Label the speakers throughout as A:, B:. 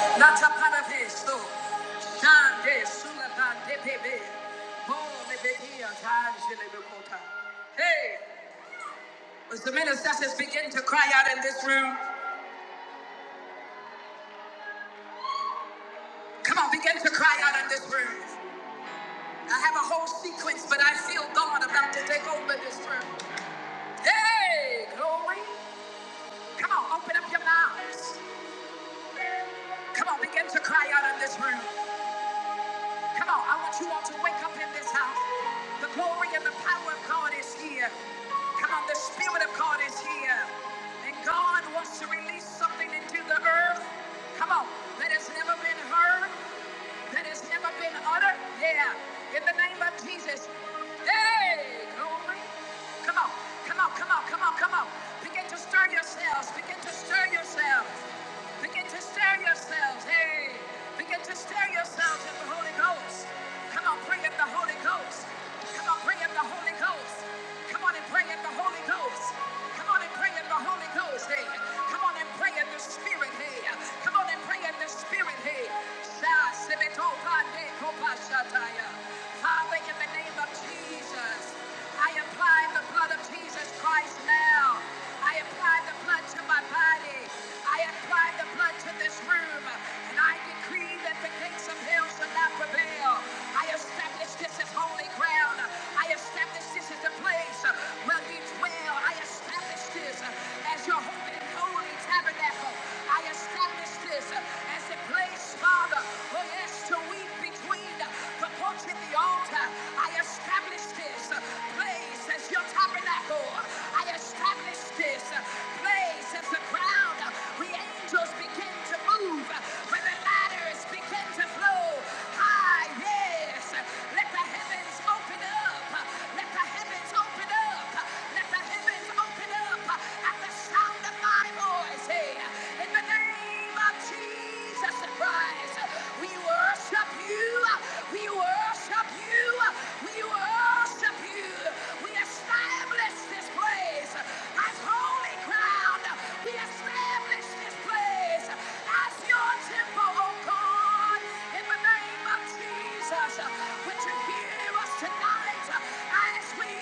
A: Latapanapeso, Shande Sulapandepebe, Bolebedia, Tangelebekota. Hey, as the ministers begin to cry out in this room, come on, begin to cry out in this room. I have a whole sequence, but I feel God about to take over this room. Hey, glory. Come on, open up your mouths. Come on, begin to cry out in this room. Come on, I want you all to wake up in this house. The glory and the power of God is here. Come on, the Spirit of God is here. And God wants to release something into the earth. Come on, that has never been heard that has never been uttered. Yeah, in the name of Jesus. Hey, glory. Come on, come on, come on, come on, come on. Begin to stir yourselves. Begin to stir yourselves. Begin to stir yourselves. Hey, begin to stir yourselves in the Holy Ghost. Come on, pray in the Holy Ghost. Come on, pray in the Holy Ghost. Come on and pray in the Holy Ghost. Come on and pray in the Holy Ghost. Hey, come on and pray in the Spirit. Hey, come on and pray pray in the spirit. Hey, Sha Sebeto Pande Kopa Shataya. Father, in the name of Jesus, I apply the blood of Jesus Christ now. I apply the blood to my body. I apply the blood to this room. And I decree that the gates of hell shall not prevail. I establish this as holy ground. I establish this as the place where you dwell. I establish this as your holy and holy holy tabernacle. I establish this as a place, Father, for us to weep between the porch and the altar. I establish this place as your tabernacle. I establish this place as the ground where angels begin to move, where the ladders begin to flow. High, yes. Let the heavens open up. Let the heavens open up. Let the heavens open Pick it up at the sound of my voice. Hey, in the name of Jesus Christ, we worship you. We worship you. We worship you. We establish this place as holy ground. We establish this place as your temple, oh God, in the name of Jesus. Would you hear us tonight as we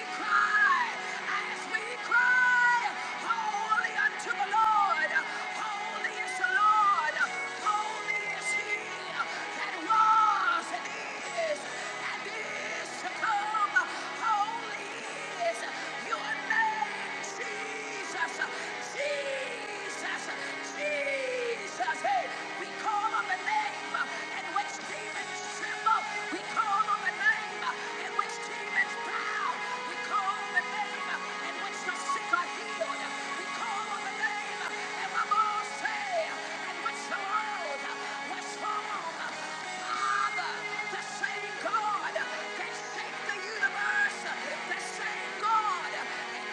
A: Jesus, hey, we call on the name and which demons tremble. We call on the name in which demons bow. We call the name in which the sick are healed. We call the name and the Lord say, in which the world was formed. Father, the same God that shaped the universe, the same God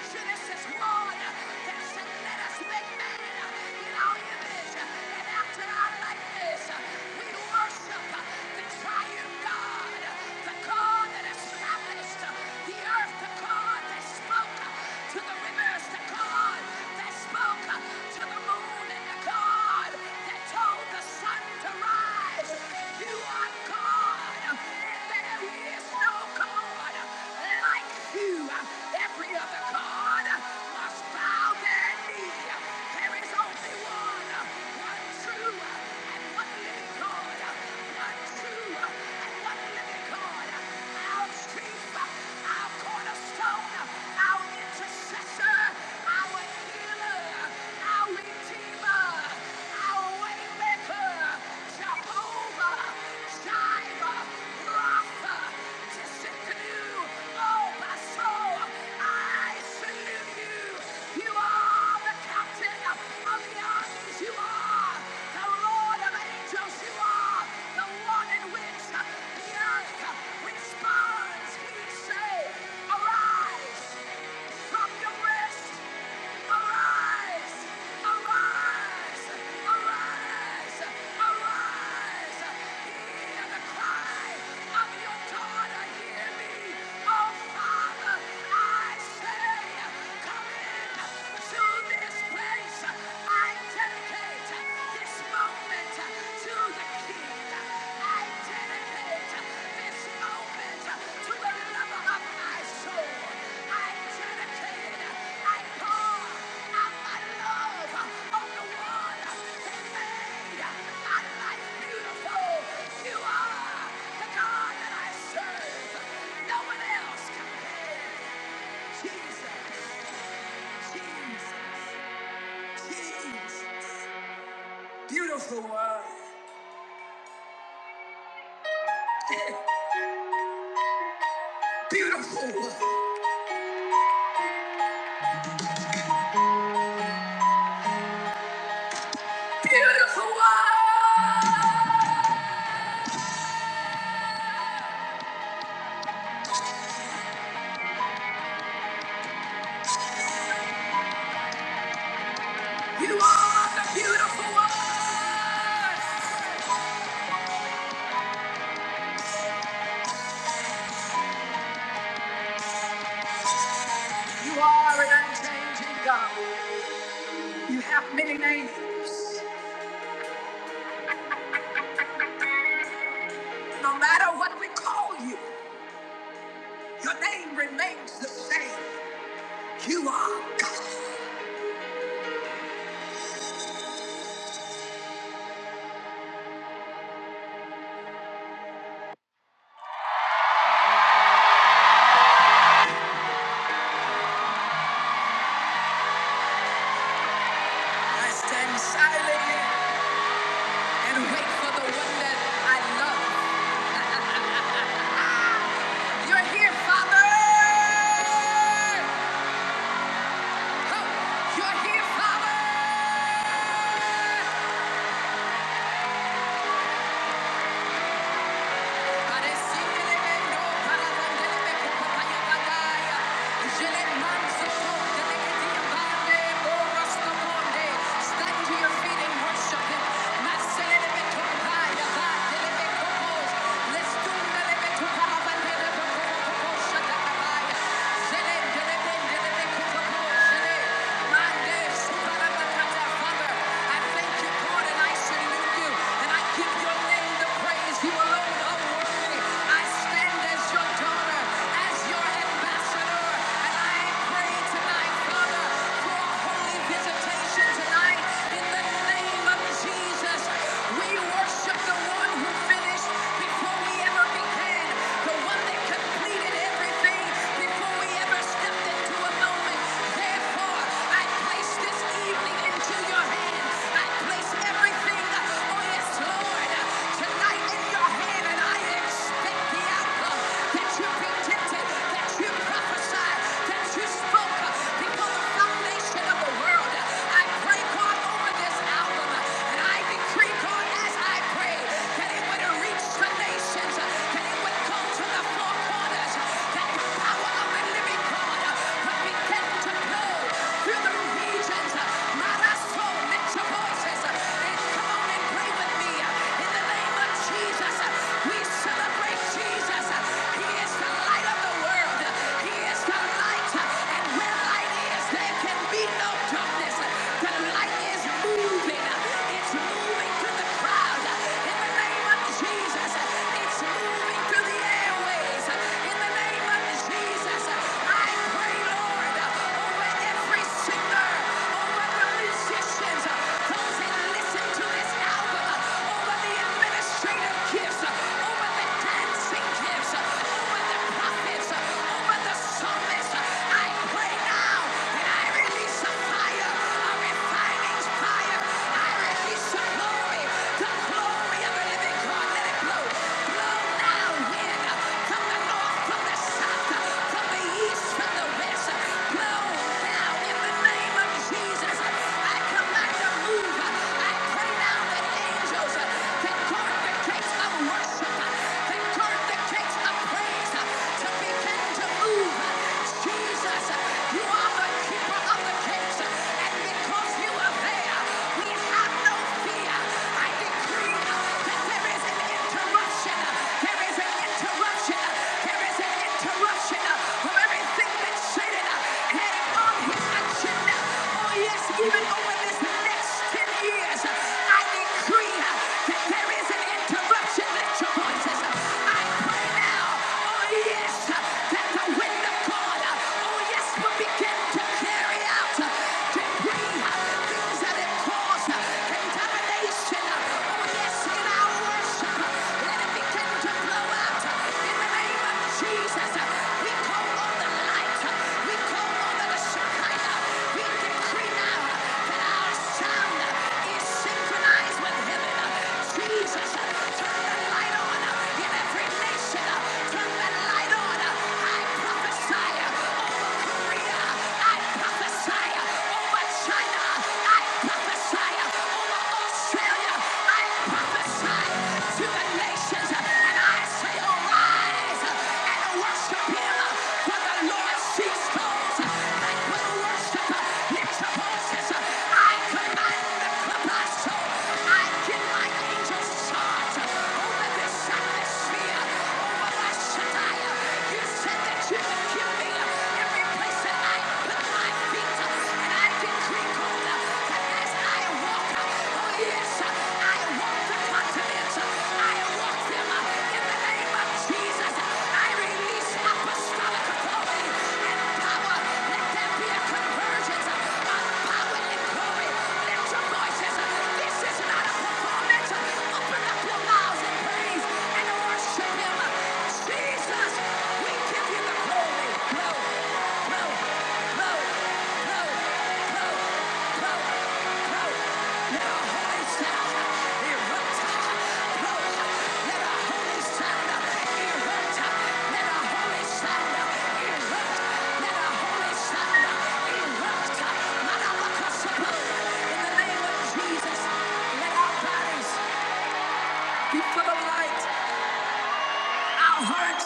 A: Genesis 1 that said, let us make man in our image and after our likeness. We worship the triune God, the God that established the earth, the God that spoke to the rivers, the God that spoke to the moon, and the God that told the sun to rise. You are God, and there is no God like you. Every other God must bow their knee. There is only one, one true and what living God, one and one living God, our chief, our cornerstone, our intercessor, our healer, our redeemer, our waymaker, Jehovah, Jireh, Rapha, Tisikanu, oh my soul, I salute you. You are the captain of the Lord of angels you are, the one in which the earth responds. We say, arise from your rest, arise, arise, arise, arise. Hear the cry of your daughter, hear me, O Father. I say, come in. You are the God that I serve. No one else compares. Jesus. Beautiful one. Beautiful one. Beautiful one. You are the beautiful one. You are an unchanging God. You have many names. No matter what we call you, your name remains the same. You are God. I stand silently and wait for the one that I love. You're here, Father. You're here, Father! and I you, give your name the praise you alone owe. I stand as your daughter, as your ambassador, and I pray tonight, Father, for a holy visitation tonight in the name of Jesus. We worship the one who finished before we ever began, the one that completed everything before we ever stepped into a moment. Therefore, I place this evening into your hands. I place everything, oh yes, Lord, tonight in your hands and I expect the outcome that you predicted, that you prophesied, that you spoke before the foundation of the world. I pray, God, over this album, and I decree, God, as I pray, that it would reach the nations, that it would go to the four corners, that the power of the living God would begin to blow through the regions. Not our soul, lift your voices come on and pray with me in the name of Jesus. We celebrate Jesus. He is the light of the world. He is the light. And where light is, there can be no darkness. The light is moving. It's moving through the crowd. In the name of Jesus. It's moving through the airways. In the name of Jesus. I pray, Lord, over every singer, over musicians, those that listen to this album, over the administrative gifts, over the dancing gifts, over the prophets, over the psalmists. I pray now and I release a fire, a refining fire. I release the glory, the glory of the living God. Let it blow. Blow now, wind, from the north, from the south, from the east, from the west. Blow now in the name of Jesus. I command the move. I pray now that angels, that God, kings of worship, they the kings of praise to begin to move. Jesus, you are the keeper of the gates, and because you are there, we have no fear. I decree that there is interruption. There is interruption. There is interruption from everything that Satan had on his agenda. Oh yes, even over this next 10 years, I decree that there is an interruption, lift your voices. I pray now, oh yes, that the wind of God, oh yes, will begin to carry out, to bring things that have caused contamination, oh yes, in our worship. Let it begin to blow out in the name of Jesus. We call on the light, we call on the Shekinah, we decree now that our sound is synchronized with heaven. Jesus, I command the I give my angels Apostolic authority and power. Let there be a convergence power and glory. Lift voices. This is not a performance. Open up your mouths and praise and worship Him. Jesus, we give you the glory. Blow, blow, blow, blow, blow, blow, blow. Let our holy sound erupt. Let our holy sound erupt. Let our holy sound erupt. Let our holy sound erupt. Malabakasabah. In the name of Jesus, let our bodies. Be full of light. Our hearts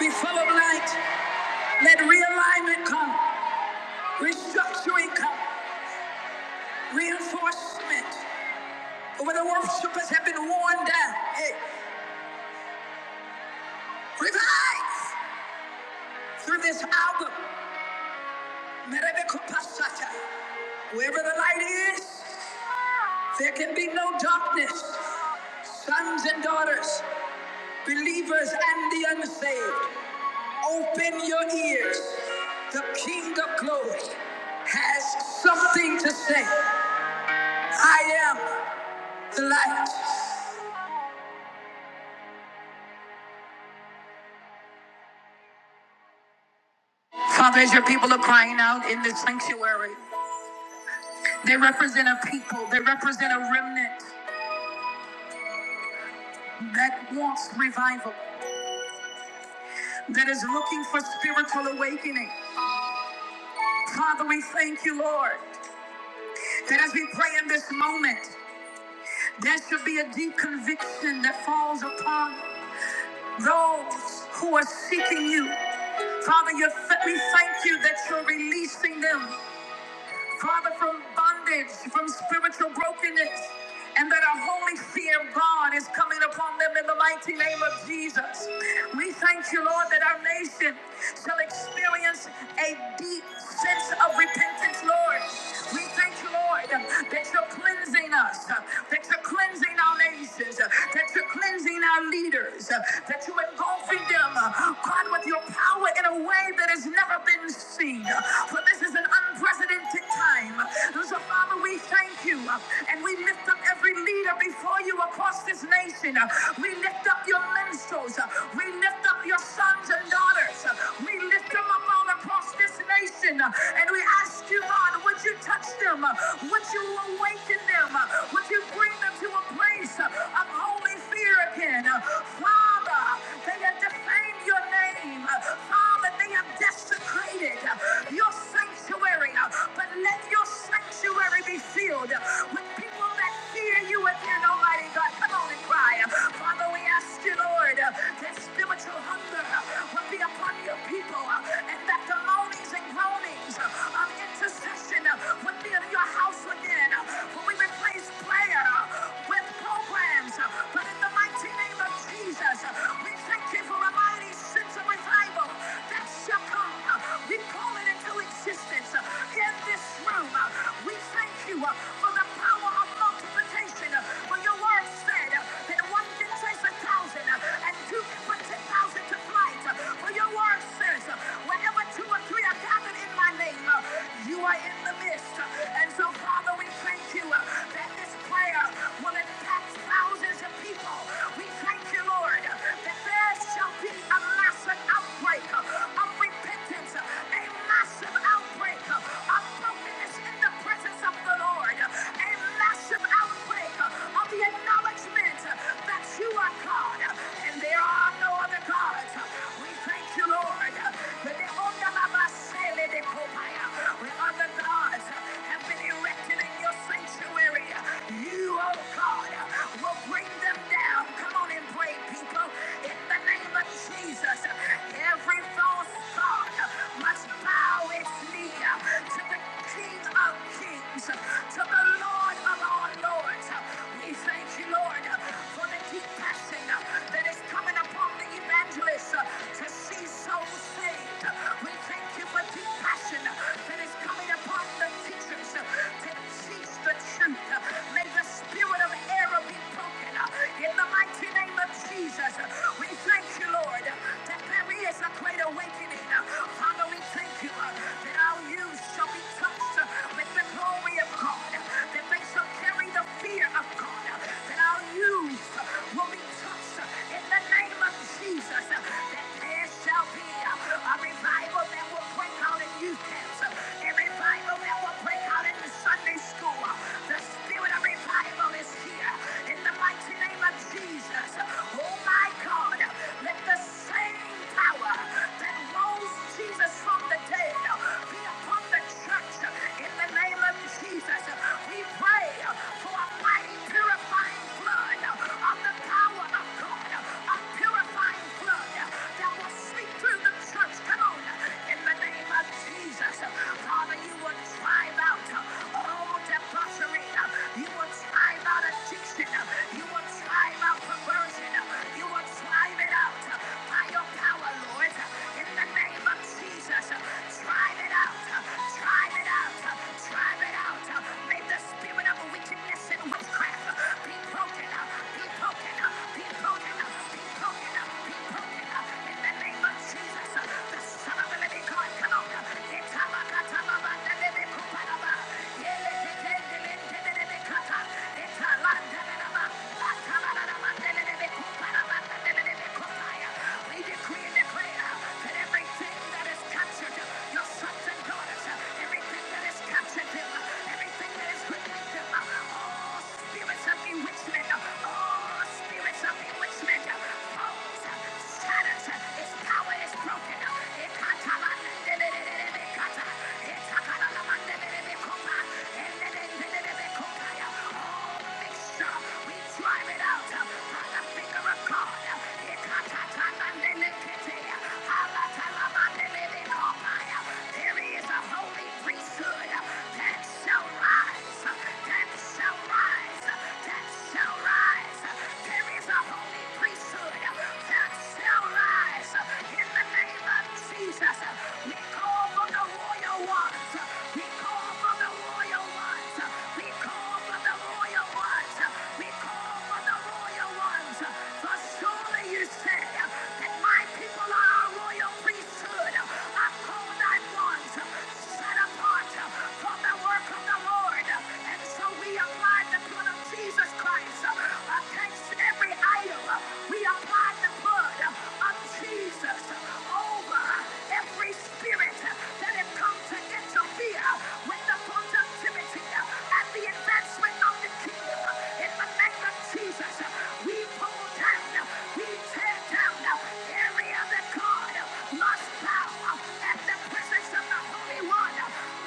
A: be full of light. Let realignment come, restructuring come, reinforcement. But when the worshipers have been worn down, hey, revive through this album. Merebekopasata. Wherever the light is, there can be no darkness sons and daughters, believers and the unsaved, open your ears. The King of Glory has something to say. I am. the light. Father, as your people are crying out in this sanctuary, they represent a people, they represent a remnant that wants revival, that is looking for spiritual awakening. Father, we thank you, Lord, that as we pray in this moment, there should be a deep conviction that falls upon those who are seeking you. Father, you th- we thank you that you're releasing them. Father, from bondage, from spiritual brokenness, and that a holy fear of God is coming upon them in the mighty name of Jesus. We thank you, Lord, that our nation shall experience a deep sense of repentance, Lord. We thank you, Lord, that you're cleansing us, that you're cleansing our nations, that you're cleansing our leaders, that you're engulfing them, God, with of your power in a way that has never been seen. For this is an unprecedented time. And So, Father, we thank you and we lift up every leader before you across this nation. We lift up your minstrels. We lift up your sons and daughters. We lift them up all across this nation. And we ask you, God, would you touch them? Would you awaken them? Would you bring them to a place of holy fear again? Father, they are proclaim your name. Father, they have desecrated your sanctuary, but let your sanctuary be filled with people that fear you again, Almighty God. Come on and cry. Father, we ask you, Lord, that spiritual hunger will be upon your people and that the moanings and groanings of intercession would be in your house again. For we replace prayer with programs, but in the mighty name of Jesus, we thank you for a mighty sense of revival that shall come. We call it into existence in this room. We thank you for the power of multiplication. For your word said that one can chase a thousand and two can put ten thousand to flight. For your word says, wherever two or three are gathered in my name, you are in the midst. And so, Father, we thank you that this prayer will impact thousands of people. We we thank you, Lord, that there shall be a massive outbreak of repentance, a massive outbreak of brokenness in the presence of the Lord, a massive outbreak of the acknowledgement that you are God and there are no other gods. We thank you, Lord, that the Ondamasele de Kopaya, where other gods have been erected in your sanctuary, you, oh God, will bring bring them down. Come on and pray, people. In the name of Jesus, every false thought must bow its knee to the King of Kings, to the Lord of all Lords. We thank you, Lord, for the deep passion that is coming upon the evangelist to see souls saved. We thank you for deep passion that is coming upon the teachers to teach the truth. May the Spirit of of error be broken. In the mighty name of Jesus, we thank you, Lord, that there is a great awakening. Father, we thank you that our youth shall be touched with the glory of God, that they shall carry the fear of God, that our youth will be touched in the name of Jesus, that there shall be a revival that will break out in youth camps, a revival that will break out in the Sunday school. The doing. A revival is here in the mighty name of Jesus. Oh my God, let the same power that rose Jesus from the dead be upon the church in the name of Jesus. We pray for a mighty purifying flood of the power of God, a purifying flood that will sweep through the church. Come on, in the name of Jesus. Father, you will drive out all step sorcery. You will drive out addiction. You will drive out perversion. You will drive it out by your power, Lord. In the name of Jesus, drive it out. Drive it out. Drive it out. May the spirit of wickedness and witchcraft be broken. Be broken. Be broken. Be broken. Be broken. In the name of Jesus, the Son of the Living God, come on. Itabakatababa, Nelebe Kupanaba. We decree and declare that everything that is captured, your sons and daughters, everything that is captured everything that is within all spirits of bewitchment, all spirits of bewitchment, falls, shatters, its power is broken. Jesus. We call for the the royal ones. We call for the royal ones. We call for the royal ones. We call for the royal ones. For surely you said that my people are royal priesthood. I call thy ones set apart for the work of the Lord. And so we apply the blood of Jesus Christ against every idol. We apply the blood of Jesus over every every spirit that has come to interfere with the productivity and the advancement of the kingdom. In the name of Jesus, we pull down, we tear down every other God, lost power, and the presence of the Holy One,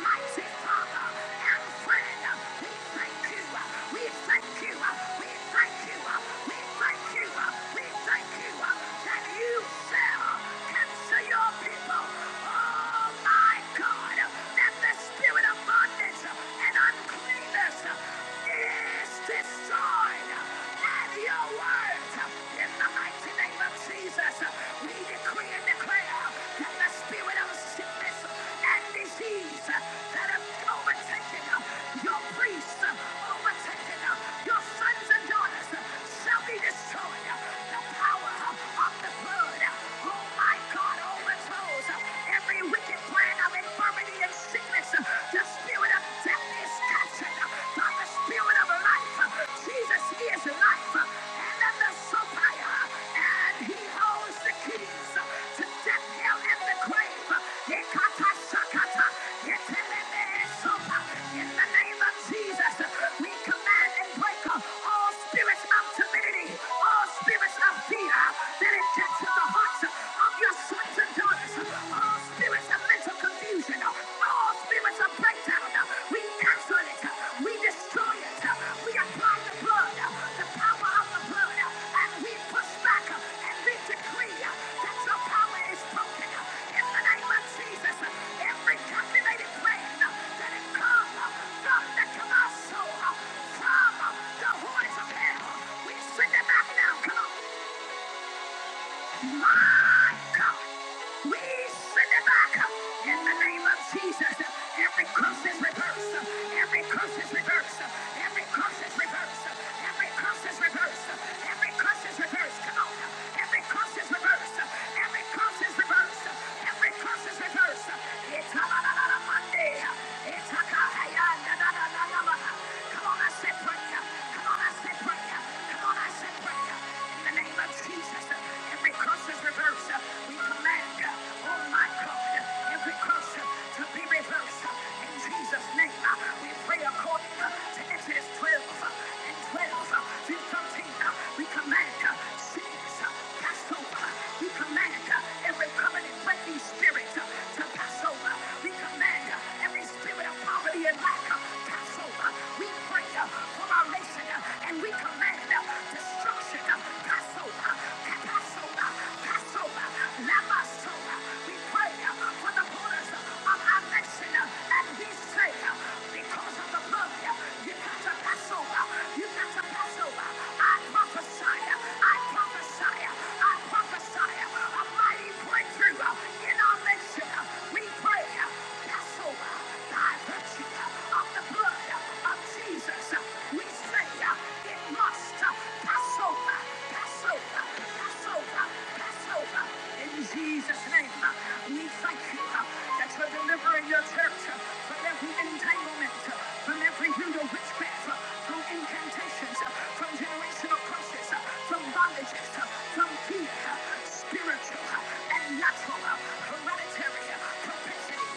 A: mighty Father and friend. We thank you, we thank you, we thank you, we thank you, we thank you that you shall to your people, oh my God, that the spirit of bondage and uncleanness is destroyed. And your words, in the mighty name of Jesus, we decree and declare that the spirit of sickness and disease that have overtaken your priests, overtaken your sons and daughters, shall be destroyed. The power of the blood Oh my God, overthrows every wicked plan of infirmity and sickness. The spirit of death is captured by the spirit of life. Jesus is life and of the supplier, and he holds the keys to death, hell, and the grave. Ekata sakata, eteleme esopa. In the name of Jesus, we command and break all spirits of timidity, all spirits of fear that it gets in the hearts of your sons and daughters. All spirits of mental confusion, all spirits of breakdown, we cancel it, we destroy it, we apply the blood, the power of the blood, and we push back and we decree that your power is broken. In the name of Jesus, every captivated plan that has come from the Colossal, from the horns of hell, we send it back now. Come on. My God. We send it back in the name of Jesus. Every curse is reversed. Every curse is reversed. Every curse is reversed. Every curse is reversed. Every curse is reversed. Come on. Every curse is reversed. Every curse is reversed. Every curse is reversed. It's a la la la la Monday. It's a ka ha ya na na na na na. na. Come on, I said prayer. Come on, I said prayer. Come on, I said prayer. In the name of Jesus. Jesus, uh, every curse is reversed. Uh, We command, uh, oh my God, uh, every curse uh, to be reversed. Uh, In Jesus' name, uh, we pray according uh, to Exodus 12 uh, and 12 uh, through 13. uh, We command uh, sickness, uh, pass over. We command uh, every covenant breaking spirit uh, to pass over. We command uh, every spirit of poverty and lack uh, pass over. We pray uh, for our nation uh, and we command uh, destruction. Jesus, we say uh, it must uh, pass. Passover, Passover, Passover, Passover. In Jesus' name, we thank you that you're delivering your church from every entanglement, from every root of witchcraft, from incantations, from generational curses, from bondages, from fear, spiritual and natural, hereditary propensity.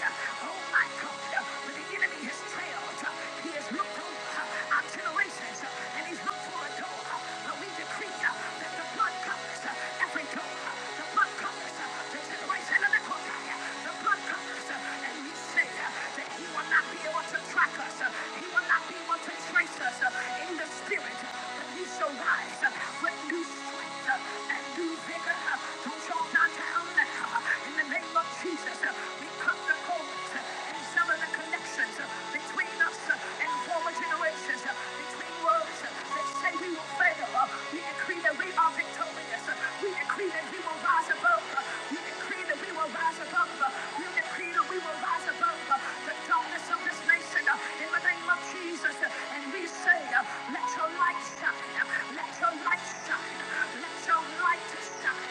A: Oh my God, when the enemy has trailed, he has looked over our generations and he's looked for every door. But we decree uh, that the blood covers uh, every door. uh, The blood covers uh, the generation of the Kodai. The blood covers. uh, And we say uh, that he will not be able to track us. uh, He will not be able to trace us uh, in the spirit. uh, But we shall rise uh, with new strength uh, and new vigor. uh, To draw not down now. In the name of Jesus, uh, we cut the cords uh, and some of the connections uh, between us uh, and former generations. uh, Between words that say we will fail. We decree that we are victorious. We decree that we will rise above. We decree that we will rise above. We decree that we will rise above the darkness of this nation in the name of Jesus. And we say, let your light shine. Let your light shine. Let your light shine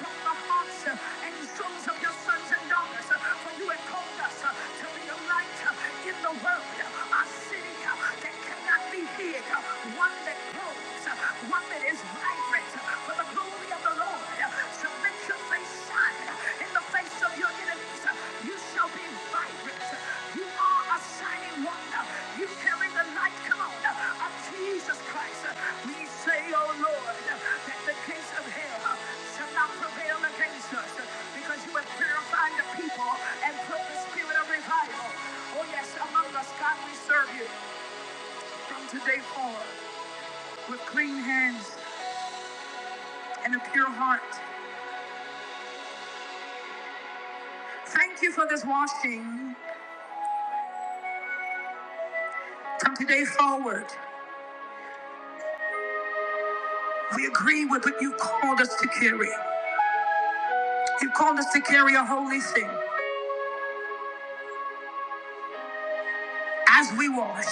A: from the hearts and souls of your sons and daughters. For you have called us to be a light in the world, a city that can cannot be hid. One that grows, uh, one that is vibrant uh, for the glory of the Lord. So let your face shine in the face of your enemies. You shall be vibrant. You are a shining wonder. You carry the light, come on, of Jesus Christ. We say, oh Lord, that the gates of hell shall not prevail against us because you have purified the people and put the spirit of revival. Oh yes, among us, God, we serve you. From today forward, with clean hands and a pure heart. Thank you for this washing. From today forward, we agree with what you called us to carry. You called us to carry a holy thing as we wash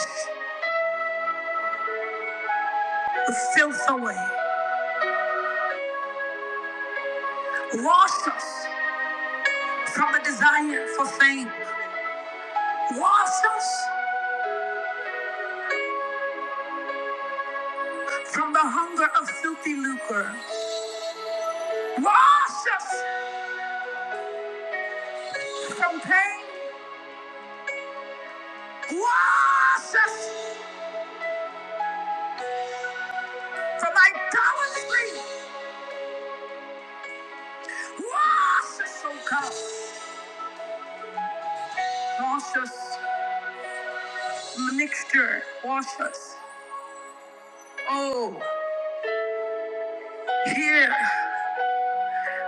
A: the filth away. Wash us from a desire for fame. Wash us from the hunger of filthy lucre. Wash us from pain. Wash us from idolatry. Wash us, oh God. Wash us. Mixture. Wash us. Oh, hear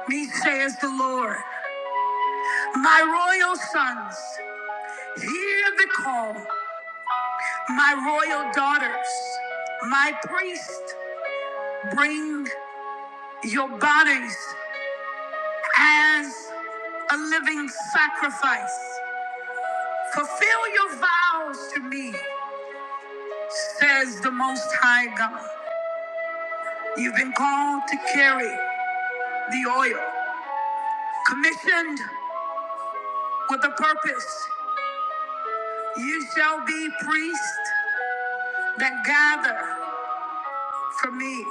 A: me, says the Lord. My royal sons, hear the call. My royal daughters, my priest, bring your bodies as a living sacrifice. Fulfill your vows to me, says the Most High God. You've been called to carry the oil. commissioned with a purpose. You shall be priests that gather for me,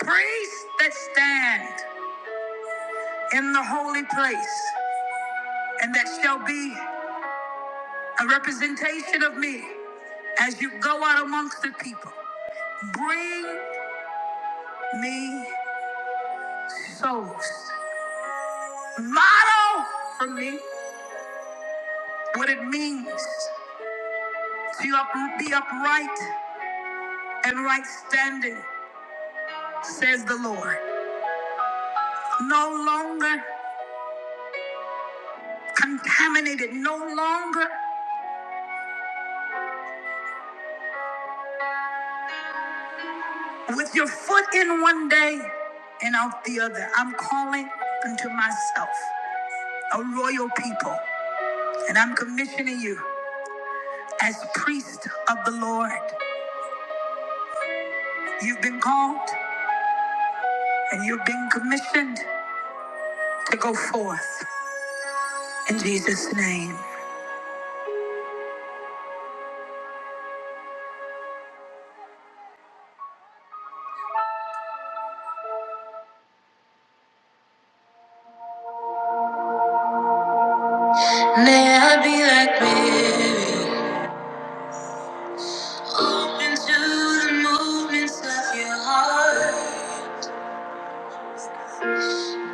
A: priests that stand in the holy place, and that shall be a representation of me as you go out amongst the people. Bring me souls. Model for me what it means to up- be upright and right standing, says the Lord. No longer contaminated no longer with your foot in one day and out the other. I'm calling unto myself a royal people, and I'm commissioning you as priest of the Lord. You've been called and you've been commissioned to go forth in Jesus' name. May I be like Mary, open to the movements of your heart.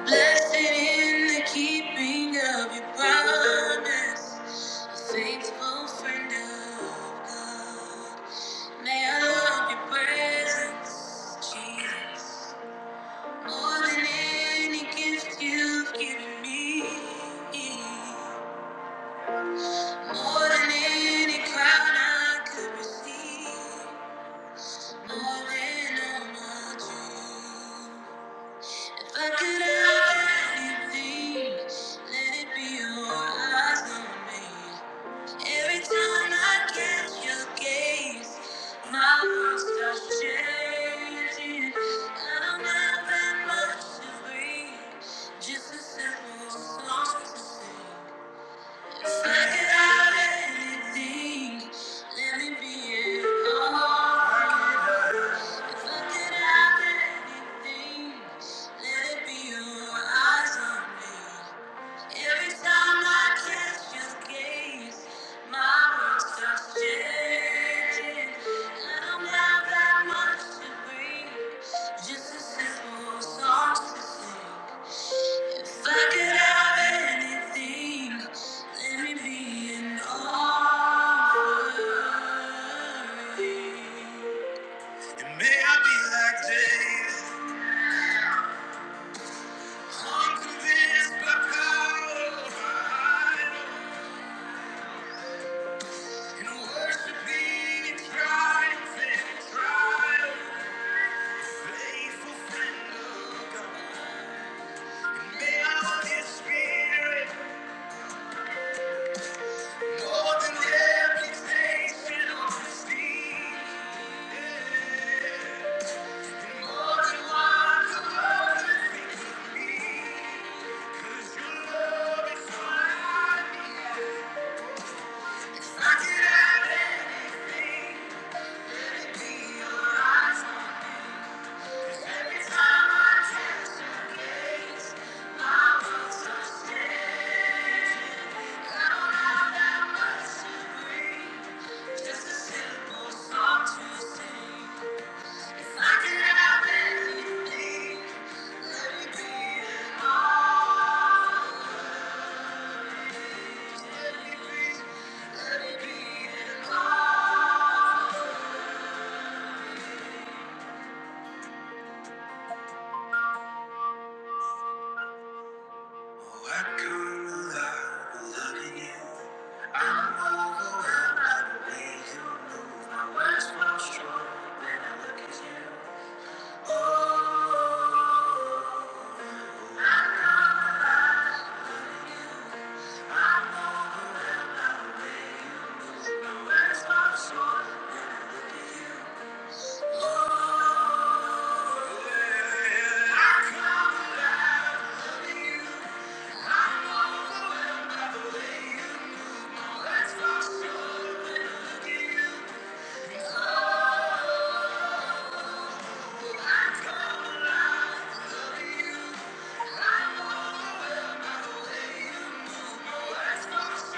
A: Blessed in the keeping of your promise, a faithful friend of God. May I love your presence, Jesus, more than any gift you've given me, more than any crown I could receive, more than all my dreams. Look it up, anything. Let it be your eyes on me. Every time I catch your gaze, my world starts changing. I don't have that much to breathe, just a simple song to sing. If I could have anything, let it be it all. Just a simple song to sing. If I could have anything, let me be an offering. And may I be like David, one convinced by power of idols, and worshiping in triumph and triumph, faithful friend of God. And may I be spirit, more than reputation or prestige, yeah, and more than what the world could of me. 'Cause your love is what I need. Just a simple song to sing. I could have anything. Let it be an all. Let it be. Let it be an offering. Oh, I come alive loving you. I'm overwhelmed by the way you wax my strong when you wax my soul. Oh, yeah. I come alive loving you. I'm overwhelmed by the way you wax my soul when I look at you. Oh, I come alive loving you. I'm overwhelmed by the way you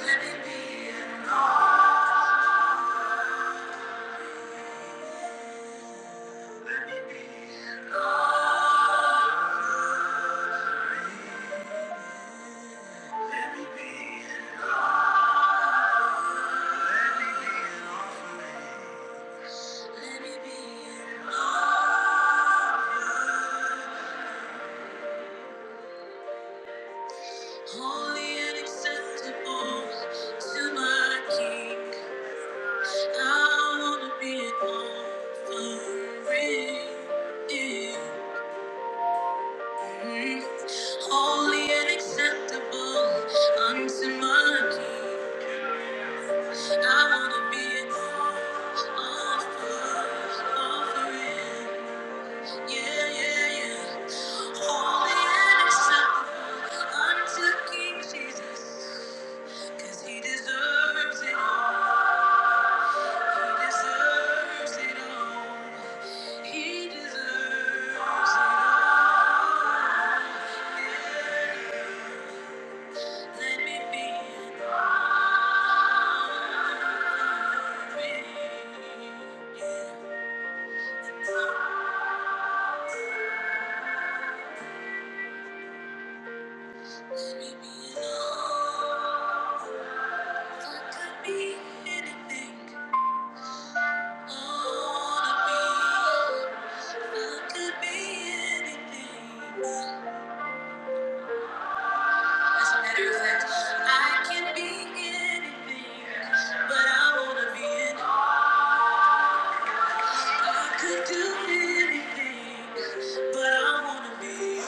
A: let me be in, let me be in. Holy and acceptable to my King. I wanna be offering, holy and acceptable unto my King. I wanna be an offer- offering, yeah, yeah, yeah. Holy and acceptable unto King Jesus, 'cause He deserves it all. He deserves it all. He deserves it all. Yeah. Let me be in Let me be alone. I could be anything. wanna be. As a matter of I can be anything, but I wanna be I could do anything, but I wanna be.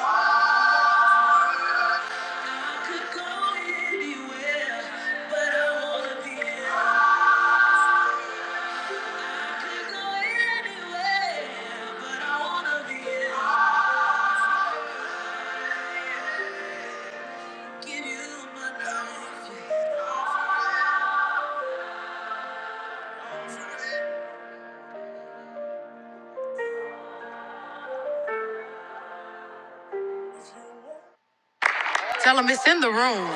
A: Tell him it's in the room.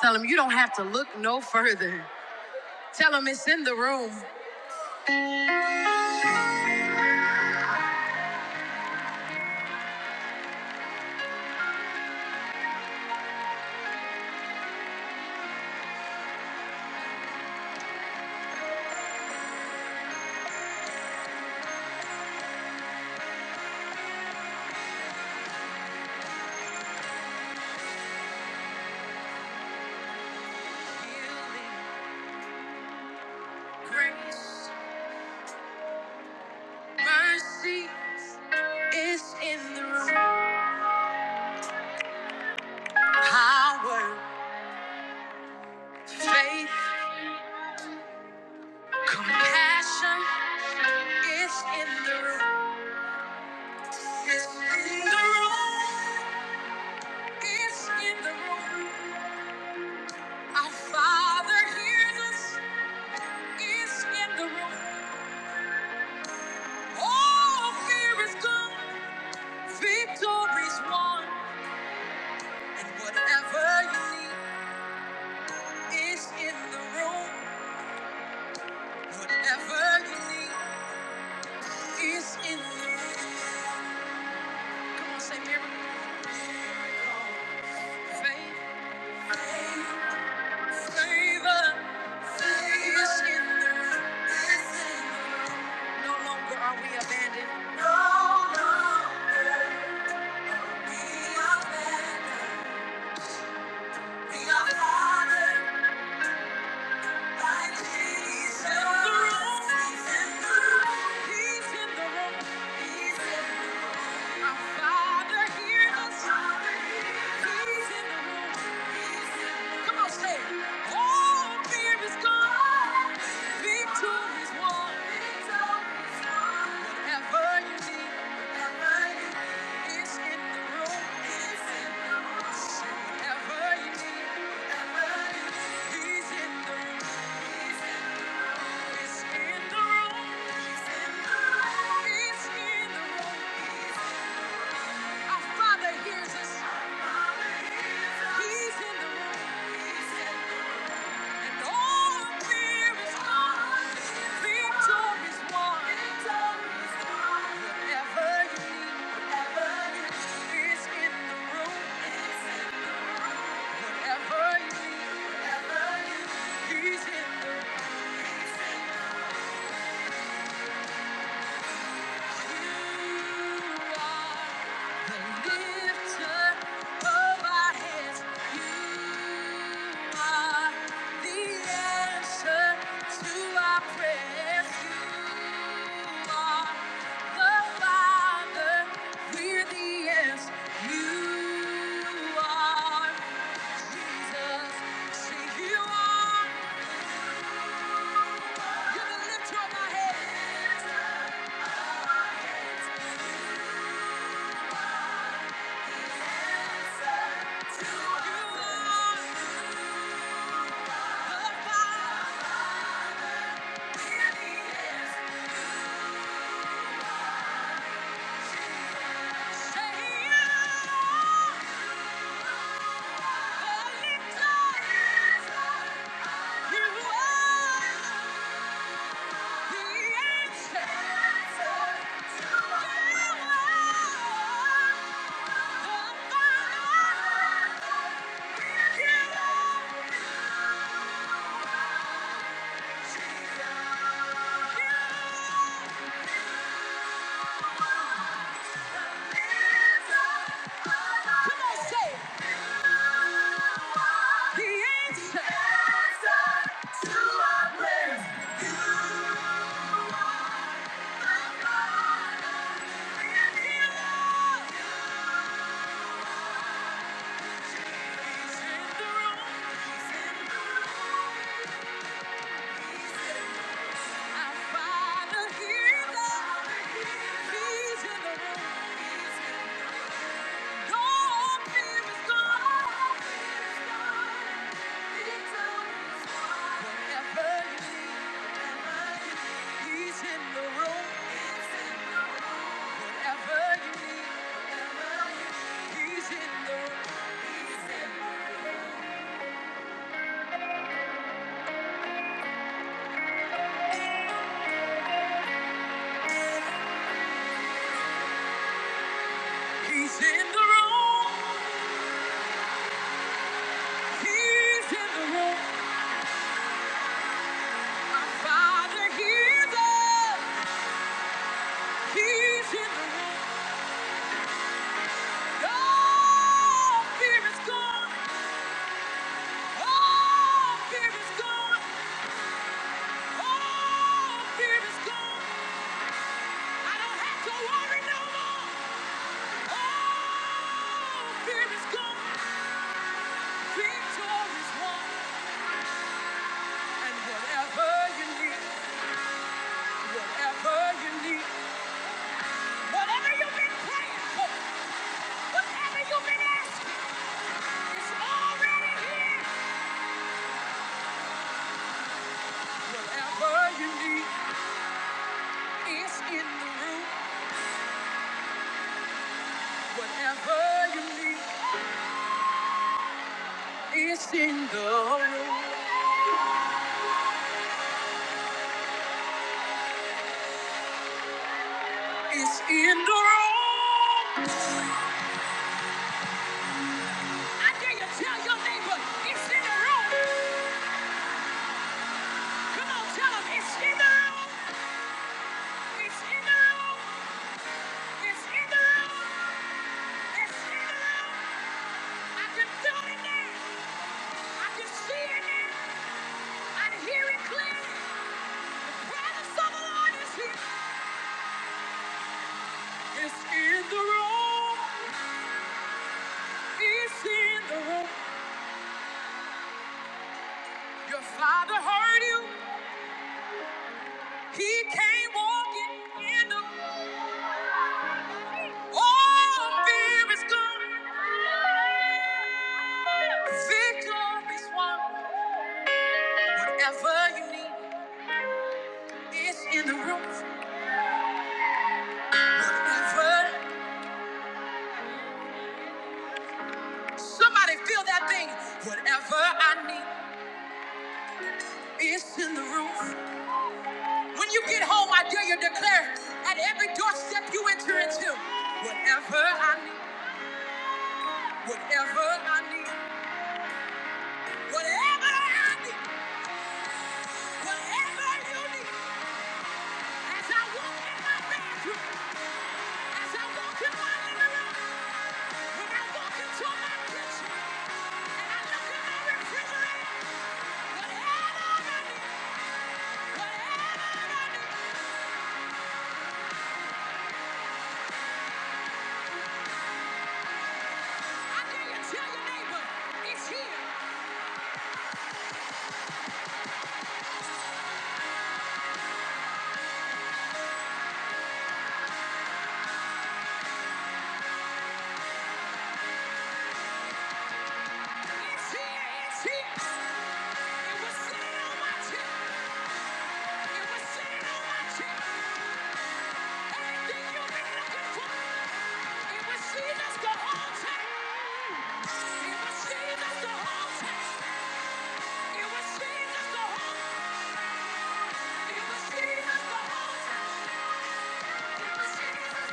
A: Tell him you don't have to look no further. Tell him it's in the room. It's in the room. Compassion. It's in the room. It's in the room. It's in the room. Our Father hears us. It's in the room. All fear is gone. Victory's won, and whatever you need is in the room. Whatever you need is in the room. Come on, say miracle. Faith, favor, favor is in the room. No longer are we abandoned. The room. He's in the room. He's in the room. He's in the room. Come on, say it. All fear is gone. Victory is won. Whatever you need, whatever you need, it's in the room. It's in the room. Say whatever you need, whatever you need, he's in the room. He's in the room. It's in the room. He's in the room. It's in the room. He's in the room. Our Father hears us. He's in the room. And all of fear is gone. Victor is won. Whatever you need is in the room. Whatever you need, whatever you need, He's in the room. You are Jesus, see you are. You can lift up my head. You are the fire. Say you are the lifter. You are. Yeah. He's in the room. He's in the room. Our Father hears us. He's in the room. All fear is gone. All fear is gone. All fear is gone. I don't have to worry. Fear is gone. Victor is won. Whatever you've been praying for, whatever you've been asking, it's already here. What you need. I dare you tell your neighbor it's in the room. I can see it. I can hear it Your Father heard you. He came walking in the all fear is gone. Victory's won. Whatever you need is in the room. Whatever. Somebody feel that thing. Whatever I need is in the room. When you get home, I dare you declare at every doorstep you enter into. Whatever I need. Whatever I need. Whatever I need. Whatever you need. As I walk in my bathroom. As I walk in my living room. When I walk into my kitchen and I look in my refrigerator, whatever I need, whatever I need, I dare tell your neighbor, it's here, it's here, it's here. It was sitting on my tip, it was sitting on my tip. Everything you've been looking for, it was Jesus the whole time. It was Jesus the whole time. It was Jesus the whole. It was Jesus the whole time. Jesus! I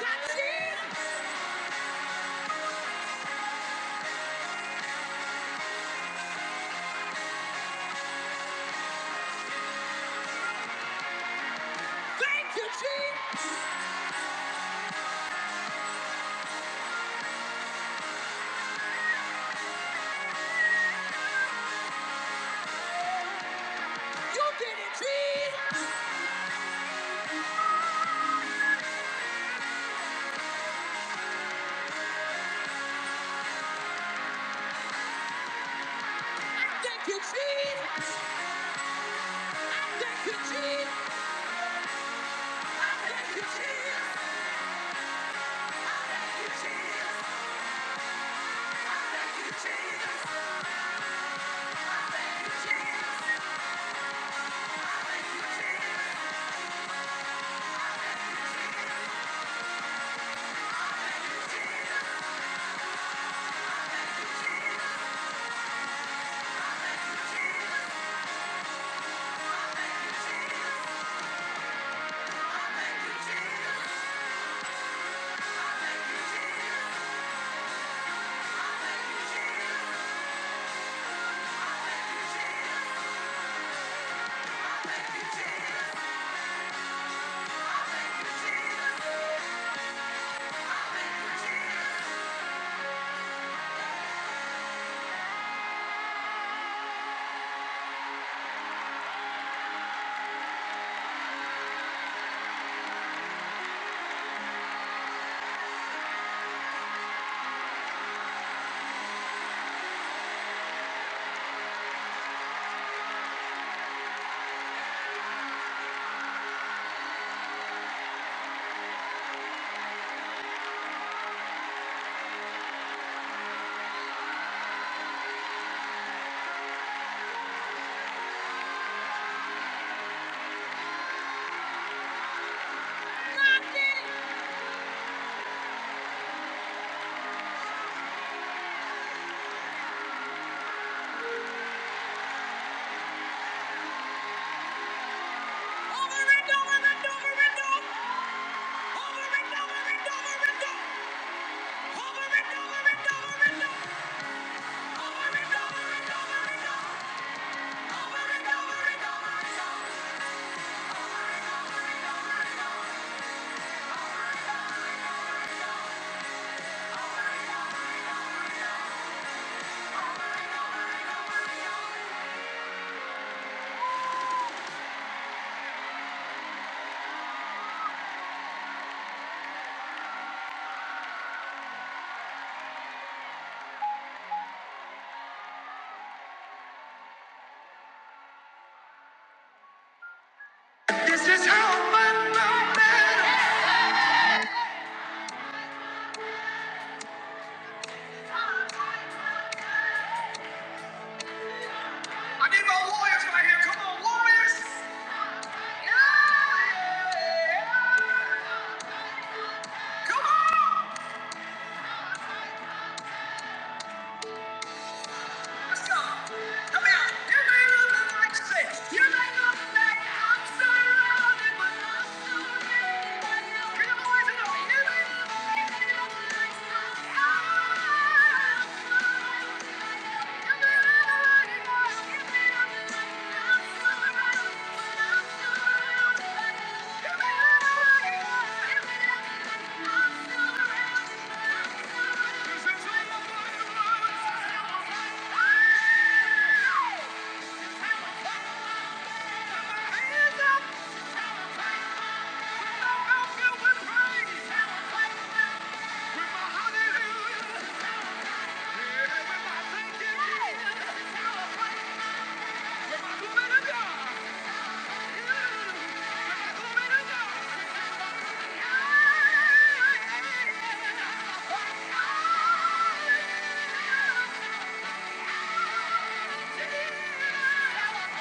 A: got Jesus! Thank you, Jesus! You did it, Jesus! Thank you, Jesus. Thank you, Jesus. Thank you, Jesus. Thank you, Jesus. Thank you, Jesus. Thank you, Jesus. Over and over and over and over and over and over and over and over and over and over and over. This is how I win my battle. Come on, let's go. Come here. Hands up. With my mouth filled with praise. With my hallelujah. Yeah, with my thank you. Thank you.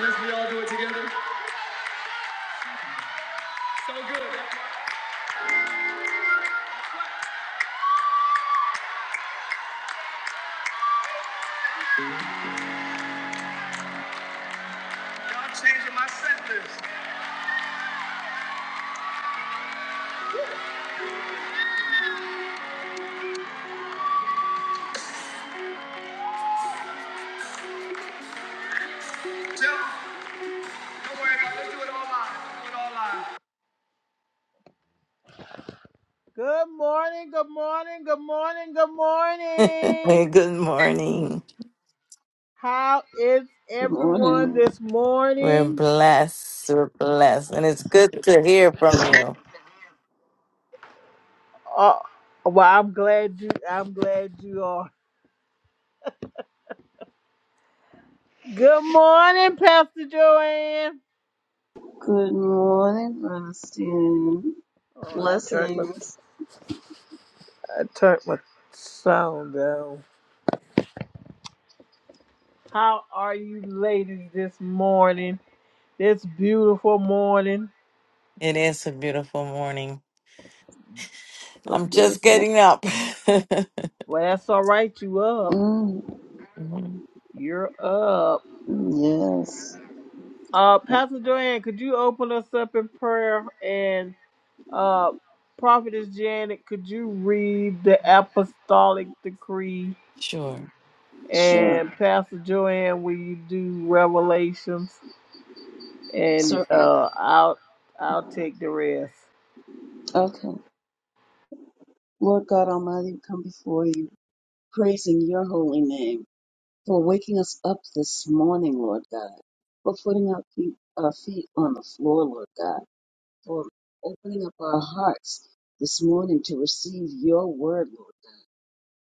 A: Unless we all do it together. So good. I'm changing my set list.
B: Hey, good morning.
C: Good morning.
B: We're blessed. We're blessed. And it's good to hear from you.
A: Oh, well, I'm glad you. I'm glad you are. Good morning, Pastor Joanne.
C: Good morning, Rustin.
A: Oh, I turned my
C: Blessings.
A: I turned my sound down. How are you, ladies, this morning? This beautiful morning.
B: It is a beautiful morning.
C: So
B: I'm just
C: beautiful.
B: getting up.
A: Well, that's all right. You up?
C: Mm,
B: Mhm.
A: You're up.
C: yes.
A: Uh, Pastor Joanne, could you open us up in prayer? And uh, Prophetess Janet, could you read the apostolic decree?
B: sure.
C: Sure.
A: And Pastor Joanne, will you do Revelations? And
C: Certainly.
A: uh, I'll I'll take the rest.
C: Okay. Lord God Almighty, we come before you, praising your holy name for waking us up this morning, Lord God, for putting our feet, our feet on the floor, Lord God, for opening up our hearts this morning to receive your word, Lord God.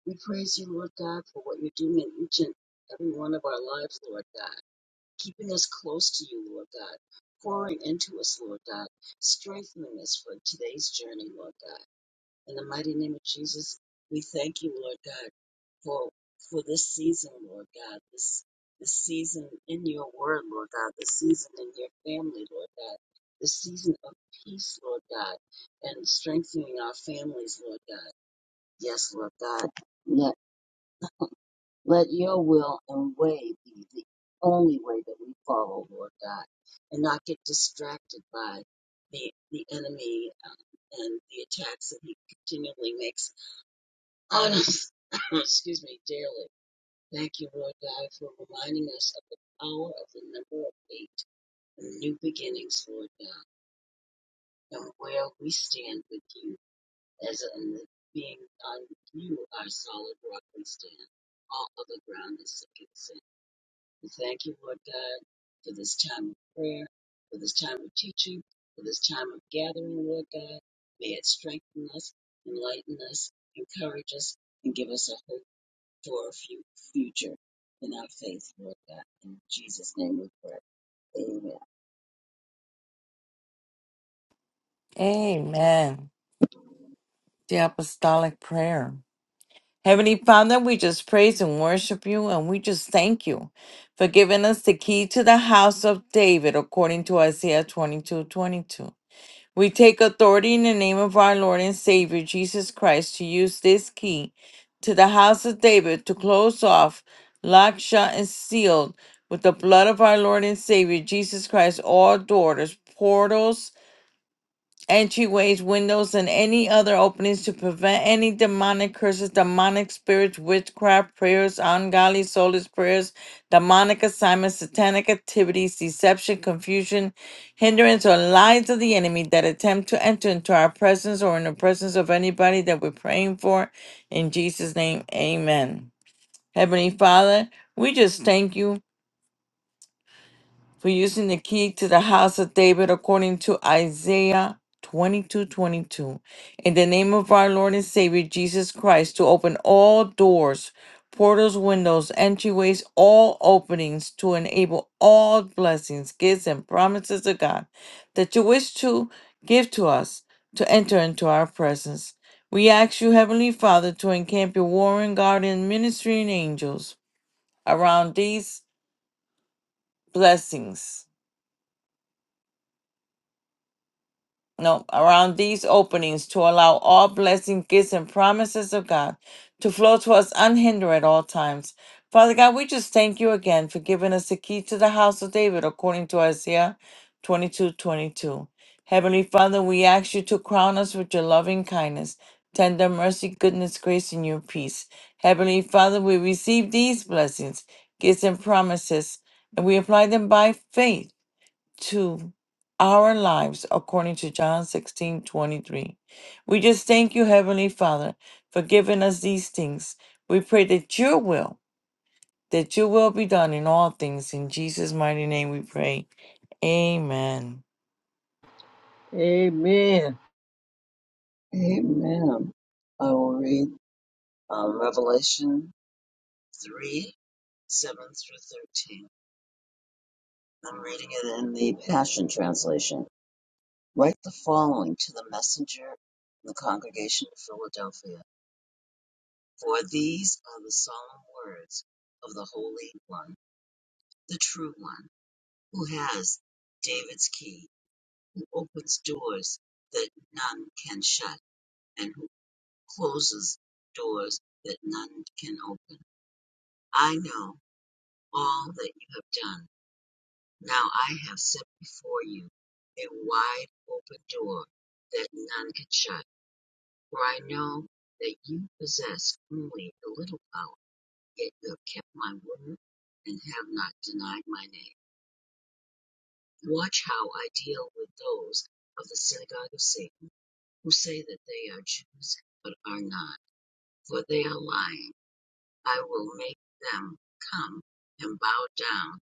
C: We praise you, Lord God, for what you're doing in each and every one of our lives, Lord God, keeping us close to you, Lord God, pouring into us, Lord God, strengthening us for today's journey, Lord God. In the mighty name of Jesus, we thank you, Lord God, for for this season, Lord God, this this season in your word, Lord God, this season in your family, Lord God, this season of peace, Lord God, and strengthening our families, Lord God. Yes, Lord God. yeah. Let your will and way be the only way that we follow, Lord God, and not get distracted by the, the enemy um, and the attacks that he continually makes on us. Excuse me, daily. Thank you, Lord God, for reminding us of the power of the number of eight and new beginnings, Lord God, and where we stand with you as in the, being on you, our solid rock we stand. All other ground is sinking sand. We thank you, Lord God, for this time of prayer, for this time of teaching, for this time of gathering, Lord God. May it strengthen us, enlighten us, encourage us, and give us a hope for a few future in our faith, Lord God. In Jesus' name we pray. Amen.
B: Amen. The apostolic prayer. Heavenly Father, we just praise and worship you, and we just thank you for giving us the key to the house of David according to Isaiah 22:22. We take authority in the name of our Lord and Savior Jesus Christ to use this key to the house of David to close off, locked, shut, and sealed with the blood of our Lord and Savior Jesus Christ all doors, portals, entryways, windows, and any other openings to prevent any demonic curses, demonic spirits, witchcraft, prayers, ungodly soulless prayers, demonic assignments, satanic activities, deception, confusion, hindrance, or lies of the enemy that attempt to enter into our presence or in the presence of anybody that we're praying for. In Jesus' name, amen. Heavenly Father, we just thank you for using the key to the house of David according to Isaiah 22 22, In the name of our Lord and Savior Jesus Christ, to open all doors, portals, windows, entryways, all openings, to enable all blessings, gifts, and promises of God that you wish to give to us to enter into our presence. We ask you, Heavenly Father, to encamp your warring guardian ministering angels around these blessings no, around these openings to allow all blessing, gifts, and promises of God to flow to us unhindered at all times. Father God, we just thank you again for giving us the key to the house of David according to Isaiah twenty-two twenty-two. Heavenly Father, we ask you to crown us with your loving kindness, tender mercy, goodness, grace, and your peace. Heavenly Father, we receive these blessings, gifts, and promises, and we apply them by faith to our lives according to John 16 23, We just thank you, Heavenly Father, for giving us these things. We pray that your will, that your will be done in all things. In Jesus' mighty name we pray. Amen.
A: Amen.
C: Amen. I will read uh, Revelation 3 7 through 13. I'm reading it in the Passion Translation. Write the following to the messenger in the congregation of Philadelphia: For these are the solemn words of the Holy One, the True One, who has David's key, who opens doors that none can shut, and who closes doors that none can open. I know all that you have done. Now I have set before you a wide open door that none can shut For I know that you possess only a little power, yet you have kept my word and have not denied my name. Watch how I deal with those of the synagogue of Satan, who say that they are Jews, but are not, for they are lying. I will make them come and bow down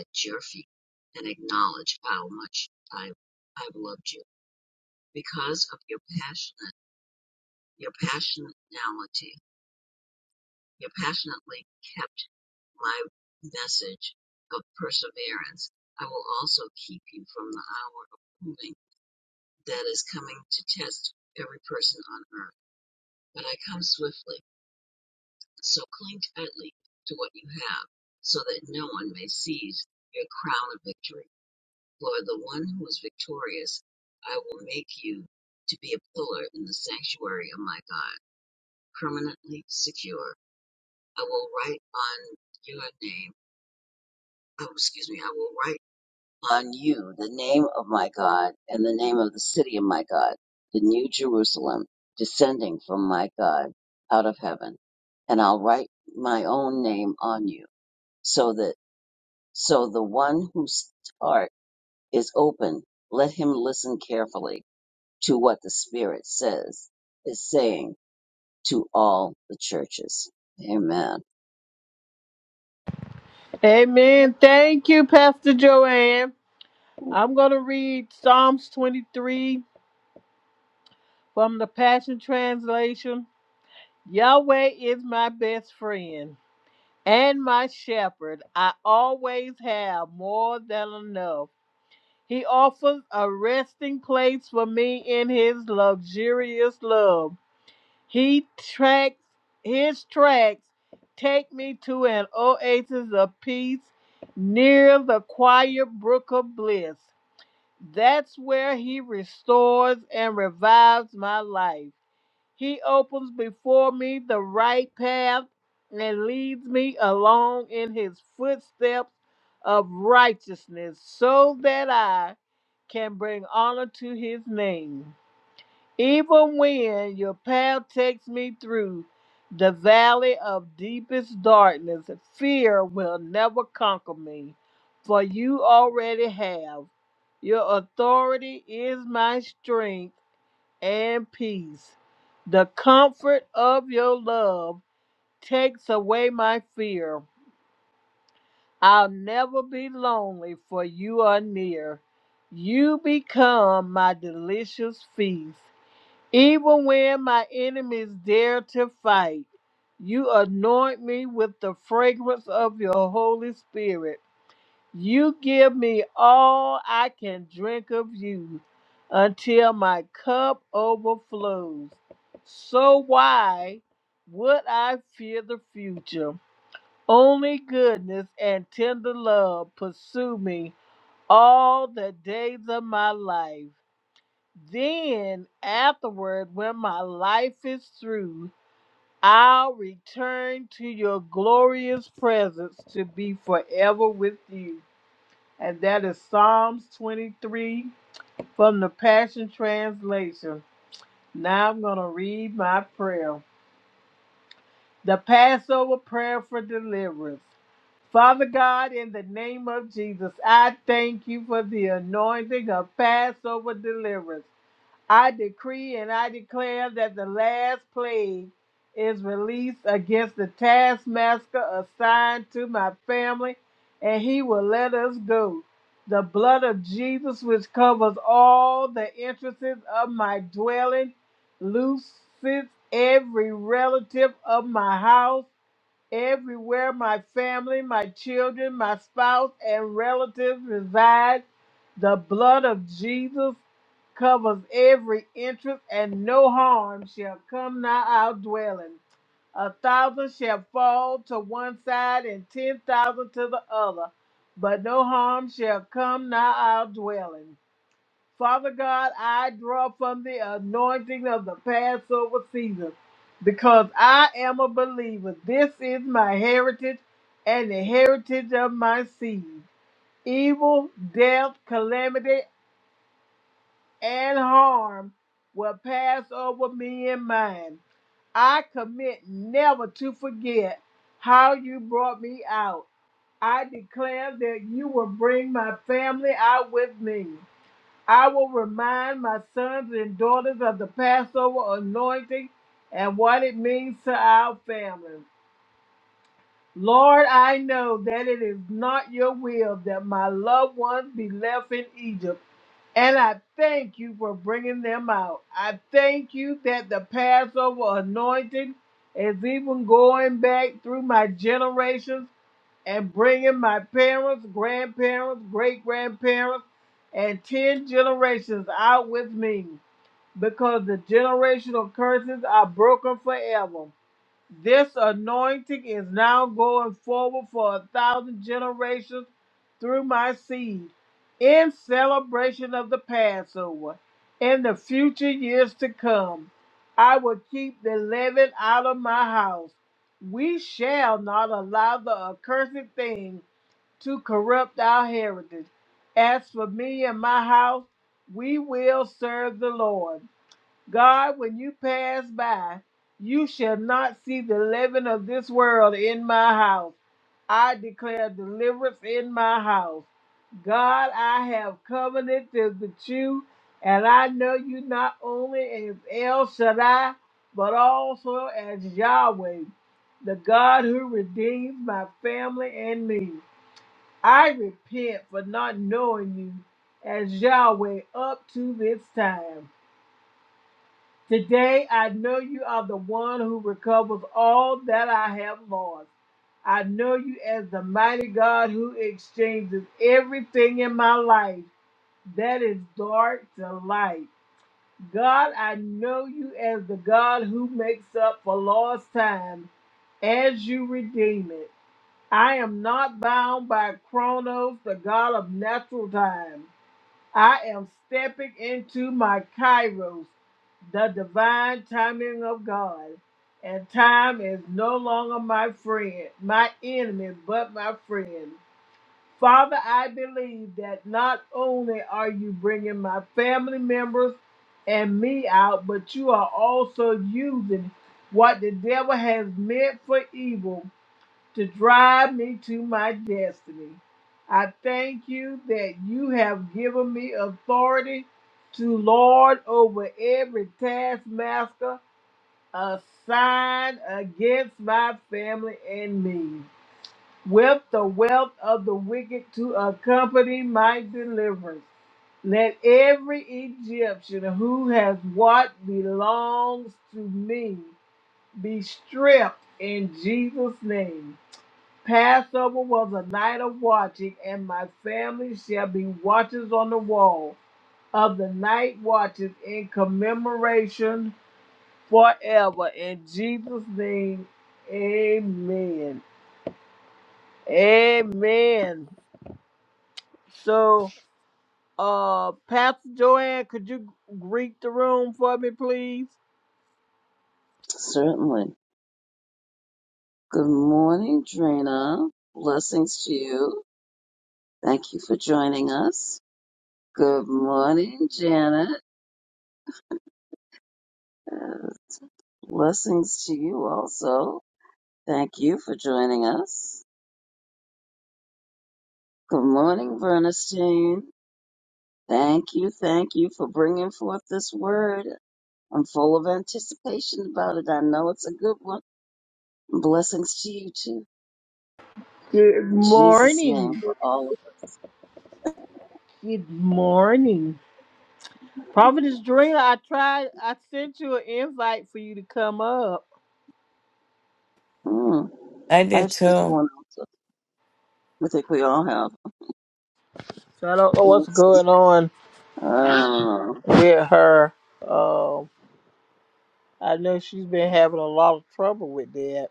C: at your feet and acknowledge how much I, I've loved you because of your passionate, your passionality He passionately kept my message of perseverance. I will also keep you from the hour of proving that is coming to test every person on earth. But I come swiftly, so cling tightly to what you have, so that no one may seize your crown of victory. For the one who is victorious, I will make you to be a pillar in the sanctuary of my God, permanently secure. I will write on your name Oh, excuse me, I will write on you the name of my God and the name of the city of my God, the new Jerusalem, descending from my God out of heaven. And I'll write my own name on you, so that so the one whose heart is open, let him listen carefully to what the Spirit says is saying to all the churches. Amen.
A: Amen. Thank you, Pastor Joanne. I'm gonna read Psalms 23 from the Passion Translation. Yahweh is my best friend and my shepherd. I always have more than enough. He offers a resting place for me in his luxurious love. He tracks his tracks take me to an oasis of peace near the quiet brook of bliss. That's where he restores and revives my life. He opens before me the right path and leads me along in his footsteps of righteousness so that I can bring honor to his name. Even when your path takes me through the valley of deepest darkness, fear will never conquer me, for you already have. Your authority is my strength and peace. The comfort of your love takes away my fear. I'll never be lonely, for you are near. You become my delicious feast. Even when my enemies dare to fight, you anoint me with the fragrance of your Holy Spirit. You give me all I can drink of you until my cup overflows. So why would I fear the future? Only goodness and tender love pursue me all the days of my life then afterward, when my life is through, I'll return to your glorious presence to be forever with you. And that is Psalms 23 from the Passion Translation. Now I'm going to read my prayer. The Passover prayer for deliverance. Father God, in the name of Jesus, I thank you for the anointing of Passover deliverance. I decree and I declare that the last plague is released against the taskmaster assigned to my family, and he will let us go. The blood of Jesus, which covers all the entrances of my dwelling, looses every relative of my house everywhere my family, my children, my spouse, and relatives reside. The blood of Jesus covers every entrance, and no harm shall come nigh our dwelling. A thousand shall fall to one side, and ten thousand to the other, but no harm shall come nigh our dwelling. Father God, I draw from the anointing of the Passover season because I am a believer. This is my heritage and the heritage of my seed. Evil, death, calamity, and harm will pass over me and mine. I commit never to forget how you brought me out. I declare that you will bring my family out with me. I will remind my sons and daughters of the Passover anointing and what it means to our families. Lord, I know that it is not your will that my loved ones be left in Egypt, and I thank you for bringing them out. I thank you that the Passover anointing is even going back through my generations and bringing my parents, grandparents, great grandparents, and 10 generations out with me because the generational curses are broken forever. This anointing is now going forward for a thousand generations through my seed in celebration of the Passover. In the future years to come, I will keep the leaven out of my house. We shall not allow the accursed thing to corrupt our heritage. As for me and my house, we will serve the Lord. God, when you pass by, you shall not see the leaven of this world in my house. I declare deliverance in my house. God, I have covenanted with you, and I know you not only as El Shaddai, but also as Yahweh, the God who redeems my family and me. I repent for not knowing you as Yahweh up to this time. Today I know you are the one who recovers all that I have lost. I know you as the mighty God who exchanges everything in my life that is dark to light. God, I know you as the God who makes up for lost time as you redeem it. I am not bound by Chronos, the God of natural time. I am stepping into my kairos, the divine timing of God. And time is no longer my friend, my enemy, but my friend. Father, I believe that not only are you bringing my family members and me out, but you are also using what the devil has meant for evil to drive me to my destiny. I thank you that you have given me authority to lord over every taskmaster assigned against my family and me, with the wealth of the wicked to accompany my deliverance. Let every Egyptian who has what belongs to me be stripped in Jesus' name. Passover was a night of watching, and my family shall be watchers on the wall of the night watches in commemoration forever. In Jesus' name, amen. Amen. So, uh, Pastor Joanne, could you greet the room for me, please?
C: Certainly. Good morning, Drina. Blessings to you. Thank you for joining us. Good morning, Janet. Uh, blessings to you also. Thank you for joining us. Good morning, Bernstein. Thank you, thank you for bringing forth this word. I'm full of anticipation about it. I know it's a good one. Blessings to you too.
A: Good
C: In Jesus' name,
A: morning.
C: for all of
A: Good morning. Prophetess Drina, I tried, I sent you an invite for you to come up.
C: us. Mm,
B: I
C: I
B: did
C: have sent you
B: too.
C: one also. I think we all have.
A: So I don't know what's
C: Let's see.
A: going on
C: I don't know.
A: with her. Um, I know she's been having a lot of trouble with that,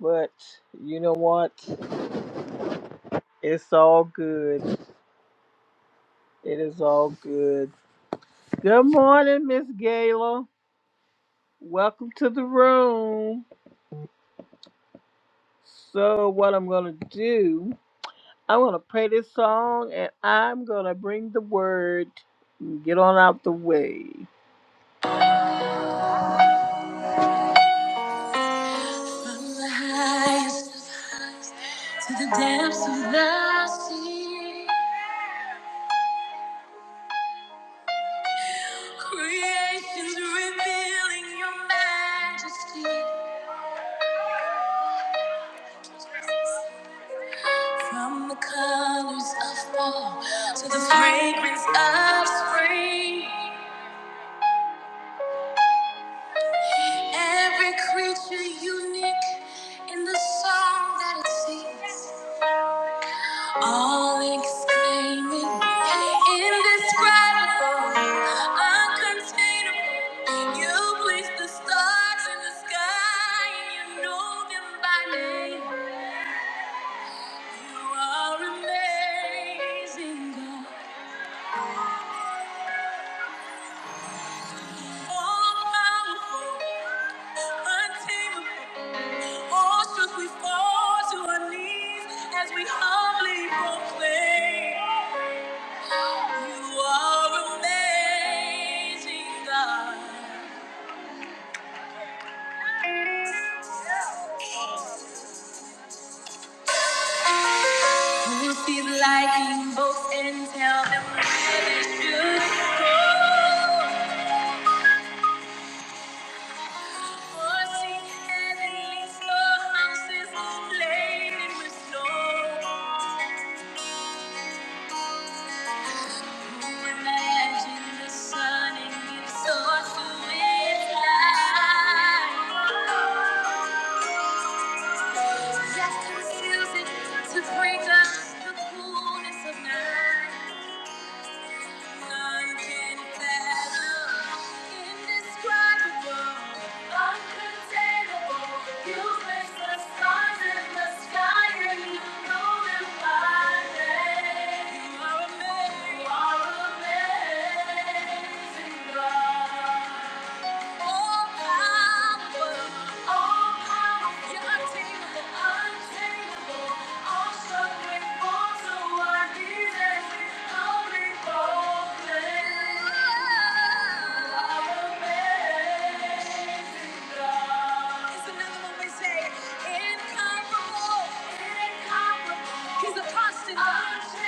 A: but you know what? It's all good. It is all good. Good morning, Miss Gayla. Welcome to the room. So what I'm gonna do? I'm gonna play this song and I'm gonna bring the word and get on out the way. From the highest to the depths of the sea, creation's revealing your majesty. From the colors of fall to the fragrance of spring, every creature unique in the song that it sings. All exclaiming, indescribable, uncontainable. You place the stars in the sky and you know them by name. You are amazing, God. Or should we fall to our knees as we humbly proclaim, You are amazing, God. Who's these liking both and tell them where they should go? For she has released her houses laden with snow. Imagine the sun and give source to light. Just refuses to bring us the coolness of night. He's a constant.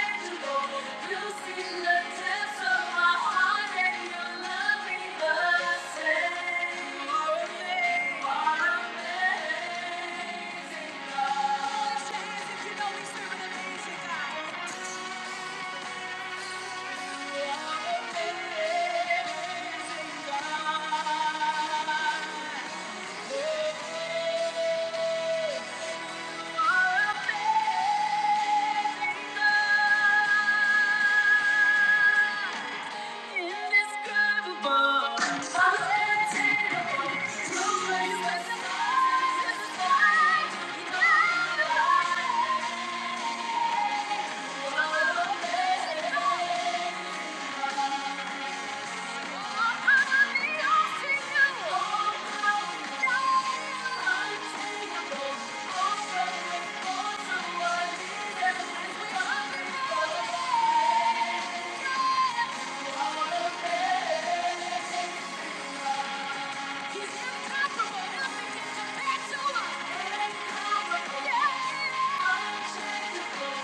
A: Thank you. He's incomparable. Nothing compare to him. Incomparable. Yeah. Unchangeable.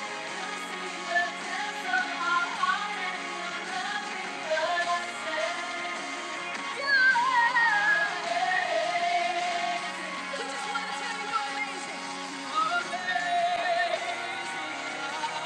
A: You see the depths of our heart and you're nothing but a savior. Yeah. We just want to tell you you're amazing. You are. Come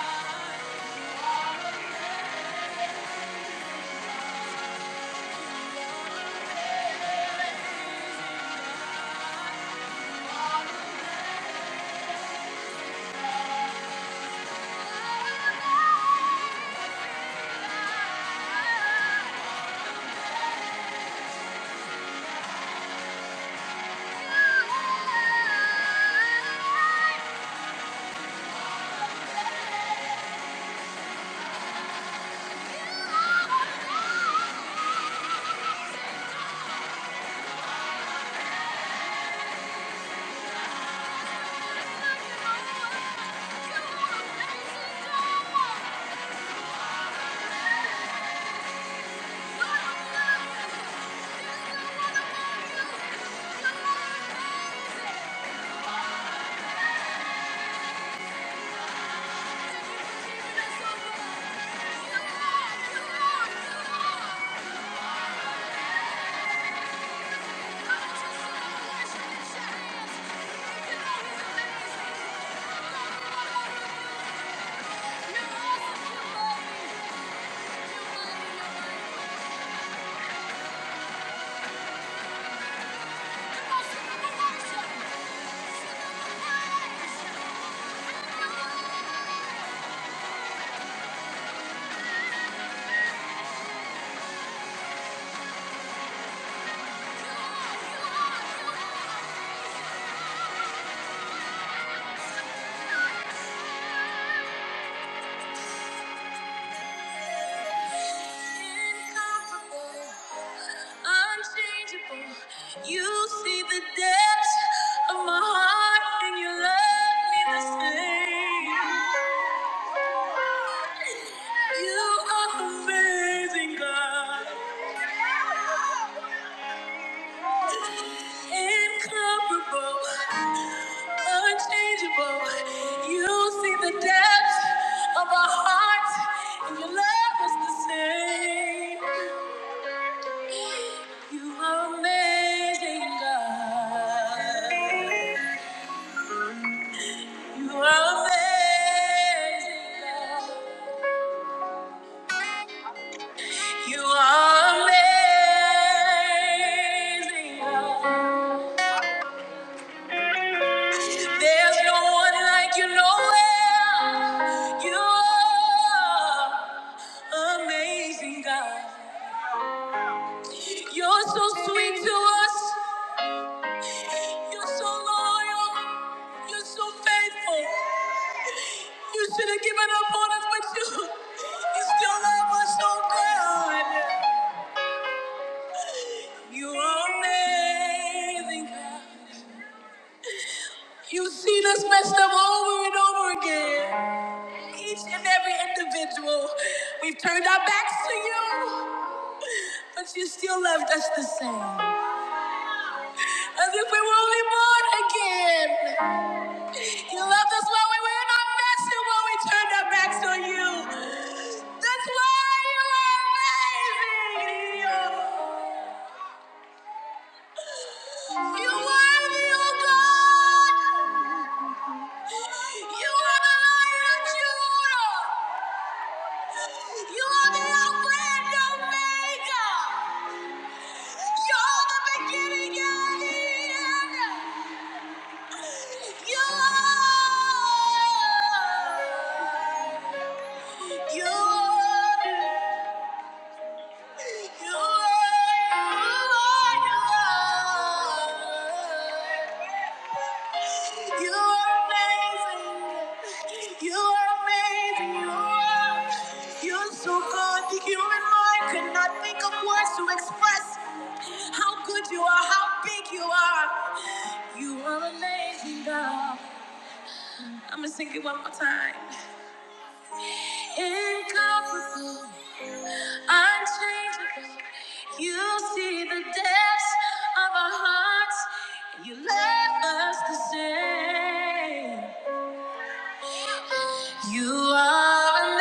A: You're awesome. You Incomparable, unchangeable. You see the depths of my heart, and you love me the same. You are amazing, God. Incomparable, unchangeable. You see the depths of our hearts, and you love us the same. You are amazing, God. You are amazing, God. You are amazing, God. There's no one like you nowhere. You are amazing, God. You're so sweet to us. You're so loyal. You're so faithful. You should have given up on us, but you, you still love us so good. You are amazing. God. You've seen us messed up over and over again. Each and every individual, we've turned our backs to you, but you still loved us the same. As if we were only born again. You loved us while we were in our mess and when we turned our backs on you. That's why you are amazing. You are the old God. You are the Lion of Judah. You are the Alpha and Omega. You're the beginning and the end. You're, you're you you you are, how big you are, You are. amazing. good. express how how big I'm gonna sing it one more time. Incomparable, unchangeable. You see the depths of our hearts, and you love us the same. You are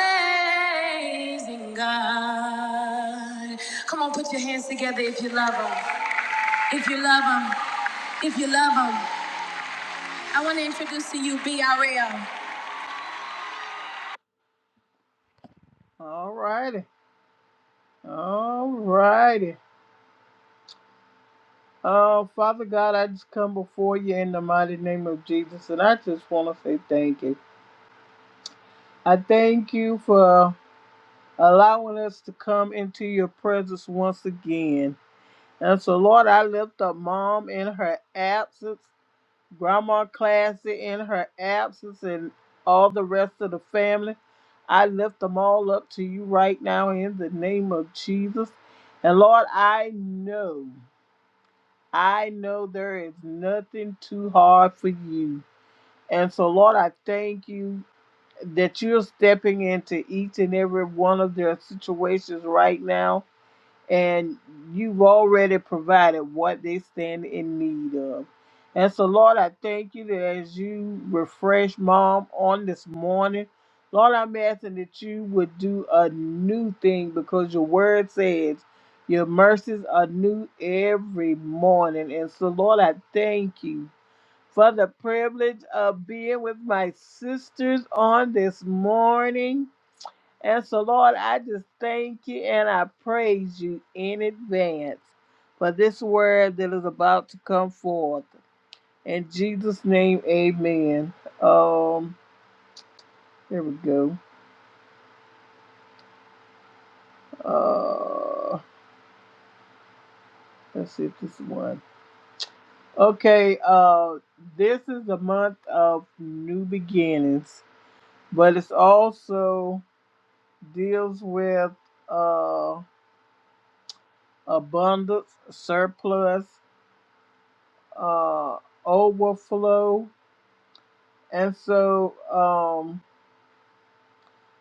A: amazing, God. Come on, put your hands together if you love Him. If you love Him. If you love Him. I want to introduce to you BRL. All righty. All righty. Oh, Father God, I just come before you in the mighty name of Jesus, and I just want to say thank you. I thank you for allowing us to come into your presence once again. And so, Lord, I lift up mom in her absence, grandma Classy in her absence, and all the rest of the family. I lift them all up to you right now in the name of Jesus. And Lord, I know, I know there is nothing too hard for you. And so, Lord, I thank you that you're stepping into each and every one of their situations right now, and you've already provided what they stand in need of. And so, Lord, I thank you that as you refresh mom on this morning, Lord, I'm asking that you would do a new thing because your word says your mercies are new every morning. And so, Lord, I thank you for the privilege of being with my sisters on this morning. And so, Lord, I just thank you and I praise you in advance for this word that is about to come forth. In Jesus' name, amen. Um, there we go. Uh, let's see if this one. Okay, uh, this is the month of new beginnings, but it's also deals with uh. abundance, surplus, uh, overflow. And so um,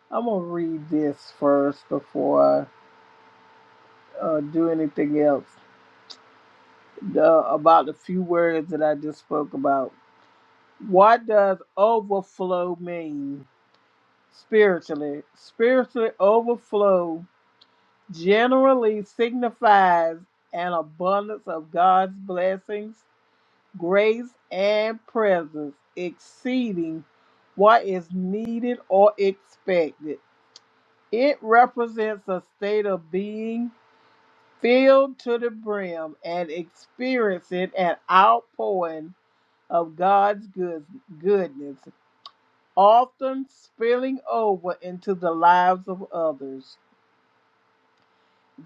A: I'm going to read this first before I uh, do anything else the, about the few words that I just spoke about. What does overflow mean spiritually? Spiritually, overflow generally signifies an abundance of God's blessings grace and presence exceeding what is needed or expected. It represents a state of being filled to the brim and experiencing an outpouring of God's good, goodness, often spilling over into the lives of others.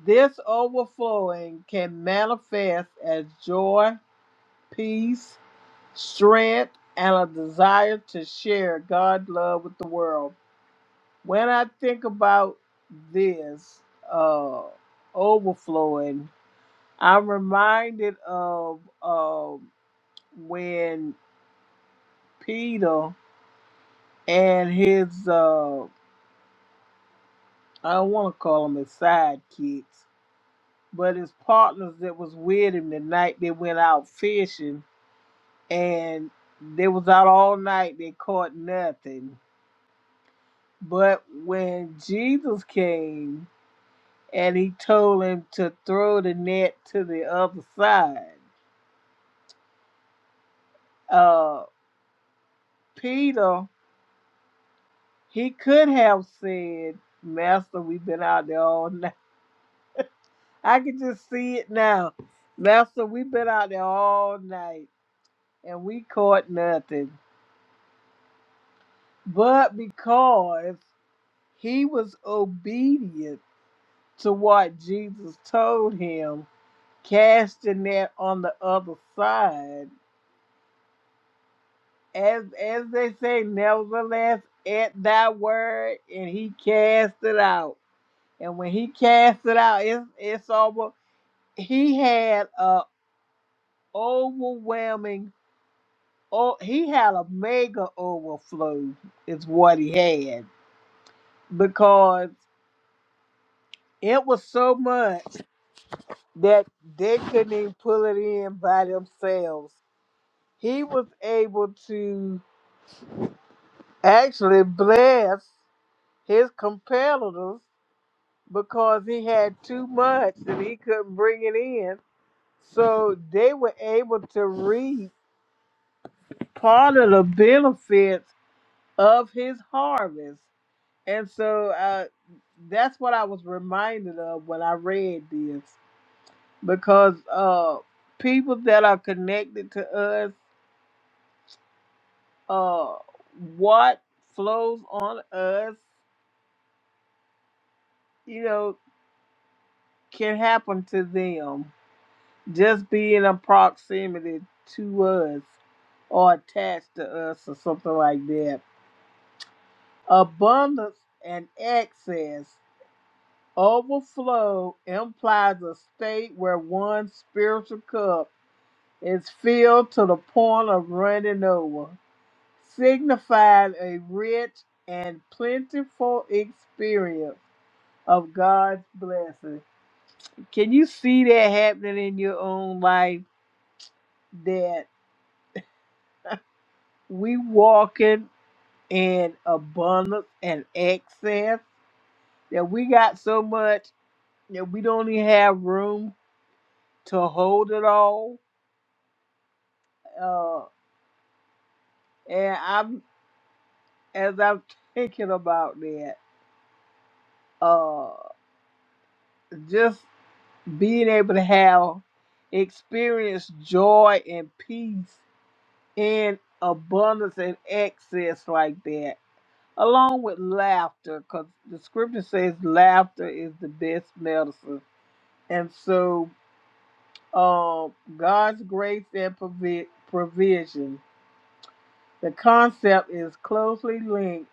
A: This overflowing can manifest as joy, peace, strength, and a desire to share God's love with the world. When I think about this uh, overflowing, I'm reminded of uh, when Peter and his, uh, I don't want to call them his sidekicks, but his partners that was with him the night they went out fishing and they was out all night, they caught nothing But when Jesus came and he told him to throw the net to the other side, uh, Peter, he could have said, Master, we've been out there all night. I can just see it now. Master, we've been out there all night and we caught nothing. But because he was obedient to what Jesus told him, cast the net on the other side as as they say, nevertheless, at thy word, and he cast it out. And when he cast it out, it's it's over. He had a overwhelming. Oh, he had a mega overflow. Is what he had because it was so much that they couldn't even pull it in by themselves. He was able to actually bless his competitors because he had too much and he couldn't bring it in. So they were able to reap part of the benefits of his harvest. And so uh, that's what I was reminded of when I read this because uh, people that are connected to us, uh, what flows on us, you know, can happen to them just being in proximity to us or attached to us or something like that. Abundance and excess overflow implies a state where one's spiritual cup is filled to the point of running over, signifying a rich and plentiful experience of God's blessing. Can you see that happening in your own life? That we walking and abundance and excess that we got so much that we don't even have room to hold it all. Uh, and I'm as I'm thinking about that, uh, just being able to have experience joy and peace in abundance and excess like that, along with laughter, because the scripture says laughter is the best medicine. And so uh, God's grace and provi- provision. The concept is closely linked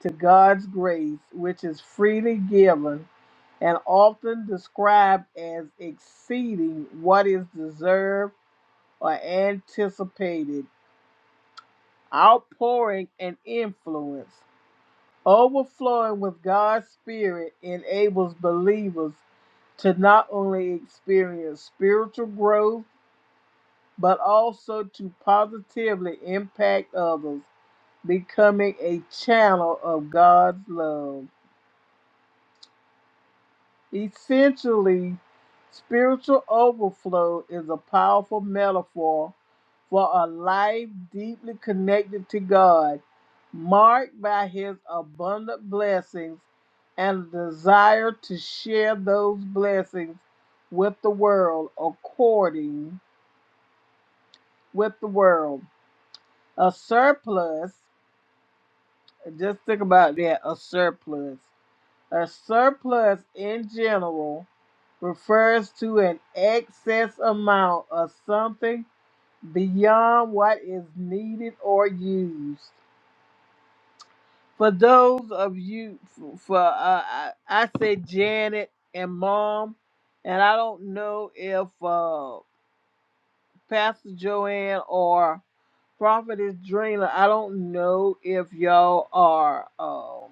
A: to God's grace, which is freely given and often described as exceeding what is deserved or anticipated, outpouring and influence. Overflowing with God's Spirit enables believers to not only experience spiritual growth, but also to positively impact others, becoming a channel of God's love. Essentially, spiritual overflow is a powerful metaphor for a life deeply connected to God, marked by His abundant blessings and a desire to share those blessings with the world according with the world. A surplus Just think about that a surplus. A surplus in general refers to an excess amount of something beyond what is needed or used. For those of you, for uh, I, I say Janet and Mom, and I don't know if uh, Pastor Joanne or Prophetess Drina, I don't know if y'all are. um,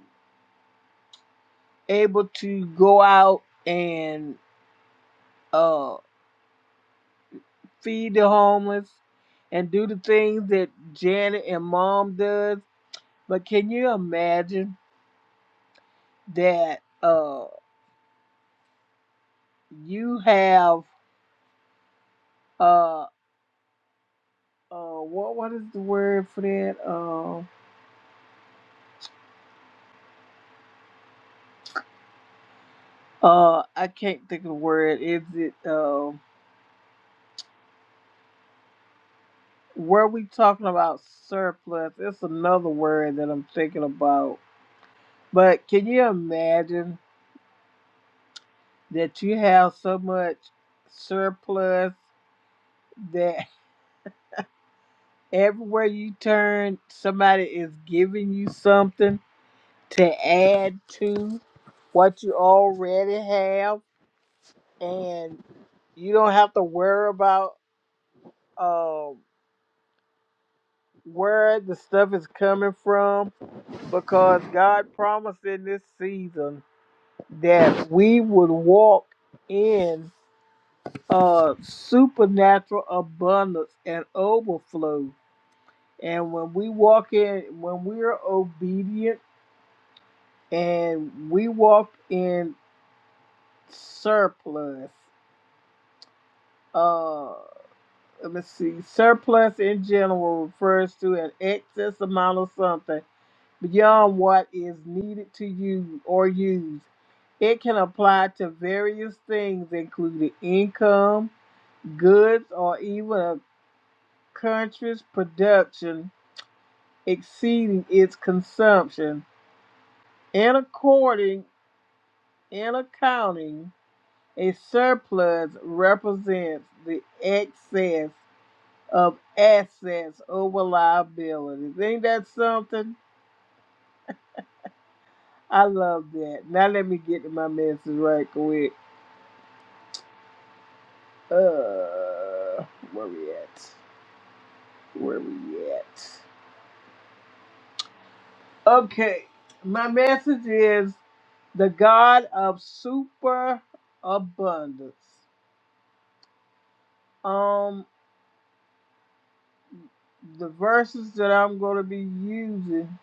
A: able to go out and uh, feed the homeless and do the things that Janet and Mom does. But can you imagine that uh, you have uh, uh, what what is the word for that? Uh, uh, I can't think of the word. Is it uh, were we talking about surplus? It's another word that I'm thinking about. But can you imagine that you have so much surplus that everywhere you turn, somebody is giving you something to add to what you already have, and you don't have to worry about uh, where the stuff is coming from because God promised in this season that we would walk in uh supernatural abundance and overflow And when we walk in, when we're obedient and we walk in surplus, uh, let me see, surplus in general refers to an excess amount of something beyond what is needed to use or used. It can apply to various things, including income, goods, or even a country's production exceeding its consumption. And according In accounting, a surplus represents the excess of assets over liabilities. Ain't that something? I love that. Now let me get to my message right quick. Uh, where we at? Where we at? Okay, my message is the God of super abundance. Um, the verses that I'm going to be using.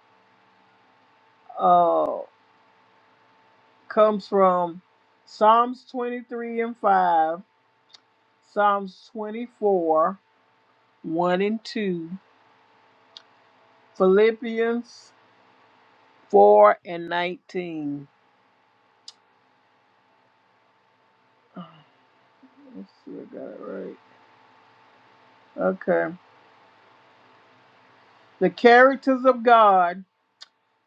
A: Uh. comes from Psalms 23 and 5, Psalms 24, 1 and 2, Philippians 4 and 19. Oh, Let's see, if I got it right. Okay. The characters of God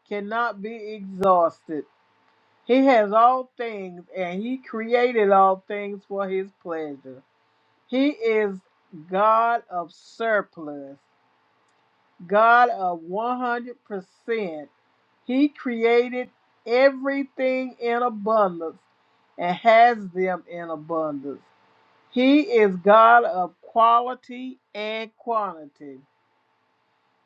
A: cannot be exhausted. He has all things and He created all things for His pleasure. He is God of surplus. God of 100%. He created everything in abundance and has them in abundance. He is God of quality and quantity.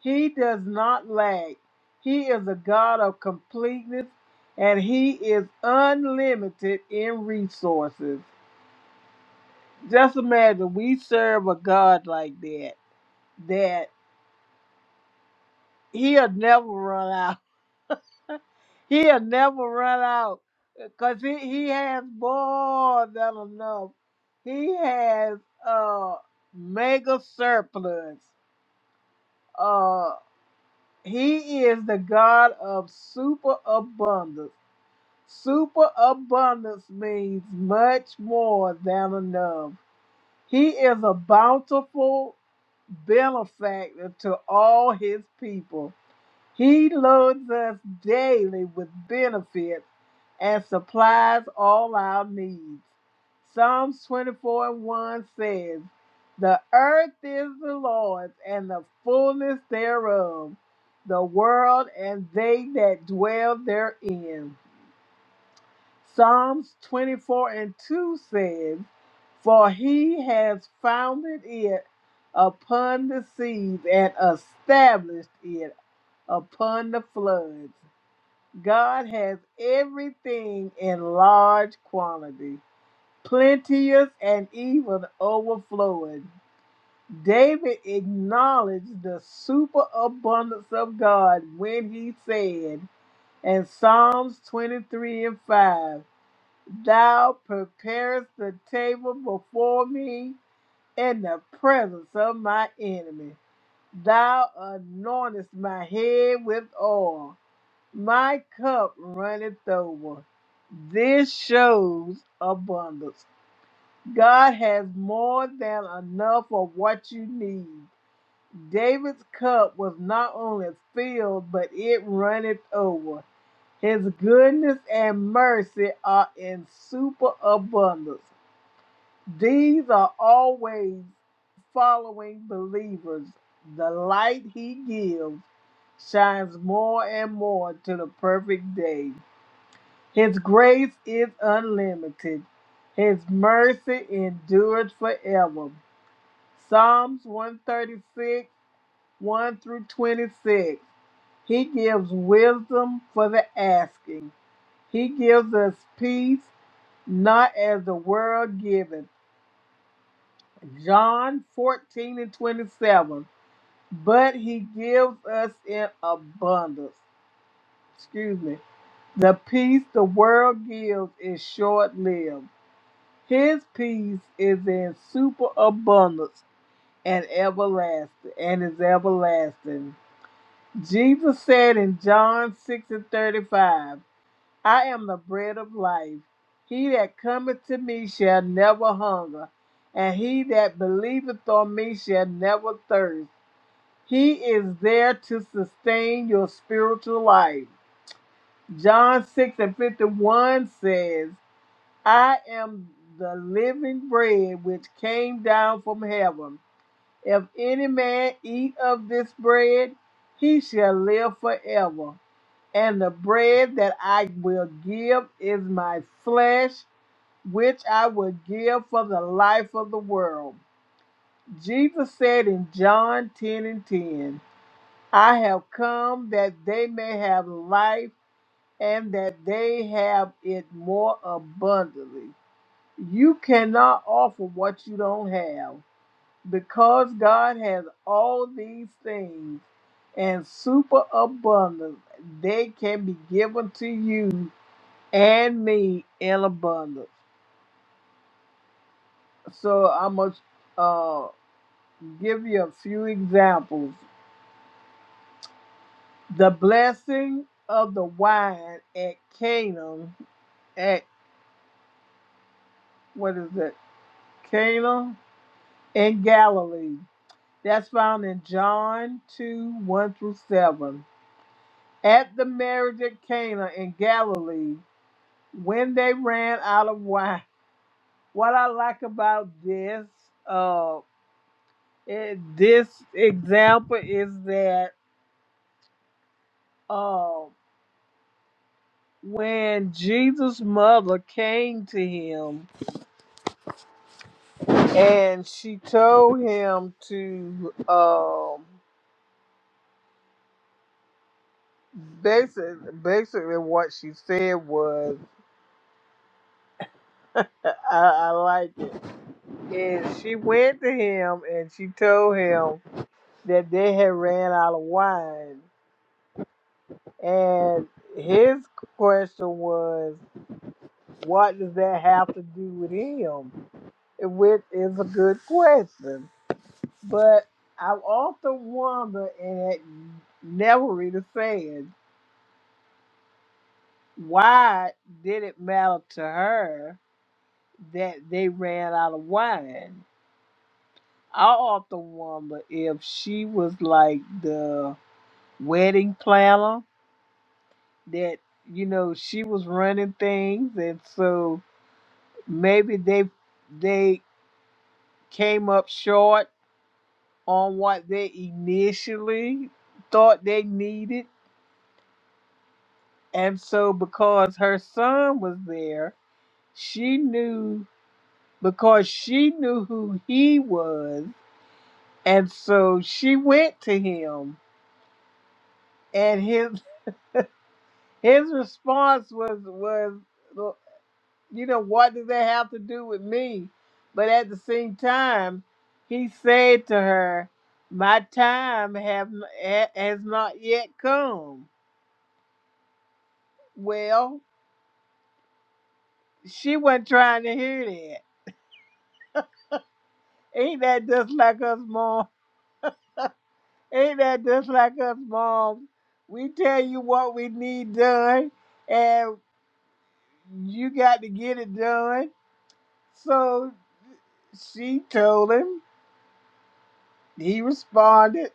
A: He does not lack. He is a God of completeness and he is unlimited in resources. Just imagine we serve a God like that, that he'll never run out. He'll never run out because he, he has more than enough. He has uh, mega surplus. Uh, he is the God of super abundance. Super abundance means much more than enough. He is a bountiful benefactor to all his people. He loads us daily with benefits and supplies all our needs. Psalms 24 and 1 says, The earth is the Lord's and the fullness thereof, the world and they that dwell therein. Psalms 24 and 2 says, For he has founded it upon the seas and established it upon the floods. God has everything in large quantity, plenteous and even overflowing. David acknowledged the superabundance of God when he said in Psalms 23 and 5, Thou preparest the table before me in the presence of my enemy. Thou anointest my head with oil my cup runneth over. This shows abundance. God has more than enough of what you need. David's cup was not only filled, but it runneth over. His goodness and mercy are in superabundance. These are always following believers. The light he gives shines more and more to the perfect day. His grace is unlimited. His mercy endures forever. Psalms 136, 1 through 26. He gives wisdom for the asking. He gives us peace, not as the world giveth. John 14 and 27. But he gives us in abundance. Excuse me. The peace the world gives is short lived. His peace is in superabundance and everlasting and is everlasting. Jesus said in John 6 and 35, I am the bread of life. He that cometh to me shall never hunger, and he that believeth on me shall never thirst. He is there to sustain your spiritual life. John 6 and 51 says, I am the living bread which came down from heaven. If any man eat of this bread, he shall live forever. And the bread that I will give is my flesh, which I will give for the life of the world. Jesus said in John 10 and 10, I have come that they may have life and that they have it more abundantly. You cannot offer what you don't have because God has all these things and super abundance. They can be given to you and me in abundance. So I must uh, give you a few examples. The blessing of the wine at Canaan, at what is it? Cana in Galilee. That's found in John 2 1 through 7 at the marriage at Cana in Galilee when they ran out of wine. What I like about this uh eh, this example is that uh when Jesus' mother came to him and she told him to um basically basically what she said was I, I I like it. And she went to him and she told him that they had ran out of wine. And his question was, what does that have to do with him? Which is a good question. But I also wonder, and it never really said, why did it matter to her that they ran out of wine? I often wonder if she was like the wedding planner that you know she was running things and so maybe they they came up short on what they initially thought they needed and so because her son was there she knew because she knew who he was and so she went to him and his his response was was you know, what does that have to do with me? But at the same time, he said to her, My time have ha- has not yet come. Well, she wasn't trying to hear that. Ain't that just like us, mom? Ain't that just like us, mom? We tell you what we need done, and you got to get it done. So she told him. He responded.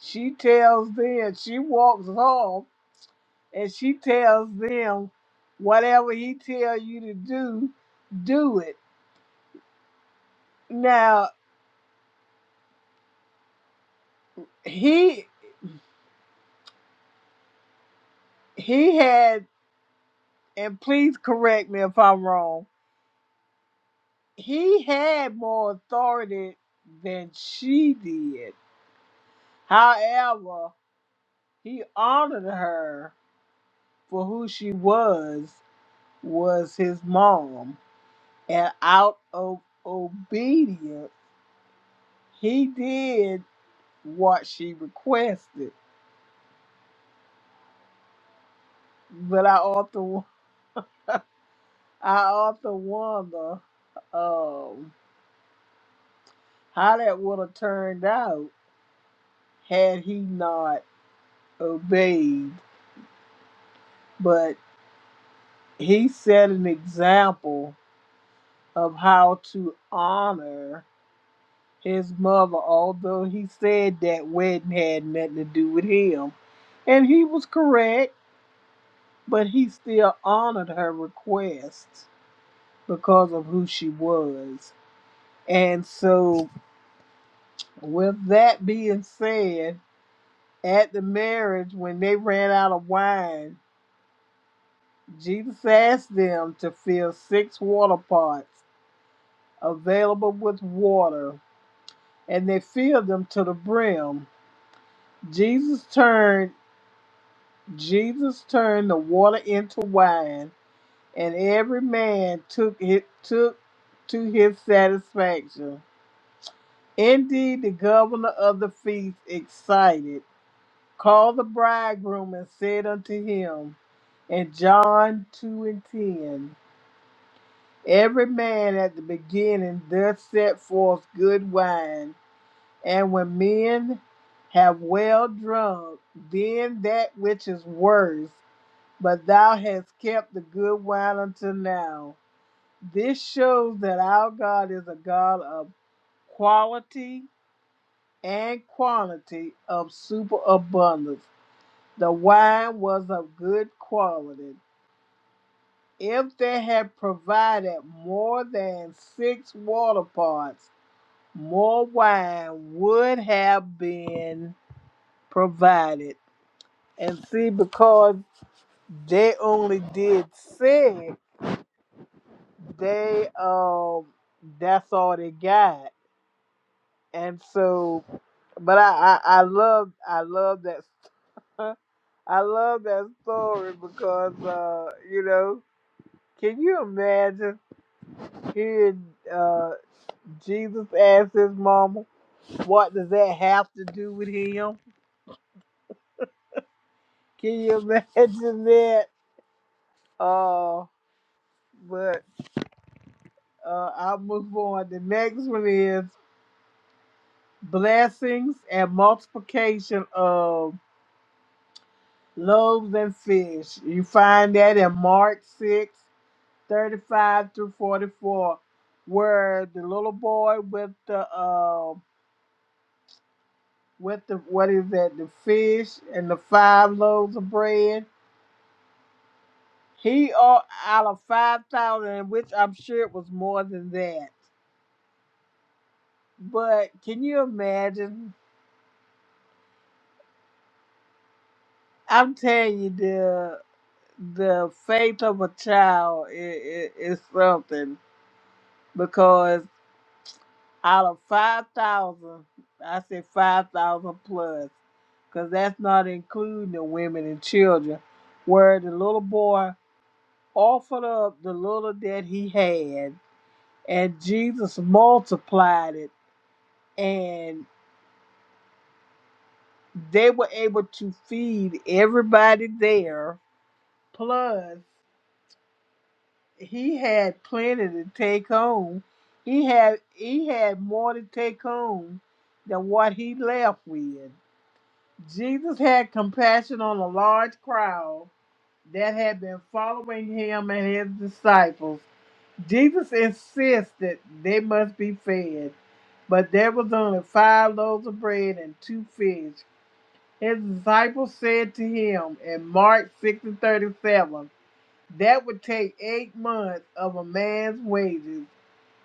A: She tells them. She walks off and she tells them whatever he tell you to do do it now he he had and please correct me if i'm wrong he had more authority than she did however he honored her for who she was was his mom and out of obedience he did what she requested but I often I often wonder um, how that would have turned out had he not obeyed. But he set an example of how to honor his mother, although he said that wedding had nothing to do with him. And he was correct, but he still honored her request because of who she was. And so, with that being said, At the marriage, when they ran out of wine, Jesus asked them to fill six water pots available with water, and they filled them to the brim. Jesus turned Jesus turned the water into wine, and every man took it took to his satisfaction. Indeed, the governor of the feast, excited called the bridegroom and said unto him, in John 2 and 10, every man at the beginning doth set forth good wine, and when men have well drunk, then that which is worse, but thou hast kept the good wine until now. This shows that our God is a God of quality and quantity of superabundance The wine was of good quality. If they had provided more than six water pots, more wine would have been provided. And see, because they only did six, they um that's all they got. And so but I I, I love I love that I love that story because uh, you know, can you imagine Hearing uh, Jesus asked his mama, what does that have to do with him? Can you imagine that? Uh, but uh, I'll move on. The next one is blessings and multiplication of loaves and fish. You find that in Mark 6 35 through 44, where the little boy with the, uh, with the, what is that, the fish and the five loaves of bread He ought out of five thousand, which I'm sure it was more than that. But can you imagine? I'm telling you, the the faith of a child is, is something because out of five thousand, I said five thousand plus, because that's not including the women and children, where the little boy offered up the little that he had, and Jesus multiplied it they were able to feed everybody there. Plus, he had plenty to take home. He had he had more to take home than what he left with. Jesus had compassion on a large crowd that had been following him and his disciples. Jesus insisted they must be fed, but there was only five loaves of bread and two fish. His disciples said to him in Mark 6 and 37, That would take eight months of a man's wages.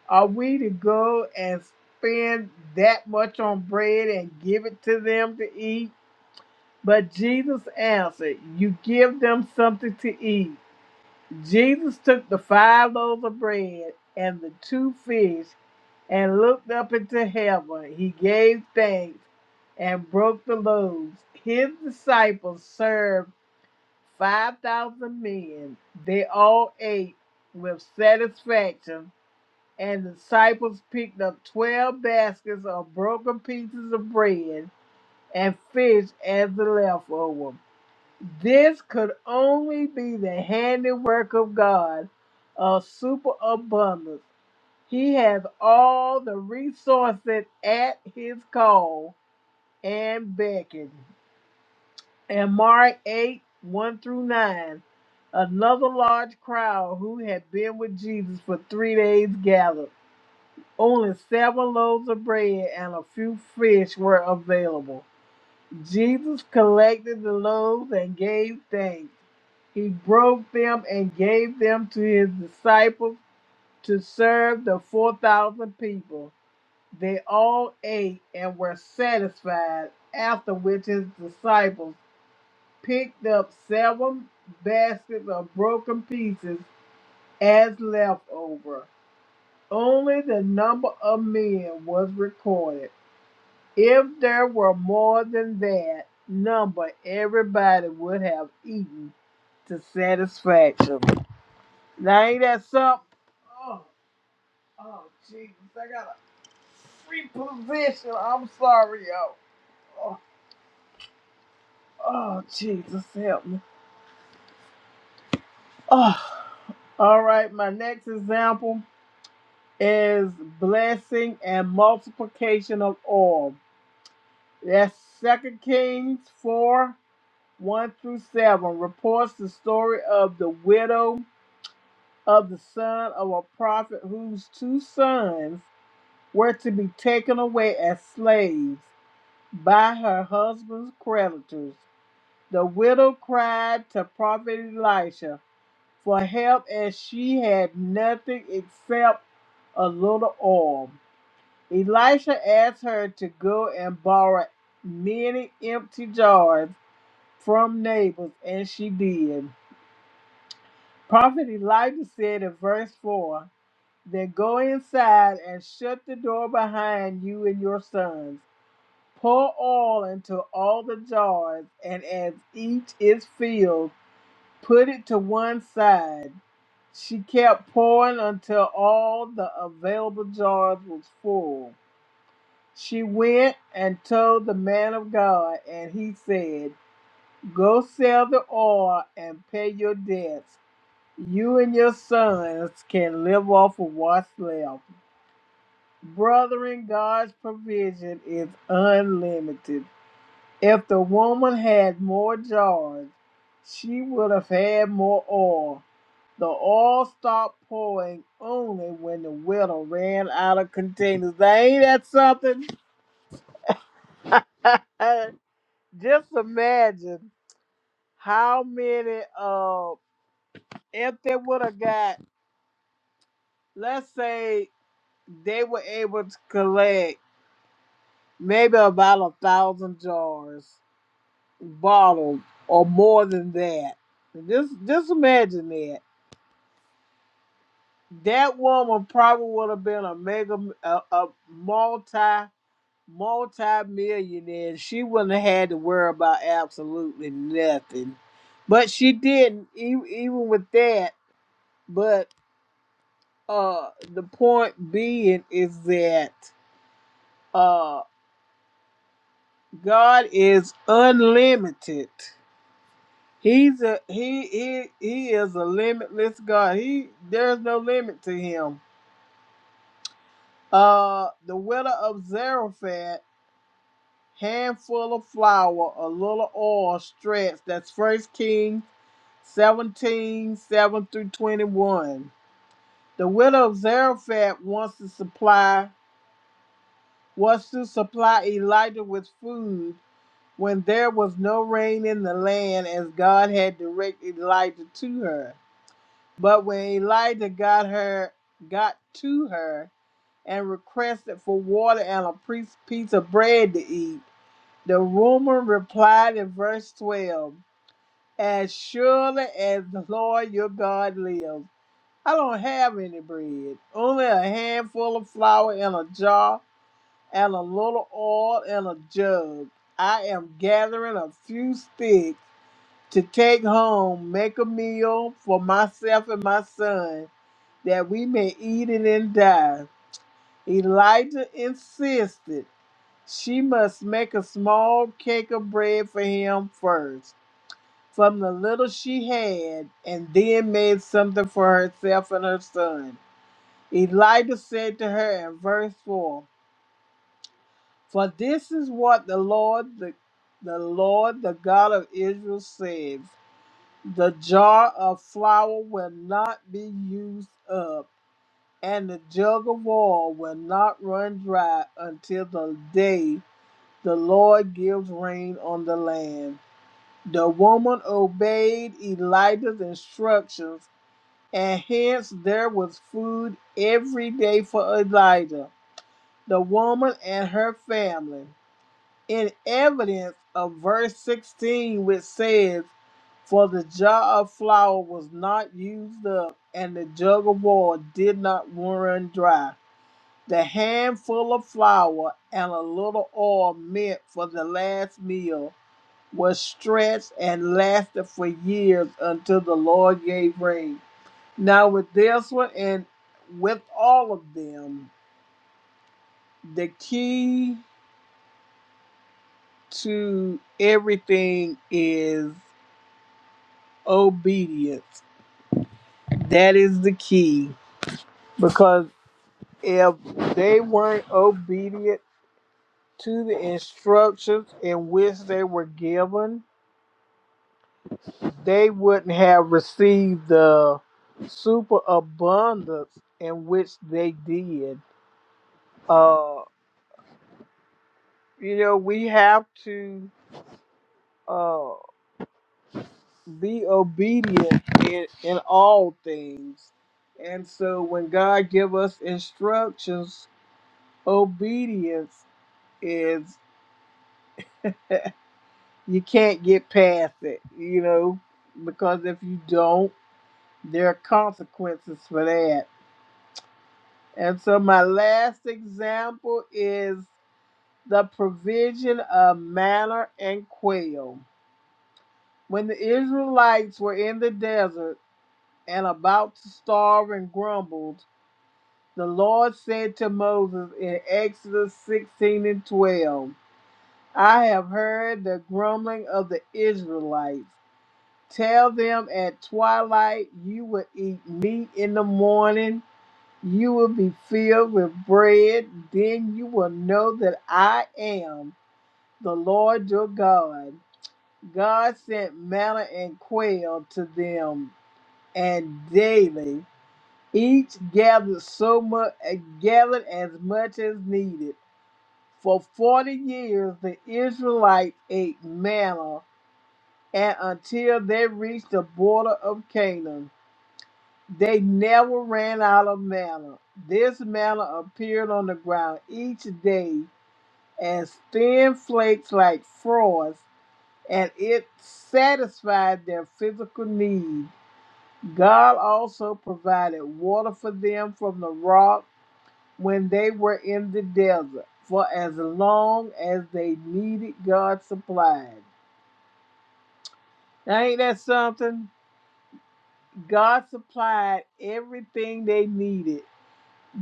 A: Are we to go and spend that much on bread and give it to them to eat? But Jesus answered, You give them something to eat. Jesus took the five loaves of bread and the two fish and looked up into heaven. He gave thanks and broke the loaves. His disciples served 5,000 men. They all ate with satisfaction, and the disciples picked up 12 baskets of broken pieces of bread and fish as the leftover. This could only be the handiwork of God of superabundance. He has all the resources at his call and beckon and Mark 8 1 through 9. Another large crowd who had been with Jesus for three days gathered. Only seven loaves of bread and a few fish were available. Jesus collected the loaves and gave thanks. He broke them and gave them to his disciples to serve the 4,000 people. They all ate and were satisfied, after which his disciples picked up seven baskets of broken pieces as leftover. Only the number of men was recorded. If there were more than that number, everybody would have eaten to satisfaction. Now ain't that something? Oh, oh, Jesus! I gotta reposition. I'm sorry, yo. Oh, oh, Jesus, help me. Oh. All right, my next example is blessing and multiplication of oil. That's Second Kings 4 1 through 7 reports the story of the widow of the son of a prophet whose two sons were to be taken away as slaves by her husband's creditors. The widow cried to prophet Elisha for help, and she had nothing except a little oil. Elisha asked her to go and borrow many empty jars from neighbors, and she did. Prophet Elijah said in verse 4 Then go inside and shut the door behind you and your sons. Pour oil into all the jars, and as each is filled, put it to one side. She kept pouring until all the available jars was full. She went and told the man of God, and he said, Go sell the oil and pay your debts. You and your sons can live off of what's left. Brethren, God's provision is unlimited. If the woman had more jars, she would have had more oil. The oil stopped pouring only when the widow ran out of containers. Now, ain't that something? just imagine how many uh if they would have got let's say they were able to collect maybe about a thousand jars bottled or more than that just just imagine that that woman probably would have been a mega a, a multi multi millionaire she wouldn't have had to worry about absolutely nothing but she didn't e- even with that but uh the point being is that uh God is unlimited. He's a he he he is a limitless God. He there's no limit to him. Uh the widow of Zarephath, handful of flour, a little oil stretched. That's first King 17 7 through 21. The widow of Zarephath wants to supply wants to supply Elijah with food when there was no rain in the land as God had directed Elijah to her. But when Elijah got her got to her and requested for water and a piece of bread to eat, the woman replied in verse twelve, As surely as the Lord your God lives, I don't have any bread, only a handful of flour in a jar and a little oil in a jug. I am gathering a few sticks to take home, make a meal for myself and my son, that we may eat it and die. Elijah insisted she must make a small cake of bread for him first, from the little she had, and then made something for herself and her son. Elijah said to her in verse 4 For this is what the Lord, the, the Lord, the God of Israel says: The jar of flour will not be used up, and the jug of oil will not run dry until the day the Lord gives rain on the land. The woman obeyed Elijah's instructions, and hence there was food every day for Elijah, the woman, and her family. in evidence of verse 16, which says, For the jar of flour was not used up, and the jug of oil did not run dry. The handful of flour and a little oil meant for the last meal was stretched and lasted for years until the Lord gave rain. Now, with this one and with all of them, the key to everything is obedience. That is the key because if they weren't obedient to the instructions in which they were given, they wouldn't have received the superabundance in which they did. Uh, you know, we have to uh, be obedient in, in all things. And so when God give us instructions, obedience is you can't get past it, you know, because if you don't, there are consequences for that. And so my last example is the provision of manna and quail. When the Israelites were in the desert and about to starve and grumbled, the Lord said to Moses in Exodus 16 and 12, I have heard the grumbling of the Israelites. Tell them at twilight you will eat meat in the morning, you will be filled with bread, then you will know that I am the Lord your God. God sent manna and quail to them, and daily each gathered so much gathered as much as needed. For forty years the Israelites ate manna and until they reached the border of Canaan. They never ran out of manna. This manna appeared on the ground each day as thin flakes like frost, and it satisfied their physical need. God also provided water for them from the rock when they were in the desert for as long as they needed God supplied. Now, ain't that something? God supplied everything they needed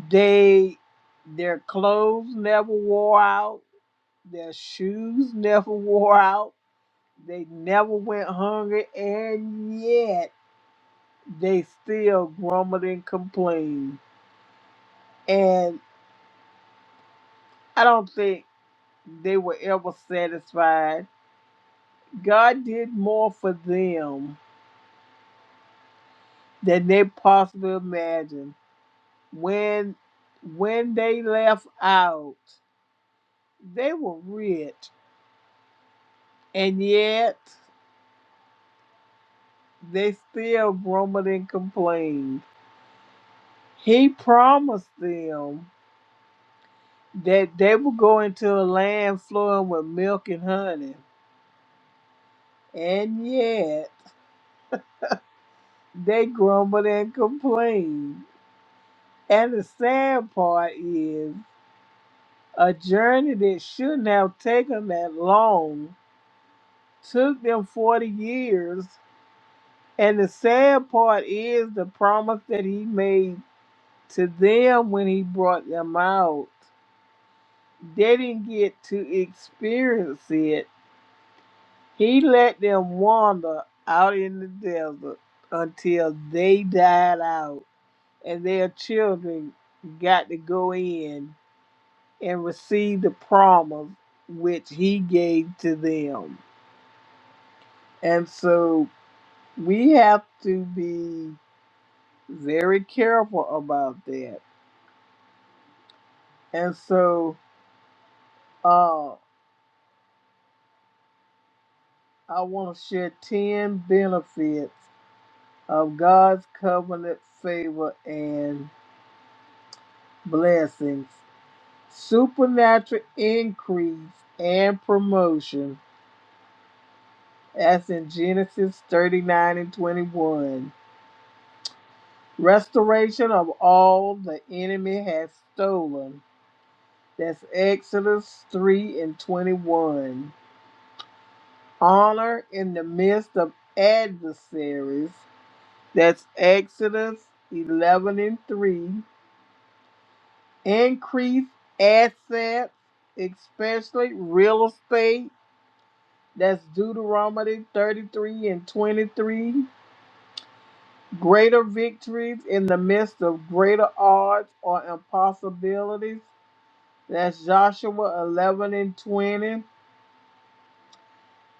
A: They their clothes never wore out, their shoes never wore out, they never went hungry, and yet they still grumbled and complained. And I don't think they were ever satisfied. God did more for them than they possibly imagined. When when they left out, they were rich, and yet They still grumbled and complained. He promised them that they would go into a land flowing with milk and honey. And yet, they grumbled and complained. And the sad part is, a journey that shouldn't have taken that long took them 40 years. And the sad part is the promise that he made to them when he brought them out. they didn't get to experience it. He let them wander out in the desert until they died out and their children got to go in and receive the promise which he gave to them. And so we have to be very careful about that. And so uh, I want to share 10 benefits of God's covenant favor and blessings, supernatural increase and promotion. as in Genesis 39 and 21. Restoration of all the enemy has stolen. That's Exodus 3 and 21. Honor in the midst of adversaries. That's Exodus 11 and 3. increase assets, especially real estate. That's Deuteronomy 33 and 23. Greater victories in the midst of greater odds or impossibilities. That's Joshua 11 and 20.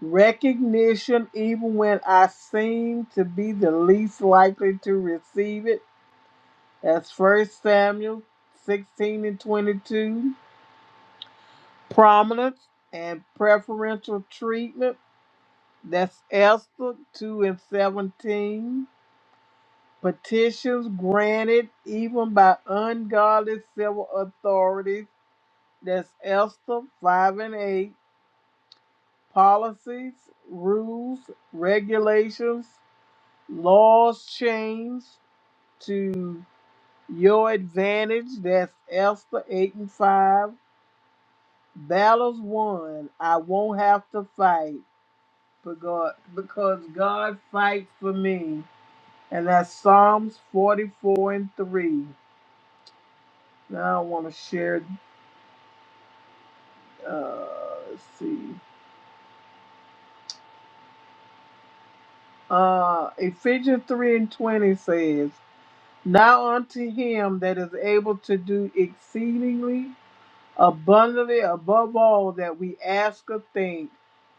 A: Recognition even when I seem to be the least likely to receive it. That's First Samuel 16 and 22. Prominence and preferential treatment. That's Esther 2 and 17. Petitions granted even by ungodly civil authorities. That's Esther 5 and 8. Policies, rules, regulations, laws changed to your advantage. That's Esther 8 and 5. Battles won. I won't have to fight because because God fights for me. and that's Psalms 44 and 3. Now I want to share, uh, let's see. Uh, Ephesians 3 and 20 says, Now unto him that is able to do exceedingly abundantly above all that we ask or think,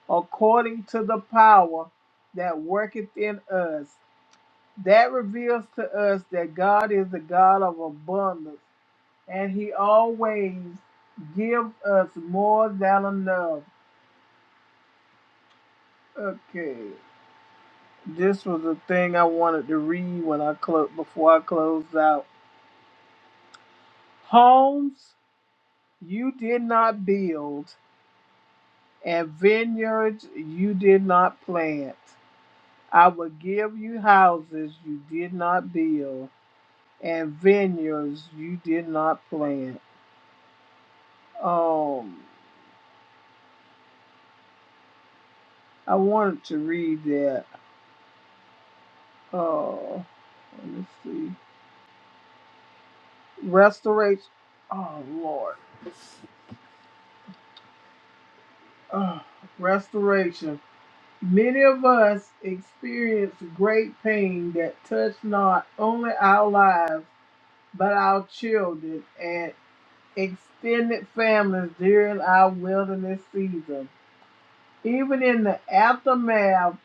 A: according to the power that worketh in us. That reveals to us that God is the God of abundance and he always gives us more than enough. Okay, this was the thing I wanted to read when I close before I closed out. Homes you did not build, and vineyards you did not plant. I will give you houses you did not build, and vineyards you did not plant. Um, I wanted to read that. Oh, let me see. restoration. Oh Lord, Ugh, restoration. Many of us experience great pain that touched not only our lives but our children and extended families during our wilderness season. Even in the aftermath,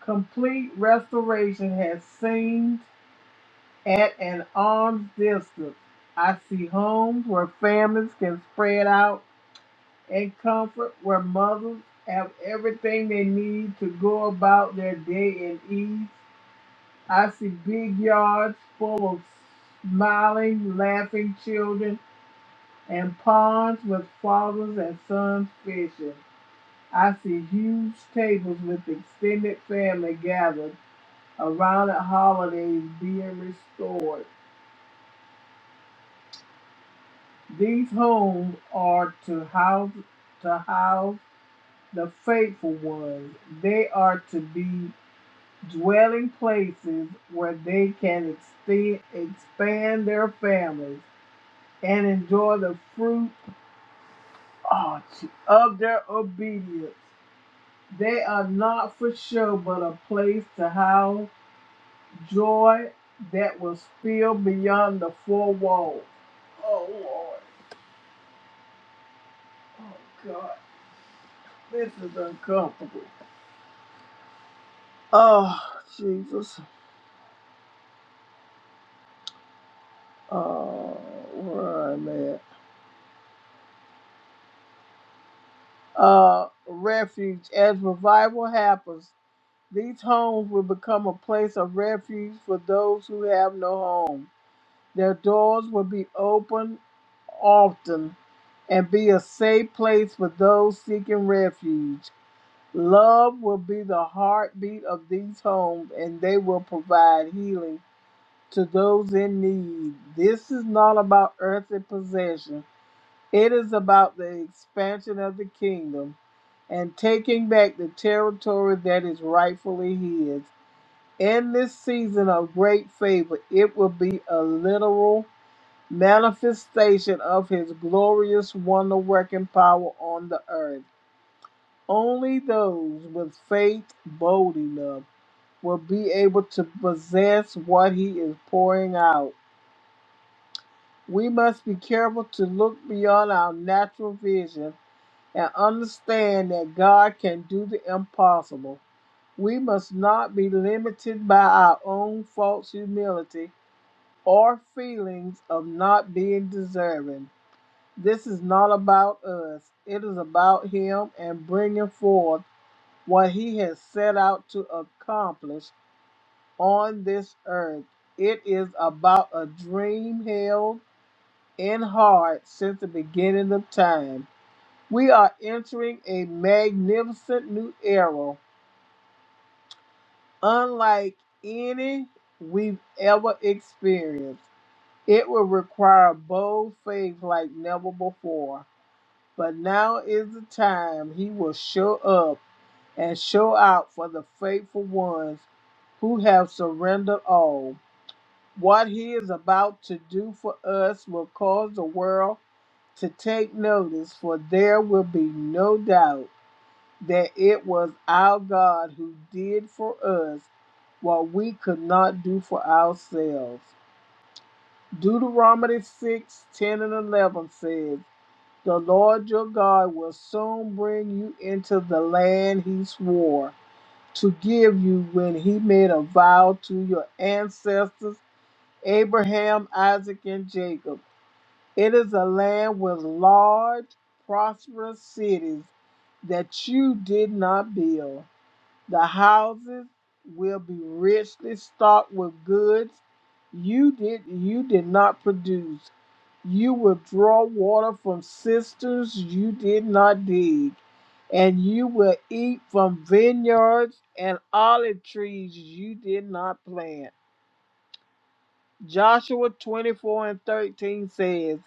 A: complete restoration has seemed at an arm's distance. I see homes where families can spread out and comfort where mothers have everything they need to go about their day in ease. I see big yards full of smiling, laughing children and ponds with fathers and sons fishing. I see huge tables with extended family gathered around at holidays being restored. These homes are to house to house the faithful ones. They are to be dwelling places where they can extend, expand their families and enjoy the fruit oh, of their obedience. They are not for show, but a place to house joy that will spill beyond the four walls. Oh, Lord. Oh, God. This is uncomfortable. Oh, Jesus. Oh, where am I? at? Uh, refuge as revival happens. These homes will become a place of refuge for those who have no home. Their doors will be open often and be a safe place for those seeking refuge. Love will be the heartbeat of these homes and they will provide healing to those in need. This is not about earthly possession, it is about the expansion of the kingdom and taking back the territory that is rightfully his. In this season of great favor, it will be a literal manifestation of his glorious wonder working power on the earth. Only those with faith bold enough will be able to possess what he is pouring out. We must be careful to look beyond our natural vision and understand that God can do the impossible. We must not be limited by our own false humility or feelings of not being deserving. This is not about us, it is about Him and bringing forth what He has set out to accomplish on this earth. It is about a dream held in heart since the beginning of time. We are entering a magnificent new era, unlike any we've ever experienced. It will require bold faith like never before. But now is the time he will show up and show out for the faithful ones who have surrendered all. What he is about to do for us will cause the world to take notice, for there will be no doubt that it was our God who did for us what we could not do for ourselves. Deuteronomy 6:10 and 11 says, The Lord your God will soon bring you into the land he swore to give you when he made a vow to your ancestors, Abraham, Isaac, and Jacob. It is a land with large, prosperous cities that you did not build the houses will be richly stocked with goods you did you did not produce. You will draw water from cisterns you did not dig, and you will eat from vineyards and olive trees you did not plant. Joshua 24 and 13 says,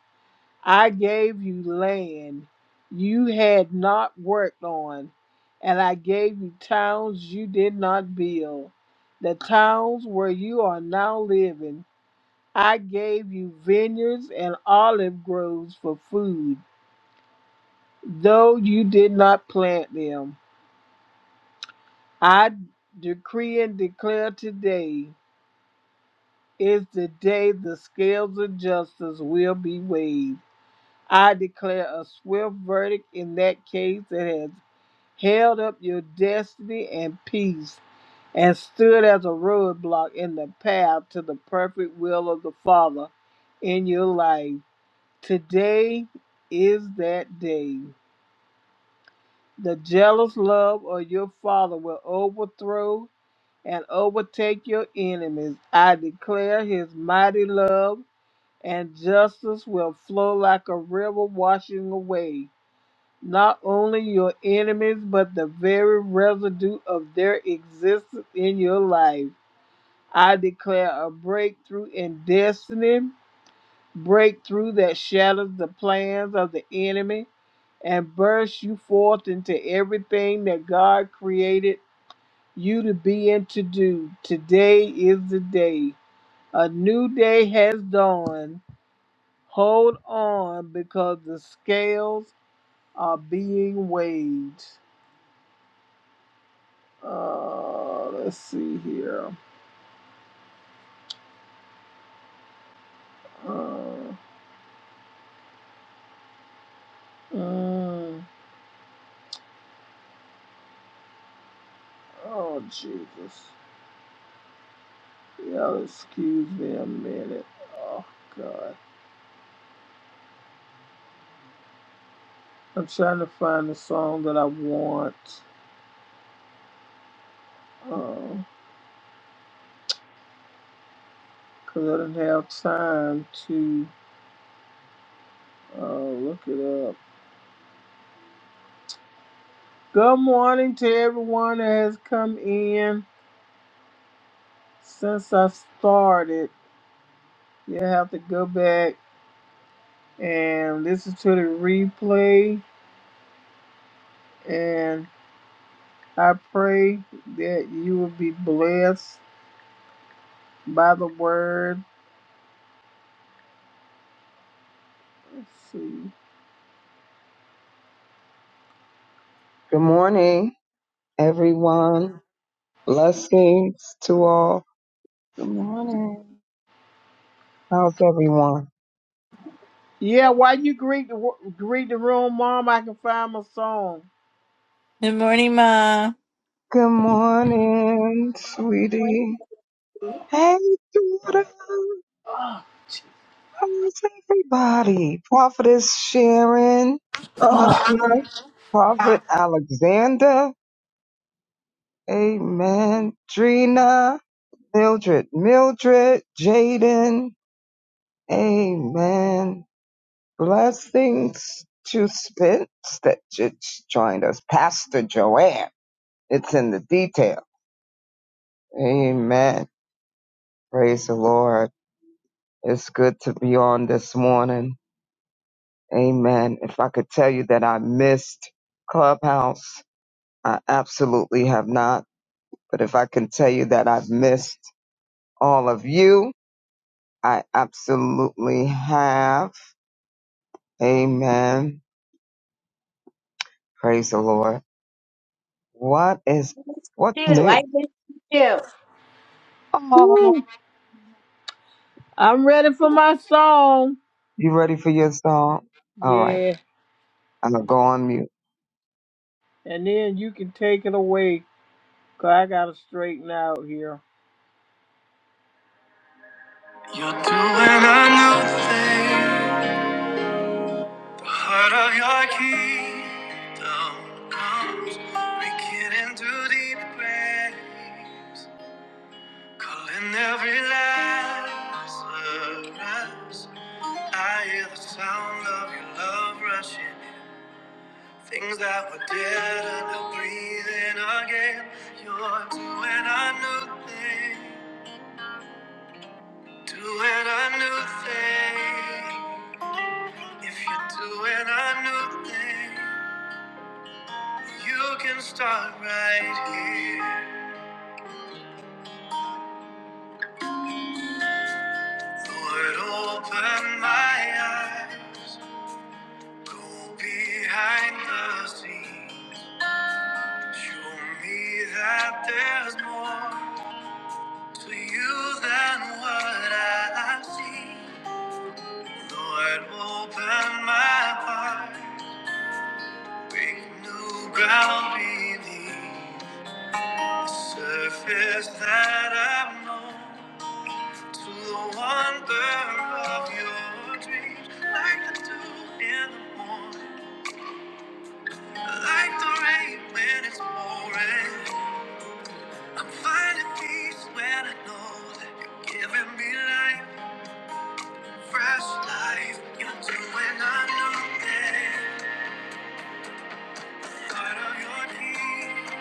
A: I gave you land you had not worked on, and I gave you towns you did not build. The towns where you are now living, I gave you vineyards and olive groves for food, though you did not plant them. I decree and declare today is the day the scales of justice will be weighed. I declare a swift verdict in that case that has held up your destiny and peace, and stood as a roadblock in the path to the perfect will of the Father in your life. Today is that day. The jealous love of your Father will overthrow and overtake your enemies. I declare his mighty love and justice will flow like a river washing away not only your enemies, but the very residue of their existence in your life. I declare a breakthrough in destiny, breakthrough that shatters the plans of the enemy and bursts you forth into everything that God created you to be and to do. Today is the day. A new day has dawned. Hold on because the scales are being weighed. Uh, let's see here. Uh, mm, oh, Jesus. Y'all excuse me a minute. Oh, God. I'm trying to find the song that I want because I didn't have time to uh, look it up. Good morning to everyone that has come in since I started. You have to go back and listen to the replay. and. I pray that you will be blessed by the word. Let's see.
D: Good morning, everyone. Blessings to all.
C: Good morning.
D: How's everyone?
A: Yeah, while you greet the wo- greet the room, Mom, I can find my song.
B: Good morning, Ma.
D: Good morning, sweetie.
E: Two.
D: Hey, daughter. How's everybody? Prophetess Sharon, my son, Prophet Alexander. Amen. Drina, Mildred, Mildred, Jaden. Amen. Blessings to Spence that joined us. Pastor Joanne. It's in the detail. Amen. Praise the Lord. It's good to be on this morning. Amen. If I could tell you that I missed Clubhouse, I absolutely have not. But if I can tell you that I've missed all of you, I absolutely have. Amen. Praise the Lord. What is, what's
E: I
D: new?
E: missed you.
A: Woo!
D: Oh.
A: I'm ready for my song.
D: You ready for your song? All right.
A: Yeah,
D: I'm going to go on mute.
A: and then you can take it away, cause I gotta straighten out here. You're doing a new thing. The heart of your kingdom comes, breaking into deep graves. Calling every Lazarus. I hear the sound of your love rushing. Things that were dead are now breathing again. You're doing a new thing. Doing a new thing. If you're doing a new thing, you can start right here. Lord, open my eyes. Go behind the scenes. Show me that there's more to you than what I see. Lord, open my heart, break new ground beneath the surface that i have known to the wonder of your dreams, like the dew in the morning, like the rain when it's pouring. I'm finding peace when I know that you're giving me life, fresh life. You're doing a new thing. Part of your deed,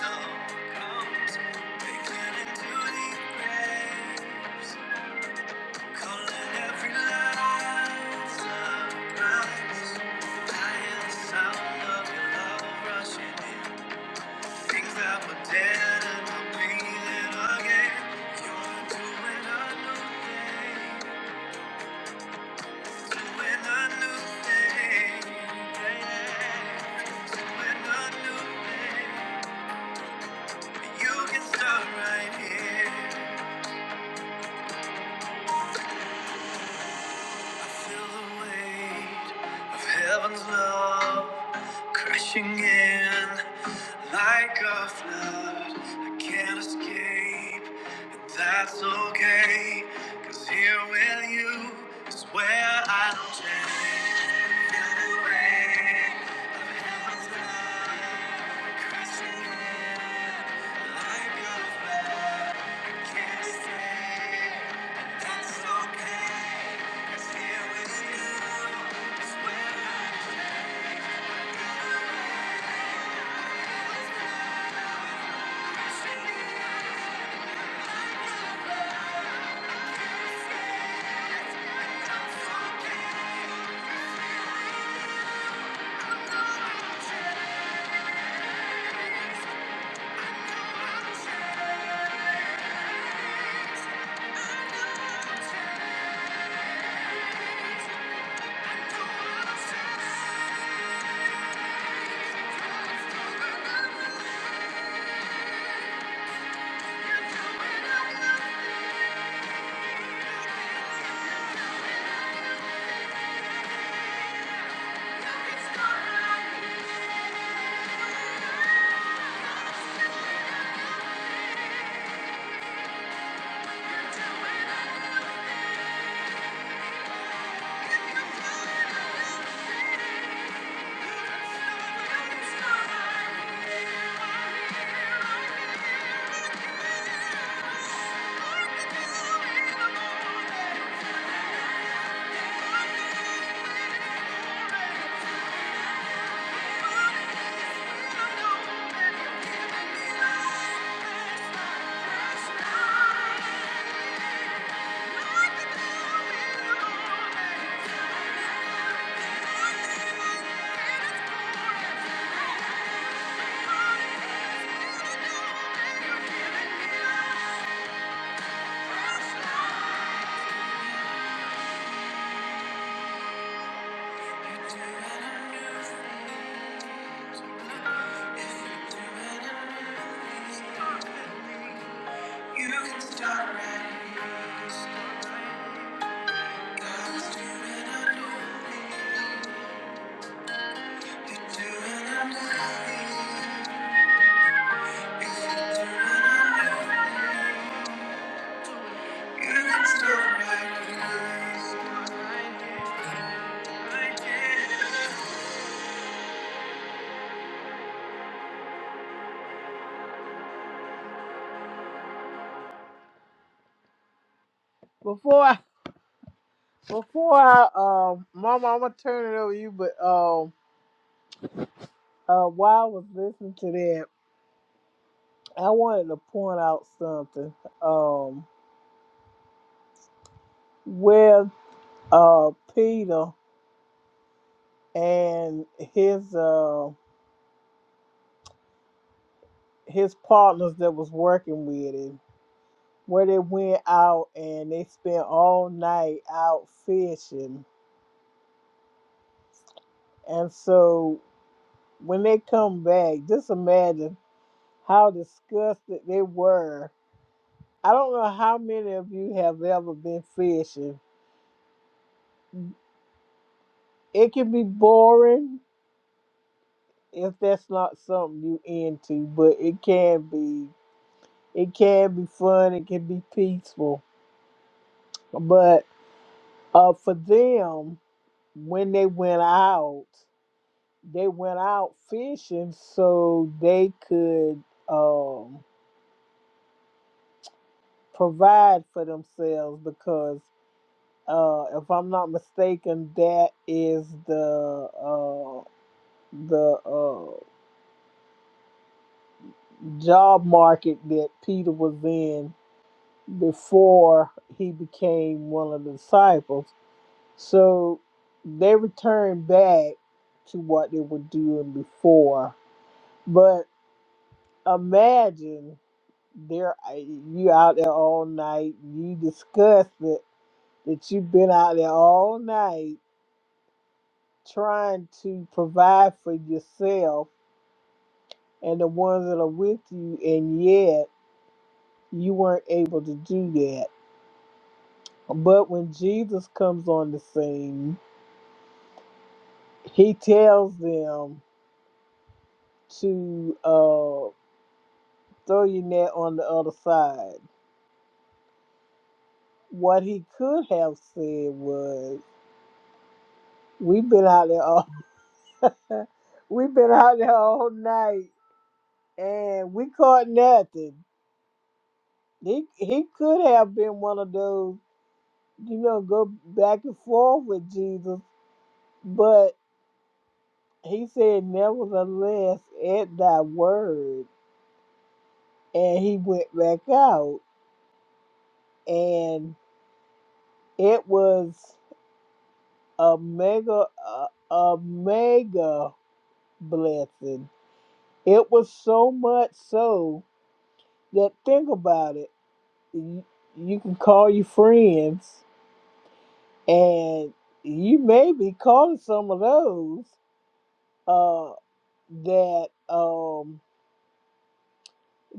A: love comes, making into the graves, calling every light sunrise. I hear the sound of your love rushing in. Things that were dead and I'm breathing again. You're doing a new thing. When I knew things, when I knew things, you can start right here. feel the weight of heaven's love. Crashing in like a flood, I can't escape, and that's okay. Cause here with you is where I don't change. Feel the weight of heaven's love crashing in like a flood. I can't escape, and that's okay. 'Cause here with you is where I don't change. right. right. Before before I, um, Mama, I'm gonna turn it over to you. But um, uh, while I was listening to that, I wanted to point out something. Um, where uh Peter and his uh his partners that was working with him where they went out and they spent all night out fishing and so when they come back just imagine how disgusted they were i don't know how many of you have ever been fishing it can be boring if that's not something you into but it can be it can be fun it can be peaceful but Uh, for them, when they went out, they went out fishing so they could um, provide for themselves because, uh, if I'm not mistaken, that is the uh, the uh, job market that Peter was in before he became one of the disciples. So they returned back to what they were doing before, but imagine there you out there all night you discuss it that you've been out there all night trying to provide for yourself and the ones that are with you and yet you weren't able to do that but when jesus comes on the scene he tells them to uh, throw your net on the other side what he could have said was we've been out there all." We've been out there all night and we caught nothing. He he could have been one of those, you know, go back and forth with Jesus, but he said, Nevertheless, at thy word. And he went back out. And it was a mega, a, a mega blessing. It was so much so that think about it. you you can call your friends and you may be calling some of those uh, that um,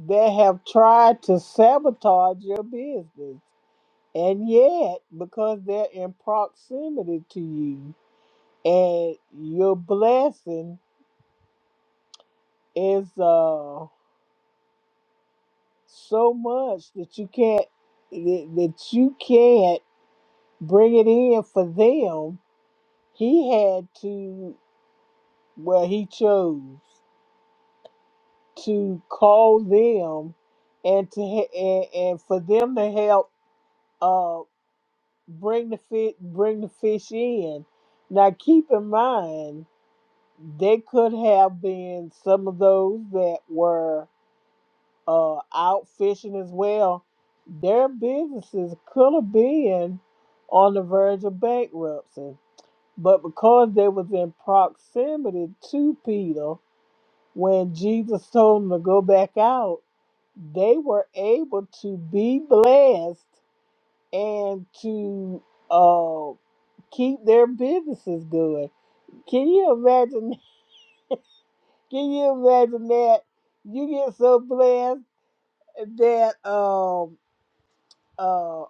A: that have tried to sabotage your business and yet because they're in proximity to you and your blessing is uh, so much that you can't that that you can't bring it in for them he had to Well, he chose to call them and to he- and, and for them to help uh bring the fish bring the fish in. Now keep in mind they could have been some of those that were uh out fishing as well. Their businesses could have been on the verge of bankruptcy, but because they was in proximity to Peter When Jesus told them to go back out, they were able to be blessed and to uh, keep their businesses going. Can you imagine? Can you imagine that you get so blessed that um uh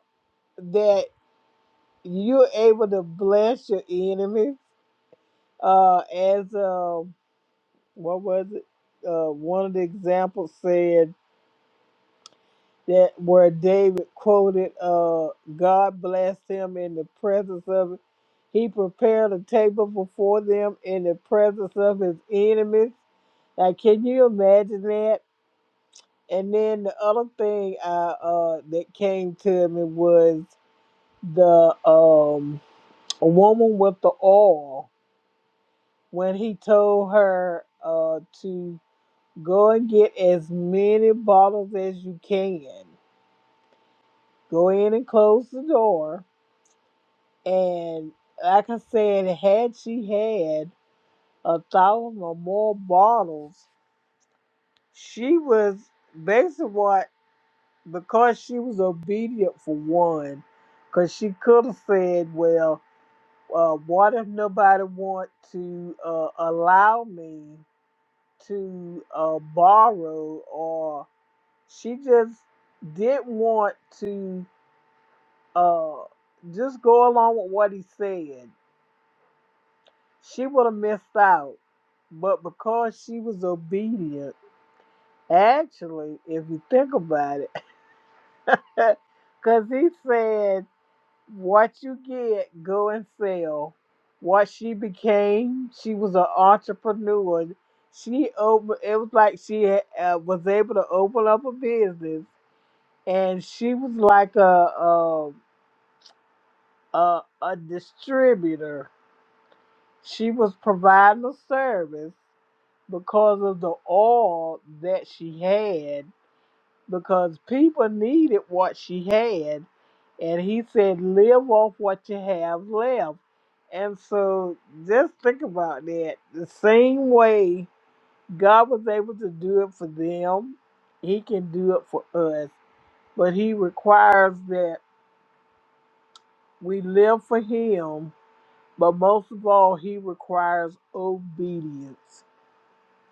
A: that you're able to bless your enemies? Uh, as um, what was it? Uh, one of the examples said that where David quoted, uh, God blessed him in the presence of it." He prepared a table before them in the presence of his enemies. Now, can you imagine that? And then the other thing I, uh, that came to me was the um, a woman with the oil when he told her uh, to go and get as many bottles as you can. Go in and close the door And like I said, had she had a thousand or more bottles, she was basically what because she was obedient for one, because she could have said, "Well, uh, what if nobody want to uh, allow me to uh, borrow?" Or she just didn't want to uh, just go along with what he said She would have missed out. But because she was obedient, actually, if you think about it, because he said, What you get, go and sell. What she became, she was an entrepreneur. She opened, it was like she uh, was able to open up a business, and she was like a, a, a, a distributor. She was providing a service because of the oil that she had, because people needed what she had. And he said, live off what you have left. And so just think about that. The same way God was able to do it for them, He can do it for us. But He requires that we live for Him. But most of all, He requires obedience.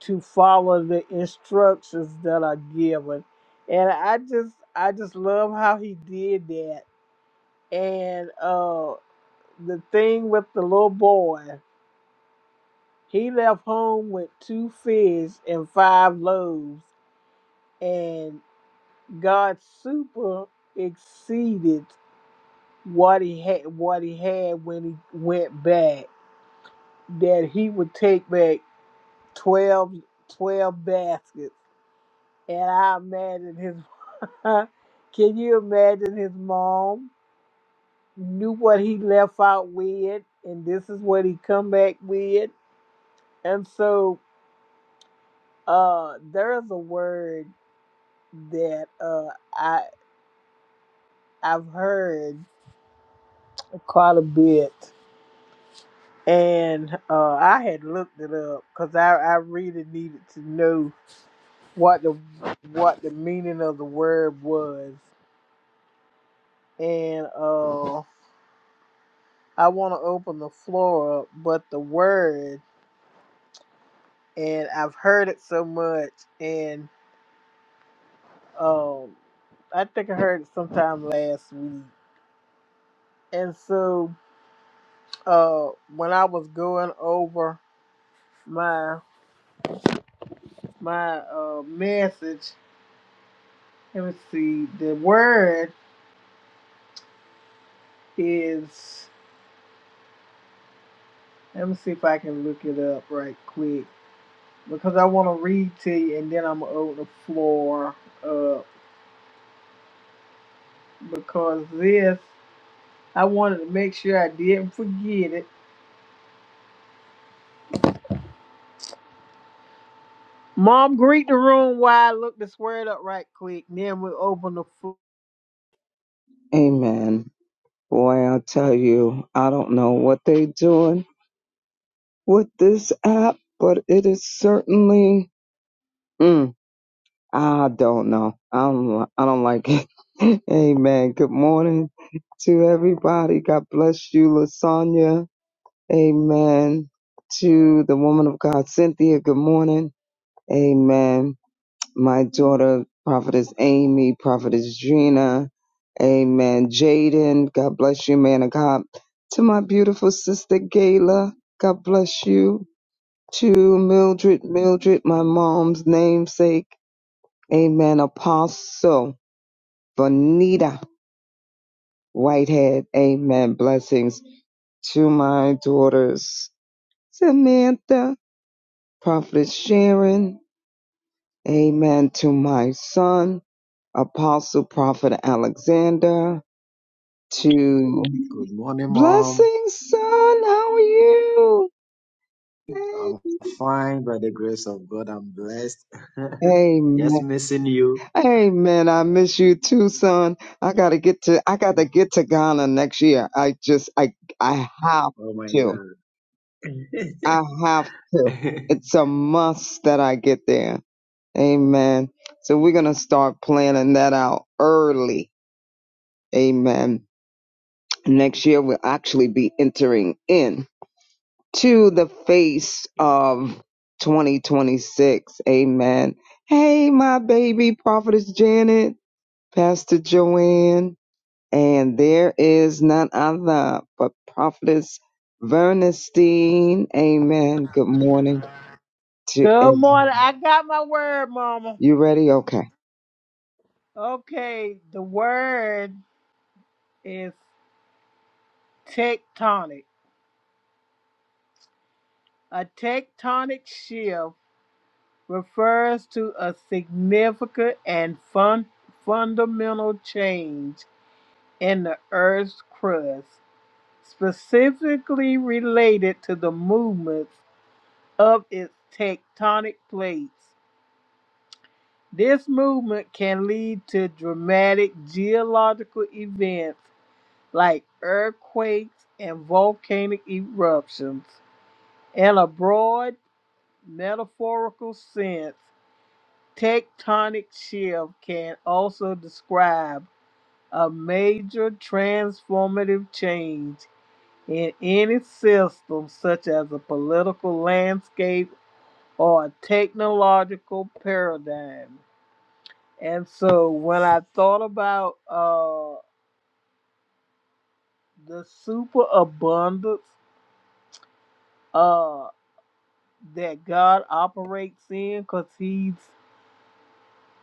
A: to follow the instructions that are given. And I just I just love how he did that. And uh the thing with the little boy, he left home with two fish and five loaves and God super exceeded what he had what he had when he went back that he would take back 12 12 baskets And I imagine his can you imagine his mom knew what he left out with and this is what he come back with. And so uh there's a word that uh I I've heard quite a bit and uh I had looked it up because I, I really needed to know what the what the meaning of the word was. And uh, I want to open the floor up, but the word, and I've heard it so much, and um, I think I heard it sometime last week. And so, uh, when I was going over my my uh message, let me see. The word is. Let me see if I can look it up right quick because I want to read to you, and then I'm gonna open the floor up because this. I wanted to make sure I didn't forget it. Mom, greet the room while I look this word up right quick. and Then we open the floor.
D: Amen. Boy, I'll tell you, I don't know what they doing with this app, but it is certainly, mm, I don't know. I don't, li- I don't like it. Amen. Good morning to everybody. God bless you, Lasagna. Amen. To the woman of God, Cynthia. Good morning. Amen. my daughter, Prophetess Amy, Prophetess Gina, Amen. Jaden, God bless you, man of God. To my beautiful sister Gayla, God bless you. To Mildred, Mildred, my mom's namesake, Amen. Apostle Bonita Whitehead, Amen. Blessings to my daughters, Samantha, Prophetess Sharon, Amen. To my son, Apostle Prophet Alexander, to
F: Good morning, Mom.
D: blessings, son. How are you?
F: I'm fine by the grace of God. I'm blessed. Just
D: Amen.
F: missing you.
D: Amen. I miss you too, son. I gotta get to I gotta get to Ghana next year. I just I I have
F: Oh my
D: to.
F: God.
D: I have to. It's a must that I get there. Amen. So we're gonna start planning that out early. Amen. Next year we'll actually be entering in. to the face of 2026. Amen. Hey, my baby prophetess Janet, Pastor Joanne, and there is none other but prophetess Vernestine. Amen. Good morning to
A: Good
D: everyone.
A: morning. I got my word, Mama.
D: You ready? Okay.
A: Okay, the word is tectonic. A tectonic shift refers to a significant and fun- fundamental change in the Earth's crust, specifically related to the movements. of its tectonic plates. This movement can lead to dramatic geological events like earthquakes and volcanic eruptions. In a broad metaphorical sense, tectonic shift can also describe a major transformative change in any system, such as a political landscape or a technological paradigm. And so when I thought about uh, the superabundance uh, that God operates in, because He's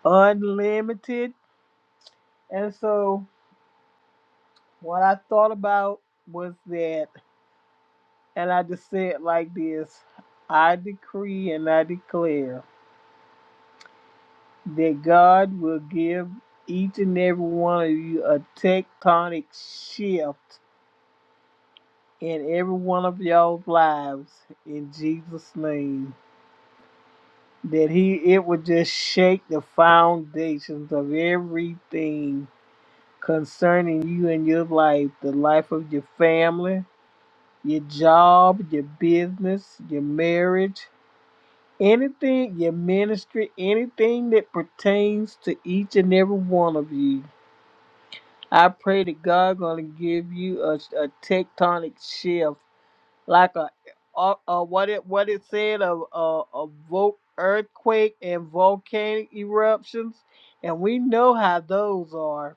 A: unlimited. And so what I thought about was that, and I just said like this I decree and I declare that God will give each and every one of you a tectonic shift in every one of y'all's lives in Jesus' name. that he it would just shake the foundations of everything concerning you and your life, the life of your family, your job, your business, your marriage, anything, your ministry, anything that pertains to each and every one of you. I pray that God gonna give you a, a tectonic shift like a, uh, uh, what it what it said of uh, a vol- earthquake and volcanic eruptions, and we know how those are.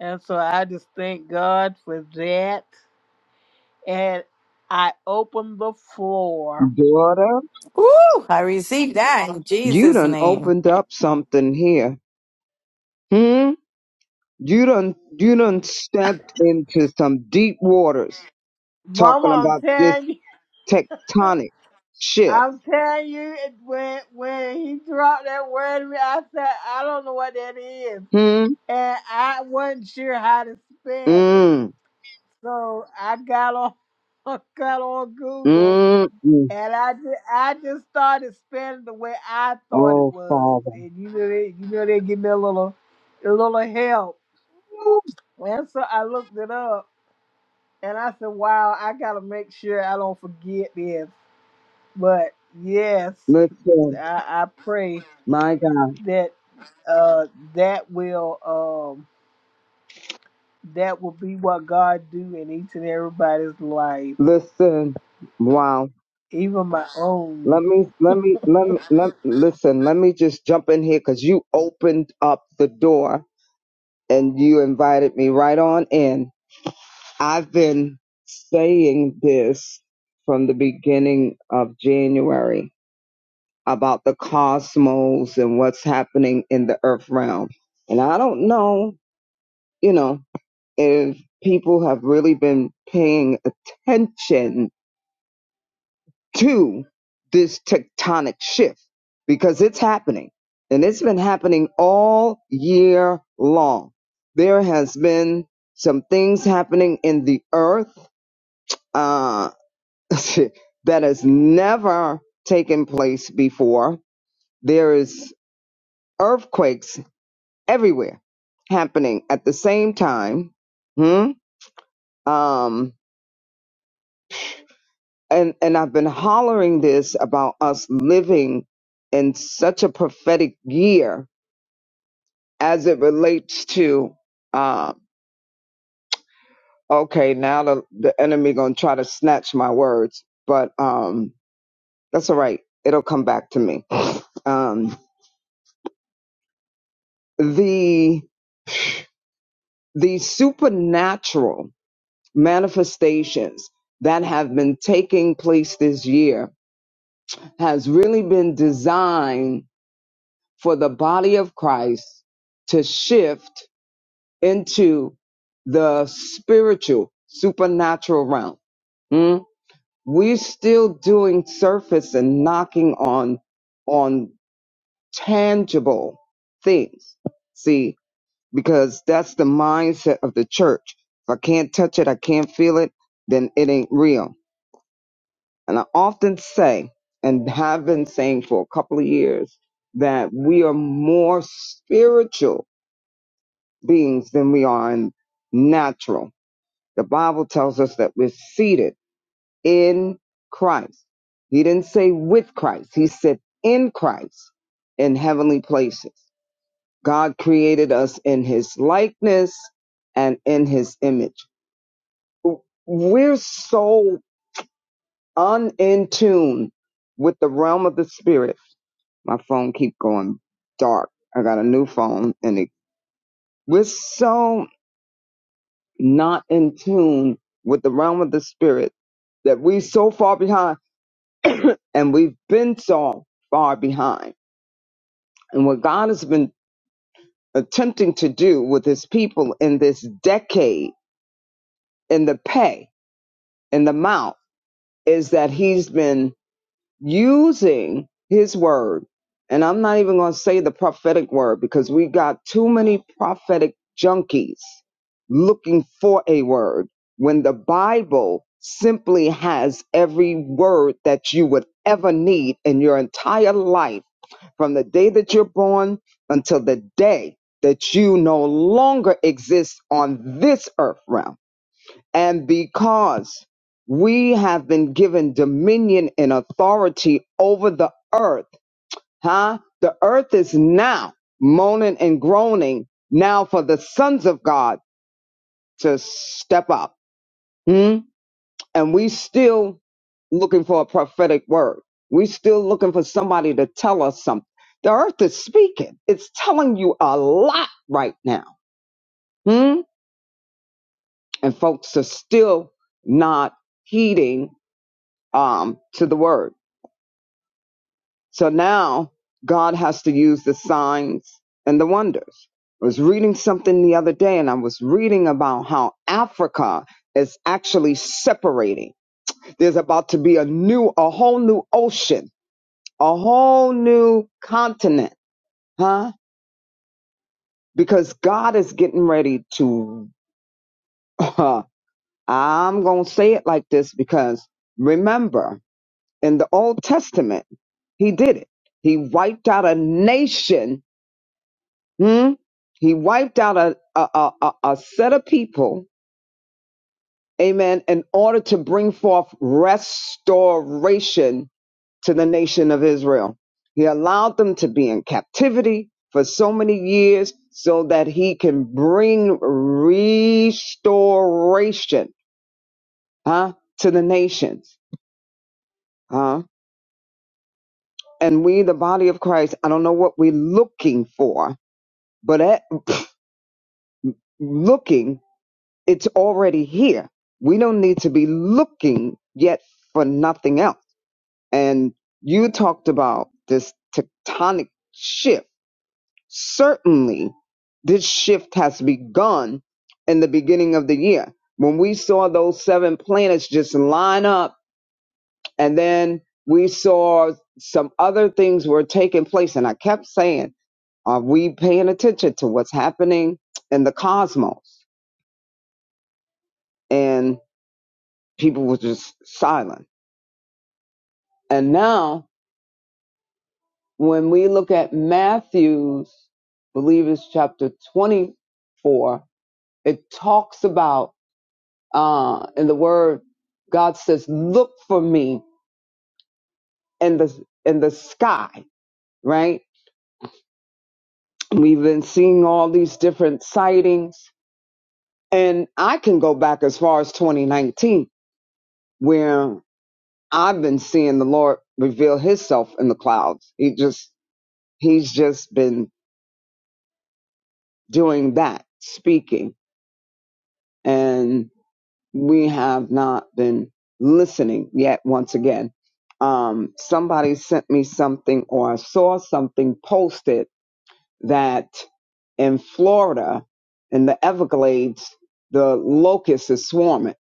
A: And so I just thank God for that. And I open the floor,
D: Daughter,
B: Woo! I received that in
D: you
B: Jesus'
D: done
B: name.
D: opened up something here. Hmm? You done, you done stepped into some deep waters
A: Mama.
D: talking
A: I'm
D: about this
A: telling you,
D: tectonic shift.
A: I'm telling you, it- when when he dropped that word, to me, I said I don't know what that is,
D: Hmm.
A: and I wasn't sure how to spell it.
D: Mm.
A: So I got on, I got on Google,
D: Mm. mm.
A: and I just, I just started spelling the way I thought it
D: Oh,
A: was,
D: Father.
A: and you know they, you know they give me a little, a little help. And so I looked it up, and I said, "Wow, I gotta make sure I don't forget this." But yes,
D: Listen,
A: I, I pray
D: my God.
A: that uh that will um that will be what God do in each and everybody's life,
D: Listen. Wow.
A: even my own.
D: Let me, let me, let me, let listen. Let me just jump in here because you opened up the door and you invited me right on in. I've been saying this from the beginning of January about the cosmos and what's happening in the earth realm. And I don't know you know, if people have really been paying attention to this tectonic shift because it's happening and it's been happening all year long. There has been some things happening in the earth uh, that has never taken place before. There is earthquakes everywhere happening at the same time. Hmm? Um, and and I've been hollering this about us living in such a prophetic year as it relates to um okay now the, the enemy gonna try to snatch my words but um that's all right it'll come back to me um the the supernatural manifestations that have been taking place this year has really been designed for the body of Christ to shift into the spiritual, supernatural realm. Mm? We're still doing surface and knocking on on tangible things. See, because that's the mindset of the church. If I can't touch it, I can't feel it, then it ain't real. And I often say, and have been saying for a couple of years, that we are more spiritual beings than we are in natural. The Bible tells us that we're seated in Christ. He didn't say with Christ, he said in Christ in heavenly places. God created us in his likeness and in his image. We're so un in tune with the realm of the spirit. My phone keep going dark. I got a new phone and it, we're so not in tune with the realm of the spirit that we so far behind and we've been so far behind. And what God has been attempting to do with his people in this decade, in the pay, in the mount, is that he's been using his word. And I'm not even going to say the prophetic word because we got too many prophetic junkies looking for a word when the Bible simply has every word that you would ever need in your entire life from the day that you're born until the day that you no longer exist on this earth realm. And because we have been given dominion and authority over the earth, huh? The earth is now moaning and groaning now for the sons of God to step up. hmm? and we still looking for a prophetic word. We still looking for somebody to tell us something. The earth is speaking. It's telling you a lot right now. Hmm? And folks are still not heeding um, to the word. So now God has to use the signs and the wonders. I was reading something the other day and I was reading about how Africa is actually separating. There's about to be a new, a whole new ocean a whole new continent, huh? Because God is getting ready to, I'm going to say it like this because remember, in the Old Testament, he did it. He wiped out a nation. Hmm? He wiped out a, a, a, a a set of people, amen, in order to bring forth restoration to the nation of Israel. He allowed them to be in captivity for so many years so that he can bring restoration, huh, to the nations, huh? And we, the body of Christ, I don't know what we're looking for, but at looking, it's already here. We don't need to be looking yet for nothing else. And you talked about this tectonic shift Certainly, this shift has begun in the beginning of the year when we saw those seven planets just line up, and then we saw some other things were taking place. And I kept saying, Are we paying attention to what's happening in the cosmos? And people were just silent. And now, when we look at Matthew's, I believe it's chapter 24, it talks about Uh, in the word, God says, look for me in the, in the sky, right? We've been seeing all these different sightings and I can go back as far as 2019 where I've been seeing the Lord reveal himself in the clouds. He just, he's just been doing that, speaking. and. we have not been listening yet once again um, somebody sent me something or i saw something posted that in florida in the everglades the locust is swarming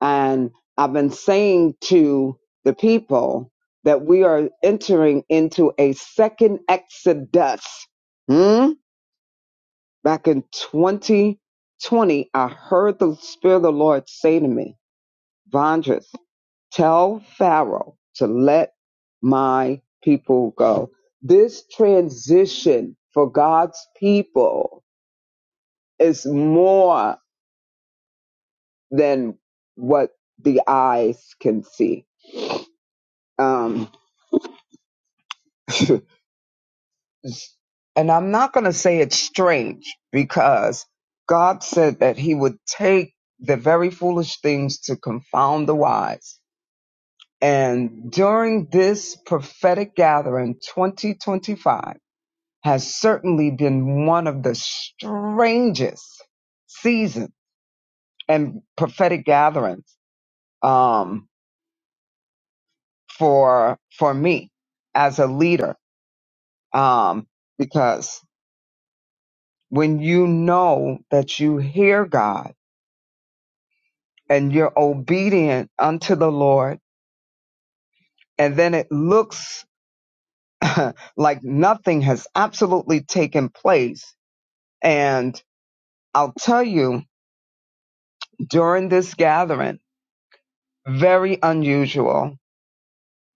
D: and i've been saying to the people that we are entering into a second exodus hmm? back in 2020 i heard the spirit of the lord say to me Vondrus, tell Pharaoh to let my people go. This transition for God's people is more than what the eyes can see. Um, and I'm not going to say it's strange because God said that He would take the very foolish things to confound the wise. And during this prophetic gathering, 2025, has certainly been one of the strangest seasons and prophetic gatherings um, for for me as a leader, um, because when you know that you hear God and you're obedient unto the Lord, and then it looks like nothing has absolutely taken place, and I'll tell you during this gathering, very unusual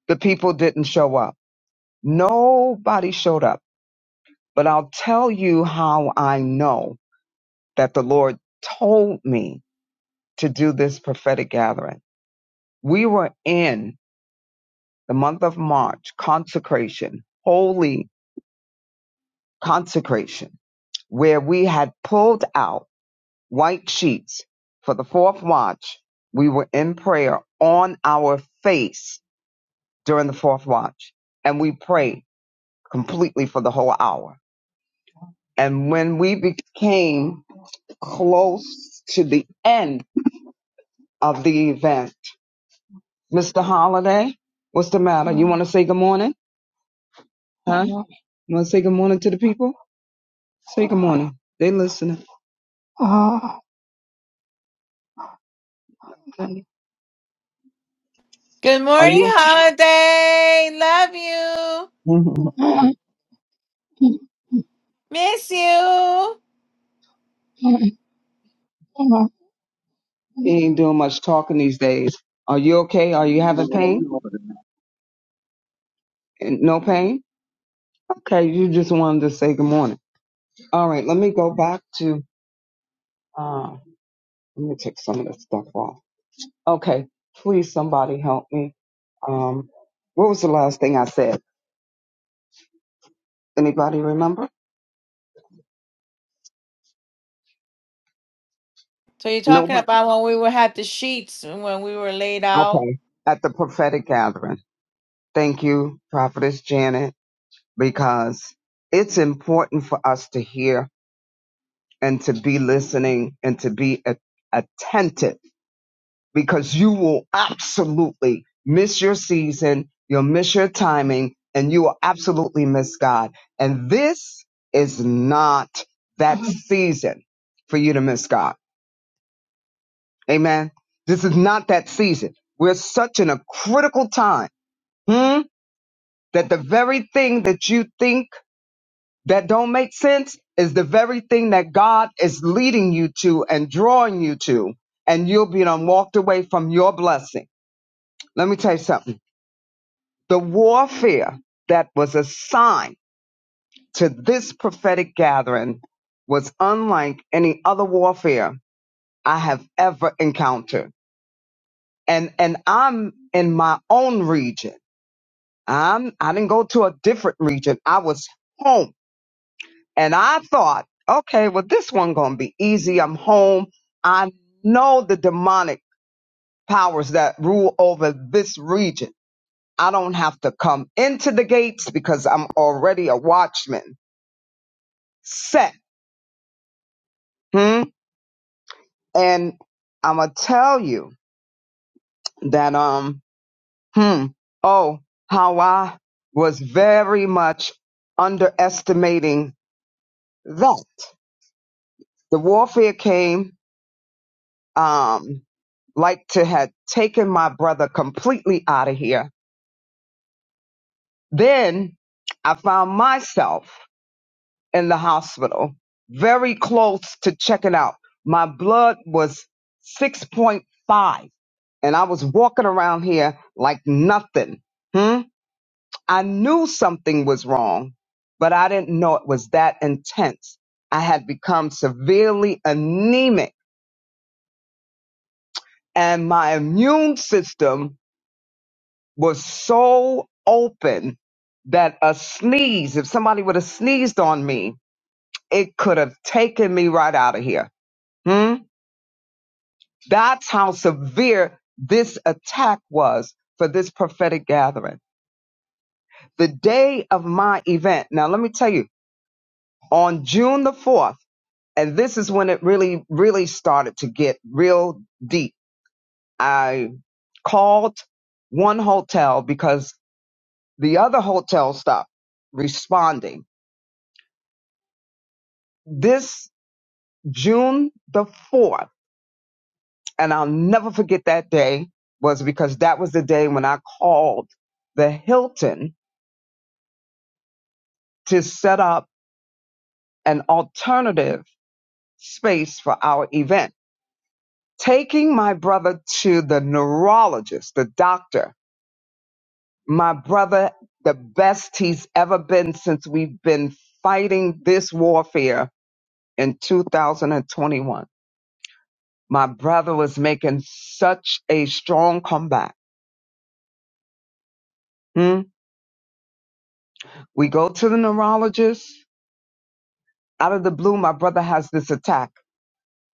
D: the people didn't show up. Nobody showed up. But I'll tell you how I know that the Lord told me to do this prophetic gathering. We were in the month of March, consecration, holy consecration, where we had pulled out white sheets for the fourth watch. We were in prayer on our face during the fourth watch, and we prayed completely for the whole hour And when we became close to the end of the event, Mr. Holiday, what's the matter? You want to say good morning? Huh? You want to say good morning to the people? Say good morning. They listening. Are
B: Good morning,
D: you?
B: Holiday. Love you. Miss you.
D: he ain't doing much talking these days. Are you okay? Are you having pain?
C: Good morning.
D: And No pain? Okay, you just wanted to say good morning. All right, let me go back to. Uh, let me take some of this stuff off. Okay, please somebody help me. Um, what was the last thing I said? Anybody remember?
B: So you're
D: Nobody.
B: talking about when we were had the sheets and when we were laid out.
D: Okay, at the prophetic gathering. Thank you, Prophetess Janet, because it's important for us to hear and to be listening and to be a- attentive because you will absolutely miss your season, you'll miss your timing, and you will absolutely miss God. And this is not that season for you to miss God. Amen. This is not that season. We're such in a critical time hmm, that the very thing that you think that don't make sense is the very thing that God is leading you to and drawing you to, and you'll be done walked away from your blessing. Let me tell you something The warfare that was assigned to this prophetic gathering was unlike any other warfare I have ever encountered. And and I'm in my own region. I'm I didn't go to a different region. I was home. And I thought, okay, well this one gonna be easy. I'm home. I know the demonic powers that rule over this region. I don't have to come into the gates because I'm already a watchman. set. Hmm? And I'm gonna tell you that um hmm oh how I was very much underestimating that the warfare came um like to had taken my brother completely out of here. Then I found myself. in the hospital, very close to checking out. My blood was 6.5 and I was walking around here like nothing. Hmm? I knew something was wrong, but I didn't know it was that intense. I had become severely anemic and my immune system was so open that a sneeze, if somebody would have sneezed on me, it could have taken me right out of here. Hmm? That's how severe this attack was for this prophetic gathering. The day of my event, now let me tell you, on June the 4th, and this is when it really, really started to get real deep. I called one hotel because the other hotel stopped responding. This June the 4th, and I'll never forget that day, was because that was the day when I called the Hilton to set up an alternative space for our event. Taking my brother to the neurologist, the doctor, my brother, the best he's ever been since we've been fighting this warfare in 2021. My brother was making such a strong comeback. Hmm? We go to the neurologist. Out of the blue, my brother has this attack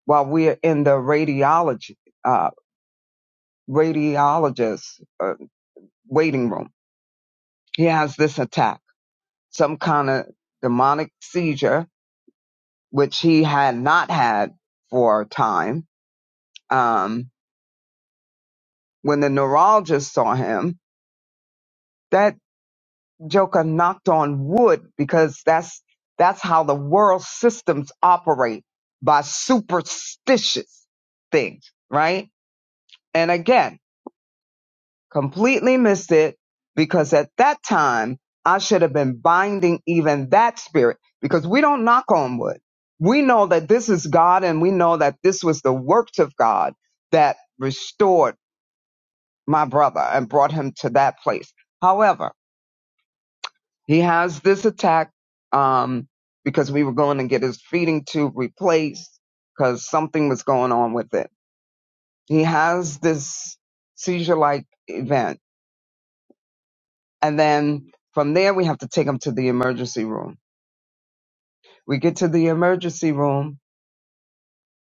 D: while we're in the radiology, uh, radiologist uh, waiting room he has this attack, some kind of demonic seizure, which he had not had for a time. Um, when the neurologist saw him, that joker knocked on wood because that's that's how the world systems operate by superstitious things, right? And again, completely missed it because at that time I should have been binding even that spirit because we don't knock on wood. We know that this is God and we know that this was the works of God that restored my brother and brought him to that place. However, he has this attack um, because we were going to get his feeding tube replaced because something was going on with it. He has this seizure like event And then from there, we have to take them to the emergency room. We get to the emergency room,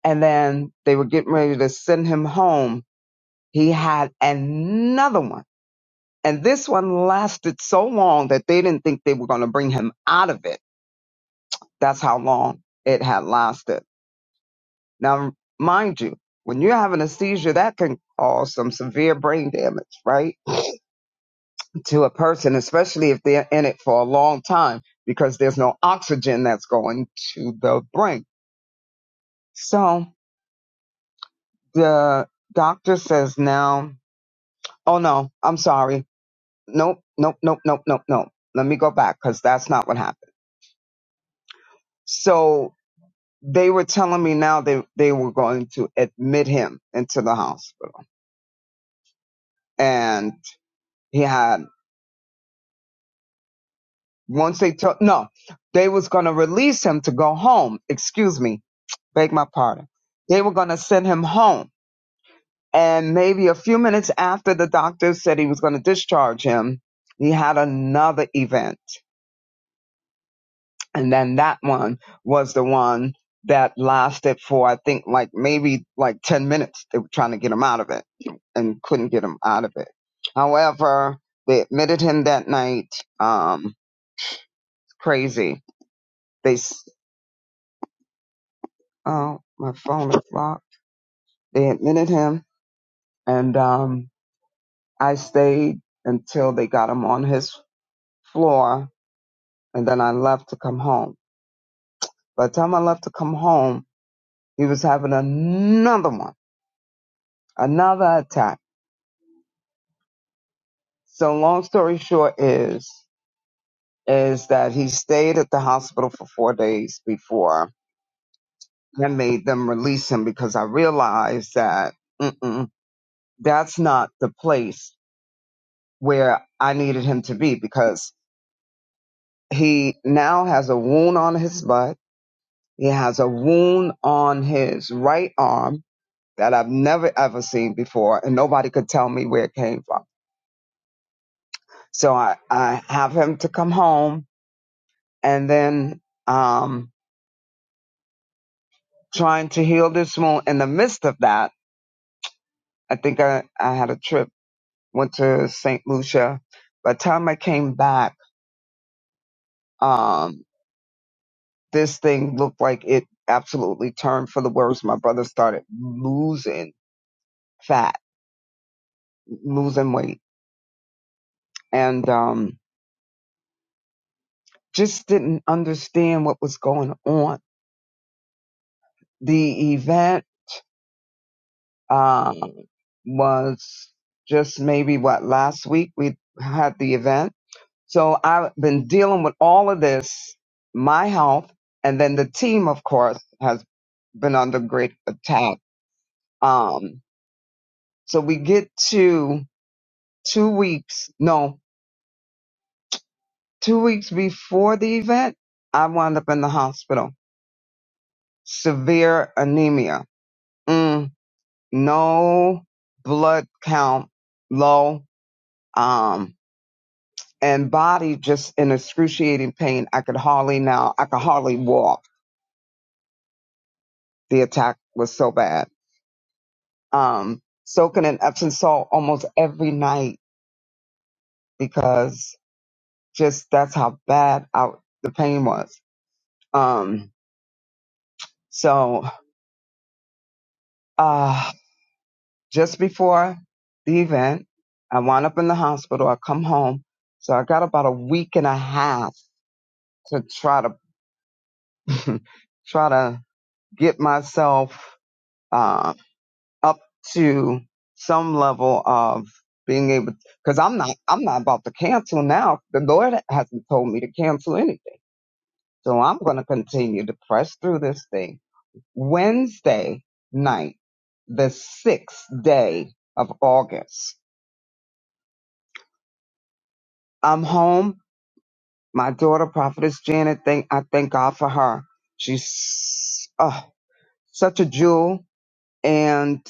D: and then they were getting ready to send him home. He had another one. And this one lasted so long that they didn't think they were going to bring him out of it. That's how long it had lasted. Now, mind you, when you're having a seizure, that can cause some severe brain damage, right? To a person, especially if they're in it for a long time because there's no oxygen that's going to the brain. So the doctor says now, oh no, I'm sorry. Nope, nope, nope, nope, nope, nope. Let me go back because that's not what happened. So they were telling me now they, they were going to admit him into the hospital. And he had, once they took, no, they was going to release him to go home. Excuse me. Beg my pardon. They were going to send him home. And maybe a few minutes after the doctor said he was going to discharge him, he had another event and then that one was the one that lasted for I think like maybe like ten minutes. They were trying to get him out of it and couldn't get him out of it. However, they admitted him that night. Um, crazy. They s- oh my phone is locked. They admitted him, and um, I stayed until they got him on his floor, and then I left to come home. By the time I left to come home, he was having another one, another attack So long story short is is that he stayed at the hospital for four days before I made them release him because I realized that mm-mm, that's not the place where I needed him to be because he now has a wound on his butt. He has a wound on his right arm that I've never ever seen before, and nobody could tell me where it came from. So I, I have him to come home, and then um, trying to heal this wound. In the midst of that, I think I, I had a trip, went to St. Lucia. By the time I came back, um, this thing looked like it absolutely turned for the worse. My brother started losing fat, losing weight, and um, just didn't understand what was going on. The event um was just maybe what last week we had the event So I've been dealing with all of this, my health, and then the team, of course, has been under great attack. Um, so we get to two weeks, no, two weeks before the event, I wound up in the hospital. Severe anemia. Mm, no blood count low. Um, and body just in excruciating pain. I could hardly now, I could hardly walk. The attack was so bad um, soaking in Epsom salt almost every night because just that's how bad I, the pain was. Um, so uh, just before the event, I wound up in the hospital. I come home, so I got about a week and a half to try to try to get myself uh, up to some level of being able because I'm not I'm not about to cancel now. The Lord hasn't told me to cancel anything So I'm going to continue to press through this thing. Wednesday night, the sixth day of August, I'm home. My daughter, Prophetess Janet, thank, I thank God for her. She's oh, such a jewel and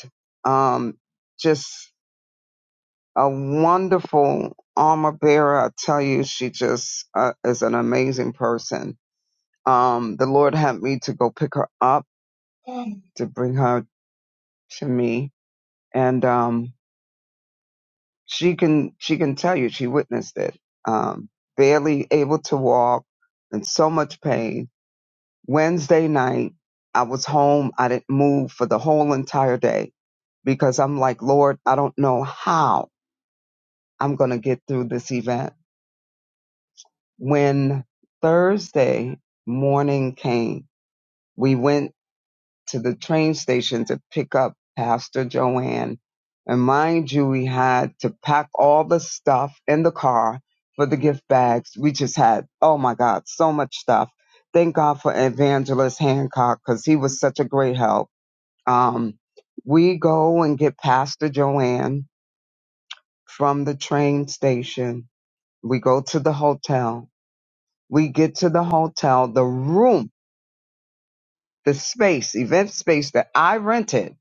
D: um, just a wonderful armor bearer. I tell you, she just uh, is an amazing person. Um, the Lord had me to go pick her up, to bring her to me. And um, she can she can tell you she witnessed it um barely able to walk in so much pain wednesday night i was home i didn't move for the whole entire day because i'm like lord i don't know how i'm going to get through this event when thursday morning came we went to the train station to pick up Pastor Joanne. And mind you, we had to pack all the stuff in the car for the gift bags. We just had, oh my God, so much stuff. Thank God for Evangelist Hancock because he was such a great help. Um, we go and get Pastor Joanne from the train station. We go to the hotel. We get to the hotel, the room, the space, event space that I rented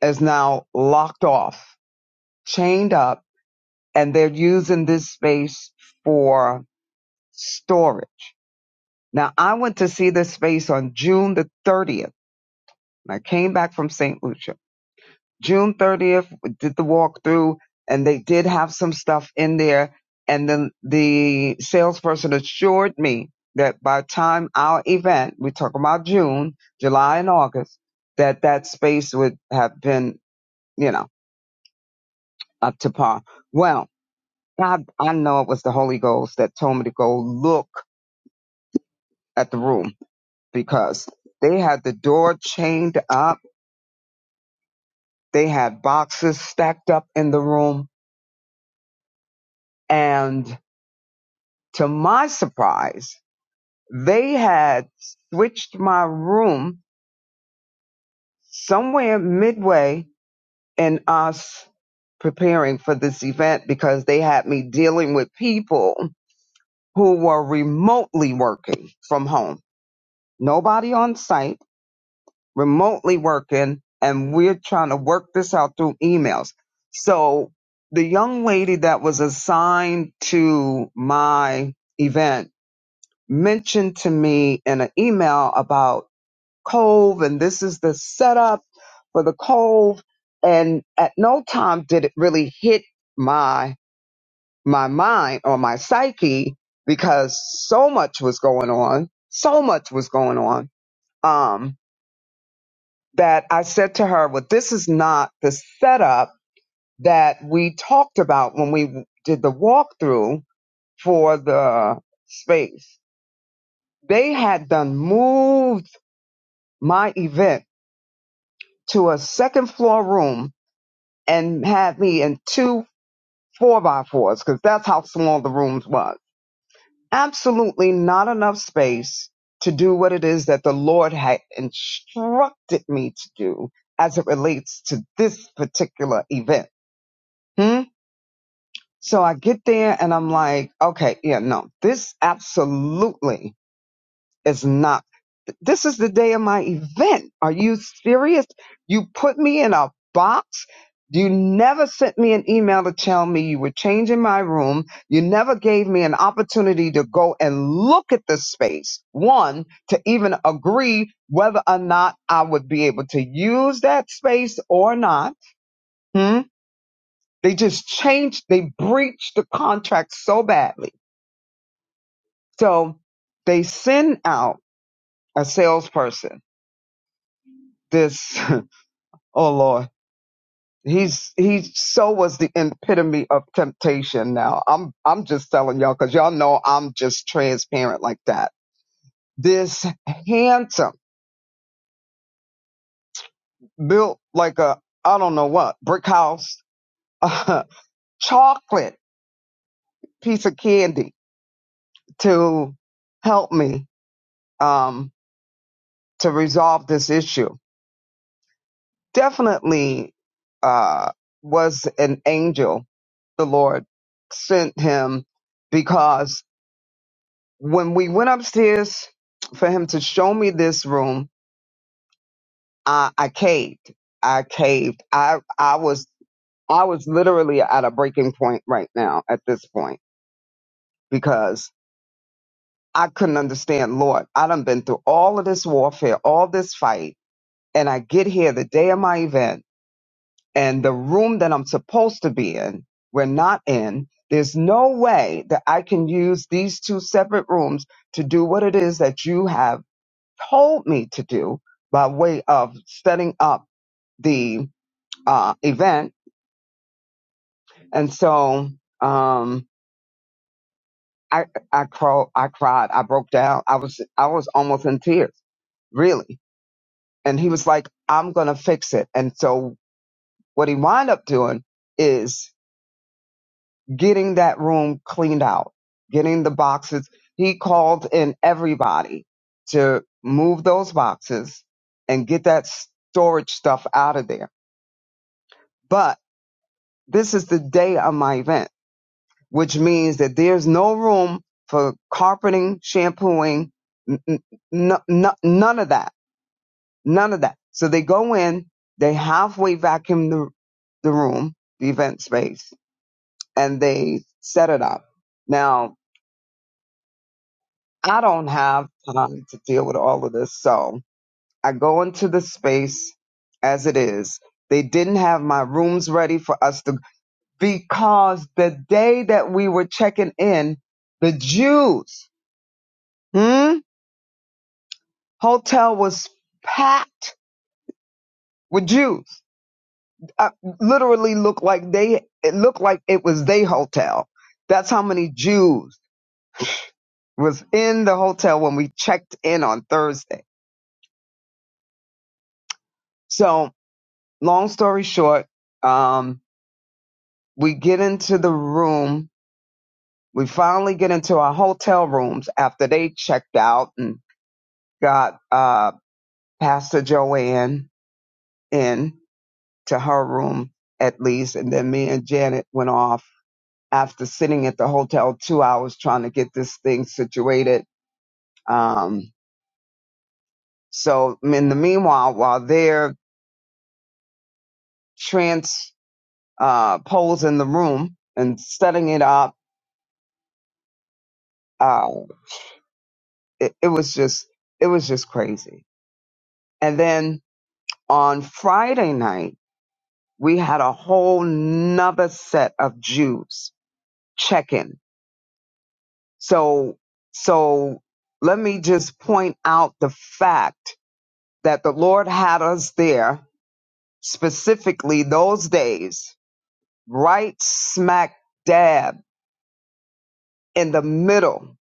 D: is now locked off, chained up, and they're using this space for storage. Now, I went to see this space on June the 30th. and I came back from St. Lucia. June 30th, we did the walkthrough, and they did have some stuff in there. And then the salesperson assured me that by time our event, we talk about June, July, and August, that that space would have been, you know, up to par. Well, I, I know it was the Holy Ghost that told me to go look at the room because they had the door chained up. They had boxes stacked up in the room. And to my surprise, they had switched my room somewhere midway in us preparing for this event because they had me dealing with people who were remotely working from home. Nobody on site remotely working and we're trying to work this out through emails. So the young lady that was assigned to my event mentioned to me in an email about Cove and this is the setup for the Cove. And at no time did it really hit my, my mind or my psyche because so much was going on. So much was going on. Um. that I said to her, well, this is not the setup that we talked about when we did the walkthrough for the space. They had done moved my event to a second floor room and had me in two four by fours because that's how small the rooms was. Absolutely not enough space to do what it is that the Lord had instructed me to do as it relates to this particular event. Hmm. So I get there and I'm like, okay, yeah, no, this absolutely is not. This is the day of my event. Are you serious? You put me in a box. You never sent me an email to tell me you were changing my room. You never gave me an opportunity to go and look at the space. One, to even agree whether or not I would be able to use that space or not. Hmm? They just changed, they breached the contract so badly So they send out a salesperson. This, oh Lord, he's he so was the epitome of temptation. Now I'm I'm just telling y'all because y'all know I'm just transparent like that. This handsome, built like a I don't know what brick house, uh, chocolate piece of candy to help me um, to resolve this issue. Definitely uh, was an angel the Lord sent him because when we went upstairs for him to show me this room, I, I caved. I caved. I I was I was literally at a breaking point right now at this point because I couldn't understand, Lord, I done been through all of this warfare, all this fight, and I get here the day of my event and the room that I'm supposed to be in, we're not in. There's no way that I can use these two separate rooms to do what it is that you have told me to do by way of setting up the uh, event. And so um, I I cro- I cried. I broke down. I was I was almost in tears really. And he was like, I'm going to fix it. And so what he wound up doing is getting that room cleaned out, getting the boxes. He called in everybody to move those boxes and get that storage stuff out of there. But this is the day of my event, which means that there's no room for carpeting, shampooing, n- n- n- n- none of that, none of that. So they go in, they halfway vacuum the, the room, the event space, and they set it up. Now, I don't have time to deal with all of this. So I go into the space as it is. They didn't have my rooms ready for us to, because the day that we were checking in, the Jews, hmm, hotel was packed with Jews. I literally looked like they, it looked like it was they hotel. That's how many Jews was in the hotel when we checked in on Thursday. So long story short, um, we get into the room. We finally get into our hotel rooms after they checked out and got uh, Pastor Joanne in to her room at least. And then me and Janet went off after sitting at the hotel two hours trying to get this thing situated. Um, so in the meanwhile, while they're trans uh, posing the room and setting it up, uh, it, it was just it was just crazy. And then on Friday night, we had a whole nother set of Jews check in. So, so let me just point out the fact that the Lord had us there specifically those days, right smack dab in the middle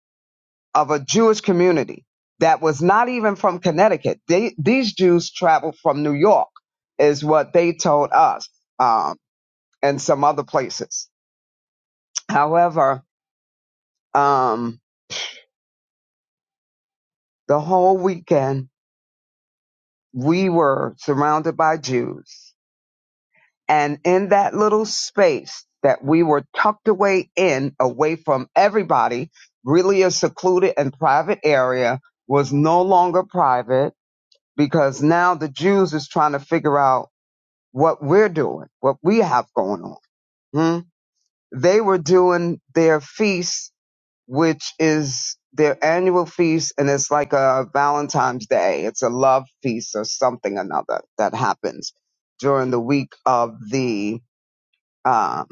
D: of a Jewish community that was not even from Connecticut. They, these Jews traveled from New York is what they told us, um, and some other places However, um, the whole weekend we were surrounded by Jews. And in that little space that we were tucked away in, away from everybody, really a secluded and private area was no longer private because now the Jews is trying to figure out what we're doing, what we have going on. Hmm? They were doing their feasts which is their annual feast and it's like a Valentine's Day. It's a love feast or something another that happens during the week of the um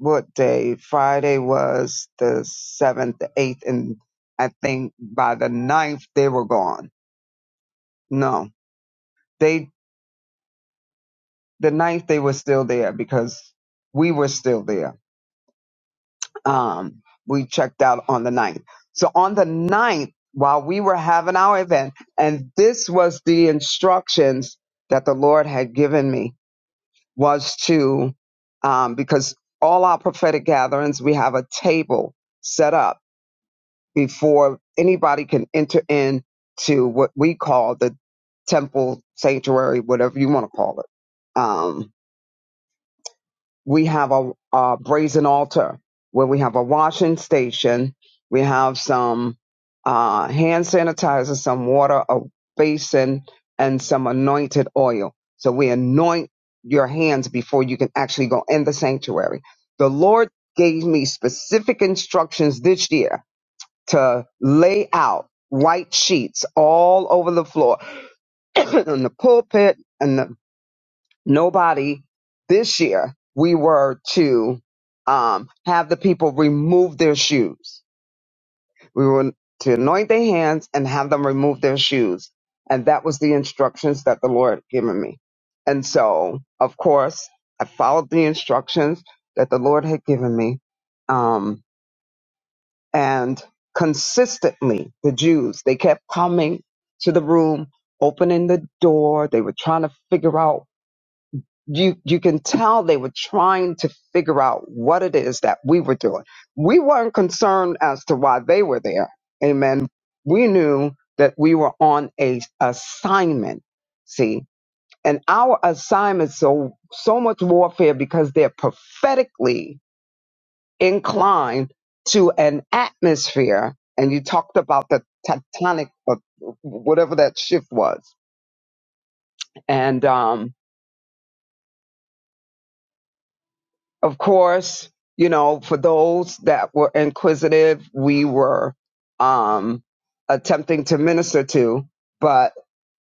D: what day? Friday was the seventh, the eighth, and I think by the ninth they were gone. No. They the ninth they were still there because we were still there um, we checked out on the ninth. So on the ninth, while we were having our event, and this was the instructions that the Lord had given me was to, um, because all our prophetic gatherings, we have a table set up before anybody can enter in to what we call the temple sanctuary, whatever you want to call it. Um, we have a, a brazen altar where we have a washing station. We have some uh, hand sanitizer, some water, a basin, and some anointed oil. So we anoint your hands before you can actually go in the sanctuary. The Lord gave me specific instructions this year to lay out white sheets all over the floor, on the pulpit, nobody this year we were to um, have the people remove their shoes we were to anoint their hands and have them remove their shoes and that was the instructions that the lord had given me and so of course i followed the instructions that the lord had given me um, and consistently the jews they kept coming to the room opening the door they were trying to figure out you you can tell they were trying to figure out what it is that we were doing. We weren't concerned as to why they were there. Amen. We knew that we were on a assignment. See, and our assignment so so much warfare because they're prophetically inclined to an atmosphere. And you talked about the tectonic, uh, whatever that shift was, and um, Of course, you know, for those that were inquisitive, we were um, attempting to minister to, but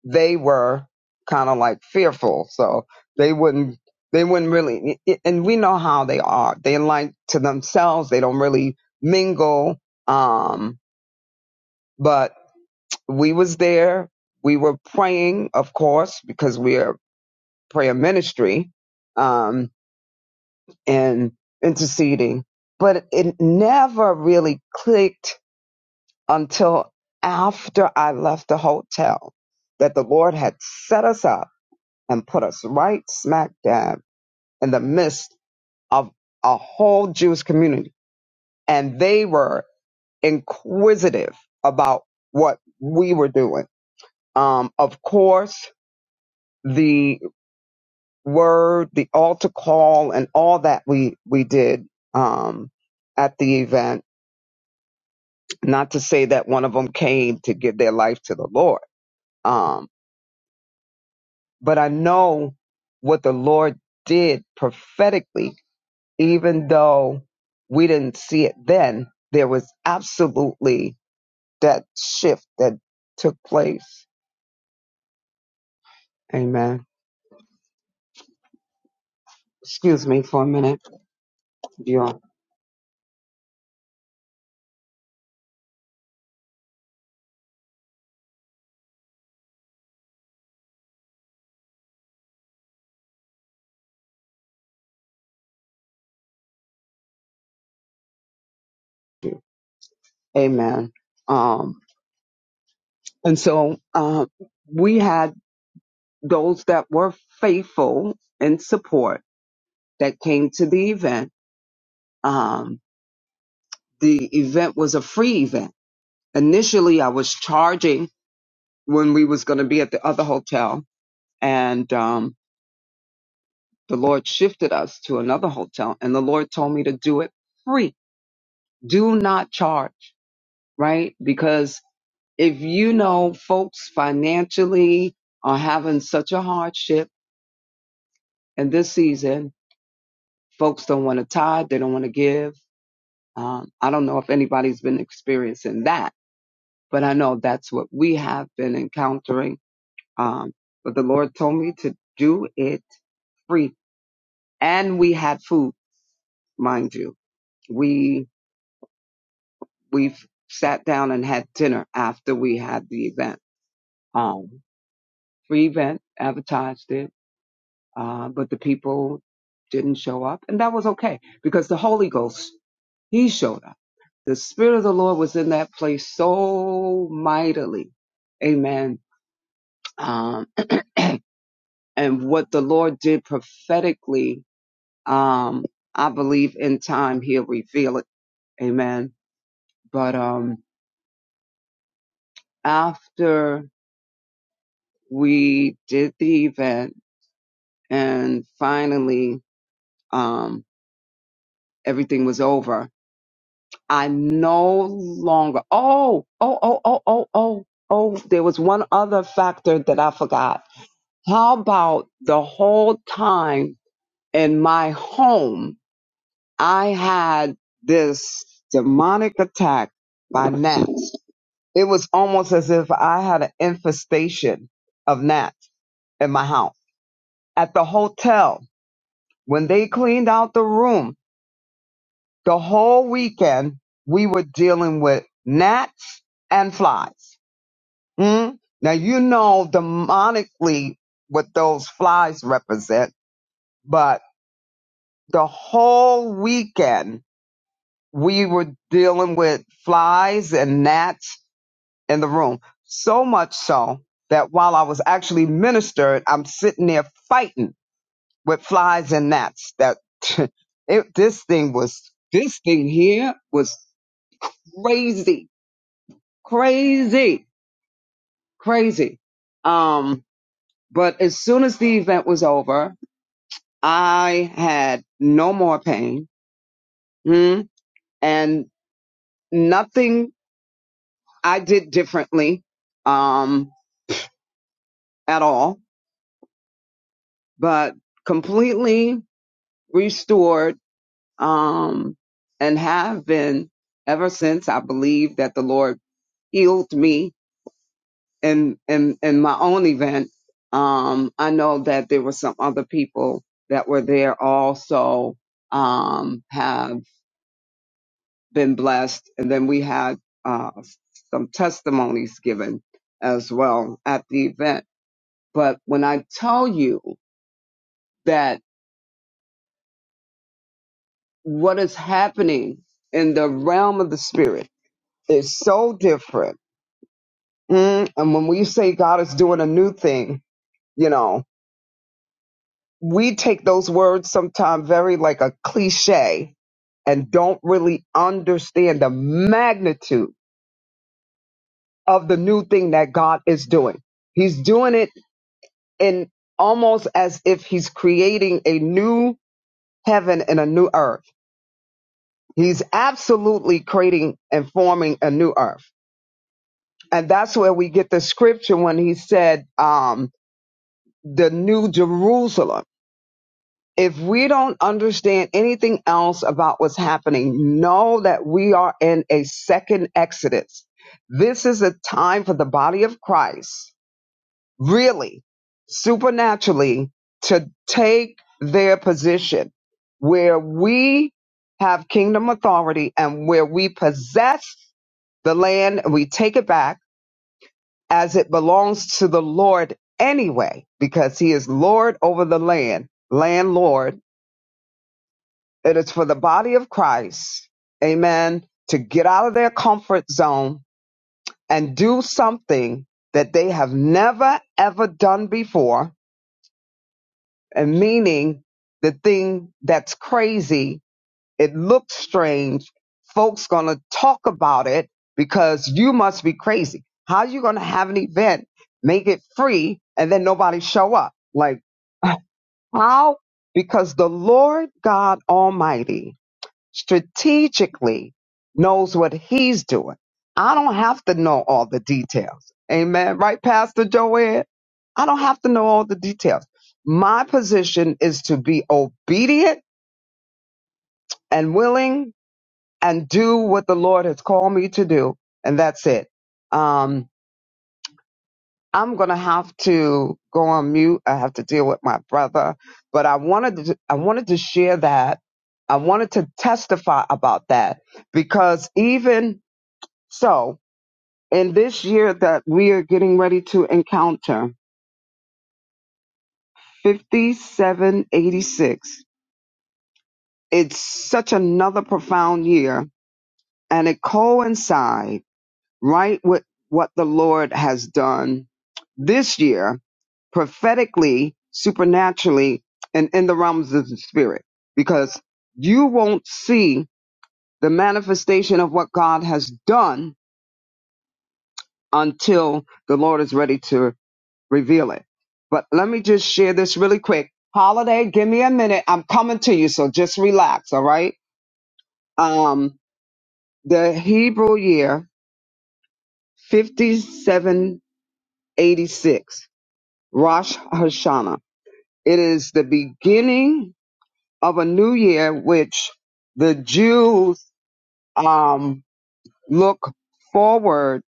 D: they were kind of like fearful, so they wouldn't. They wouldn't really, and we know how they are. They like to themselves. They don't really mingle. Um, but we was there. We were praying, of course, because we are prayer ministry. Um, and interceding. But it never really clicked until after I left the hotel that the Lord had set us up and put us right smack dab in the midst of a whole Jewish community. And they were inquisitive about what we were doing. Um, of course, the word, the altar call, and all that we, we did um, at the event Not to say that one of them came to give their life to the Lord. Um, but I know what the Lord did prophetically, even though we didn't see it then, there was absolutely that shift that took place. Amen. Excuse me for a minute, y'all. Amen. Um, and so um, we had those that were faithful in support that came to the event. Um, the event was a free event. Initially, I was charging when we was going to be at the other hotel, and um, the Lord shifted us to another hotel, and the Lord told me to do it free. Do not charge, right? Because if you know folks financially are having such a hardship in this season, folks don't want to tithe, they don't want to give. Um, I don't know if anybody's been experiencing that, but I know that's what we have been encountering Um, but the Lord told me to do it free. And we had food, mind you. We, we sat down and had dinner after we had the event. Um, free event, advertised it. Uh, but the people didn't show up and that was okay because the Holy Ghost, he showed up. The Spirit of the Lord was in that place so mightily. Amen. Um, and what the Lord did prophetically um, I believe in time he'll reveal it. Amen. But um, after we did the event and finally um, everything was over, I no longer. Oh, oh, oh, oh, oh, oh, oh. There was one other factor that I forgot. How about the whole time in my home, I had this demonic attack by Nat. It was almost as if I had an infestation of gnats in my house. At the hotel, when they cleaned out the room, the whole weekend we were dealing with gnats and flies. Mm? Now you know demonically what those flies represent, but the whole weekend we were dealing with flies and gnats in the room. So much so that while I was actually ministered, I'm sitting there fighting with flies and gnats. That it, this thing was, this thing here was crazy, crazy, crazy. Um, but as soon as the event was over, I had no more pain hmm, and nothing I did differently um, at all, but completely restored um, and have been ever since I believe that the Lord healed me in in, in my own event. Um, I know that there were some other people that were there also um, have been blessed, and then we had uh, some testimonies given as well at the event. But when I tell you that what is happening in the realm of the spirit is so different Mm, and when we say God is doing a new thing, you know, we take those words sometimes very like a cliche and don't really understand the magnitude of the new thing that God is doing. He's doing it in almost as if he's creating a new heaven and a new earth. He's absolutely creating and forming a new earth. And that's where we get the scripture when he said, um, the new Jerusalem if we don't understand anything else about what's happening, know that we are in a second Exodus. This is a time for the body of Christ, really, supernaturally, to take their position where we have kingdom authority and where we possess the land and we take it back as it belongs to the Lord anyway, because he is Lord over the land, landlord It is for the body of Christ, amen, to get out of their comfort zone and do something that they have never ever done before, and meaning the thing that's crazy, it looks strange, folks going to talk about it because you must be crazy. How you going to have an event, make it free and then nobody show up? Like how? Because the Lord God Almighty strategically knows what he's doing. I don't have to know all the details. Amen. Right, Pastor Joanne? I don't have to know all the details. My position is to be obedient and willing and do what the Lord has called me to do. And that's it. Um, I'm going to have to go on mute. I have to deal with my brother, but I wanted to, I wanted to share that. I wanted to testify about that because even So, in this year that we are getting ready to encounter, 5786, it's such another profound year, and it coincides right with what the Lord has done this year prophetically, supernaturally, and in the realms of the spirit, because you won't see the manifestation of what God has done until the Lord is ready to reveal it. But let me just share this really quick. Holiday, give me a minute. I'm coming to you, so just relax, all right? Um, the Hebrew year 5786, Rosh Hashanah. It is the beginning of a new year, which the Jews um, look forward,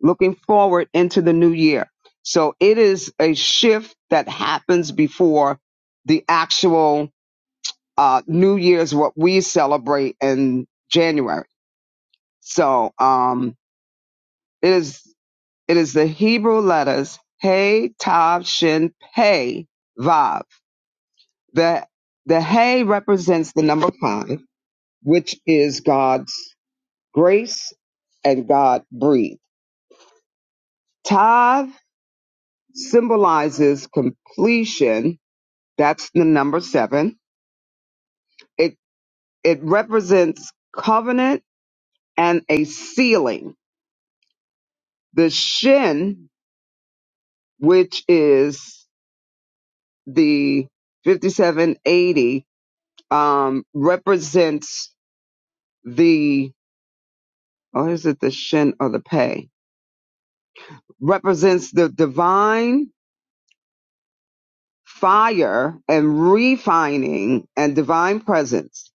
D: looking forward into the new year. So it is a shift that happens before the actual uh, New Year's what we celebrate in January. So um, it is it is the Hebrew letters Hey Tav Shin Pei Vav. The the Hey represents the number five, which is God's grace and God breathed. Tav symbolizes completion. That's the number seven. It it represents covenant and a sealing. The shin which is the 5780, um, represents the, or is it the shin or the pay? Represents the divine fire and refining and divine presence.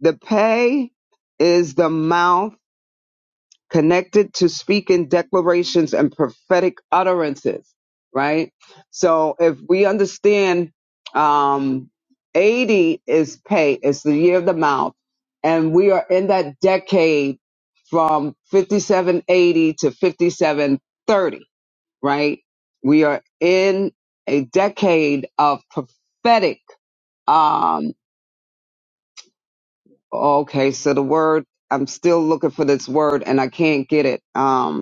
D: The pay is the mouth connected to speaking declarations and prophetic utterances, right? So if we understand um 80 is pay, it's the year of the mouth, and we are in that decade from 5780 to 5730, right? We are in a decade of prophetic um okay, so the word I'm still looking for this word and I can't get it. Um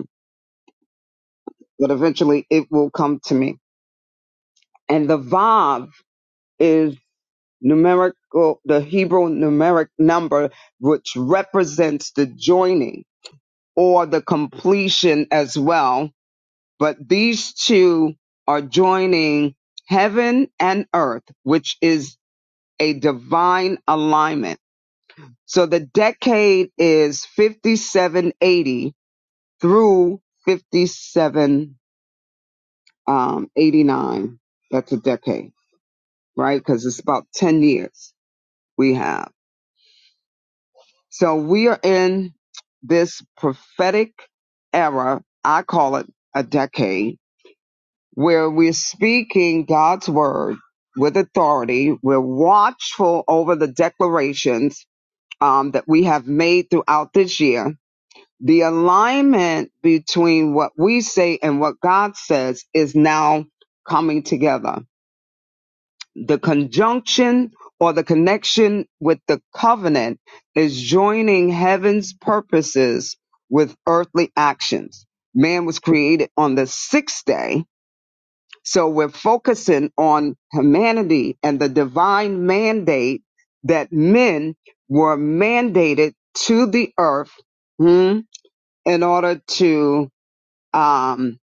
D: but eventually it will come to me. And the Vav is numerical, the Hebrew numeric number, which represents the joining or the completion as well. But these two are joining heaven and earth, which is a divine alignment. So the decade is 5780 through 5789. That's a decade. right? Because it's about 10 years we have. So we are in this prophetic era, I call it a decade, where we're speaking God's word with authority. We're watchful over the declarations um, that we have made throughout this year. The alignment between what we say and what God says is now coming together the conjunction or the connection with the covenant is joining heaven's purposes with earthly actions. Man was created on the sixth day. So we're focusing on humanity and the divine mandate that men were mandated to the earth hmm, in order to um,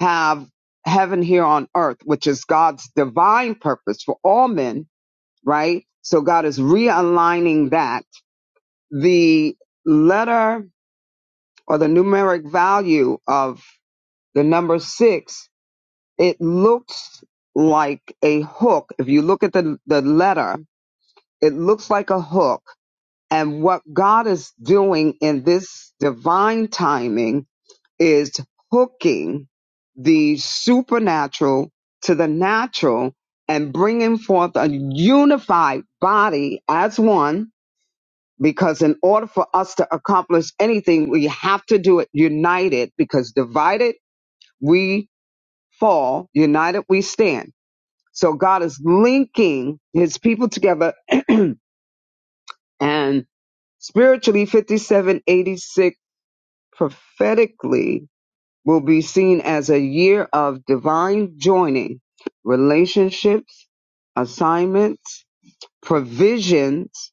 D: have heaven here on earth, which is God's divine purpose for all men right? So God is realigning that. The letter or the numeric value of the number six, it looks like a hook. If you look at the, the letter, it looks like a hook. And what God is doing in this divine timing is hooking the supernatural to the natural and bringing forth a unified body as one because in order for us to accomplish anything, we have to do it united because divided we fall, united we stand. So God is linking his people together and spiritually 5786 prophetically will be seen as a year of divine joining relationships, assignments, provisions,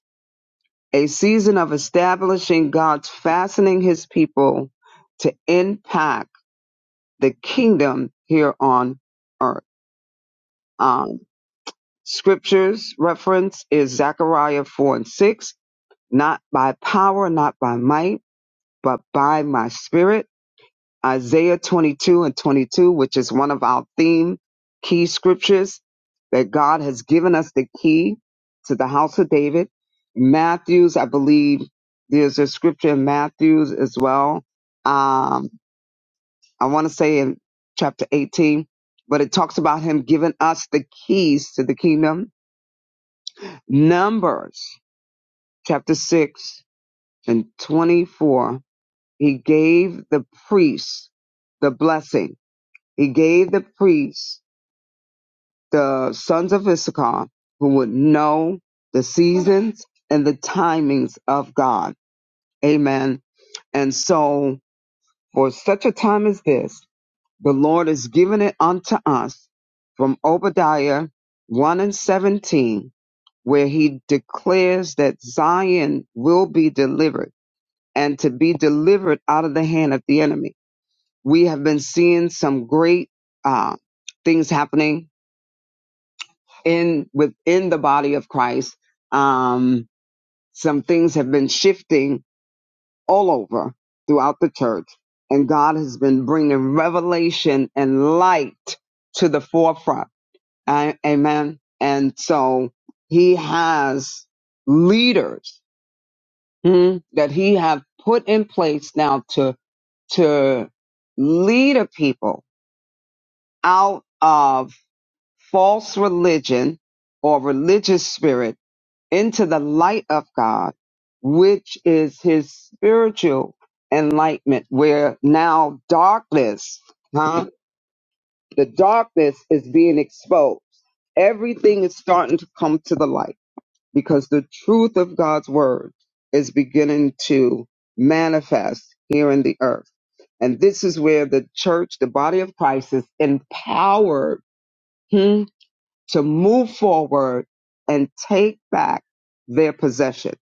D: a season of establishing God's fastening his people to impact the kingdom here on earth. Um, scriptures reference is Zechariah 4 and 6, not by power, not by might, but by my spirit Isaiah 22 and 22, which is one of our theme key scriptures, that God has given us the key to the house of David. Matthew's, I believe there's a scripture in Matthew's as well. Um, I want to say in chapter 18, but it talks about him giving us the keys to the kingdom. Numbers chapter 6 and 24, he gave the priests the blessing He gave the priests the sons of Issachar who would know the seasons and the timings of God. Amen. And so, for such a time as this, the Lord has given it unto us from Obadiah 1 and 17, where he declares that Zion will be delivered and to be delivered out of the hand of the enemy. We have been seeing some great uh, things happening in within the body of Christ, um, some things have been shifting all over throughout the church, and God has been bringing revelation and light to the forefront. A- amen. And so He has leaders hmm, that He have put in place now to to lead a people out of false religion or religious spirit into the light of God, which is his spiritual enlightenment, where now darkness, huh? The darkness is being exposed. Everything is starting to come to the light because the truth of God's word is beginning to manifest here in the earth. And this is where the church, the body of Christ is empowered hmm, to move forward and take back their possession.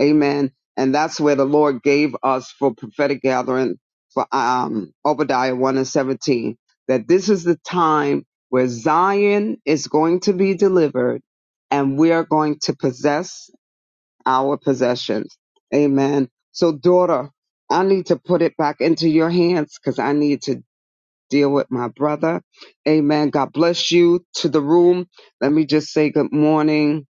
D: Amen. And that's where the Lord gave us for prophetic gathering for um, Obadiah 1 and 17, that this is the time where Zion is going to be delivered and we are going to possess our possessions. Amen. So daughter, I need to put it back into your hands because I need to deal with my brother. Amen. God bless you to the room. Let me just say good morning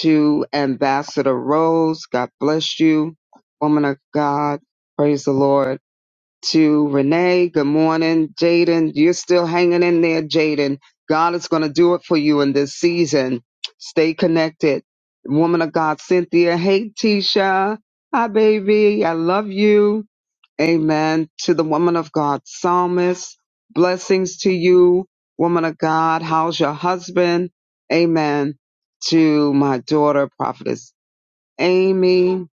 D: to Ambassador Rose. God bless you, woman of God. Praise the Lord. To Renee, good morning. Jaden, you're still hanging in there, Jaden. God is going to do it for you in this season. Stay connected. Woman of God, Cynthia. Hey, Tisha. Hi, baby. I love you. Amen. To the woman of God, psalmist, blessings to you, woman of God. How's your husband? Amen. To my daughter, prophetess Amy.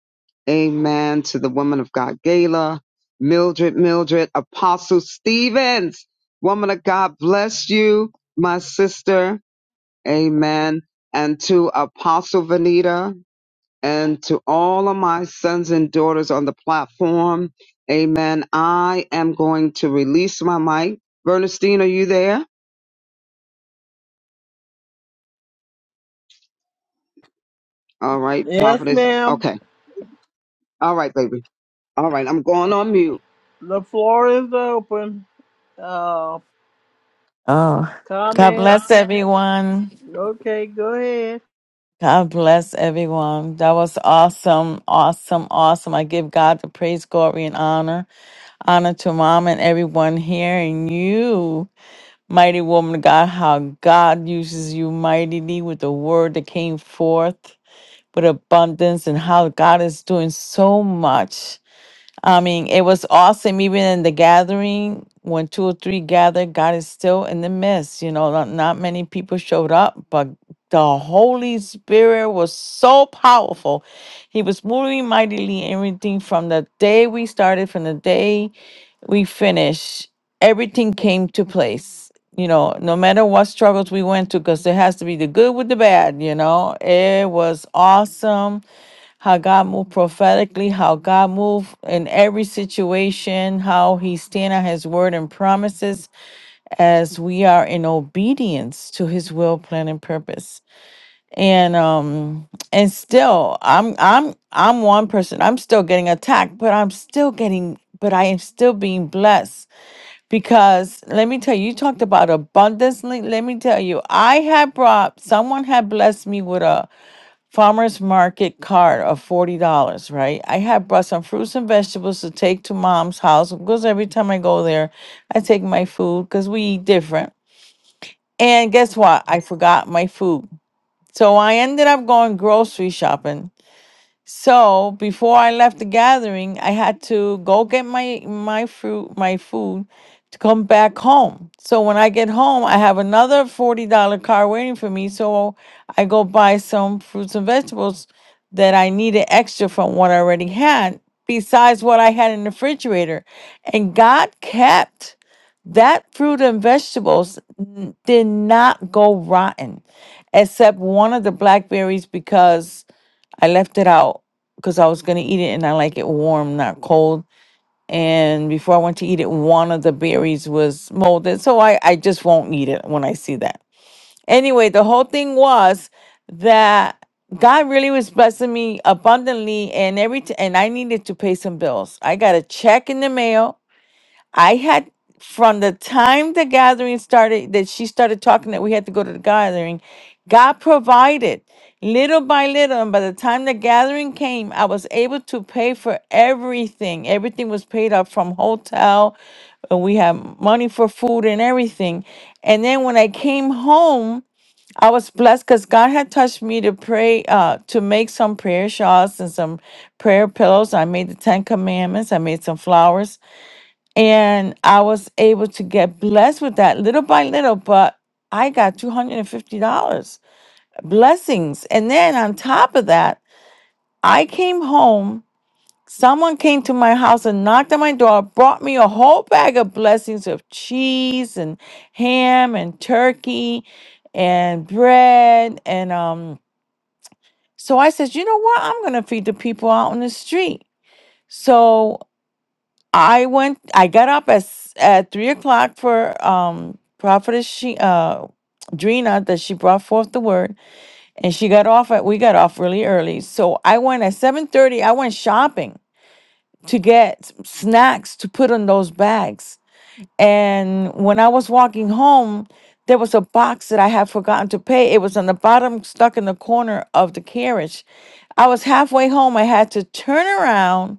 D: Amen. To the woman of God, Gala, Mildred, Mildred, Apostle Stevens, woman of God, bless you, my sister. Amen. And to Apostle Vanita and to all of my sons and daughters on the platform. Amen. I am going to release my mic. Bernstein, are you there? All right,
A: Yes,
D: prophetess.
A: ma'am.
D: Okay. All right, baby. All right, I'm going on mute.
A: The floor is open. Uh,
B: Oh, God
A: comment.
B: bless everyone.
A: Okay, go ahead.
B: God bless everyone. That was awesome, awesome, awesome. I give God the praise, glory, and honor. Honor to Mom and everyone here and you, mighty woman of God, how God uses you mightily with the word that came forth with abundance and how God is doing so much. I mean, it was awesome. Even in the gathering, when two or three gathered, God is still in the midst. You know, not, not many people showed up, but the Holy Spirit was so powerful. He was moving mightily everything from the day we started, from the day we finished. Everything came to place. You know, no matter what struggles we went through, because there has to be the good with the bad, you know, it was awesome how God moved prophetically, how God moved in every situation, how He stand on His word and promises as we are in obedience to His will, plan, and purpose. And um, and still, I'm I'm I'm one person. I'm still getting attacked, but I'm still getting, but I am still being blessed because let me tell you, you talked about abundantly. Let me tell you, I had brought someone had blessed me with a farmer's market cart of forty dollars, right? I had brought some fruits and vegetables to take to mom's house because every time I go there, I take my food because we eat different. And guess what? I forgot my food. So I ended up going grocery shopping so before I left the gathering, I had to go get my my fruit, my food, to come back home. So when I get home, I have another forty dollar car waiting for me. So I go buy some fruits and vegetables that I needed extra from what I already had, besides what I had in the refrigerator. And God kept that fruit and vegetables n- did not go rotten, except one of the blackberries because I left it out because I was gonna eat it and I like it warm, not cold. And before I went to eat it, one of the berries was molded, so I I just won't eat it when I see that. Anyway, the whole thing was that God really was blessing me abundantly, and every t- and I needed to pay some bills. I got a check in the mail I had from the time the gathering started that she started talking that we had to go to the gathering, God provided little by little. And by the time the gathering came, I was able to pay for everything. Everything was paid off from hotel. and We had money for food and everything. And then when I came home, I was blessed because God had touched me to pray, uh, to make some prayer shawls and some prayer pillows. I made the Ten Commandments. I made some flowers and I was able to get blessed with that little by little, but I got $250 blessings. And then on top of that, I came home. Someone came to my house and knocked on my door, brought me a whole bag of blessings of cheese and ham and turkey and bread. And um, so I said, you know what? I'm going to feed the people out on the street. So I went. I got up at s- at three o'clock for um prophetess she uh Drina that she brought forth the word, and she got off at we got off really early. So I went at seven thirty. I went shopping to get snacks to put in those bags. And when I was walking home, there was a box that I had forgotten to pay. It was on the bottom, stuck in the corner of the carriage. I was halfway home. I had to turn around,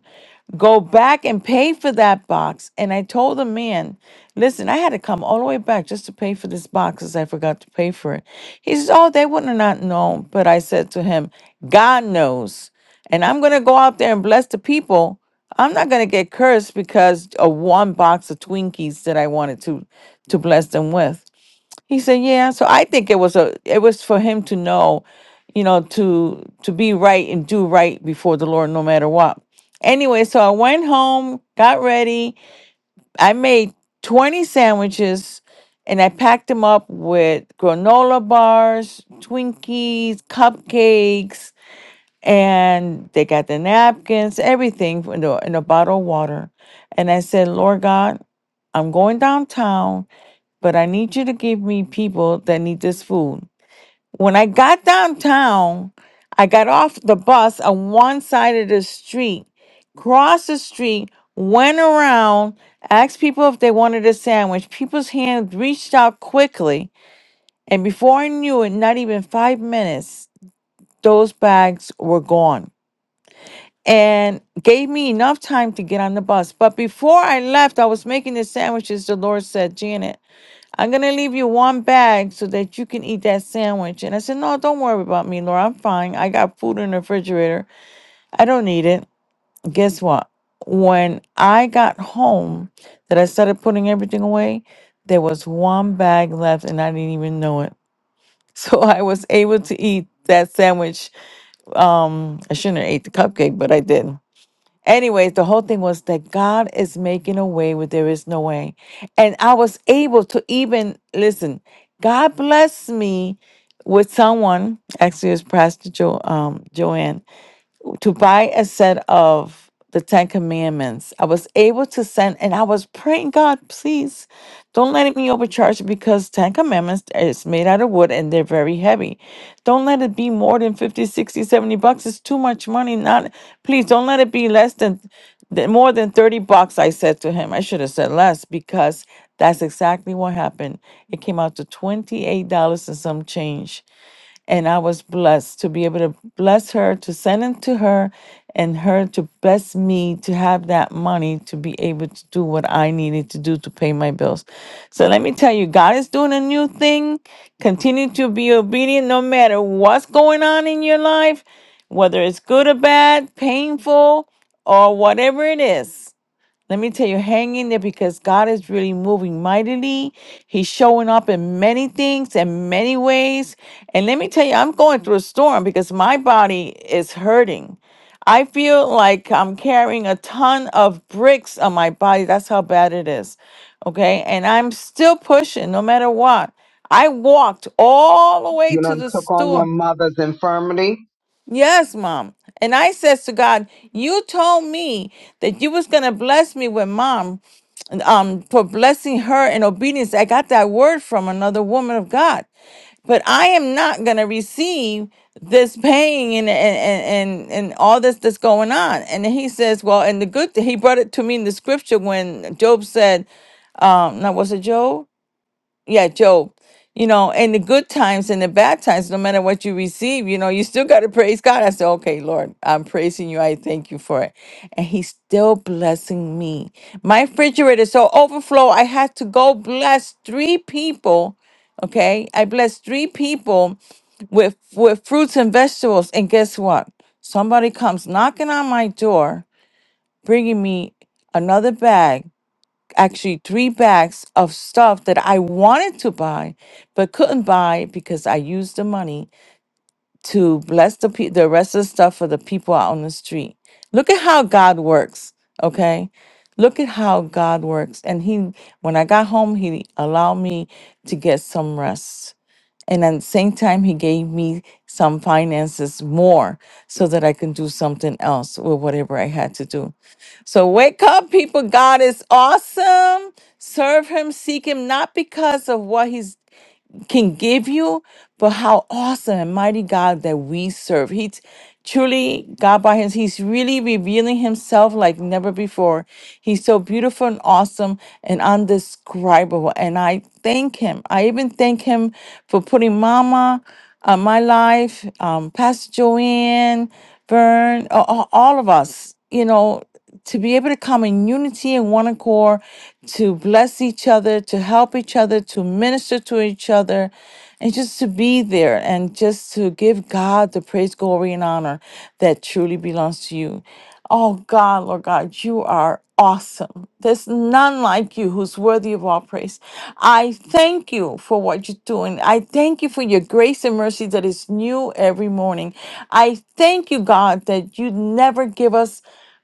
B: go back and pay for that box. And I told the man, listen, I had to come all the way back just to pay for this box because I forgot to pay for it. He says, oh, they wouldn't have not known. But I said to him, God knows. And I'm going to go out there and bless the people. I'm not going to get cursed because of one box of Twinkies that I wanted to to bless them with. He said, "Yeah." So I think it was a it was for him to know, you know, to to be right and do right before the Lord, no matter what. Anyway, so I went home, got ready. I made twenty sandwiches, and I packed them up with granola bars, Twinkies, cupcakes, and they got the napkins, everything in a, in a bottle of water. And I said, "Lord God, I'm going downtown." but I need you to give me people that need this food. When I got downtown, I got off the bus on one side of the street, crossed the street, went around, asked people if they wanted a sandwich. People's hands reached out quickly. And before I knew it, not even five minutes, those bags were gone and gave me enough time to get on the bus. But before I left, I was making the sandwiches. The Lord said, Janet, I'm gonna leave you one bag so that you can eat that sandwich. And I said, No, don't worry about me, Laura. I'm fine. I got food in the refrigerator. I don't need it. Guess what? When I got home, that I started putting everything away, there was one bag left and I didn't even know it. So I was able to eat that sandwich. Um, I shouldn't have ate the cupcake, but I did. Anyways, the whole thing was that God is making a way where there is no way. And I was able to even listen, God blessed me with someone, actually it was Pastor jo, um, Joanne, to buy a set of the Ten Commandments. I was able to send, and I was praying, God, please don't let me being overcharged because Ten Commandments is made out of wood and they're very heavy. Don't let it be more than 50, 60, 70 bucks. It's too much money. Not please don't let it be less than, than more than 30 bucks. I said to him, I should have said less because that's exactly what happened. It came out to $28 and some change. And I was blessed to be able to bless her, to send it to her, and her to bless me to have that money to be able to do what I needed to do to pay my bills. So let me tell you, God is doing a new thing. Continue to be obedient no matter what's going on in your life, whether it's good or bad, painful, or whatever it is. Let me tell you, hang in there because God is really moving mightily. He's showing up in many things and many ways. And let me tell you, I'm going through a storm because my body is hurting. I feel like I'm carrying a ton of bricks on my body. That's how bad it is. Okay. And I'm still pushing no matter what. I walked all the way
D: You
B: to
D: done
B: the
D: took on
B: store.
D: your mother's infirmity.
B: Yes, mom. And I says to God, you told me that you was gonna bless me with mom, and, um, for blessing her in obedience. I got that word from another woman of God. But I am not gonna receive this pain and and and, and all this that's going on. And then he says, Well, and the good thing, he brought it to me in the scripture when Job said, um, now was it Job? yeah, Job. You know, in the good times and the bad times, no matter what you receive, you know, you still got to praise God. I said, okay, Lord, I'm praising you. I thank you for it. And He's still blessing me. My refrigerator is so overflow. I had to go bless three people. Okay. I blessed three people with with fruits and vegetables. And guess what? Somebody comes knocking on my door, bringing me another bag actually three bags of stuff that I wanted to buy but couldn't buy because I used the money to bless the pe- the rest of the stuff for the people out on the street. Look at how God works, okay? Look at how God works. And he when I got home, he allowed me to get some rest. And at the same time, he gave me some finances more so that I can do something else with whatever I had to do. So wake up, people. God is awesome. Serve him, seek him, not because of what he's can give you, but how awesome and mighty God that we serve. He t- truly, God by His, He's really revealing Himself like never before. He's so beautiful and awesome and undescribable. And I thank Him. I even thank Him for putting Mama on my life, um, Pastor Joanne, Vern, a- a- all of us, you know to be able to come in unity and one accord, to bless each other, to help each other, to minister to each other, and just to be there and just to give God the praise, glory, and honor that truly belongs to you. Oh God, Lord God, you are awesome. There's none like you who's worthy of all praise. I thank you for what you're doing. I thank you for your grace and mercy that is new every morning. I thank you, God, that you never give us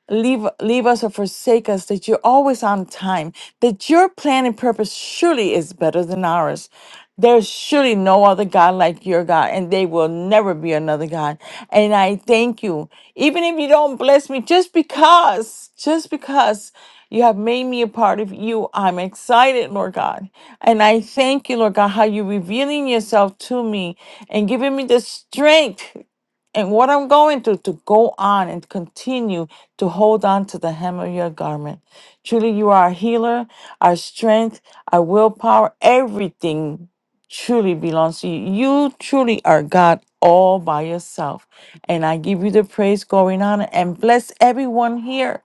B: leave leave us or forsake us that you're always on time that your plan and purpose surely is better than ours there's surely no other god like your god and there will never be another god and i thank you even if you don't bless me just because just because you have made me a part of you. I'm excited, Lord God. And I thank you, Lord God, how you're revealing yourself to me and giving me the strength and what I'm going through to go on and continue to hold on to the hem of your garment. Truly, you are our healer, our strength, our willpower, everything truly belongs to you. You truly are God all by yourself. And I give you the praise, glory, and honor, and bless everyone here.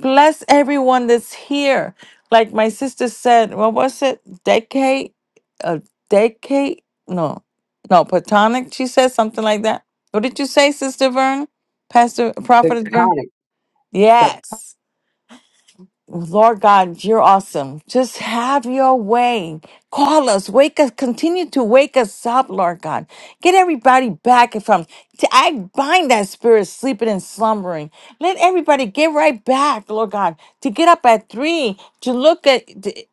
B: Bless everyone that's here. Like my sister said, what was it? Decade? A decade? No. No, platonic, she said something like that. What did you say, Sister Vern? Pastor Prophet Vern?
D: Tectonic. Tect-
B: Yes. Lord God, you're awesome. Just have your way. Call us, wake us, continue to wake us up, Lord God. Get everybody back from. t- I bind that spirit sleeping and slumbering. Let everybody get right back, Lord God, to get up at three, to look at,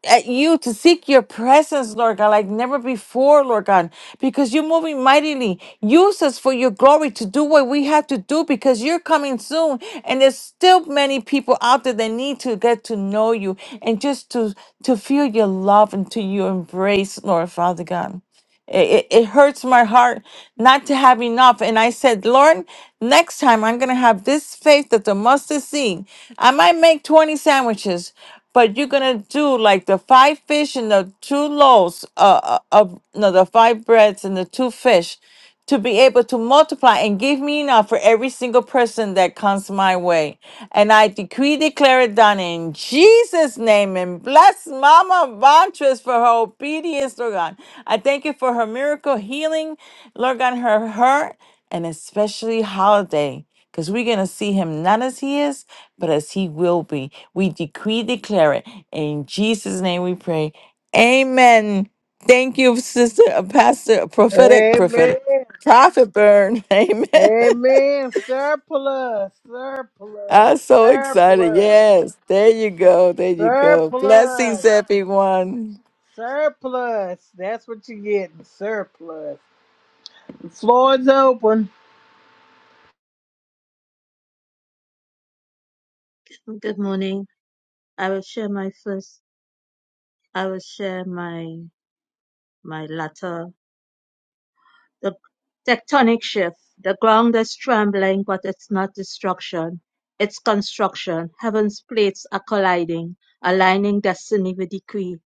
B: at you, to to seek your presence, Lord God, like never before, Lord God, because you're moving mightily. Use us for your glory to do what we have to do because you're coming soon. And there's still many people out there that need to get to know you and just to, to feel your love and to your embrace, Lord Father God. It, it hurts my heart not to have enough. And I said, Lord, next time I'm going to have this faith that the mustard seed. I might make 20 sandwiches, but you're going to do like the five fish and the two loaves uh, uh, of, no, the five breads and the two fish to be able to multiply and give me enough for every single person that comes my way. And I decree, declare it done in Jesus' name and bless Mama Vantress for her obedience, Lord God. I thank you for her miracle healing, Lord God, her hurt, and especially holiday. Because we're going to see him not as he is, but as he will be. We decree, declare it. In Jesus' name we pray. Amen. Thank you, Sister uh, Pastor Prophetic Prophetic
A: Amen.
B: Profit burn. Amen.
A: Amen. Surplus.
B: I'm
A: Surplus.
B: so excited.
A: Surplus.
B: Yes. There you go. There you go. Blessings,
A: Surplus.
B: everyone.
A: Surplus. That's what you're getting. Surplus. The floor is open.
G: Good morning. I will share my first, I will share my, my latter. The tectonic shift. The ground is trembling, but it's not destruction. It's construction. Heaven's plates are colliding, aligning destiny with decree.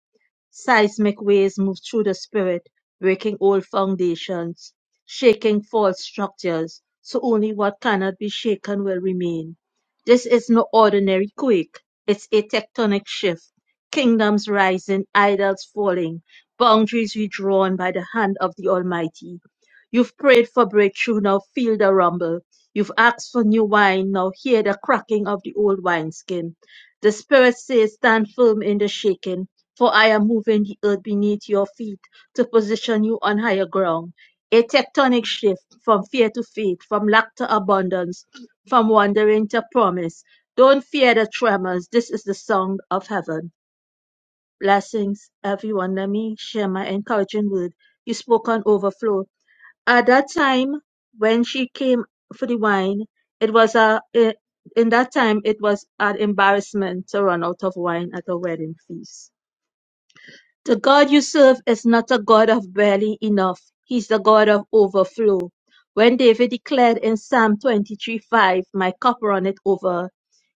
G: Seismic waves move through the spirit, breaking old foundations, shaking false structures, so only what cannot be shaken will remain. This is no ordinary quake, it's a tectonic shift. Kingdoms rising, idols falling, boundaries redrawn by the hand of the Almighty. You've prayed for breakthrough, now feel the rumble. You've asked for new wine, now hear the cracking of the old wineskin. The Spirit says, Stand firm in the shaking for I am moving the earth beneath your feet to position you on higher ground. A tectonic shift from fear to faith, from lack to abundance, from wandering to promise. Don't fear the tremors. This is the sound of heaven. Blessings, everyone. Let me share my encouraging word. You spoke on overflow. At that time, when she came for the wine, it was a, in that time, it was an embarrassment to run out of wine at a wedding feast the God you serve is not a God of barely enough. He's the God of overflow. When David declared in Psalm 23 5, My cup runneth over,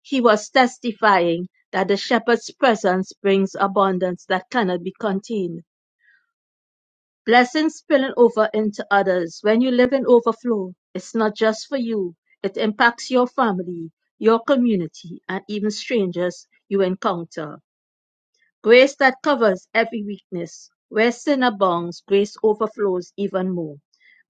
G: he was testifying that the shepherd's presence brings abundance that cannot be contained. Blessings spilling over into others. When you live in overflow, it's not just for you, it impacts your family, your community, and even strangers you encounter. Grace that covers every weakness. Where sin abounds, grace overflows even more.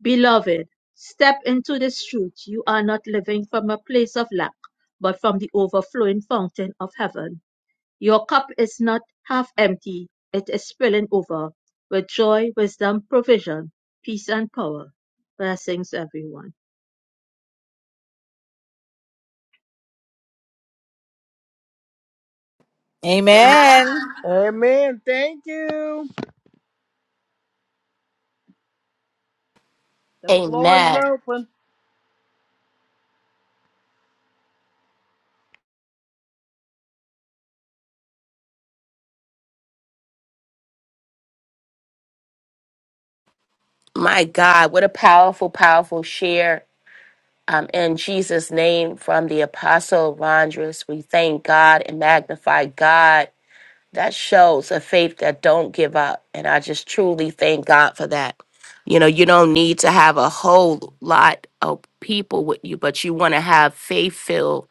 G: Beloved, step into this truth. You are not living from a place of lack, but from the overflowing fountain of heaven. Your cup is not half empty, it is spilling over with joy, wisdom, provision, peace, and power. Blessings, everyone.
B: Amen.
A: Amen. Thank you. The floor is
H: Amen.
A: open.
H: My God, what a powerful, powerful share. Um, in Jesus' name, from the Apostle Rondres, we thank God and magnify God. That shows a faith that don't give up, and I just truly thank God for that. You know, you don't need to have a whole lot of people with you, but you want to have faith-filled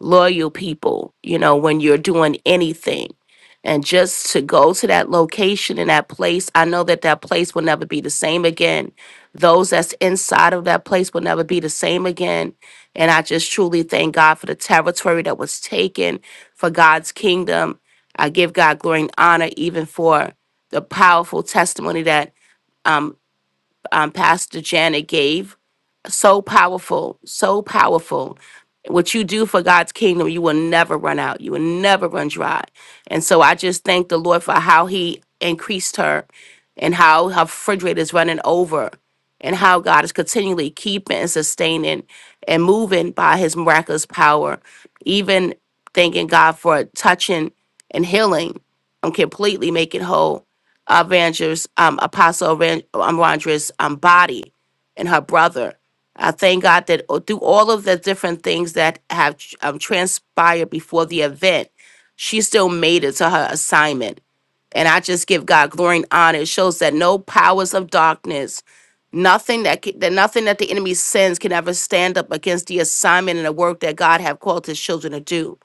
H: loyal people, you know, when you're doing anything. And just to go to that location and that place, I know that that place will never be the same again. Those that's inside of that place will never be the same again. And I just truly thank God for the territory that was taken for God's kingdom. I give God glory and honor even for the powerful testimony that um, um, Pastor Janet gave so powerful, so powerful. What you do for God's kingdom, you will never run out. You will never run dry. And so I just thank the Lord for how He increased her and how her refrigerator is running over and how God is continually keeping and sustaining and moving by His miraculous power. Even thanking God for touching and healing and completely making whole Avengers, um, Apostle Ran- um, Rondres, um, body and her brother. I thank God that o- through all of the different things that have tr- um, transpired before the event, she still made it to her assignment. And I just give God glory and honor. It shows that no powers of darkness, nothing that, ca- that nothing that the enemy sends can ever stand up against the assignment and the work that God have called his children to do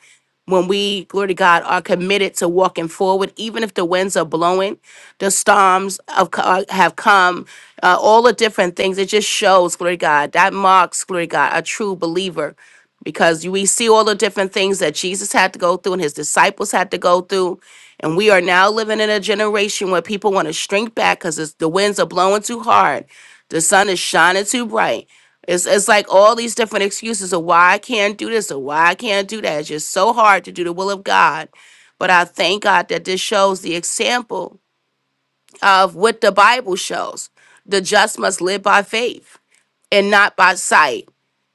H: when we, glory to God, are committed to walking forward, even if the winds are blowing, the storms of, uh, have come, uh, all the different things. It just shows, glory to God, that marks, glory to God, a true believer. Because we see all the different things that Jesus had to go through and his disciples had to go through. And we are now living in a generation where people want to shrink back because the winds are blowing too hard. The sun is shining too bright. It's it's like all these different excuses of why I can't do this or why I can't do that. It's just so hard to do the will of God. But I thank God that this shows the example of what the Bible shows. The just must live by faith and not by sight.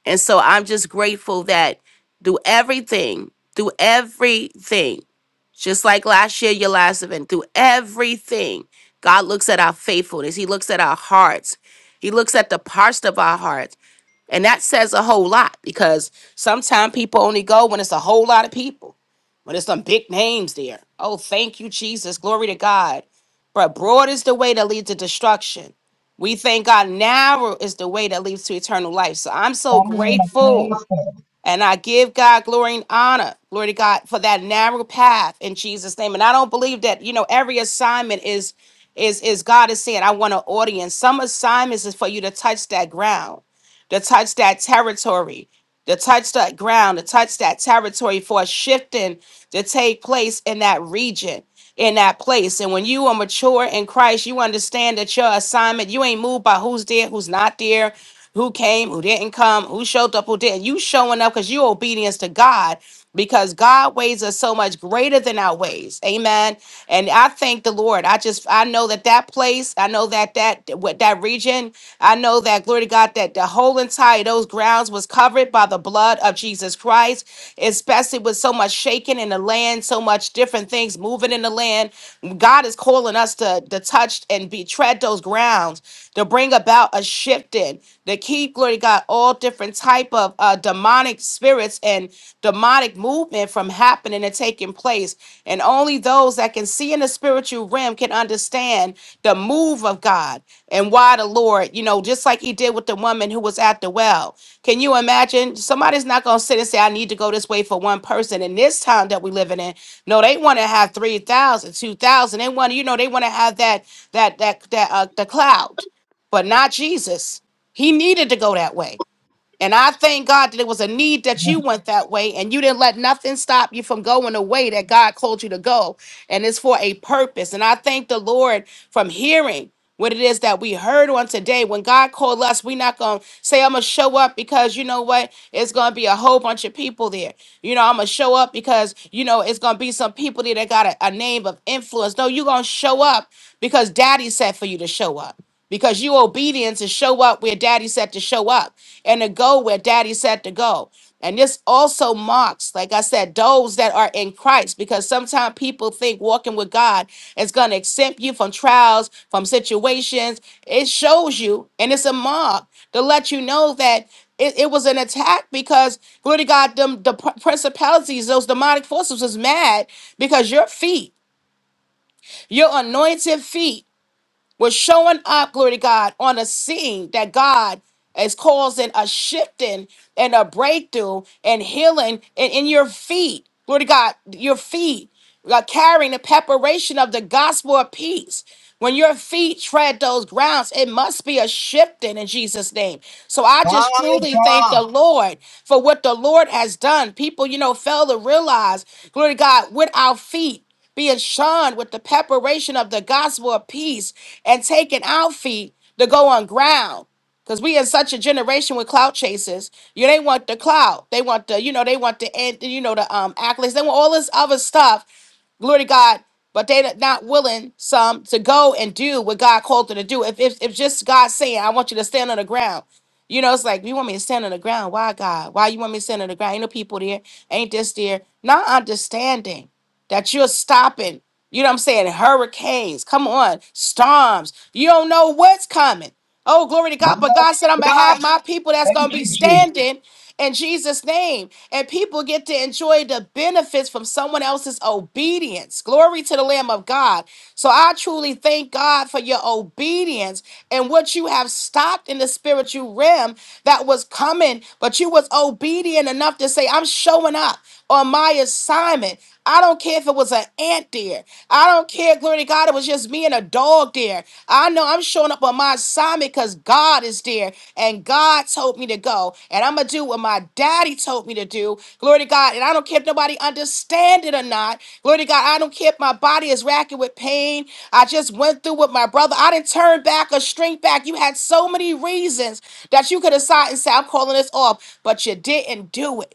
H: And so I'm just grateful that through everything, through everything, just like last year, your last event, through everything, God looks at our faithfulness. He looks at our hearts. He looks at the parts of our hearts. And that says a whole lot because sometimes people only go when it's a whole lot of people, when there's some big names there. Oh, thank you, Jesus. Glory to God. But broad is the way that leads to destruction we thank God narrow is the way that leads to eternal life. So I'm so grateful. And I give God glory and honor, glory to God, for that narrow path in Jesus' name. And I don't believe that, you know, every assignment is is is God is saying, I want an audience. Some assignments is for you to touch that ground, to touch that territory to touch that ground, to touch that territory for a shifting to take place in that region, in that place. And when you are mature in Christ, you understand that your assignment, you ain't moved by who's there, who's not there, who came, who didn't come, who showed up, who didn't. You showing up because you're obedience to God because God ways us so much greater than our ways. Amen. And I thank the Lord. I just I know that that place, I know that that what that region, I know that glory to God that the whole entire those grounds was covered by the blood of Jesus Christ, especially with so much shaking in the land, so much different things moving in the land. God is calling us to to touch and be tread those grounds to bring about a shifting. They keep, glory to God, all different type of uh, demonic spirits and demonic movement from happening and taking place. And only those that can see in the spiritual realm can understand the move of God and why the Lord, you know, just like he did with the woman who was at the well. Can you imagine? Somebody's not going to sit and say, I need to go this way for one person in this town that we're living in. No, they want to have 3,000, 2,000. They want to, you know, they want to have that, that, that, that, uh, the cloud, but not Jesus. He needed to go that way. And I thank God that it was a need that you went that way and you didn't let nothing stop you from going the way that God called you to go. And it's for a purpose. And I thank the Lord from hearing what it is that we heard on today. When God called us, we're not going to say, I'm going to show up because you know what? It's going to be a whole bunch of people there. You know, I'm going to show up because, you know, it's going to be some people there that got a, a name of influence. No, you're going to show up because daddy said for you to show up because you obedience is show up where daddy said to show up and to go where daddy said to go and this also marks like i said those that are in christ because sometimes people think walking with god is going to exempt you from trials from situations it shows you and it's a mark to let you know that it, it was an attack because glory to god them the pr- principalities those demonic forces was mad because your feet your anointed feet we're showing up, glory to God, on a scene that God is causing a shifting and a breakthrough and healing in, in your feet. Glory to God, your feet. We are carrying the preparation of the gospel of peace. When your feet tread those grounds, it must be a shifting in Jesus' name. So I
D: My
H: just truly thank
D: God.
H: the Lord for what the Lord has done. People, you know, fail to realize, glory to God, with our feet being shone with the preparation of the gospel of peace and taking our feet to go on ground. Because we in such a generation with clout chasers. You they want the clout. They want the, you know, they want the end, you know, the um accolades. They want all this other stuff. Glory to God. But they're not willing some to go and do what God called them to do. If, if if just God saying, I want you to stand on the ground. You know, it's like you want me to stand on the ground. Why God? Why you want me to stand on the ground? Ain't no people there. Ain't this there. Not understanding that you're stopping, you know what I'm saying, hurricanes, come on, storms. You don't know what's coming. Oh, glory to
D: My
H: God. But God said, I'm going to
D: God.
H: have my people that's
D: Thank
H: going to be
D: you, Jesus.
H: standing in Jesus' name. And people get to enjoy the benefits from someone else's obedience. Glory to the Lamb of God. So I truly thank God for your obedience and what you have stopped in the spiritual realm that was coming, but you was obedient enough to say, I'm showing up on my assignment. I don't care if it was an ant there. I don't care, glory to God, it was just me and a dog there. I know I'm showing up on my assignment because God is there and God told me to go. And I'm going to do what my daddy told me to do. Glory to God. And I don't care if nobody understand it or not. Glory to God. I don't care if my body is racking with pain. I just went through with my brother. I didn't turn back or shrink back. You had so many reasons that you could decide and say, I'm calling this off, but you didn't do it.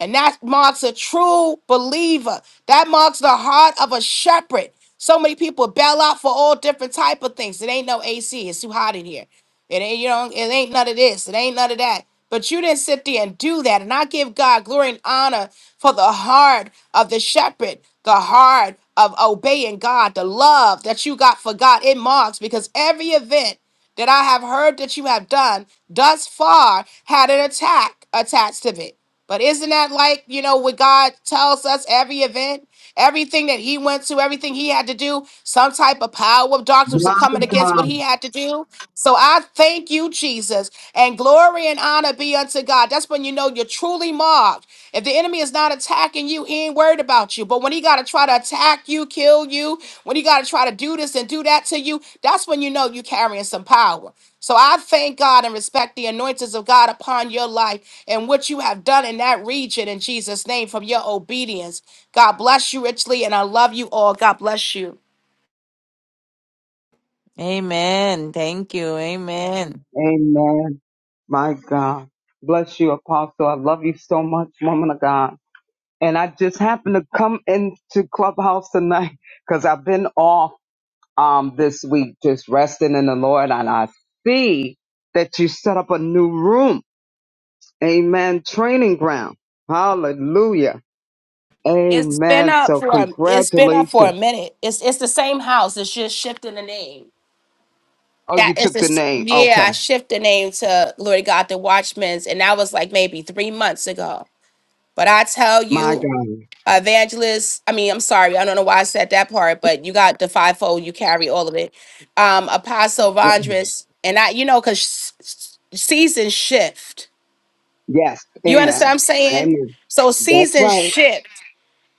H: And that marks a true believer. That marks the heart of a shepherd. So many people bail out for all different type of things. It ain't no AC. It's too hot in here. It ain't you know, it ain't none of this. It ain't none of that. But you didn't sit there and do that. And I give God glory and honor for the heart of the shepherd, the heart of obeying God, the love that you got for God. It marks because every event that I have heard that you have done thus far had an attack attached to it. But isn't that like, you know, what God tells us every event, everything that he went to, everything he had to do, some type of power of darkness was
D: My
H: coming against what
D: God.
H: he had to do? So I thank you, Jesus, and glory and honor be unto God. God. That's when you know you're truly marked. If the enemy is not attacking you, he ain't worried about you. But when he got to try to attack you, kill you, when he got to try to do this and do that to you, that's when you know you're carrying some power. So I thank God and respect the anointings of God upon your life and what you have done in that region in Jesus' name from your obedience. God bless you richly, and I love you all. God bless you.
B: Amen. Thank you. Amen.
D: Amen. My God. Bless you, Apostle. I love you so much, woman of God. and I just happened to come into Clubhouse tonight because I've been off um this week just resting in the Lord and I see that you set up a new room. Amen. Training ground. Hallelujah.
H: It's been
D: Amen.
H: up
D: So
H: for a, it's been up for a
D: congratulations.
H: minute. It's it's the same house. It's just shifting the name.
D: Oh,
H: that
D: you
H: is
D: took the
H: this
D: name.
H: yeah
D: Okay.
H: i shift the name to glory to god the watchmen's and that was like maybe three months ago but i tell
D: My
H: you
D: God.
H: evangelist i mean i'm sorry i don't know why i said that part but you got the fivefold you carry all of it um apostle vondress and i you know because seasons shift
D: Yes.
H: you understand what
D: Amen.
H: i'm saying
D: Amen.
H: so
D: That's
H: seasons
D: right.
H: shift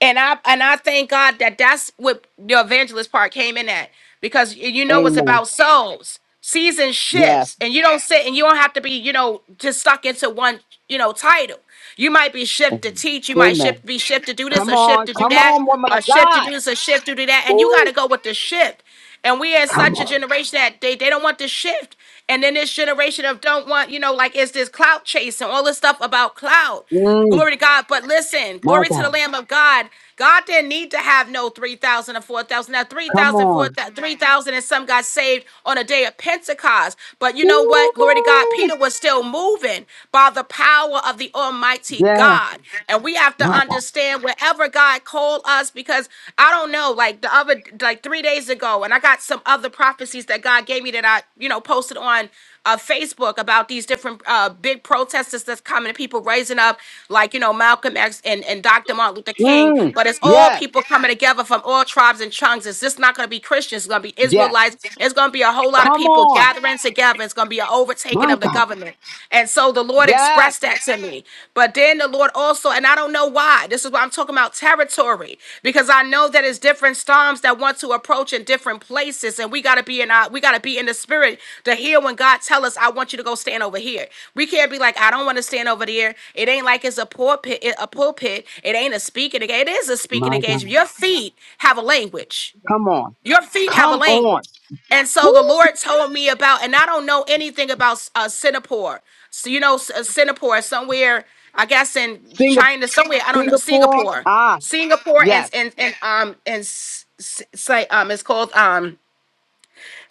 H: and I and I thank God that that's what the evangelist part came in at because y- you know it's
D: Amen.
H: about souls. Season
D: Yes.
H: shifts, and you don't sit and you don't have to be you know just stuck into one you know title. You might be shift to teach, you might
D: Amen.
H: shift be shift to do
D: Come
H: this, or shift
D: on.
H: to do
D: Come
H: that,
D: on, woman
H: or
D: of
H: shift to
D: God.
H: do this, or shift to do that, and you got
D: Ooh,
H: to go with the shift. And we are
D: come
H: such a
D: on.
H: generation that they, they don't want to shift. And then this generation of don't want, you know, like it's this clout chasing, all this stuff about clout.
D: Mm,
H: Glory to God. But listen,
D: my
H: glory to the
D: God.
H: Lamb of God. God didn't need to have no 3,000 or 4,000. Now,
D: Come
H: 3,000,
D: on.
H: 3,000 and some got saved on a day of Pentecost. But you know what? Glory to God.
D: Woo!
H: Peter was still moving by the power of the Almighty
D: Yes.
H: God. And we have to to
D: My God.
H: understand wherever God called us because I don't know, like the other like three days ago, and I got some other prophecies that God gave me that I, you know, posted on uh, Facebook about these different uh, big protesters that's coming, people raising up, like you know Malcolm X and, and Dr. Martin Luther King.
D: Mm,
H: But it's all
D: yes.
H: people coming together from all tribes and tongues. It's just not going to be Christians. It's going to be
D: Yes.
H: Israelites. It's going to be a whole lot of
D: Come
H: people
D: on.
H: gathering together. It's going to be an overtaking overtaking
D: My
H: of the
D: God.
H: government. And so the Lord
D: Yes.
H: expressed that to me. But then the Lord also, and I don't know why, this is why I'm talking about territory, because I know that it's different storms that want to approach in different places. And we gotta be in our we gotta be in the spirit to hear when God tell us, I want you to go stand over here. We can't be like, I don't want to stand over there. It ain't like it's a pulpit, a pulpit. It ain't a speaking engagement. It is a speaking
D: My
H: engagement.
D: God.
H: Your feet have a language.
D: Come on.
H: Your feet have a
D: Come on.
H: language. And
D: Woo!
H: so the Lord told me about, and I don't know anything about uh, Singapore. So, you know, S- uh, Singapore, somewhere, I guess in
D: Singapore.
H: China, somewhere, I don't know,
D: Singapore.
H: Singapore.
D: Ah,
H: Singapore and,
D: yes.
H: and, and, um, and, s- s- say, um, it's called, um,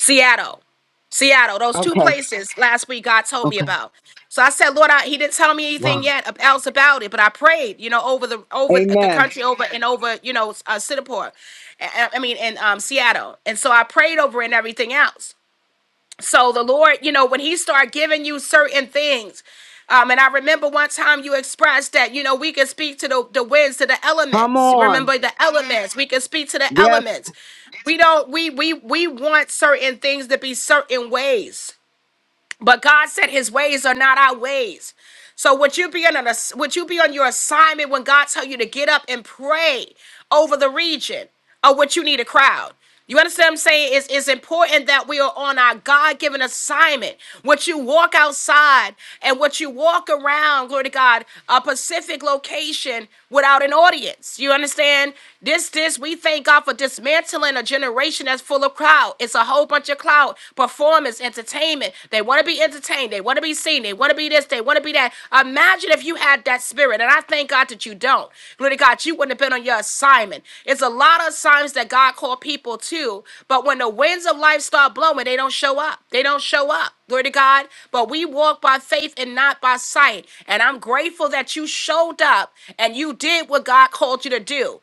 H: Seattle. Seattle, those two
D: Okay.
H: places last week God told me
D: Okay.
H: about. So I said, Lord, I, He didn't tell me anything
D: Wow.
H: yet ab- else about it, but I prayed, you know, over the over the
D: Amen.
H: country, over and over, you know, uh, Singapore, I, I mean, in um, Seattle, and so I prayed over it and everything else. So the Lord, you know, when He start giving you certain things, um, and I remember one time you expressed that, you know, we can speak to the, the winds, to the
D: Come
H: elements.
D: on.
H: Remember the elements. We can speak to the
D: Yes.
H: elements. We don't. We we we want certain things to be certain ways. But God said his ways are not our ways. So would you be on an ass- would you be on your assignment when God tell you to get up and pray over the region or would you need a crowd? You understand what I'm saying? It's, it's important that we are on our God given assignment. What you walk outside and what you walk around, glory to God, a Pacific location without an audience. You understand? This, this, we thank God for dismantling a generation that's full of full of crowd. It's a whole bunch of cloud performance, entertainment. They want to be entertained. They want to be seen. They want to be this. They want to be that. Imagine if you had that spirit. And I thank God that you don't. Glory to God, you wouldn't have been on your assignment. It's a lot of assignments that God called people to, but when the winds of life start blowing, they don't show up. They don't show up. Glory to God. But we walk by faith and not by sight. And I'm grateful that you showed up and you did what God called you to do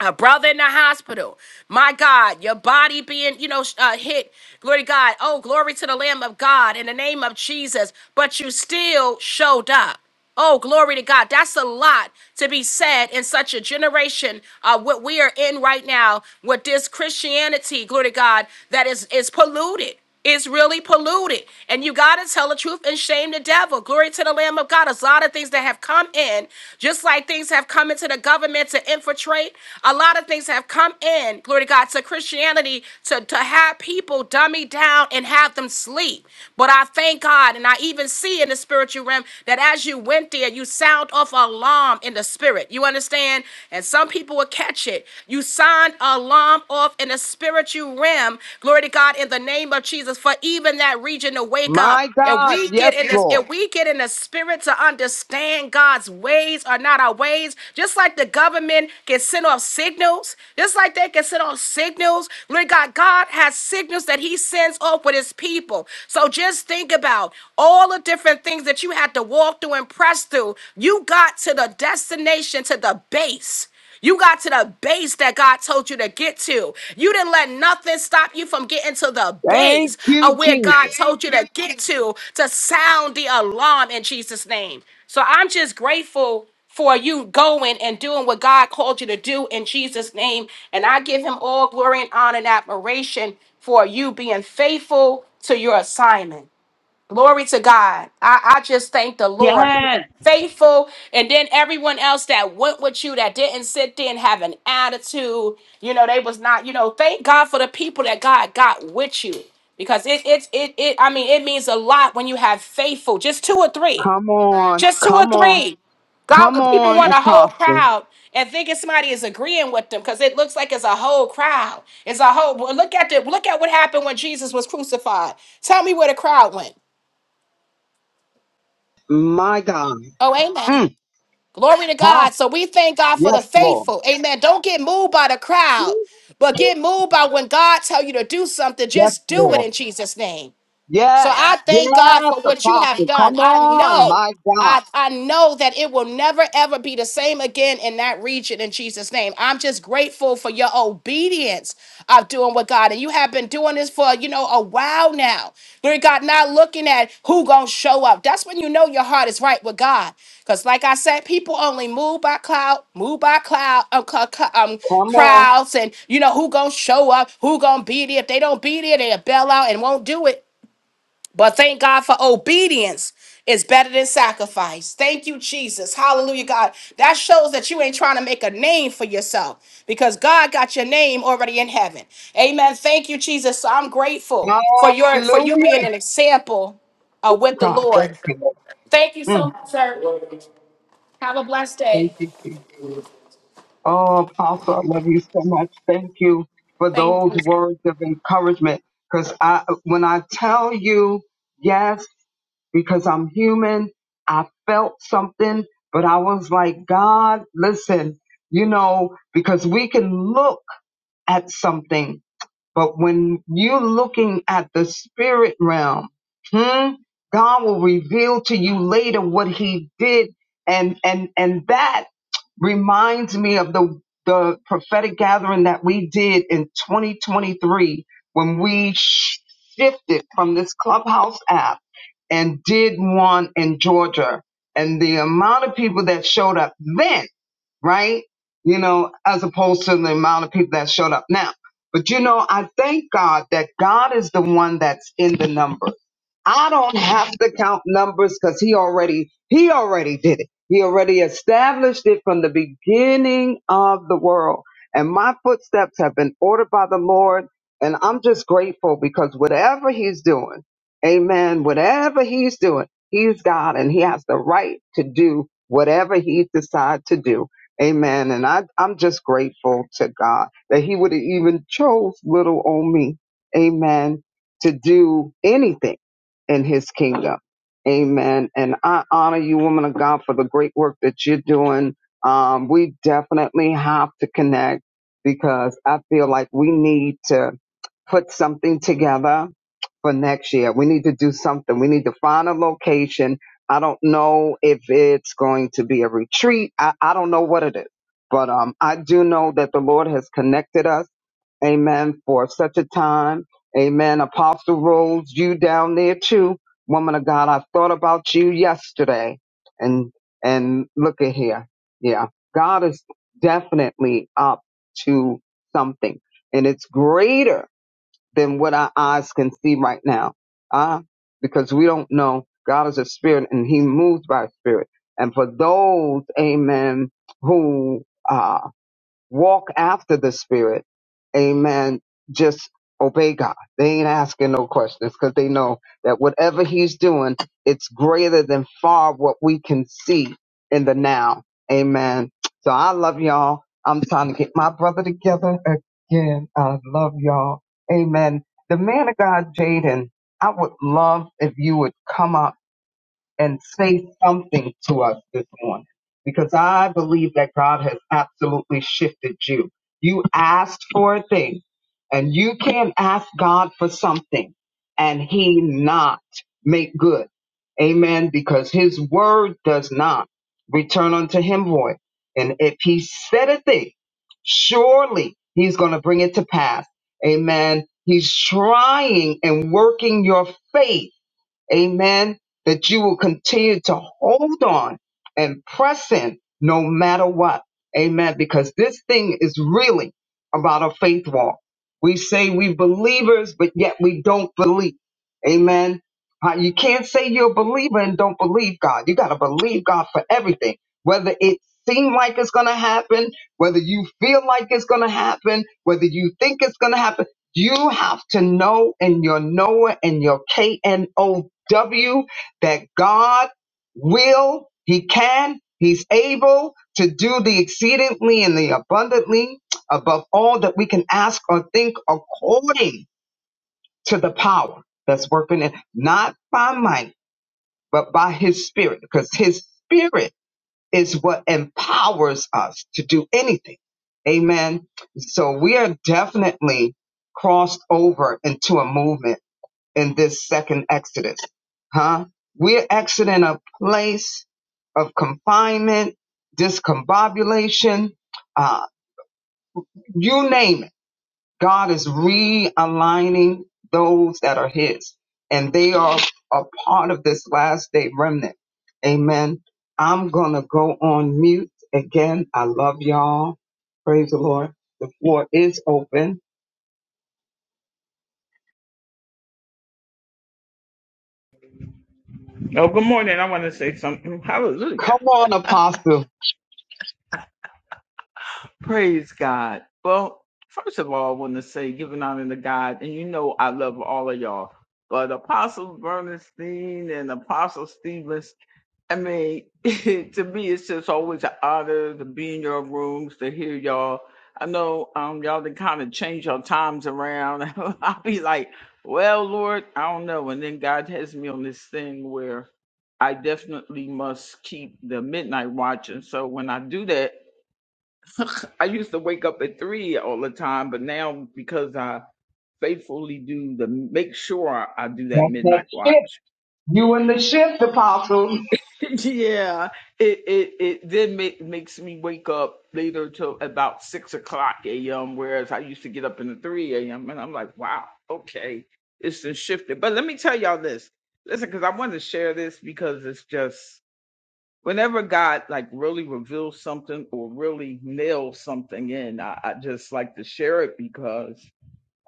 H: a brother in the hospital. My God, your body being, you know, sh- uh, hit. Glory to God. Oh, glory to the Lamb of God in the name of Jesus. But you still showed up. Oh, glory to God. That's a lot to be said in such a generation, uh, what we are in right now with this Christianity, glory to God, that is, is polluted. Is really polluted. And you got to tell the truth and shame the devil. Glory to the Lamb of God. There's a lot of things that have come in, just like things have come into the government to infiltrate. A lot of things have come in, glory to God, to Christianity to, to have people dummy down and have them sleep. But I thank God, and I even see in the spiritual realm that as you went there, you sound off an alarm in the spirit. You understand? And some people will catch it. You sound sound alarm off in the spiritual realm. Glory to God in the name of Jesus for even that region to wake up.
D: My
H: If
D: God.
H: we get
D: Yes,
H: in this,
D: Lord.
H: if we get in the spirit to understand God's ways are not our ways, just like the government can send off signals, just like they can send off signals. Glory to God, God has signals that He sends off with His people. So just think about all the different things that you had to walk through and press through. You got to the destination, to the base. You got to the base that God told you to get to. You didn't let nothing stop you from getting to the
D: Thank
H: base
D: you,
H: of where God
D: Jesus.
H: told you to get to to sound the alarm in Jesus' name. So I'm just grateful for you going and doing what God called you to do in Jesus' name. And I give him all glory and honor and admiration for you being faithful to your assignment. Glory to God. I, I just thank the Lord.
I: Yes.
H: Faithful, and then everyone else that went with you that didn't sit there and have an attitude, you know, they was not, you know, thank God for the people that God got with you because it, it, it, it, I mean, it means a lot when you have faithful, just two or three,
D: Come on.
H: just two or
D: Come on.
H: three. God,
D: Come
H: when people
D: on,
H: want a whole
D: Apostle.
H: crowd and thinking somebody is agreeing with them because it looks like it's a whole crowd. It's a whole. well, Look at the look at what happened when Jesus was crucified. Tell me where the crowd went.
D: My God.
H: Oh, amen.
D: Mm.
H: Glory to
D: Wow.
H: God. So we thank God for the
D: Yes, Lord.
H: faithful. Amen. Don't get moved by the crowd, but get moved by when God tell you to do something.
D: Yes,
H: Just do it
D: Lord.
H: in Jesus' name. So
D: Yes.
H: I thank God
D: Yes,
H: for what you have
D: Apostle.
H: done.
D: Come
H: I
D: on,
H: know,
D: my God.
H: I, I know that it will never ever be the same again in that region in Jesus' name. I'm just grateful for your obedience of doing what God and you have been doing this for you know a while now. Lord God, not looking at who gonna show up. That's when you know your heart is right with God. Because like I said, people only move by cloud, move by cloud, um, cl- cl- um,
D: Come on.
H: crowds, and you know who gonna show up, who gonna be there. If they don't be there, they'll bail out and won't do it. But thank God for obedience is better than sacrifice. Thank you, Jesus. Hallelujah, God. That shows that you ain't trying to make a name for yourself because God got your name already in heaven. Amen. Thank you, Jesus. So I'm grateful for your for you
D: Hallelujah.
H: being an example uh, with the
D: God,
H: Lord.
D: thank you, Lord.
H: Thank you so
D: Mm,
H: much, sir. Have a blessed
D: thank
H: day.
D: you, Jesus. Oh, Apostle, I love you so much. Thank you for
H: Thank
D: those
H: you.
D: words of encouragement. Because I, when I tell you yes, because I'm human, I felt something, but I was like, God, listen, you know, because we can look at something But when you're looking at the spirit realm, hmm, God will reveal to you later what he did. And and and that reminds me of the the prophetic gathering that we did in 2023 when we sh- shifted from this clubhouse app and did one in Georgia. And the amount of people that showed up then right? You know, as opposed to the amount of people that showed up now. But you know, I thank God that God is the one that's in the numbers. I don't have to count numbers because he already he already did it. He already established it from the beginning of the world. And my footsteps have been ordered by the Lord. And I'm just grateful because whatever he's doing, amen, whatever he's doing, he's God and he has the right to do whatever he decides to do. Amen. And I, I'm just grateful to God that he would have even chose little on me. Amen. To do anything in his kingdom. Amen. And I honor you, woman of God, for the great work that you're doing. Um, we definitely have to connect because I feel like we need to put something together for next year. We need to do something. We need to find a location. I don't know if it's going to be a retreat. I, I don't know what it is, but um, I do know that the Lord has connected us. Amen. For such a time. Amen. Apostle Rose, you down there too. Woman of God, I thought about you yesterday. And and look at here. Yeah. God is definitely up to something. And it's greater than what our eyes can see right now. Uh, because we don't know. God is a spirit and he moves by spirit. And for those, amen, who uh, walk after the spirit. Amen. Just obey God. They ain't asking no questions because they know that whatever he's doing, it's greater than far what we can see in the now. Amen. So I love y'all. I'm trying to get my brother together again. I love y'all. Amen. The man of God, Jaden, I would love if you would come up and say something to us this morning because I believe that God has absolutely shifted you. You asked for a thing and you can't ask God for something and he not make good. Amen. Because his word does not return unto him void. And if he said a thing, surely he's going to bring it to pass. Amen. He's trying and working your faith Amen. That you will continue to hold on and press in no matter what. Amen. Because this thing is really about a faith walk. We say we believers, but yet we don't believe. Amen. Uh, You can't say you're a believer and don't believe God. You got to believe God for everything, whether it seems like it's going to happen, whether you feel like it's going to happen, whether you think it's going to happen. You have to know in your knower and your K N O W W, that God will, He can, He's able to do the exceedingly and the abundantly above all that we can ask or think according to the power that's working in, not by might, but by His Spirit, because His Spirit is what empowers us to do anything. Amen. So we are definitely crossed over into a movement in this second Exodus, huh? We're exiting a place of confinement, discombobulation, uh, you name it. God is realigning those that are His, and they are a part of this last day remnant. Amen. I'm going to go on mute again. I love y'all. Praise the Lord. The floor is open.
I: Oh, good morning. I want to say something. Hallelujah.
D: Come on, Apostle.
I: Praise God. Well, first of all, I want to say giving honor to God. And you know I love all of y'all. But Apostle Bernstein and Apostle Steve I mean, to me, it's just always an honor to be in your rooms to hear y'all. I know um, y'all to kind of change your times around. I'll be like, well, Lord, I don't know. And then God has me on this thing where I definitely must keep the midnight watch. And so when I do that, I used to wake up at three all the time, but now because I faithfully do the make sure I do that
D: That's that
I: midnight
D: shift.
I: watch.
D: You in the shift, Apostle.
I: yeah, it it it then make, makes me wake up later till about six o'clock a.m. Whereas I used to get up in the three a.m. and I'm like, wow, okay, it's just shifted. But let me tell y'all this, listen, because I wanted to share this because it's just whenever God like really reveals something or really nails something in, I, I just like to share it because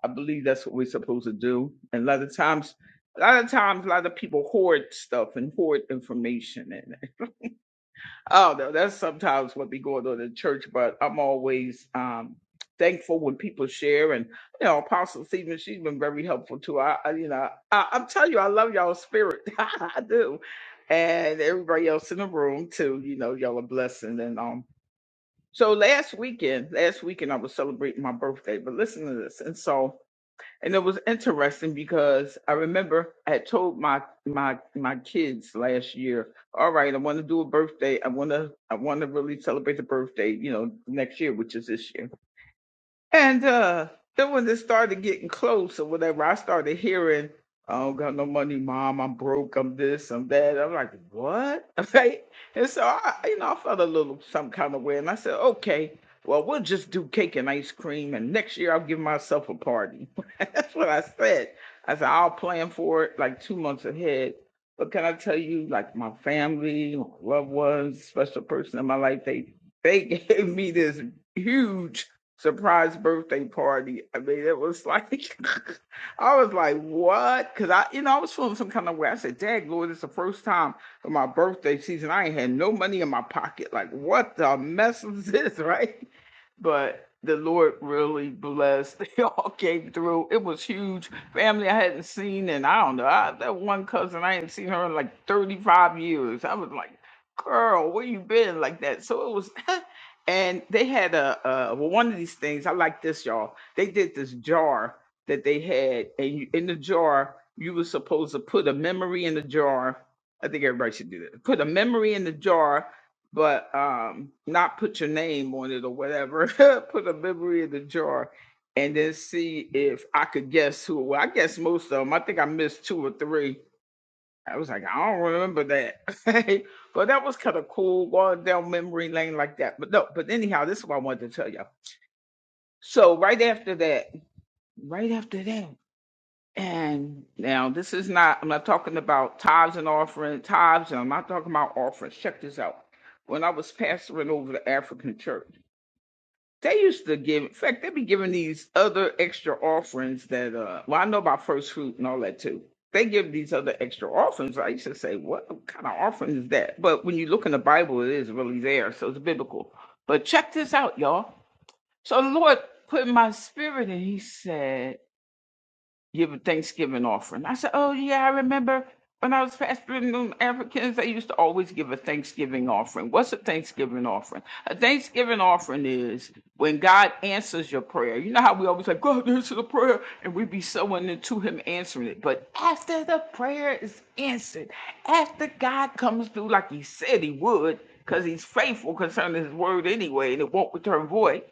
I: I believe that's what we're supposed to do. And a lot of times a lot of times a lot of people hoard stuff and hoard information Oh no, that's sometimes what be going on in church, but I'm always um thankful when people share and you know, Apostle Stephen, she's been very helpful too. I, I you know, I, I'm telling you, I love y'all spirit. I do. And everybody else in the room too, you know, y'all a blessing. And um so last weekend, last weekend I was celebrating my birthday, but listen to this. And so and it was interesting because I remember I had told my my my kids last year, all right, I want to do a birthday. I want to I want to really celebrate the birthday, you know, next year, which is this year. And uh, then when it started getting close or whatever, I started hearing, I don't got no money, mom, I'm broke, I'm this, I'm that. I'm like, what? Right? And so I, you know, I felt a little some kind of way. And I said, okay, well, we'll just do cake and ice cream. And next year I'll give myself a party. That's what I said. I said, I'll plan for it like two months ahead. But can I tell you, like my family, my loved ones, special person in my life, they they gave me this huge surprise birthday party. I mean, it was like, I was like, what? Because I, you know, I was feeling some kind of way. I said, Dad, Lord, it's the first time for my birthday season. I ain't had no money in my pocket. Like, what the mess is this, right? But the Lord really blessed. They all came through. It was huge. Family I hadn't seen, and I don't know. I, that one cousin, I ain't seen her in like 35 years. I was like, girl, where you been like that? So it was and they had a, a well, one of these things. I like this, y'all. They did this jar that they had, and you, in the jar you were supposed to put a memory in the jar. I think everybody should do that. Put a memory in the jar, but um, not put your name on it or whatever. put a memory in the jar, and then see if I could guess who. Well, I guess most of them. I think I missed two or three I was like, I don't remember that. but that was kind of cool going down memory lane like that. But no, but anyhow, this is what I wanted to tell you. So right after that, right after that, and now this is not I'm not talking about tithes and offering tithes, and I'm not talking about offerings. Check this out. When I was pastoring over the African church. They used to give, in fact, they be giving these other extra offerings that, uh, well, I know about first fruit and all that too. They give these other extra offerings. I used to say, what kind of offering is that? But when you look in the Bible, it is really there. So it's biblical. But check this out, y'all. So the Lord put in my spirit and he said, give a Thanksgiving offering. I said, Oh, yeah, I remember when I was pastoring them Africans, they used to always give a Thanksgiving offering. What's a Thanksgiving offering? A Thanksgiving offering is when God answers your prayer. You know how we always say, God answer the prayer, and we be sowing into Him answering it. But after the prayer is answered, after God comes through like He said He would, because He's faithful concerning His word anyway, and it won't return void,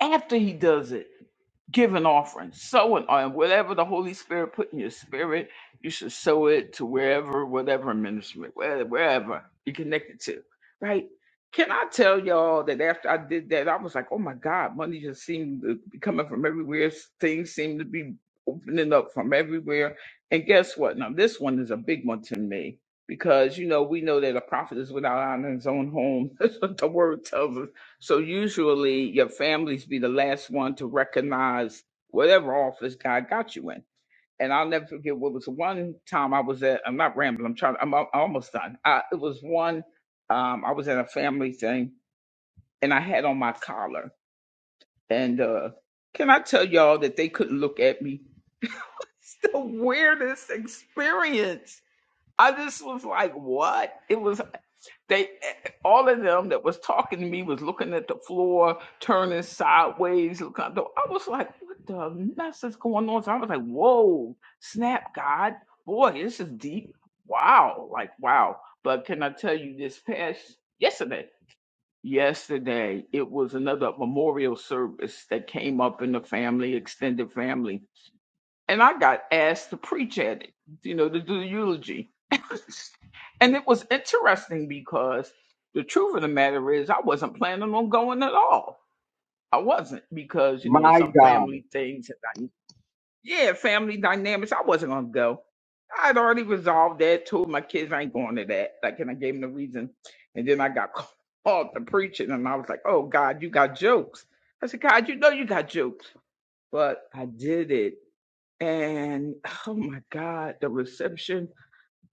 I: after He does it give an offering, sow an offering, whatever the Holy Spirit put in your spirit, you should sow it to wherever, whatever ministry, where- wherever you're connected to, right? Can I tell y'all that after I did that, I was like, oh my God, money just seemed to be coming from everywhere. Things seem to be opening up from everywhere. And guess what? Now, this one is a big one to me because, you know, we know that a prophet is without honor in his own home. That's what the word tells us so usually your families be the last one to recognize whatever office God got you in. And I'll never forget what was one time I was at, I'm not rambling, I'm trying, I'm, al- almost done. Uh, it was one, um, I was at a family thing and I had on my collar. And uh, can I tell y'all that they couldn't look at me? The weirdest experience. I just was like, what? It was They all of them that was talking to me was looking at the floor, turning sideways, looking at the I was like, what the mess is going on? So I was like, whoa, snap God, boy, this is deep. Wow, like wow. But can I tell you this past yesterday? Yesterday, it was another memorial service that came up in the family, extended family and I got asked to preach at it, you know, to do the eulogy. and it was interesting because the truth of the matter is I wasn't planning on going at all. I wasn't because, you know,
D: My
I: some
D: God.
I: family things and dy- yeah, family dynamics, I wasn't gonna go. I had already resolved that, told my kids I ain't going to that. Like and I gave them the reason. And then I got called to preach it and I was like, Oh God, you got jokes. I said, God, you know you got jokes. But I did it and oh my God, the reception.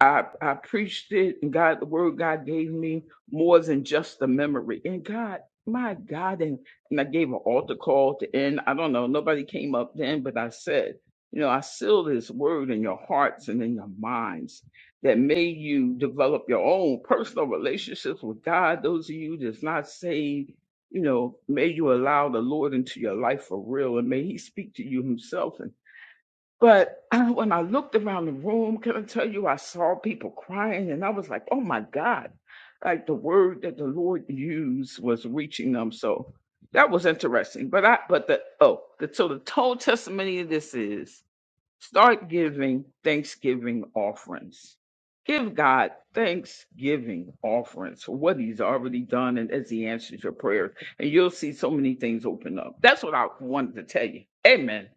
I: I, I preached it, and God, the word God gave me more than just the memory. And God, my God, and, and I gave an altar call to end. I don't know, nobody came up then, but I said, you know, I seal this word in your hearts and in your minds that may you develop your own personal relationships with God. Those of you that's not saved, you know, may you allow the Lord into your life for real and may He speak to you Himself but I, when I looked around the room, can I tell you, I saw people crying and I was like, oh my God. Like the word that the Lord used was reaching them. So that was interesting. But I, but the, oh, the, so the total testimony of this is start giving thanksgiving offerings. Give God thanksgiving offerings for what He's already done and as He answers your prayers. And you'll see so many things open up. That's what I wanted to tell you. Amen.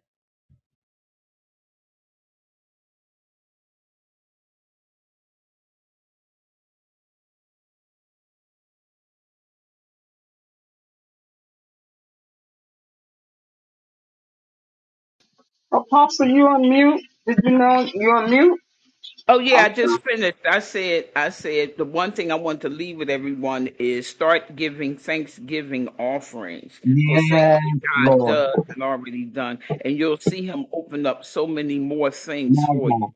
D: Apostle, you on mute? Did you know you on mute?
I: Oh yeah,
D: I'm
I: I
D: sorry.
I: just finished. I said I said the one thing I want to leave with everyone is start giving thanksgiving offerings for things
D: Yes,
I: that God
D: Lord.
I: does and already done, and you'll see him open up so many more things
D: My
I: for you.
D: God.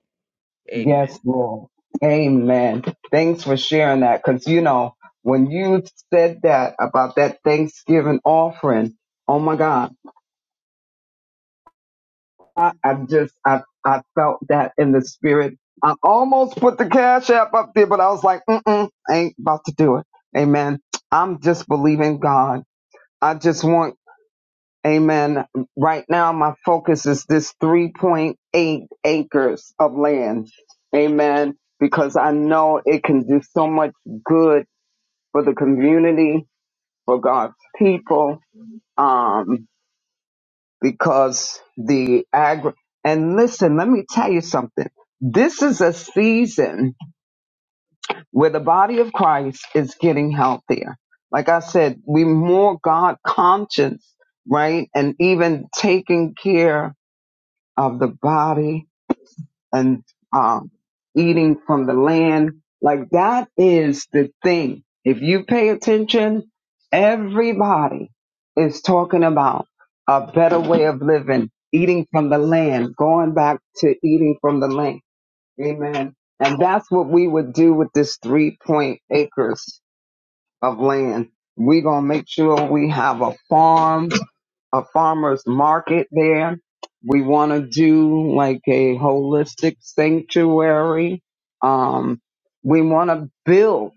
I: Amen.
D: Yes, Lord. Amen. Thanks for sharing that. Cause you know, when you said that about that Thanksgiving offering, oh my God, I, I just, I, I felt that in the spirit. I almost put the cash app up there, but I was like, mm-mm, I ain't about to do it. Amen. I'm just believing God. I just want Amen. Right now, my focus is this 3.8 acres of land. Amen. Because I know it can do so much good for the community, for God's people. Um, because the agri, and listen, let me tell you something. This is a season where the body of Christ is getting healthier. Like I said, we more God conscious, right? And even taking care of the body and um, eating from the land. Like that is the thing. If you pay attention, everybody is talking about a better way of living, eating from the land, going back to eating from the land. Amen. And that's what we would do with this three point acres of land. We're going to make sure we have a farm a farmer's market there. We want to do like a holistic sanctuary. Um, we want to build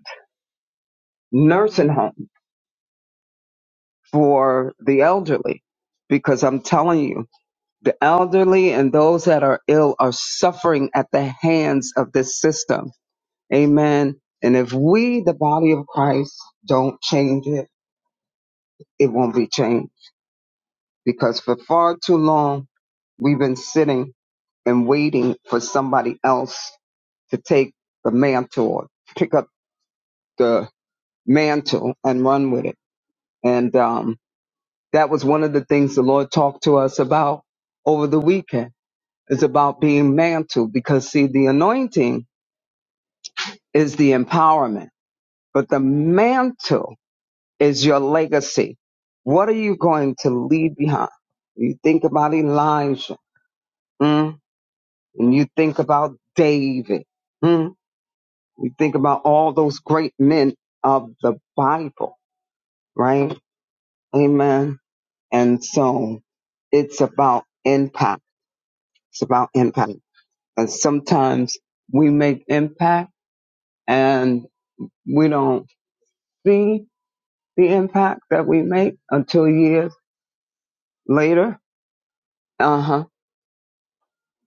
D: nursing home for the elderly because I'm telling you, the elderly and those that are ill are suffering at the hands of this system. Amen. And if we, the body of Christ, don't change it, it won't be changed because for far too long we've been sitting and waiting for somebody else to take the mantle or pick up the mantle and run with it. And um, that was one of the things the Lord talked to us about over the weekend is about being mantled because see, the anointing is the empowerment, but the mantle is your legacy. What are you going to leave behind? You think about Elijah mm, and you think about David. hmm? We think about all those great men of the Bible, right? Amen. And so it's about impact. It's about impact. And sometimes we make impact and we don't see the impact that we make until years later. Uh huh.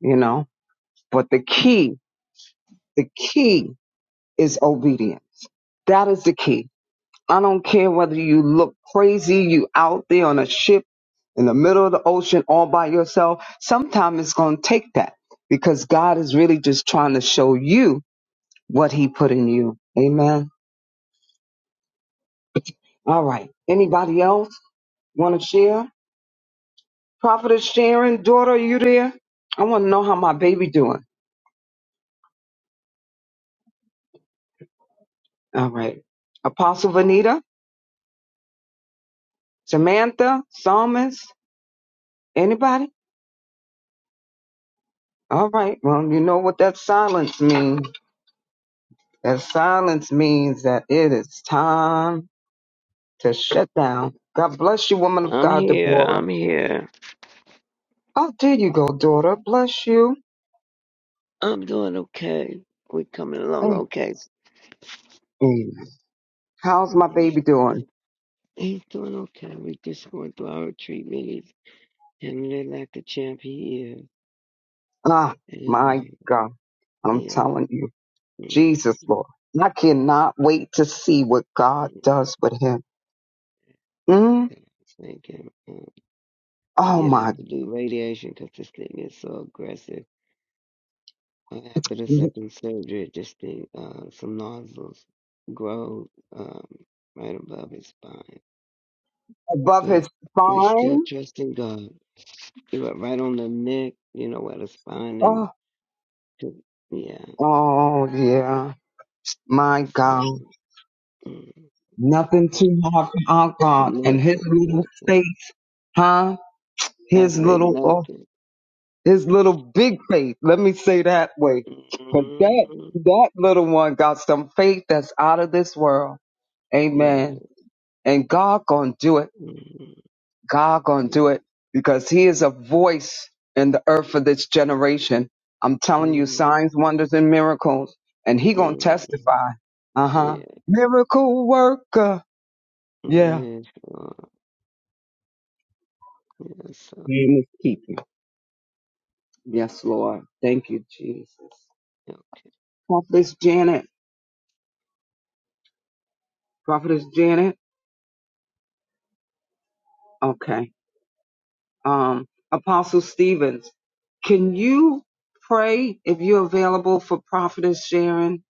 D: You know, but the key, the key is obedience. That is the key I don't care whether you look crazy, you out there on a ship in the middle of the ocean all by yourself. Sometimes it's going to take that because God is really just trying to show you what he put in you. Amen. All right. Anybody else want to share? Prophetess Sharon, daughter, are you there? I want to know how my baby doing. All right. Apostle Vanita, Samantha, Psalmist, anybody? All right. Well, you know what that silence means. That silence means that it is time to shut down. God bless you, woman of
J: I'm
D: God,
J: here.
D: Deborah.
J: I'm here.
D: Oh, there you go, daughter. Bless you.
J: I'm doing okay. We're coming along
D: Hey,
J: okay.
D: amen. How's my baby doing?
J: He's doing okay. We just going through our treatment. He's handling like the champ he
D: Ah,
J: is. And
D: my
J: um,
D: God. I'm
J: yeah,
D: telling you,
J: mm,
D: Jesus, Lord. I cannot wait to see what God
J: so
D: does with him. Mm?
J: thank him. Um, we
D: Oh,
J: did
D: my.
J: have to do radiation because this thing is so aggressive. Uh, after the second surgery, this thing, uh, some nodules grow um, right above his spine.
D: Above his
J: But we still
D: spine.
J: trust in God. you were right on the neck, you know, where the spine and
D: Oh,
J: to- yeah.
D: oh, yeah. My
J: So
D: God.
J: mm,
D: Nothing too hard for our God and his
J: nothing,
D: little
J: nothing.
D: faith. huh?
J: I
D: His
J: say
D: little, oh,
J: nothing.
D: his little big faith. Let me say that way, but that
J: Mm-hmm.
D: that little one got some faith that's out of this world.
J: Yeah,
D: Amen. And God gonna do it.
J: mm-hmm.
D: God gonna
J: yeah,
D: do it because He is a voice in the earth for this generation. I'm telling you,
J: yeah,
D: signs, wonders, and miracles, and He gonna
J: mm-hmm.
D: testify. Uh huh.
J: yeah,
D: Miracle worker. Yeah.
J: yes, Lord, yes,
D: Name is keeping. Yes, Lord. Thank you, Jesus.
J: Lord.
D: Office Janet. Prophetess Janet? Okay. Um, Apostle Stevens, can you pray if you're available for Prophetess Sharon?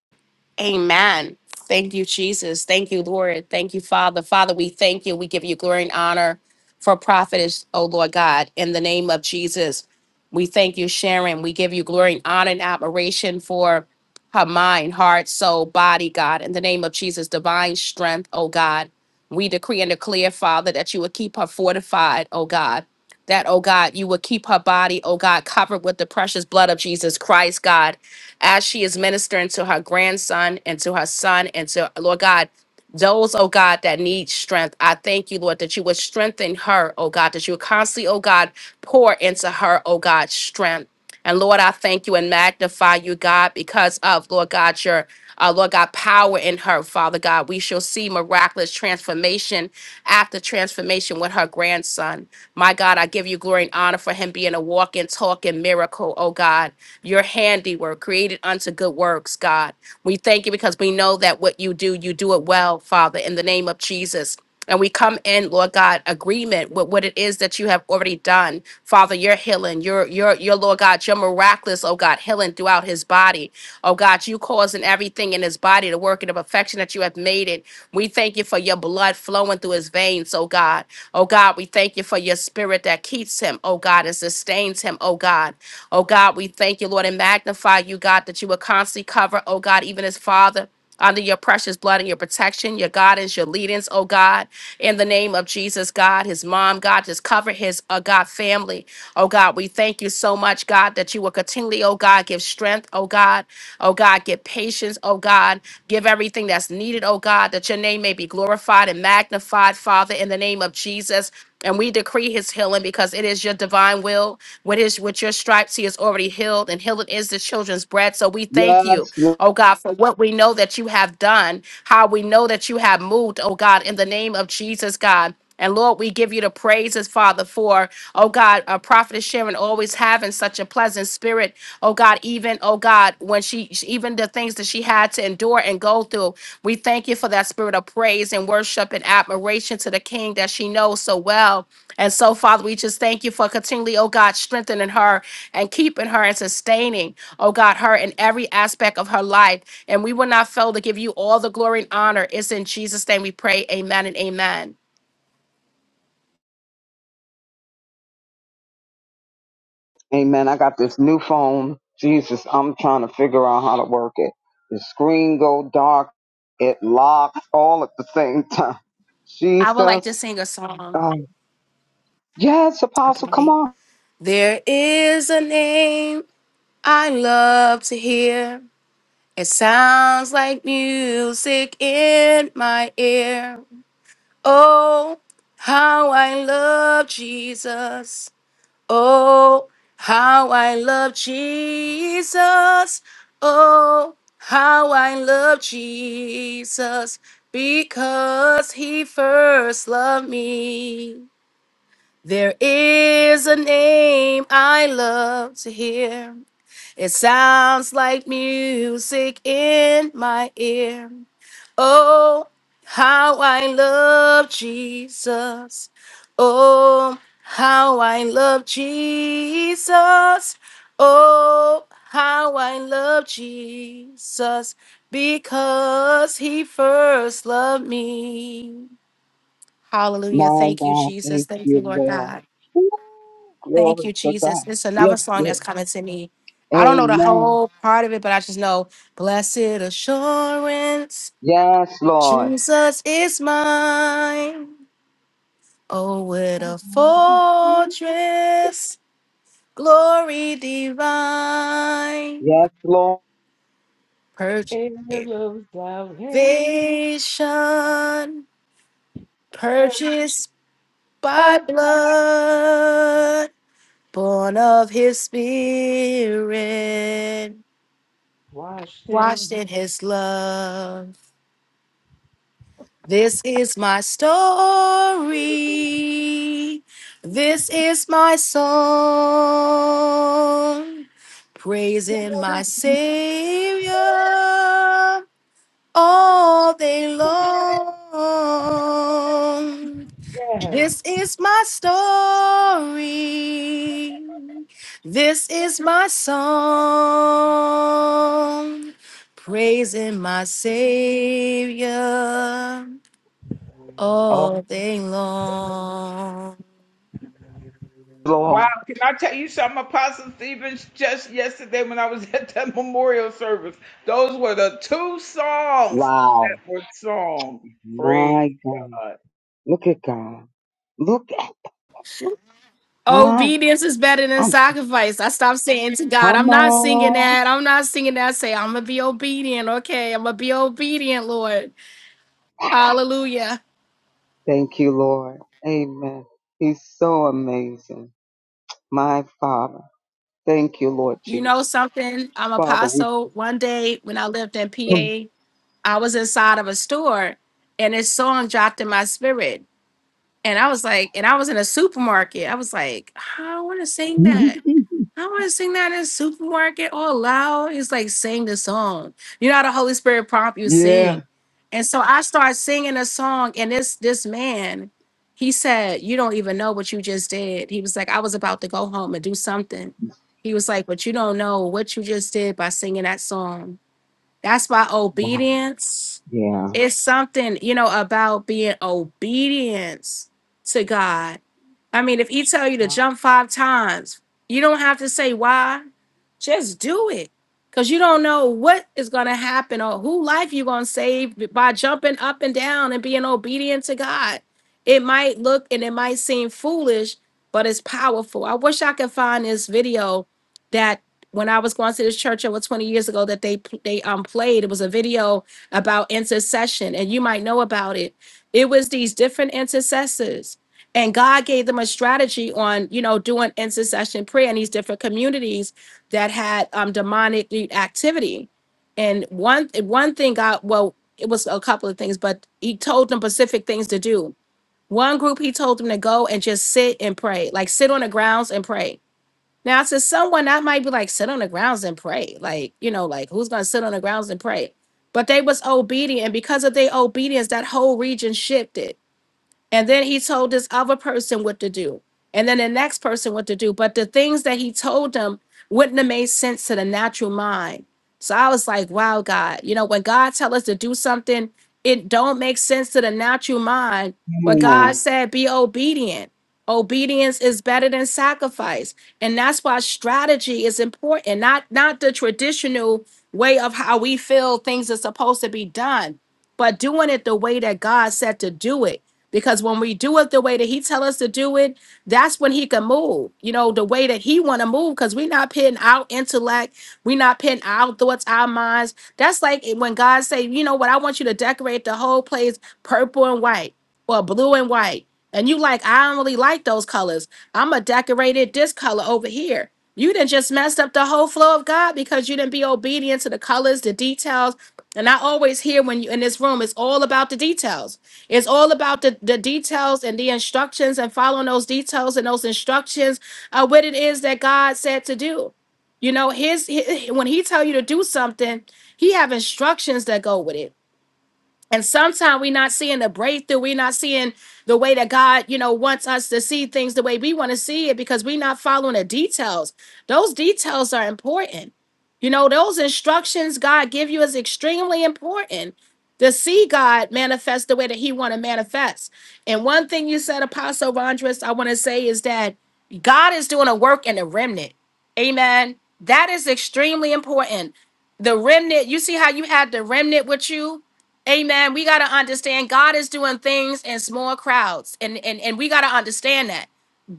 H: Amen. Thank you, Jesus. Thank you, Lord. Thank you, Father. Father, we thank you. We give you glory and honor for prophetess, oh Lord God, in the name of Jesus. We thank you, Sharon. We give you glory and honor and admiration for her mind, heart, soul, body, God, in the name of Jesus, divine strength, oh God. We decree and declare, Father, that you would keep her fortified, oh God that, oh God, you would keep her body, oh God, covered with the precious blood of Jesus Christ, God, as she is ministering to her grandson and to her son and to, Lord God. Those, oh God, that need strength, I thank you, Lord, that you would strengthen her, oh God, that you would constantly, oh God, pour into her, oh God, strength. And Lord, I thank you and magnify you, God, because of, Lord God, your, uh, Lord God, power in her, Father God. We shall see miraculous transformation after transformation with her grandson. My God, I give you glory and honor for him being a walking, talking miracle, oh God handiwork, created unto good works, God. We thank you because we know that what you do, you do it well, Father, in the name of Jesus. And we come in, Lord God, agreement with what it is that you have already done. Father, You're healing, your, your, your, Lord God, your miraculous, oh God, healing throughout his body. Oh God, you causing everything in his body to work in the perfection that you have made it. We thank you for your blood flowing through his veins, oh God. Oh God, we God, we thank you for your spirit that keeps him, oh God, and sustains him, oh God. Oh God, we thank you, Lord, and magnify you, God, that you will constantly cover, oh God, even his father. Under your precious blood and your protection, your guidance, your leadings, oh God, in the name of Jesus, God, his mom, God, just cover his, uh, God, family. Oh God, we thank you so much, God, that you will continually, oh God, give strength, oh God, oh God, give patience, oh God, give everything that's needed, oh God, that your name may be glorified and magnified, Father, in the name of Jesus. And we decree his healing because it is your divine will. With his with your stripes, he is already healed, and healing is the children's bread. So we thank you,
D: Yes. Lord.
H: oh God, for what we know that you have done, how we know that you have moved, oh God, in the name of Jesus, God. And Lord, we give you the praises, Father, for, oh God, a prophet Sharon always having such a pleasant spirit, oh God, even, oh God when she she- even the things that she had to endure and go through we thank you for that spirit of praise and worship and admiration to the king that she knows so well and so father we just thank you for continually oh god strengthening her and keeping her and sustaining oh god her in every aspect of her life and we will not fail to give you all the glory and honor it's in jesus name we pray amen and amen
D: Amen. I got this new phone. Jesus, I'm trying to figure out how to work it. The screen go dark. It locks all at the same time.
H: i would like
D: Jesus.
H: to sing a song
D: Um, yes, Apostle, come
H: Okay.
D: on.
H: there is a name i love to hear It sounds like music in my ear. Oh, how I love Jesus. Oh, how I love Jesus. Oh, how I love Jesus. Because he first loved me. There is a name I love to hear. It sounds like music in my ear. Oh, how I love Jesus. Oh, how I love Jesus. Oh, how I love Jesus because he first loved me. Hallelujah.
D: My
H: Thank you,
D: God,
H: Jesus.
D: thank
H: Thank
D: you,
H: you, Lord
D: Lord.
H: God.
D: Ooh,
H: Thank
D: glory
H: you,
D: to God.
H: Jesus. It's
D: Yes,
H: another song that's
D: Lord.
H: coming to me. I don't know the
D: Amen.
H: whole part of it, but I just know Blessed Assurance,
D: Yes, Lord.
H: Jesus is mine. Oh, what a fortress, glory divine,
D: Yes, Lord,
H: purchased
I: In the rose
H: vision, purchased by
I: of
H: blood, born of his spirit. washed
I: washing.
H: in his love. This is my story. This is my song. Praising my Savior all day long.
I: Yes.
H: This is my story. This is my song. Praising my Savior all day long.
I: Wow,
D: Lord.
I: can I tell you something, Apostle Stevens? Just yesterday when I was at that memorial service, those were the two songs
D: Wow.
I: that were sung. Praise
D: My God.
I: God.
D: Look at God. Look at, huh?
H: Obedience is better than
D: I'm,
H: sacrifice. I stopped saying to God,
D: come
H: I'm not singing
D: on.
H: that. I'm not singing that. I say, I'm going to be obedient. Okay. I'm going to be obedient, Lord. Hallelujah.
D: Thank you, Lord. Amen. He's so amazing. My Father. Thank you, Lord
H: You know
D: Jesus.
H: something? I'm
D: Father, we
H: apostle. One day when I lived in
D: come.
H: PA, I was inside of a store and this song dropped in my spirit. And I was like, and I was in a supermarket. I was like, I don't want to sing that. I want to sing that in a supermarket all loud. It's like sing the song. You know how the Holy Spirit prompt you
D: yeah.
H: sing. And so I started singing a song, and this this man, he said, You don't even know what you just did. He was like, I was about to go home and do something. He was like, But you don't know what you just did by singing that song. That's by
D: Wow.
H: obedience
D: Yeah.
H: it's something you know about being obedience to god I mean, if he tell you to
D: Come
H: jump five times, you don't have to say why. Just do it. Cause you don't know what is gonna happen or who life you're gonna save by jumping up and down and being obedient to God. It might look and it might seem foolish, but it's powerful. I wish I could find this video that when I was going to this church over 20 years ago that they they um played. It was a video about intercession, and you might know about it. It was these different intercessors and God gave them a strategy on, you know, doing intercession prayer in these different communities that had um, demonic activity. And one one thing God, well, it was a couple of things, but He told them specific things to do. One group He told them to go and just sit and pray, like sit on the grounds and pray. Now, to someone that might be like, sit on the grounds and pray, like you know, like who's gonna sit on the grounds and pray? But they was obedient, and because of their obedience, that whole region shifted and then he told this other person what to do. And then the next person what to do. But the things that he told them wouldn't have made sense to the natural mind. So I was like, wow, God, you know, when God tell us to do something, it don't make sense to the natural mind. But God
D: on.
H: said, be obedient. Obedience is better than sacrifice. And that's why strategy is important, not not the traditional way of how we feel things are supposed to be done, but doing it the way that God said to do it because when we do it the way that he tell us to do it that's when he can move you know the way that he want to move because we're not putting our intellect we're not putting our thoughts our minds that's like when god say you know what i want you to decorate the whole place purple and white or blue and white and you like i don't really like those colors i'm gonna decorate it this color over here you done just messed up the whole flow of god because you didn't be obedient to the colors the details and i always hear when you in this room it's all about the details it's all about the, the details and the instructions and following those details and those instructions of what it is that God said to do. You know, his, hi- when he tell you to do something, he have instructions that go with it and sometimes we're not seeing the breakthrough. We're not seeing the way that God, you know, wants us to see things the way we want to see it because we're not following the details. Those details are important. You know, those instructions God give you is extremely important to see God manifest the way that He want to manifest. And one thing you said, Apostle Vondris, I want to say is that God is doing a work in the remnant. Amen. That is extremely important. The remnant, you see how you had the remnant with you? Amen. We got to understand God is doing things in small crowds. And and and we got to understand that.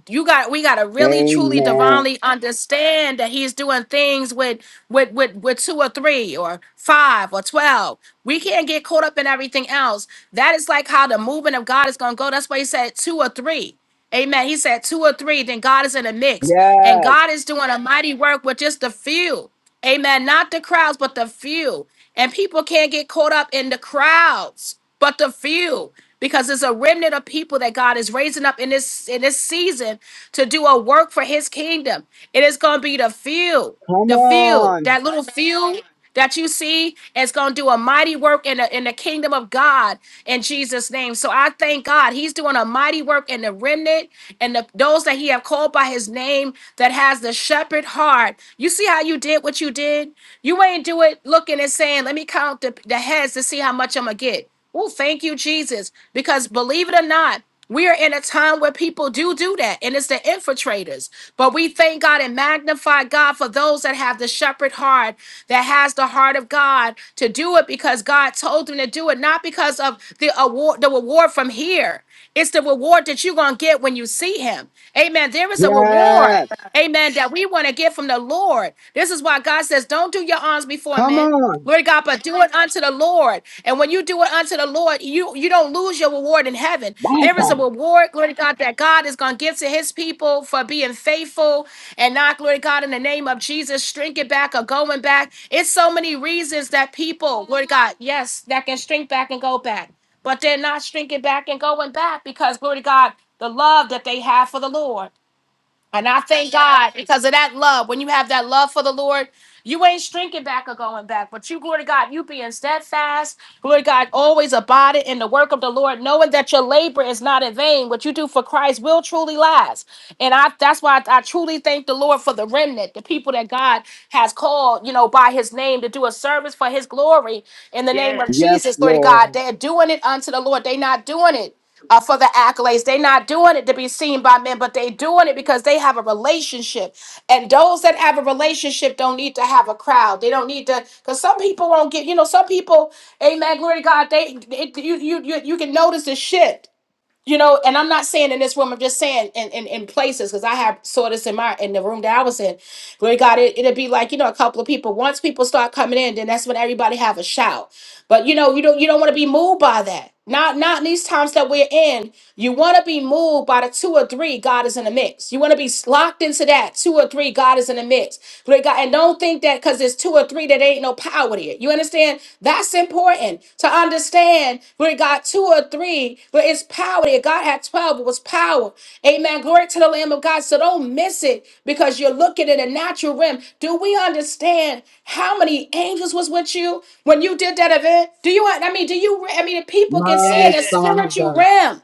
H: You got we got to really truly
D: Amen.
H: divinely understand that he's doing things with with with with two or three or five or 12. We can't get caught up in everything else. That is like how the movement of God is going to go. That's why he said two or three. Amen. He said two or three, then God is in the mix. And
D: Yes.
H: God is doing a mighty work with just the few. Amen. Not the crowds, but the few. And people can't get caught up in the crowds, but the few, because there's a remnant of people that God is raising up in this in this season to do a work for his kingdom. It is gonna be the few,
D: Come
H: the few,
D: on.
H: that little few that you see is gonna do a mighty work in the in the kingdom of God in Jesus' name. So I thank God He's doing a mighty work in the remnant and the, those that He have called by His name that has the shepherd heart. You see how you did what you did you did. You ain't do it looking and saying, let me count the, the heads to see how much I'm going to get. Oh, thank you, Jesus. Because believe it or not, we are in a time where people do do that, and it's the infiltrators. But we thank God and magnify God for those that have the shepherd heart, that has the heart of God to do it because God told them to do it, not because of the award, the reward from here. It's the reward that you're going to get when you see him. Amen. There is a reward.
D: Yes.
H: Amen. That we want to get from the Lord. This is why God says, don't do your arms before
D: Come
H: men.
D: on.
H: Lord God, but do it unto the Lord. And when you do it unto the Lord, you, you don't lose your reward in heaven.
D: My
H: There is a
D: God.
H: reward, glory to God, that God is going to give to his people for being faithful and not, glory to God, in the name of Jesus, shrinking back or going back. It's so many reasons that people, glory to God, yes, that can shrink back and go back but they're not shrinking back and going back because glory to God, the love that they have for the Lord. And I thank God because of that love. When you have that love for the Lord, you ain't shrinking back or going back, but you, glory to God, you being steadfast, glory to God, always abiding in the work of the Lord, knowing that your labor is not in vain. What you do for Christ will truly last. And I that's why I, I truly thank the Lord for the remnant, the people that God has called, you know, by his name to do a service for his glory in the name
I: Yes.
H: of
D: Yes,
H: Jesus, glory to
D: Lord.
H: God. They're doing it unto the Lord. They're not doing it uh, for the accolades. They're not doing it to be seen by men, but they're doing it because they have a relationship. And those that have a relationship don't need to have a crowd. They don't need to, because some people won't get, you know, some people, amen, glory to God, they, it, you, you, you, you can notice the shift you know and i'm not saying in this room i'm just saying in in, in places because i have saw this in my in the room that i was in glory to god it, it'd be like you know a couple of people once people start coming in then that's when everybody have a shout but you know you don't you don't want to be moved by that not not in these times that we're in you want to be moved by the two or three god is in the mix you want to be locked into that two or three god is in the mix glory to god and don't think that because there's two or three that ain't no power there you understand that's important to understand Glory to God, two or three, but it's power there. God had 12, it was power. Amen. Glory to the Lamb of God. So don't miss it because you're looking in a natural realm. Do we understand how many angels was with you when you did that event? Do you, I mean, do you, I mean, the people can see
D: My
H: in the spiritual
D: Father,
H: realm.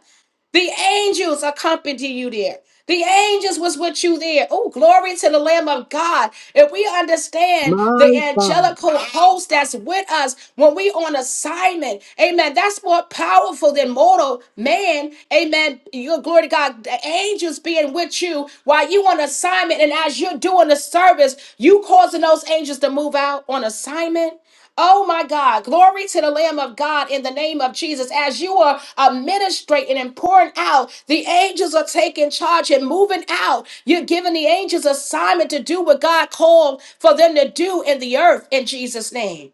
H: The angels accompany you there. The angels was with you there. Oh, glory to the Lamb of God. If we understand
D: my
H: the
D: Father,
H: angelical host that's with us when we on assignment, amen, that's more powerful than mortal man. Amen. Your glory to God. The angels being with you while you on assignment and as you're doing the service, you causing those angels to move out on assignment. Oh my God. Glory to the Lamb of God in the name of Jesus. As you are administrating and pouring out, the angels are taking charge and moving out. You're giving the angels assignment to do what God called for them to do in the earth in Jesus' name.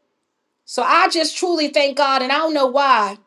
H: So I just truly thank God, and I don't know why,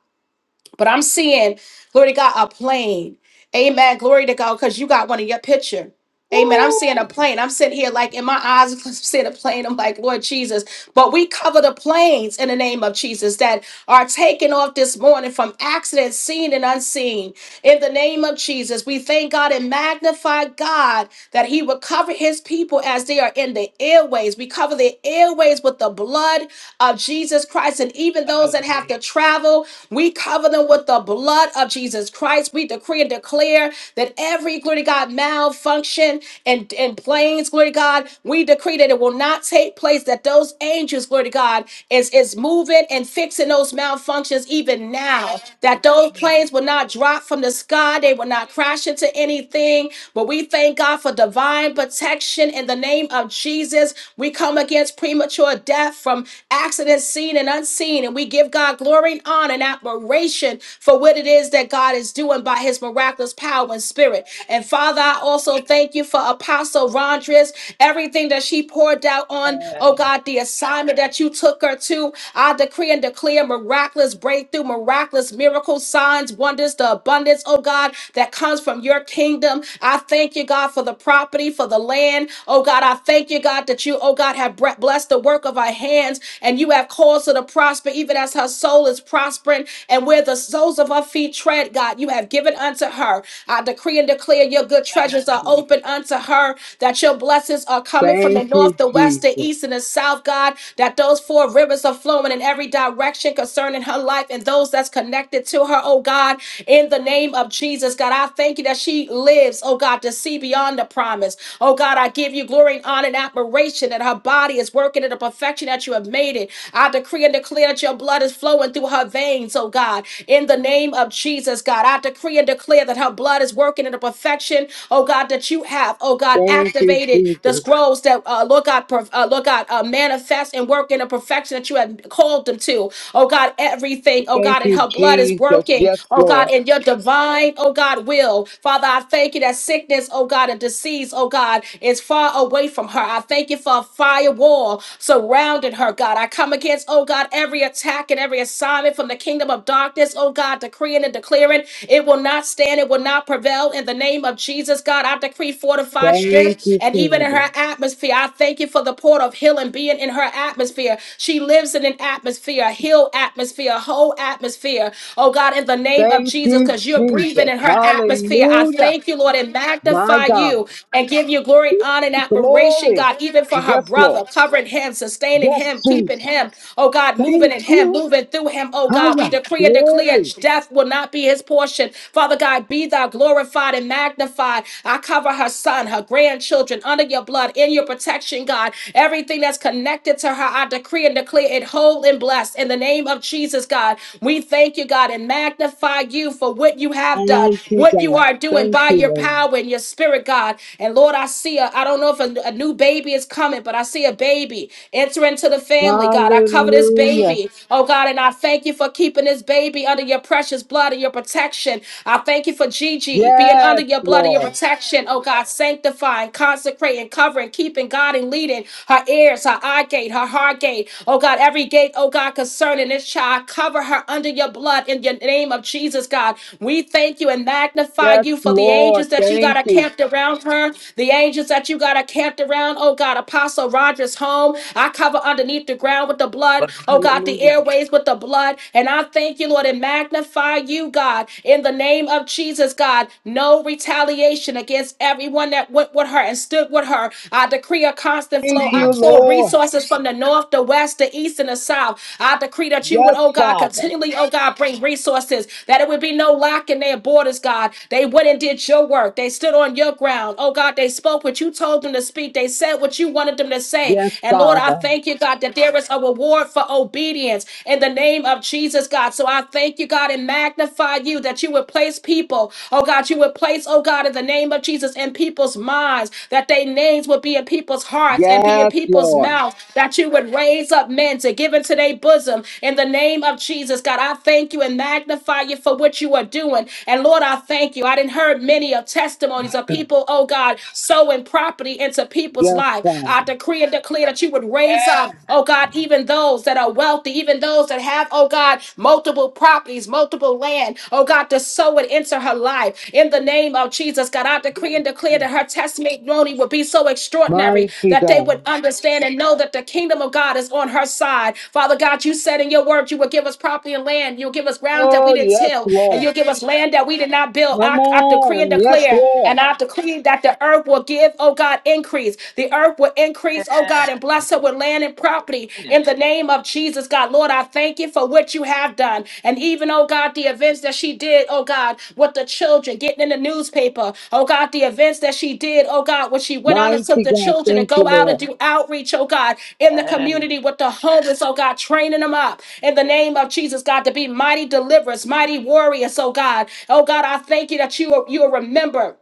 H: but I'm seeing, glory to God, a plane. Amen. Glory to God, because you got one in your picture. Amen. I'm
I: Woo!
H: seeing a plane. I'm sitting here like in my eyes, I'm seeing a plane. I'm like, Lord Jesus. But we cover the planes in the name of Jesus that are taken off this morning from accidents seen and unseen. In the name of Jesus, we thank God and magnify God that He would cover His people as they are in the airways. We cover the airways with the blood of Jesus Christ. And even those that have to travel, we cover them with the blood of Jesus Christ. We decree and declare that every glory to God, malfunction and, and planes, glory to God. We decree that it will not take place, that those angels, glory to God, is, is moving and fixing those malfunctions even now. That those planes will not drop from the sky, they will not crash into anything. But we thank God for divine protection in the name of Jesus. We come against premature death from accidents seen and unseen, and we give God glory and honor and admiration for what it is that God is doing by his miraculous power is power and spirit. And Father, I also thank you for Apostle Rondres, everything that she poured out on, oh God, the assignment that you took her to. I decree and declare miraculous breakthrough, miraculous miracles, signs, wonders, the abundance, oh God, that comes from your kingdom. I thank you, God, for the property, for the land. Oh God, I thank you, God, that you, oh God, have bre- blessed the work of our hands and you have caused her to prosper even as her soul is prospering and where the soles of her feet tread, God. God, you have given unto her. I decree and declare your good treasures are open unto her, that your blessings are coming from the
D: thank you,
H: north, the west, the
D: Jesus.
H: east, and the south, God, that those four rivers are flowing in every direction concerning her life and those that's connected to her, oh God, in the name of Jesus. God, I thank you that she lives, oh God, to see beyond the promise. Oh God, I give you glory and honor and admiration that her body is working in the perfection that you have made it. I decree and declare that your blood is flowing through her veins, oh God, in the the name of Jesus, God. I decree and declare that her blood is working in the perfection, oh God, that you have, oh God,
D: Thank you,
H: activated the
D: Jesus.
H: scrolls that, uh, Lord God, per- uh, Lord God, uh, manifest and work in the perfection that you have called them to. Oh God, everything, oh
D: Thank
H: God, and
D: you,
H: her blood is
D: Jesus.
H: working,
D: Yes,
H: oh God,
D: Lord.
H: in your divine, oh God, will. Father, I thank you that sickness, oh God, and disease, oh God, is far away from her. I thank you for a firewall surrounding her, God. I come against, oh God, every attack and every assignment from the from the kingdom of darkness, oh God, decreeing and declaring it will not stand, it will not prevail. In the name of Jesus, God, I decree fortified
D: Thank
H: strength
D: you,
H: and even in
D: Father.
H: her atmosphere. I thank you for the port of healing being in her atmosphere. She lives in an atmosphere, a healed atmosphere, a whole atmosphere. Oh God, in the name of
D: Thank
H: Jesus,
D: you,
H: because you're breathing
D: Jesus.
H: in her atmosphere. I
D: Hallelujah.
H: thank you, Lord, and
D: My
H: magnify
D: God.
H: you and give you glory and honor and admiration,
D: Glory.
H: God, even for her
D: Yes,
H: brother,
D: Lord.
H: covering him, sustaining
D: Yes,
H: him, keeping
D: Jesus.
H: him. Oh God, moving
D: Thank
H: and him,
D: you.
H: moving through him, oh God. We
D: Hiya.
H: decree and declare
D: Glory.
H: death will not be his portion. Father God, be thou glorified and magnified. I cover her son, her grandchildren under your blood, in your protection, God. Everything that's connected to her, I decree and declare it whole and blessed in the name of Jesus, God. We thank you, God, and magnify you for what you have done,
D: Mighty
H: what you
D: God.
H: are doing
D: Thank
H: by
D: you,
H: your
D: Lord.
H: power and your spirit, God. And Lord, I see a, I don't know if a, a new baby is coming, but I see a baby enter into the family, God. God. I cover this
D: Hallelujah.
H: baby, oh God, and I thank you for keeping this baby under your precious blood and your protection. I thank you for Gigi being
D: Yes,
H: under your blood and your
D: Lord.
H: protection, oh God, sanctifying, consecrating, covering, keeping, guiding, leading her ears, her eye gate, her heart gate, oh God, every gate, oh God, concerning this child. Cover her under your blood in your name of Jesus, God. We thank you and magnify
D: Yes,
H: you for the
D: Lord.
H: angels that you got
D: Thank you.
H: camped around her, the angels that you got camped around, oh God, Apostle Rogers' home. I cover underneath the ground with the blood. Oh God, the airways with the blood. And I thank you, Lord, and magnify you, God, in the name of Jesus, God. No retaliation against everyone that went with her and stood with her. I decree a constant
D: Thank
H: flow. I
D: you,
H: call
D: Lord.
H: resources from the north, the west, the east, and the south. I decree that you would,
D: Yes,
H: oh God,
D: Father.
H: continually, oh God, bring resources, that it would be no lack in their borders, God. They went and did your work. They stood on your ground. Oh God, they spoke what you told them to speak. They said what you wanted put them to say.
D: Yes,
H: And Lord, I
D: Father.
H: thank you, God, that there is a reward for obedience in the name of Jesus, God. So I thank you, God, and magnify you that you would place people, oh God, you would place, oh God, in the name of Jesus in people's minds, that their names would be in people's hearts and be in
D: Yes,
H: people's
D: Lord.
H: mouths, that you would raise up men to give into their bosom in the name of Jesus, God. I thank you and magnify you for what you are doing. And Lord, I thank you. I didn't heard many of testimonies of people, oh God, sowing property into into people's
D: Yes,
H: life. I
D: Father.
H: decree and declare that you would raise up, oh God, even those that are wealthy, even those that have, oh God, multiple properties, multiple land, oh God, to sow it into her life. In the name of Jesus, God, I decree and declare that her testimony would be so extraordinary
D: Mighty
H: that they would
D: God.
H: understand and know that the kingdom of God is on her side. Father God, you said in your word you would give us property and land, you'll give us ground that we
D: Oh,
H: didn't
D: yes,
H: till, and
D: Lord.
H: you'll give us land that we did not build.
D: Come
H: I, I decree and
D: on. Yes,
H: declare,
D: Lord.
H: and I decree that the earth will give, oh God, increase. The earth will increase, oh God, and bless her with land and property in the name of Jesus, God. Lord, I thank you for what you have done. And even, oh God, the events that she did, oh God, with the children getting in the newspaper, oh God, the events that she did, oh God, when she went out and took
D: Mighty
H: the
D: God.
H: children to
D: Thank you,
H: go out and
D: Lord.
H: do outreach, oh God, in the community with the homeless, oh God, training them up in the name of Jesus, God, to be mighty deliverers, mighty warriors, oh God. Oh God, I thank you that you are, you are remembered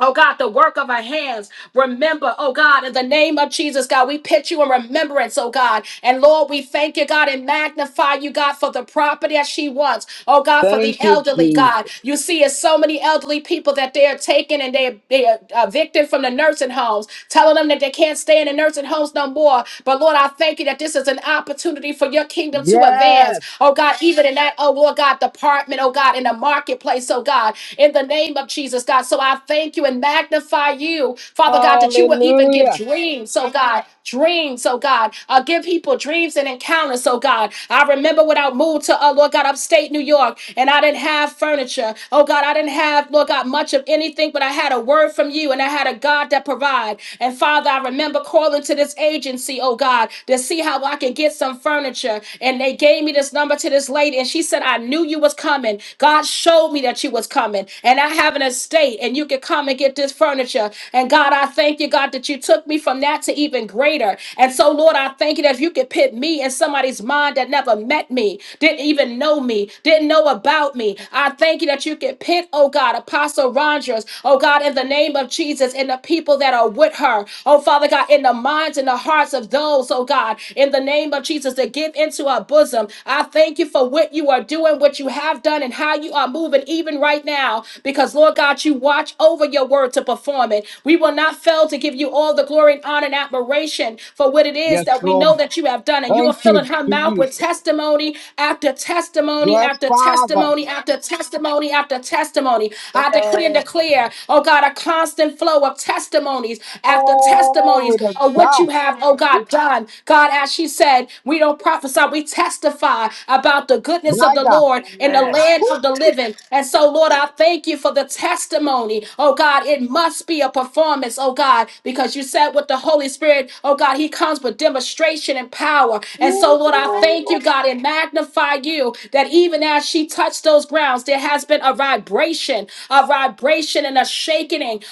H: Oh God, the work of our hands. Remember, oh God, in the name of Jesus, God, we put you in remembrance, oh God. And Lord, we thank you, God, and magnify you, God, for the property that she wants. Oh God, for
D: Thank
H: the
D: you,
H: elderly,
D: Jesus.
H: God. You see, it's so many elderly people that they are taken and they are, they are uh, evicted from the nursing homes, telling them that they can't stay in the nursing homes no more. But Lord, I thank you that this is an opportunity for your kingdom to advance.
D: Yes.
H: Oh God, even in that, oh Lord God, department, oh God, in the marketplace, oh God, in the name of Jesus, God. So I thank thank you and magnify you, Father God, that you will even give
D: Hallelujah.
H: dreams, oh God, dreams, oh God. Uh, give people dreams and encounters, oh God. I remember when I moved to, uh, Lord God, upstate New York, and I didn't have furniture. Oh God, I didn't have, Lord God, much of anything, but I had a word from you, and I had a God that provide. And Father, I remember calling to this agency, oh God, to see how I could get some furniture. And they gave me this number to this lady, and she said, I knew you was coming. God showed me that you was coming, and I have an estate and you can come and get this furniture. And God, I thank you, God, that you took me from that to even greater. And so, Lord, I thank you that if you could put me in somebody's mind that never met me, didn't even know me, didn't know about me, I thank you that you could pit, oh God, Apostle Rogers, oh God, in the name of Jesus, and the people that are with her, oh Father God, in the minds and the hearts of those, oh God, in the name of Jesus, to give into our bosom. I thank you for what you are doing, what you have done, and how you are moving even right now, because Lord God, God, you watch over your word to perform it. We will not fail to give you all the glory and honor and admiration for what it is
D: Yes,
H: that we know
D: Lord.
H: that you have done. And you are
D: Thank you,
H: filling her mouth with
D: Jesus.
H: testimony after testimony
D: Yes,
H: after
D: Father.
H: testimony after testimony after testimony. I decree and declare, oh God, a constant flow of testimonies after
D: Glory
H: testimonies
D: to
H: of what
D: God.
H: you have, oh God, done. God, as she said, we don't prophesy, we testify about the goodness
D: My
H: of the
D: God.
H: Lord in the land of the living. And so, Lord, I thank you for the testimony. Oh God, it must be a performance, oh God, because you said with the Holy Spirit, oh God, he comes with demonstration and power. And so, Lord, I thank
D: Ooh,
H: you, God, and magnify you that even as she touched those grounds, there has been a vibration, a vibration and a shaking.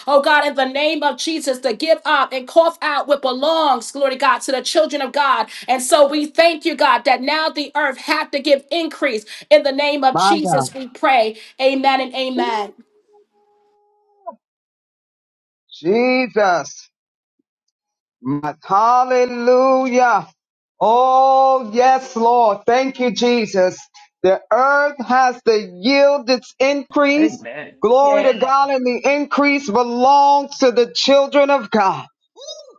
H: Oh God, in the name of Jesus, to give up and cough out what belongs, glory to God, to the children of God. And so we thank you, God, that now the earth had to give increase. In the name of
D: my God.
H: Jesus, we pray. Amen and
D: Ooh,
H: amen.
D: Jesus. My- Hallelujah. Oh, yes, Lord. Thank you, Jesus. The earth has to yield its increase.
I: Amen.
D: Glory
I: Yeah.
D: to God, and the increase belongs to the children of God.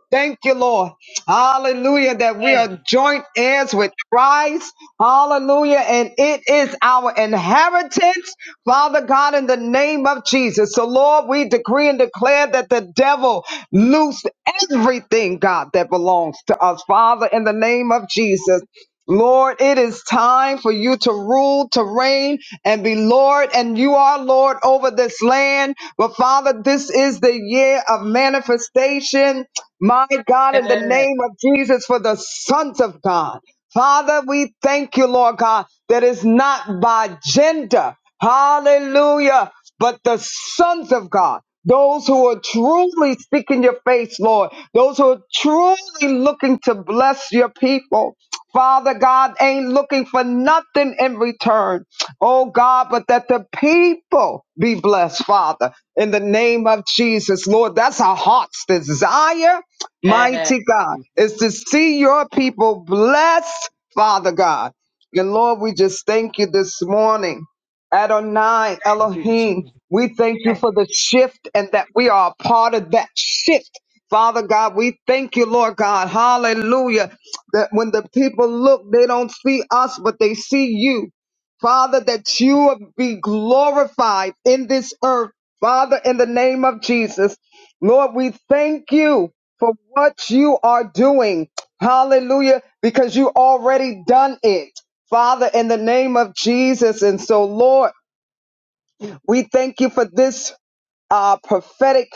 D: Thank you, Lord. Hallelujah, that we are joint heirs with Christ. Hallelujah. And it is our inheritance, Father God, in the name of Jesus. So, Lord, we decree and declare that the devil loose everything, God, that belongs to us, Father, in the name of Jesus. Lord, it is time for you to rule, to reign, and be Lord, and you are Lord over this land. But Father, this is the year of manifestation. My God, in the name of Jesus, for the sons of God. Father, we thank you, Lord God, that it's not by gender, hallelujah, but the sons of God, those who are truly seeking your face, Lord, those who are truly looking to bless your people. Father God ain't looking for nothing in return. Oh God, but that the people be blessed, Father, in the name of Jesus. Lord, that's our heart's desire
I: Yes,
D: mighty God, is to see your people blessed, Father God. And Lord, we just thank you this morning. Adonai
I: Jesus.
D: Elohim, we thank you
I: Thank
D: for the shift and that we are a part of that shift. Father God, we thank you, Lord God. Hallelujah. That when the people look, they don't see us, but they see you. Father, that you be glorified in this earth. Father, in the name of Jesus. Lord, we thank you for what you are doing. Hallelujah, because you already done it. Father, in the name of Jesus. And so, Lord, we thank you for this uh, prophetic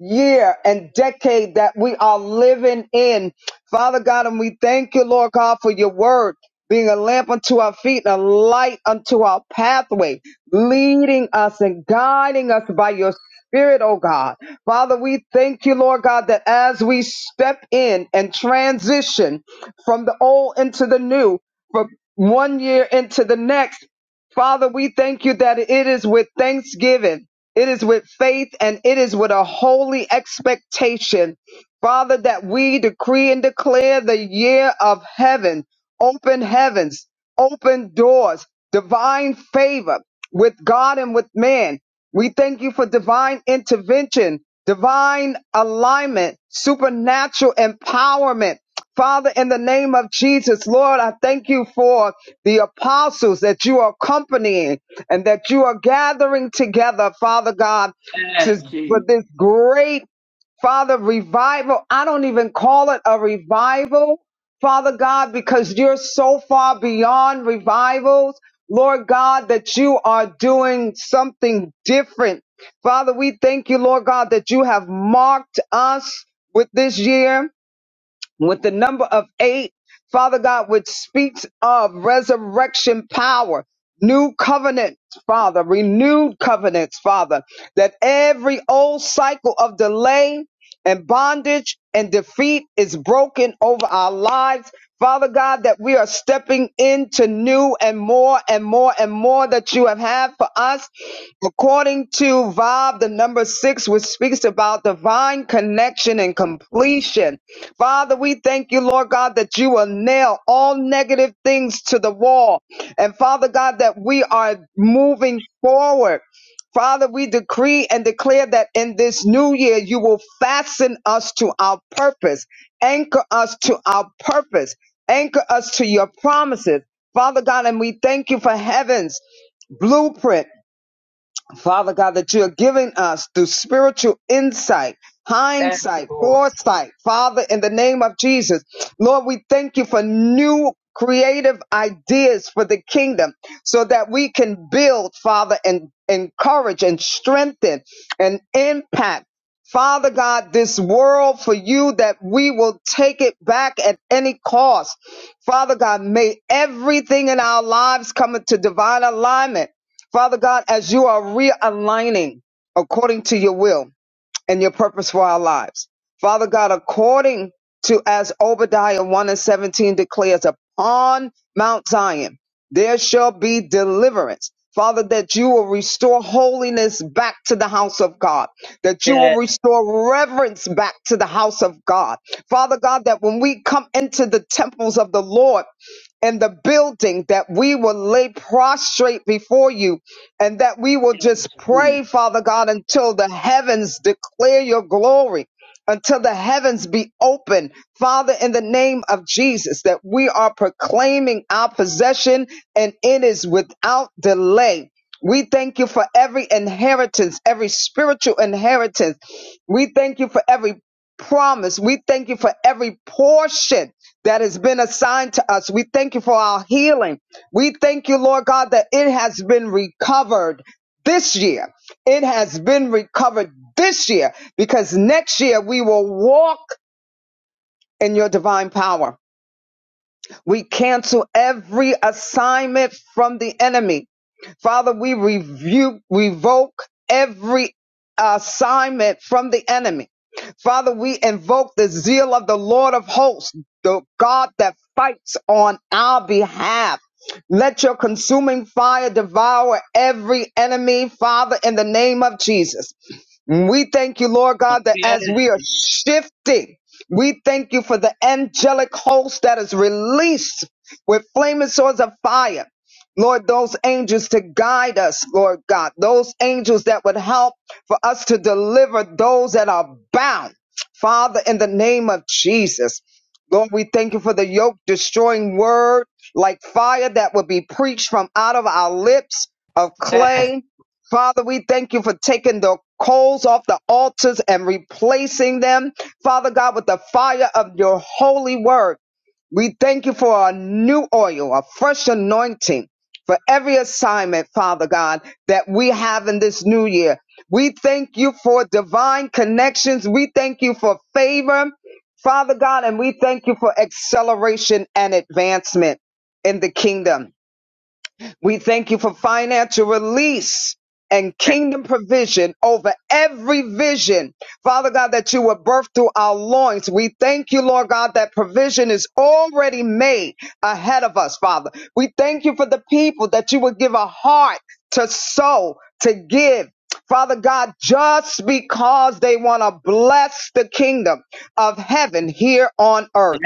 D: year and decade that we are living in. Father God, and we thank you, Lord God, for your word being a lamp unto our feet and a light unto our pathway, leading us and guiding us by your Spirit, oh God. Father, we thank you, Lord God, that as we step in and transition from the old into the new, from one year into the next, Father, we thank you that it is with thanksgiving it is with faith and it is with a holy expectation, Father, that we decree and declare the year of heaven, open heavens, open doors, divine favor with God and with man. We thank you for divine intervention, divine alignment, supernatural empowerment. Father, in the name of Jesus, Lord, I thank you for the apostles that you are accompanying and that you are gathering together, Father God, to, for
I: you,
D: this great Father revival. I don't even call it a revival, Father God, because you're so far beyond revivals, Lord God, that you are doing something different. Father, we thank you, Lord God, that you have marked us with this year with the number of eight, Father God, which speaks of resurrection power, new covenants, Father, renewed covenants, Father, that every old cycle of delay and bondage and defeat is broken over our lives. Father God, that we are stepping into new and more and more and more that you have had for us. According to Vob, the number six, which speaks about divine connection and completion. Father, we thank you, Lord God, that you will nail all negative things to the wall. And Father God, that we are moving forward. Father, we decree and declare that in this new year, you will fasten us to our purpose, anchor us to our purpose, anchor us to your promises. Father God, and we thank you for heaven's blueprint Father God, that you are giving us through spiritual insight, hindsight,
I: Lord.
D: foresight, Father, in the name of Jesus. Lord, we thank you for new creative ideas for the kingdom so that we can build, Father, and encourage and strengthen and impact. Father God, this world for you that we will take it back at any cost. Father God, may everything in our lives come into divine alignment Father God, as you are realigning according to your will and your purpose for our lives, Father God, according to as Obadiah 1 and 17 declares, upon Mount Zion there shall be deliverance. Father, that you will restore holiness back to the house of God, that you will
I: Yes,
D: restore reverence back to the house of God. Father God, that when we come into the temples of the Lord, and the building that we will lay prostrate before you and that we will just
I: Jesus.
D: pray, Father God, until the heavens declare your glory, until the heavens be open, Father, in the name of Jesus, that we are proclaiming our possession and it is without delay. We thank you for every inheritance, every spiritual inheritance. We thank you for every promise. We thank you for every portion that has been assigned to us. We thank you for our healing. We thank you, Lord God, that it has been recovered this year. It has been recovered this year because next year we will walk in your divine power. We cancel every assignment from the enemy Father, we rebuke, revoke every assignment from the enemy. Father, we invoke the zeal of the Lord of hosts, the God that fights on our behalf. Let your consuming fire devour every enemy, Father, in the name of Jesus. We thank you, Lord God, that
I: Yes,
D: as we are shifting, we thank you for the angelic host that is released with flaming swords of fire Lord, those angels to guide us, Lord God, those angels that would help for us to deliver those that are bound. Father, in the name of Jesus, Lord, we thank you for the yoke destroying word like fire that will be preached from out of our lips of
I: yes,
D: clay. Father, we thank you for taking the coals off the altars and replacing them, Father God, with the fire of your holy word. We thank you for a new oil, a fresh anointing for every assignment, Father God, that we have in this new year. We thank you for divine connections. We thank you for favor, Father God, and we thank you for acceleration and advancement in the kingdom. We thank you for financial release and
I: thank
D: kingdom provision over every vision. Father God, that you were birthed through our loins. We thank you, Lord God, that provision is already made ahead of us, Father. We thank you for the people that you would give a heart to sow, to give. Father God, just because they want to bless the kingdom of heaven here on earth.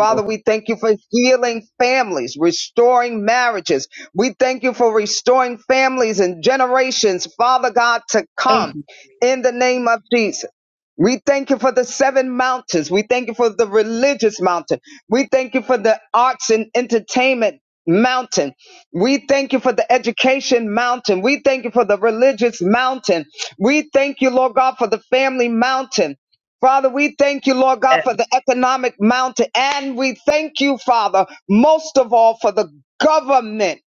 I: you, Lord.
D: we thank you for healing families, restoring marriages. We thank you for restoring families and generations, Father God, to come
I: Yes,
D: in the name of Jesus. We thank you for the seven mountains. We thank you for the religious mountain. We thank you for the arts and entertainment mountain. We thank you for the education mountain. We thank you for the religious mountain. We thank you, Lord God, for the family mountain. Father, we thank you, Lord God, for the economic mountain. And we thank you, Father, most of all for the government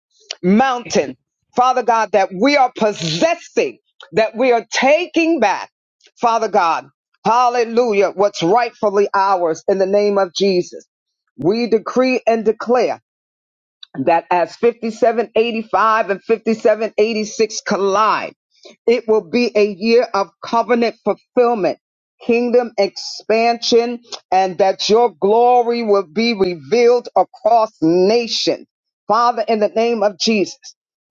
D: mountain. Father God, that we are possessing, that we are taking back. Father God, hallelujah, what's rightfully ours in the name of Jesus. We decree and declare that as 5785 and 5786 collide, it will be a year of covenant fulfillment, kingdom expansion, and that your glory will be revealed across nations. Father, in the name of Jesus,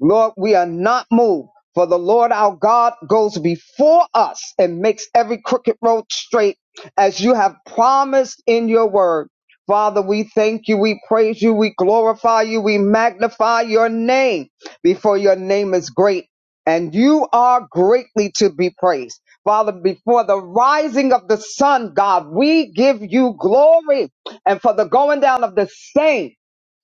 D: Lord, we are not moved. For the Lord our God goes before us and makes every crooked road straight as you have promised in your word. Father, we thank you, we praise you, we glorify you, we magnify your name before your name is great and you are greatly to be praised. Father, before the rising of the sun, God, we give you glory and for the going down of the same.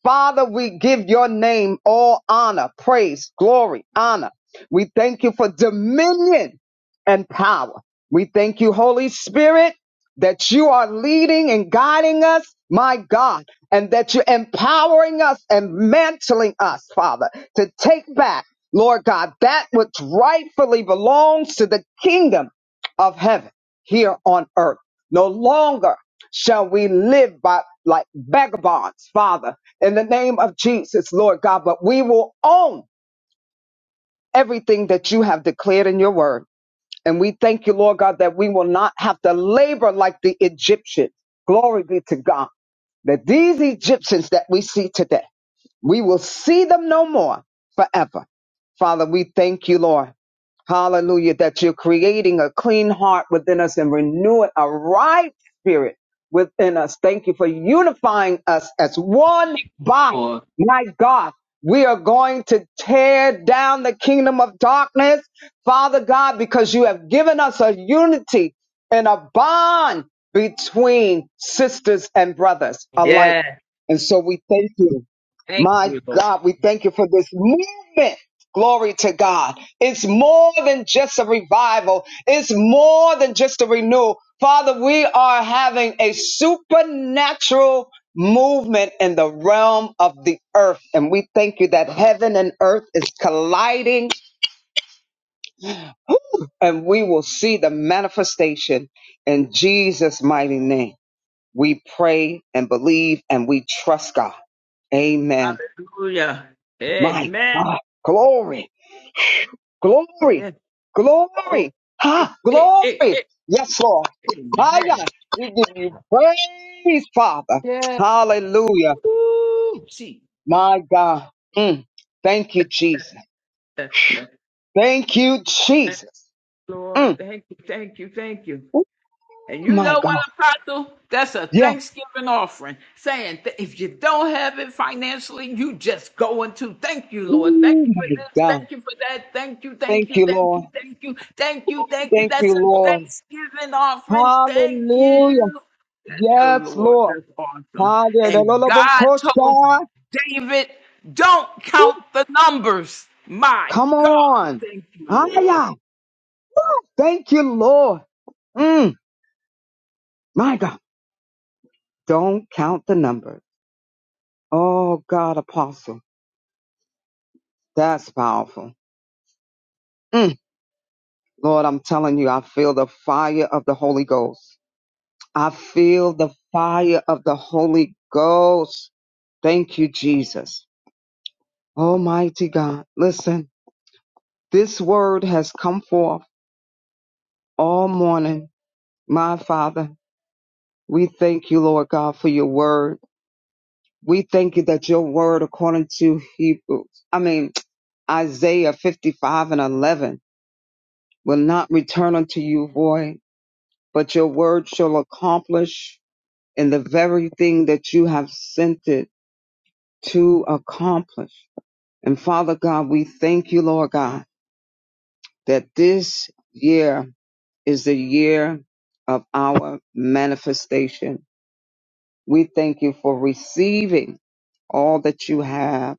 D: Father, we give your name all honor, praise, glory, honor. We thank you for dominion and power. We thank you, Holy Spirit that you are leading and guiding us, my God, and that you're empowering us and mantling us, Father, to take back, Lord God, that which rightfully belongs to the kingdom of heaven here on earth. No longer shall we live by like vagabonds, Father, in the name of Jesus, Lord God, but we will own everything that you have declared in your word. And we thank you, Lord God, that we will not have to labor like the Egyptians. Glory be to God. That these Egyptians that we see today, we will see them no more forever. Father, we thank you, Lord. Hallelujah. That you're creating a clean heart within us and renewing a right spirit within us. Thank you for unifying us as one body. My God, we are going to tear down the kingdom of darkness, Father God, because you have given us a unity and a bond between sisters and brothers alike.
I: Yeah,
D: And so we thank you.
I: thank
D: My
I: you, Lord.
D: God, we thank you for this movement. Glory to God. It's more than just a revival. It's more than just a renewal. Father, we are having a supernatural movement in the realm of the earth. And we thank you that heaven and earth is colliding and we will see the manifestation in Jesus' mighty name. We pray and believe and we trust God. Amen.
I: Hallelujah.
D: My
I: Amen.
D: God. Glory. Glory.
I: Yes, Lord.
D: Glory.
I: Eh,
D: Ha.
I: eh, eh,
D: Glory.
I: eh,
D: Yes, Lord. Hiya.
I: Amen.
D: We give you praise, Father. Hallelujah.
I: Oh, see.
D: My God. Mm. Thank you, Jesus.
I: Uh, uh,
D: Thank you,
I: uh,
D: Jesus. Mm.
I: Lord, thank you, thank you, thank you.
D: Oh,
I: And you
D: my
I: know what,
D: God.
I: Apostle? That's a
D: Yes.
I: Thanksgiving offering saying that if you don't have it financially, you just go into thank you, Lord. Thank
D: Oh,
I: you for
D: my
I: this.
D: God.
I: Thank you for that. Thank you, thank
D: Thank
I: you,
D: you,
I: thank
D: Lord.
I: you, thank you, thank you, thank you.
D: Thank you,
I: That's a
D: Lord.
I: Thanksgiving offering. Thank
D: Hallelujah.
I: you. That's your
D: Yes,
I: Lord.
D: Lord.
I: That's awesome. And
D: Hallelujah.
I: God told David, don't count the numbers. My
D: Come
I: God.
D: on.
I: Thank you, Lord.
D: Hiya. Thank you, Lord. Mm. My God, don't count the numbers. Oh God, apostle, that's powerful. Mm. Lord, I'm telling you, I feel the fire of the Holy Ghost. I feel the fire of the Holy Ghost. Thank you, Jesus. Almighty God, listen, this word has come forth all morning. My Father, we thank you, Lord God, for your word. We thank you that your word, according to Hebrews, I mean, Isaiah 55 and 11, will not return unto you void, but your word shall accomplish in the very thing that you have sent it to accomplish. And Father God, we thank you, Lord God, that this year is the year of our manifestation. We thank you for receiving all that you have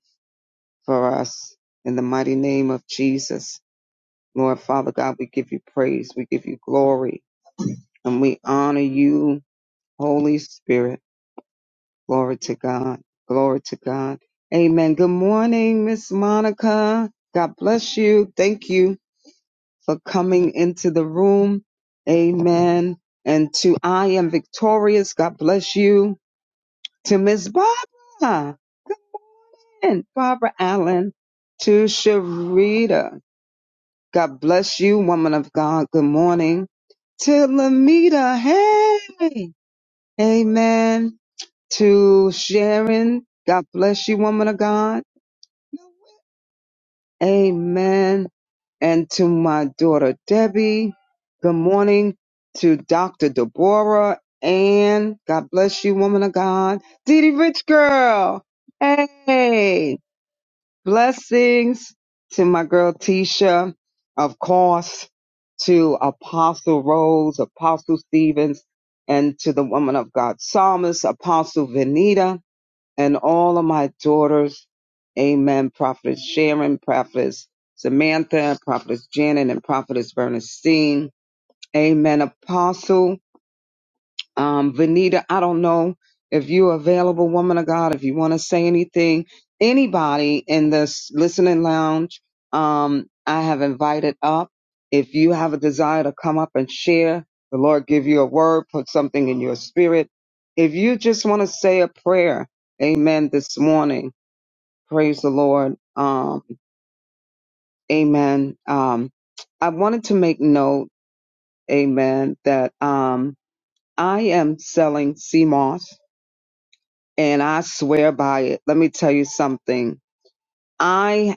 D: for us in the mighty name of Jesus. Lord Father God, we give you praise, we give you glory, and we honor you Holy Spirit. Glory to God. Glory to God. Amen. Good morning, Miss Monica. God bless you. Thank you for coming into the room. Amen. And to I am victorious. God bless you. To Miss Barbara. And Barbara Allen to Sharita. God bless you, woman of God. Good morning. To Lamita. Hey. Amen. to Sharon. God bless you, woman of God. Amen. And to my daughter Debbie. Good morning to Dr. Deborah. And God bless you, woman of God. Didi Rich Girl. Hey. Blessings to my girl Tisha. Of course, to Apostle Rose, Apostle Stevens, and to the woman of God, Psalmist, Apostle Venita and all of my daughters. Amen. Prophetess Sharon, Prophetess Samantha, Prophetess Janet, and Prophetess Bernstein. Amen. Apostle um, Vanita, I don't know if you're available, woman of God, if you want to say anything. Anybody in this listening lounge, um, I have invited up. If you have a desire to come up and share, the Lord give you a word, put something in your spirit. If you just want to say a prayer, amen, this morning, Praise the Lord. Um, amen. Um, I wanted to make note, amen, that um, I am selling CMOS and I swear by it. Let me tell you something. I,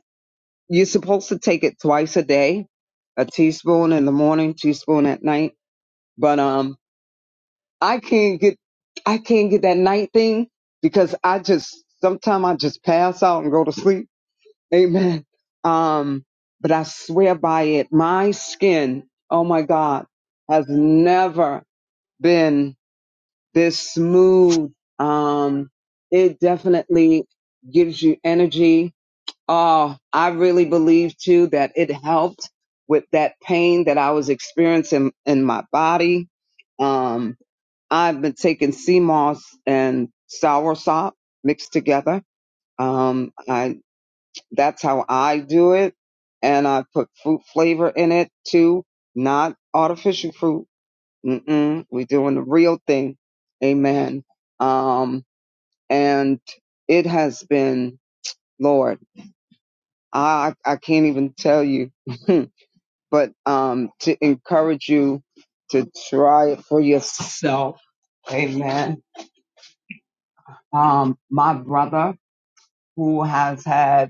D: you're supposed to take it twice a day, a teaspoon in the morning, teaspoon at night. But, um, I can't get, I can't get that night thing because I just, sometimes I just pass out and go to sleep Amen. Um, but I swear by it, my skin, oh my God, has never been this smooth. Um, it definitely gives you energy. Oh, I really believe too that it helped with that pain that I was experiencing in my body. Um, I've been taking sea moss and soursop mixed together. Um, I that's how I do it. And I put fruit flavor in it too, not artificial fruit. Mm-mm. We're doing the real thing. Amen. Um, and it has been, Lord, I, I can't even tell you, but, um, to encourage you to try it for yourself. Amen. Um, my brother who has had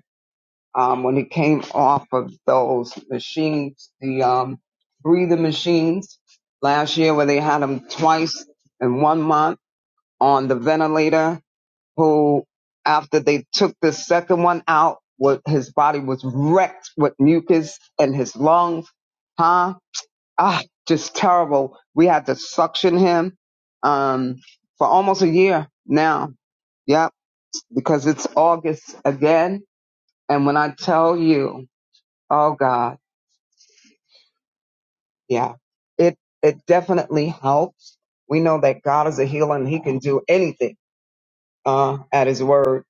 D: um, when he came off of those machines, the um, breathing machines last year, where they had him twice in one month on the ventilator, who after they took the second one out, what his body was wrecked with mucus in his lungs, huh? Ah, just terrible. We had to suction him um, for almost a year now. Yep, because it's August again, and when I tell you, oh God. Yeah. It it definitely helps. We know that God is a healer and he can do anything uh at his word.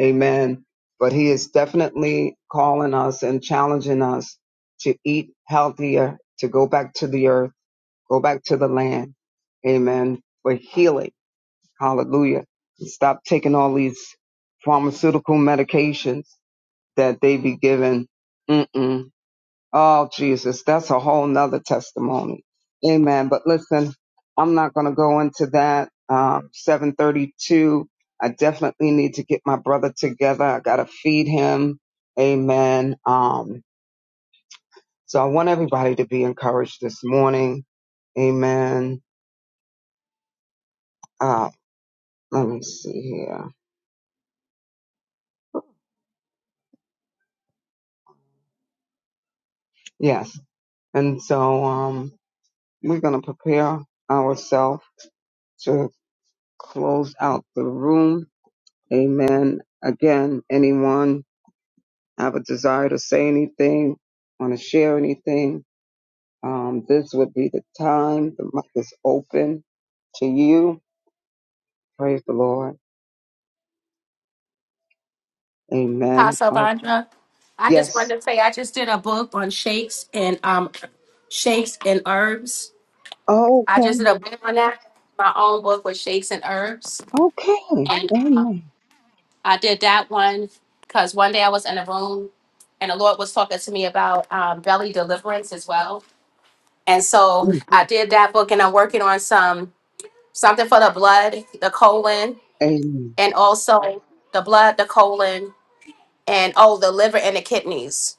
D: Amen. But he is definitely calling us and challenging us to eat healthier, to go back to the earth, go back to the land. Amen. For healing. Hallelujah. Stop taking all these pharmaceutical medications that they be given. Mm-mm Oh, Jesus, that's a whole nother testimony. Amen. But listen, I'm not going to go into that. Um, 732. I definitely need to get my brother together. I got to feed him. Amen. Um, so I want everybody to be encouraged this morning. Amen. Uh, let me see here. Yes. And so, um, we're going to prepare ourselves to close out the room. Amen. Again, anyone I have a desire to say anything, want to share anything, um, this would be the time. The mic is open to you. Praise the Lord. Amen.
H: Pastor
D: Oh,
H: Vondra. I just
D: yes.
H: wanted to say I just did a book on shakes and um shakes and herbs.
D: Oh,
H: I
D: okay.
H: just did a book on that. My own book with shakes and herbs,
D: Okay.
H: and uh,
D: Amen.
H: I did that one because one day I was in a room and the Lord was talking to me about um, belly deliverance as well. And so
D: Mm,
H: I did that book, and I'm working on some something for the blood, the colon,
D: Amen.
H: and also the blood, the colon, and oh, the liver and the kidneys.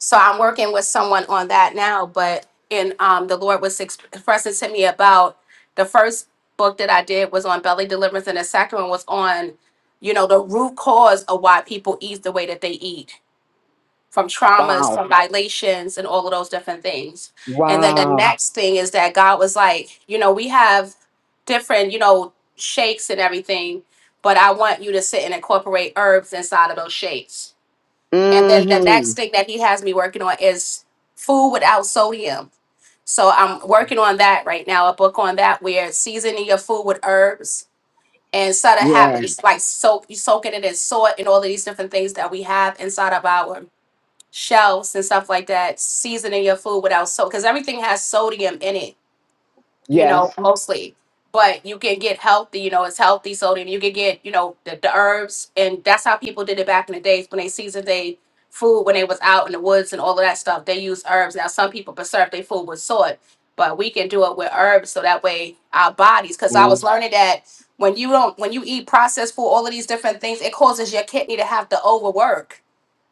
H: So I'm working with someone on that now. But in um, the Lord was expressing to me about the first book that I did was on belly deliverance, and the second one was on, you know, the root cause of why people eat the way that they eat, from traumas,
D: Wow.
H: from violations, and all of those different things. And then the
D: Wow.
H: next thing is that God was like, you know, we have different, you know, shakes and everything, but I want you to sit and incorporate herbs inside of those shakes and then the
D: Mm-hmm.
H: next thing that he has me working on is food without sodium. So I'm working on that right now, a book on that where seasoning your food with herbs and sort of
D: Yeah.
H: habits like soak you soaking it in salt and all of these different things that we have inside of our shelves and stuff like that. Seasoning your food without salt because everything has sodium in it you
D: Yes.
H: know, mostly. But you can get healthy, you know, it's healthy sodium. You can get, you know, the, the herbs. And that's how people did it back in the days when they seasoned their food, when they was out in the woods and all of that stuff. They used herbs. Now, some people preserve their food with salt, but we can do it with herbs so that way our bodies, because I
D: Yeah.
H: was learning that when you don't, when you eat processed food, all of these different things, it causes your kidney to have to overwork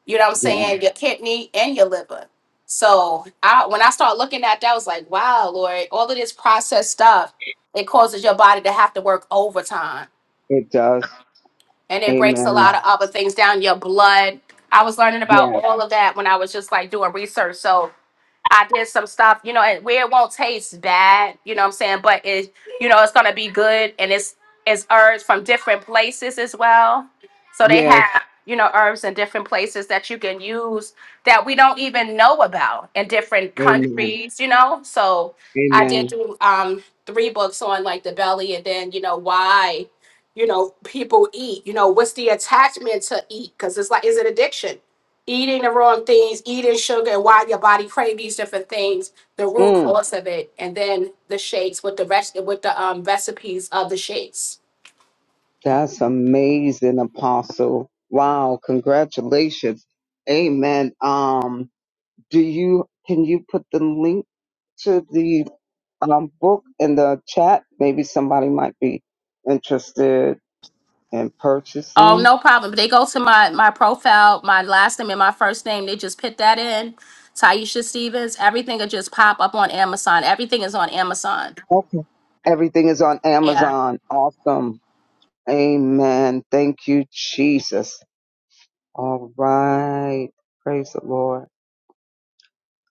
H: you know what I'm
D: yeah.
H: saying, your kidney and your liver. So I when I started looking at that, I was like, wow, Lord, all of this processed stuff, it causes your body to have to work overtime.
D: It does.
H: And it breaks a lot
D: Amen.
H: of other things down, your blood. I was learning about
D: Yes.
H: all of that when I was just like doing research. So I did some stuff, you know, and where it won't taste bad, you know what I'm saying? But it, you know, it's gonna be good and it's it's herbs from different places as well. So they
D: Yes.
H: have, you know, herbs in different places that you can use that we don't even know about in different
D: Amen.
H: countries, you know. So I did
D: Amen.
H: do um three books on like the belly and then, you know, why you know people eat you know what's the attachment to eat because it's like is it addiction eating the wrong things, eating sugar, and why your body craves these different things, the root
D: Mm.
H: cause of it, and then the shakes with the rest with the um, recipes of the shakes.
D: That's amazing, Apostle. Wow, congratulations. Amen. Um, do you can you put the link to the um book in the chat? Maybe somebody might be interested in
H: Oh,
D: purchasing.
H: no problem. They go to my my profile, my last name and my first name. They just put that in. Taisha Stevens. Everything will just pop up on Amazon. Everything is on Amazon.
D: Okay. Everything is on
H: Yeah.
D: Amazon. Awesome. Amen. Thank you, Jesus. All right. Praise the Lord.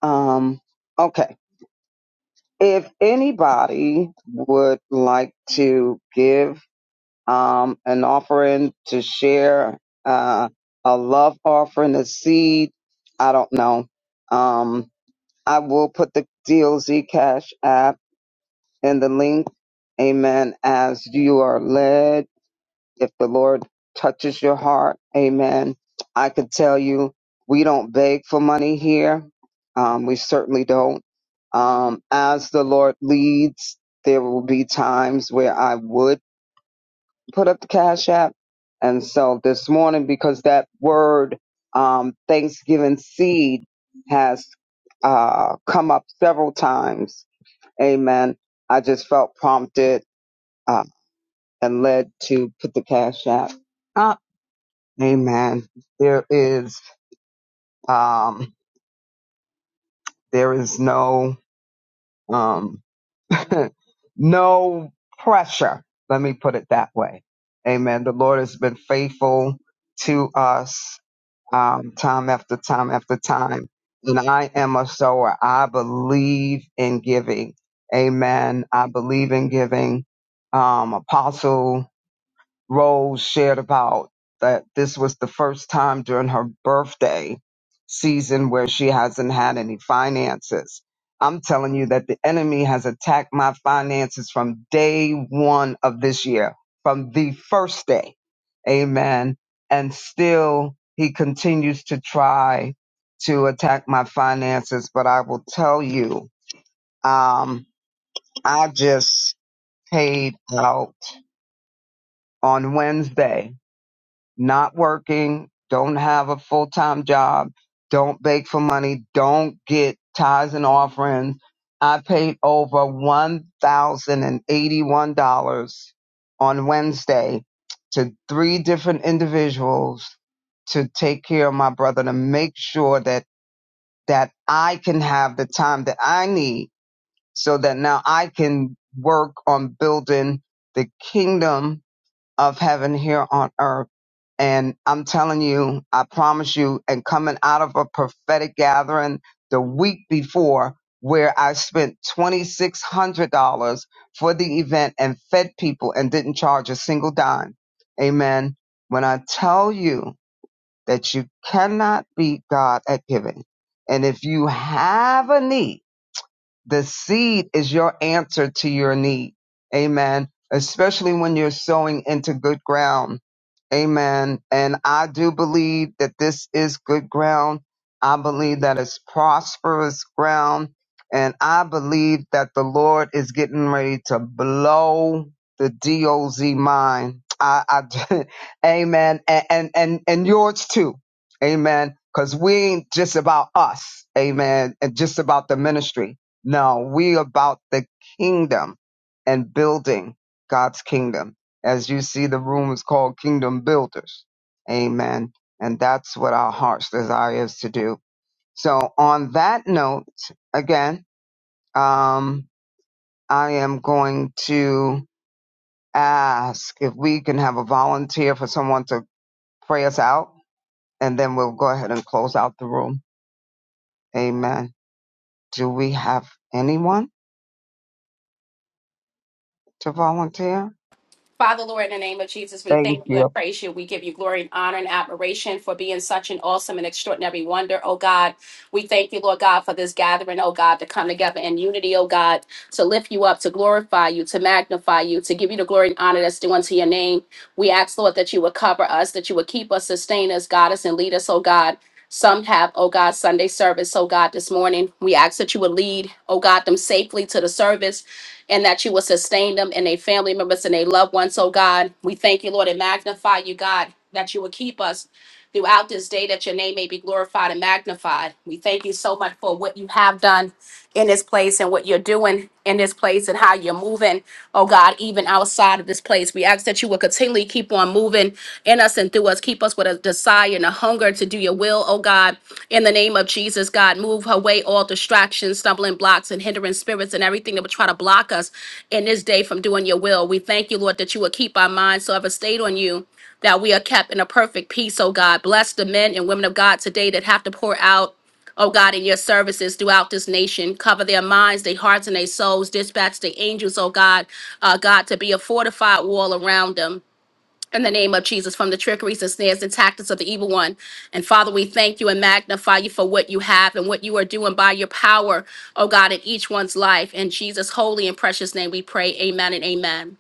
D: Um, okay. if anybody would like to give um, an offering to share uh, a love offering, a seed, I don't know. Um, I will put the DOZ Cash app in the link. Amen. As you are led if the Lord touches your heart, amen. I could tell you, we don't beg for money here. Um, we certainly don't. Um, as the Lord leads, there will be times where I would put up the cash app. And so this morning, because that word, um, Thanksgiving seed has, uh, come up several times. Amen. I just felt prompted, uh, and led to put the cash app. Amen. There is um there is no um no pressure. Let me put it that way. Amen. The Lord has been faithful to us um time after time after time. And I am a sower. I believe in giving. Amen. I believe in giving. Um apostle Rose shared about that this was the first time during her birthday season where she hasn't had any finances. I'm telling you that the enemy has attacked my finances from day one of this year, from the first day. Amen. And still he continues to try to attack my finances. But I will tell you, um, I just paid out on Wednesday not working, don't have a full time job, don't beg for money, don't get tithes and offerings. I paid over $1,081 on Wednesday to three different individuals to take care of my brother to make sure that that I can have the time that I need so that now I can work on building the kingdom of heaven here on earth. And I'm telling you, I promise you, and coming out of a prophetic gathering the week before where I spent $2,600 for the event and fed people and didn't charge a single dime. Amen. When I tell you that you cannot beat God at giving, and if you have a need, the seed is your answer to your need. Amen. Especially when you're sowing into good ground Amen. And I do believe that this is good ground. I believe that it's prosperous ground. And I believe that the Lord is getting ready to blow the DOZ mind. I, I amen. And, and, and, and yours too. Amen. Cause we ain't just about us. Amen. And just about the ministry. No, we about the kingdom and building God's kingdom. As you see, the room is called Kingdom Builders. Amen. And that's what our heart's desire is to do. So on that note, again, um, I am going to ask if we can have a volunteer for someone to pray us out, and then we'll go ahead and close out the room. Amen. Do we have anyone to volunteer?
H: Father, Lord, in the name of Jesus, we
D: Thank
H: thank you
D: you.
H: and praise you. We give you glory and honor and admiration for being such an awesome and extraordinary wonder, oh God. We thank you, Lord God, for this gathering, oh God, to come together in unity, oh God, to lift you up, to glorify you, to magnify you, to give you the glory and honor that's due unto your name. We ask, Lord, that you would cover us, that you would keep us, sustain us, guide us, and lead us, oh God. Some have, oh God, Sunday service, oh God, this morning. We ask that you would lead, oh God, them safely to the service and that you will sustain them and their family members and their loved ones. So, God, we thank you, Lord, and magnify you, God, that you will keep us throughout this day, that your name may be glorified and magnified. We thank you so much for what you have done in this place and what you're doing in this place and how you're moving, oh God, even outside of this place. We ask that you will continually keep on moving in us and through us. Keep us with a desire and a hunger to do your will, oh God. In the name of Jesus, God, move away all distractions, stumbling blocks, and hindering spirits and everything that would try to block us in this day from doing your will. We thank you, Lord, that you will keep our minds so ever stayed on you that we are kept in a perfect peace, oh God. Bless the men and women of God today that have to pour out. Oh God, in your services throughout this nation, cover their minds, their hearts, and their souls. Dispatch the angels, oh God, uh, God, to be a fortified wall around them. In the name of Jesus, from the trickeries and snares and tactics of the evil one. And Father, we thank you and magnify you for what you have and what you are doing by your power, oh God, in each one's life. In Jesus' holy and precious name, we pray. Amen and amen.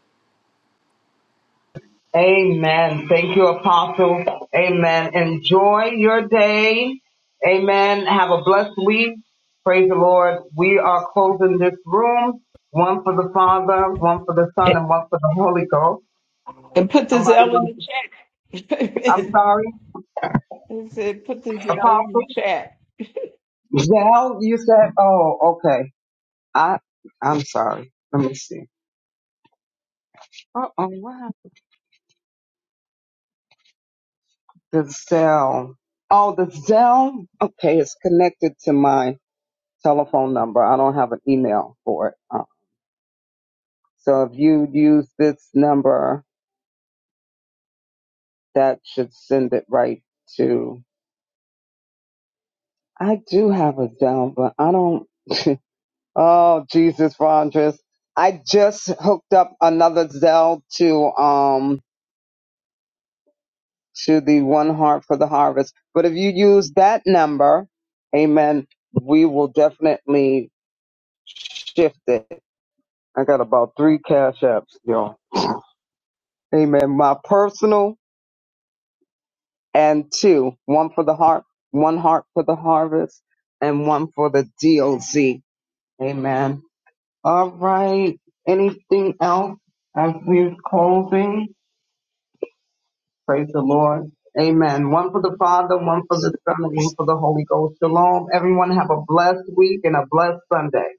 D: Amen. Thank you, Apostle. Amen. Enjoy your day. Amen. Have a blessed week. Praise the Lord. We are closing this room. One for the Father, one for the Son, and one for the Holy Ghost.
I: And put this
D: Somebody
I: L in the
D: wants to,
I: chat.
D: I'm sorry,
I: He said, put this out in
D: Apostle.
I: the chat.
D: Zell, you said, oh, okay. I, I'm sorry. Let me see. Uh-oh, what happened? The Zell. Oh, the Zell. Okay, it's connected to mine. telephone number. I don't have an email for it. Uh, so if you use this number, that should send it right to. I do have a Zelle, but I don't. Oh Jesus, Rondres. I just hooked up another Zelle to um to the One Heart for the Harvest. But if you use that number, Amen. We will definitely shift it. I got about three cash apps, y'all. Amen. My personal and two, one for the heart, one heart for the harvest, and one for the DOZ. Amen. All right. Anything else as we're closing? Praise the Lord. Amen. One for the Father, one for the Son, and one for the Holy Ghost. Shalom. Everyone have a blessed week and a blessed Sunday.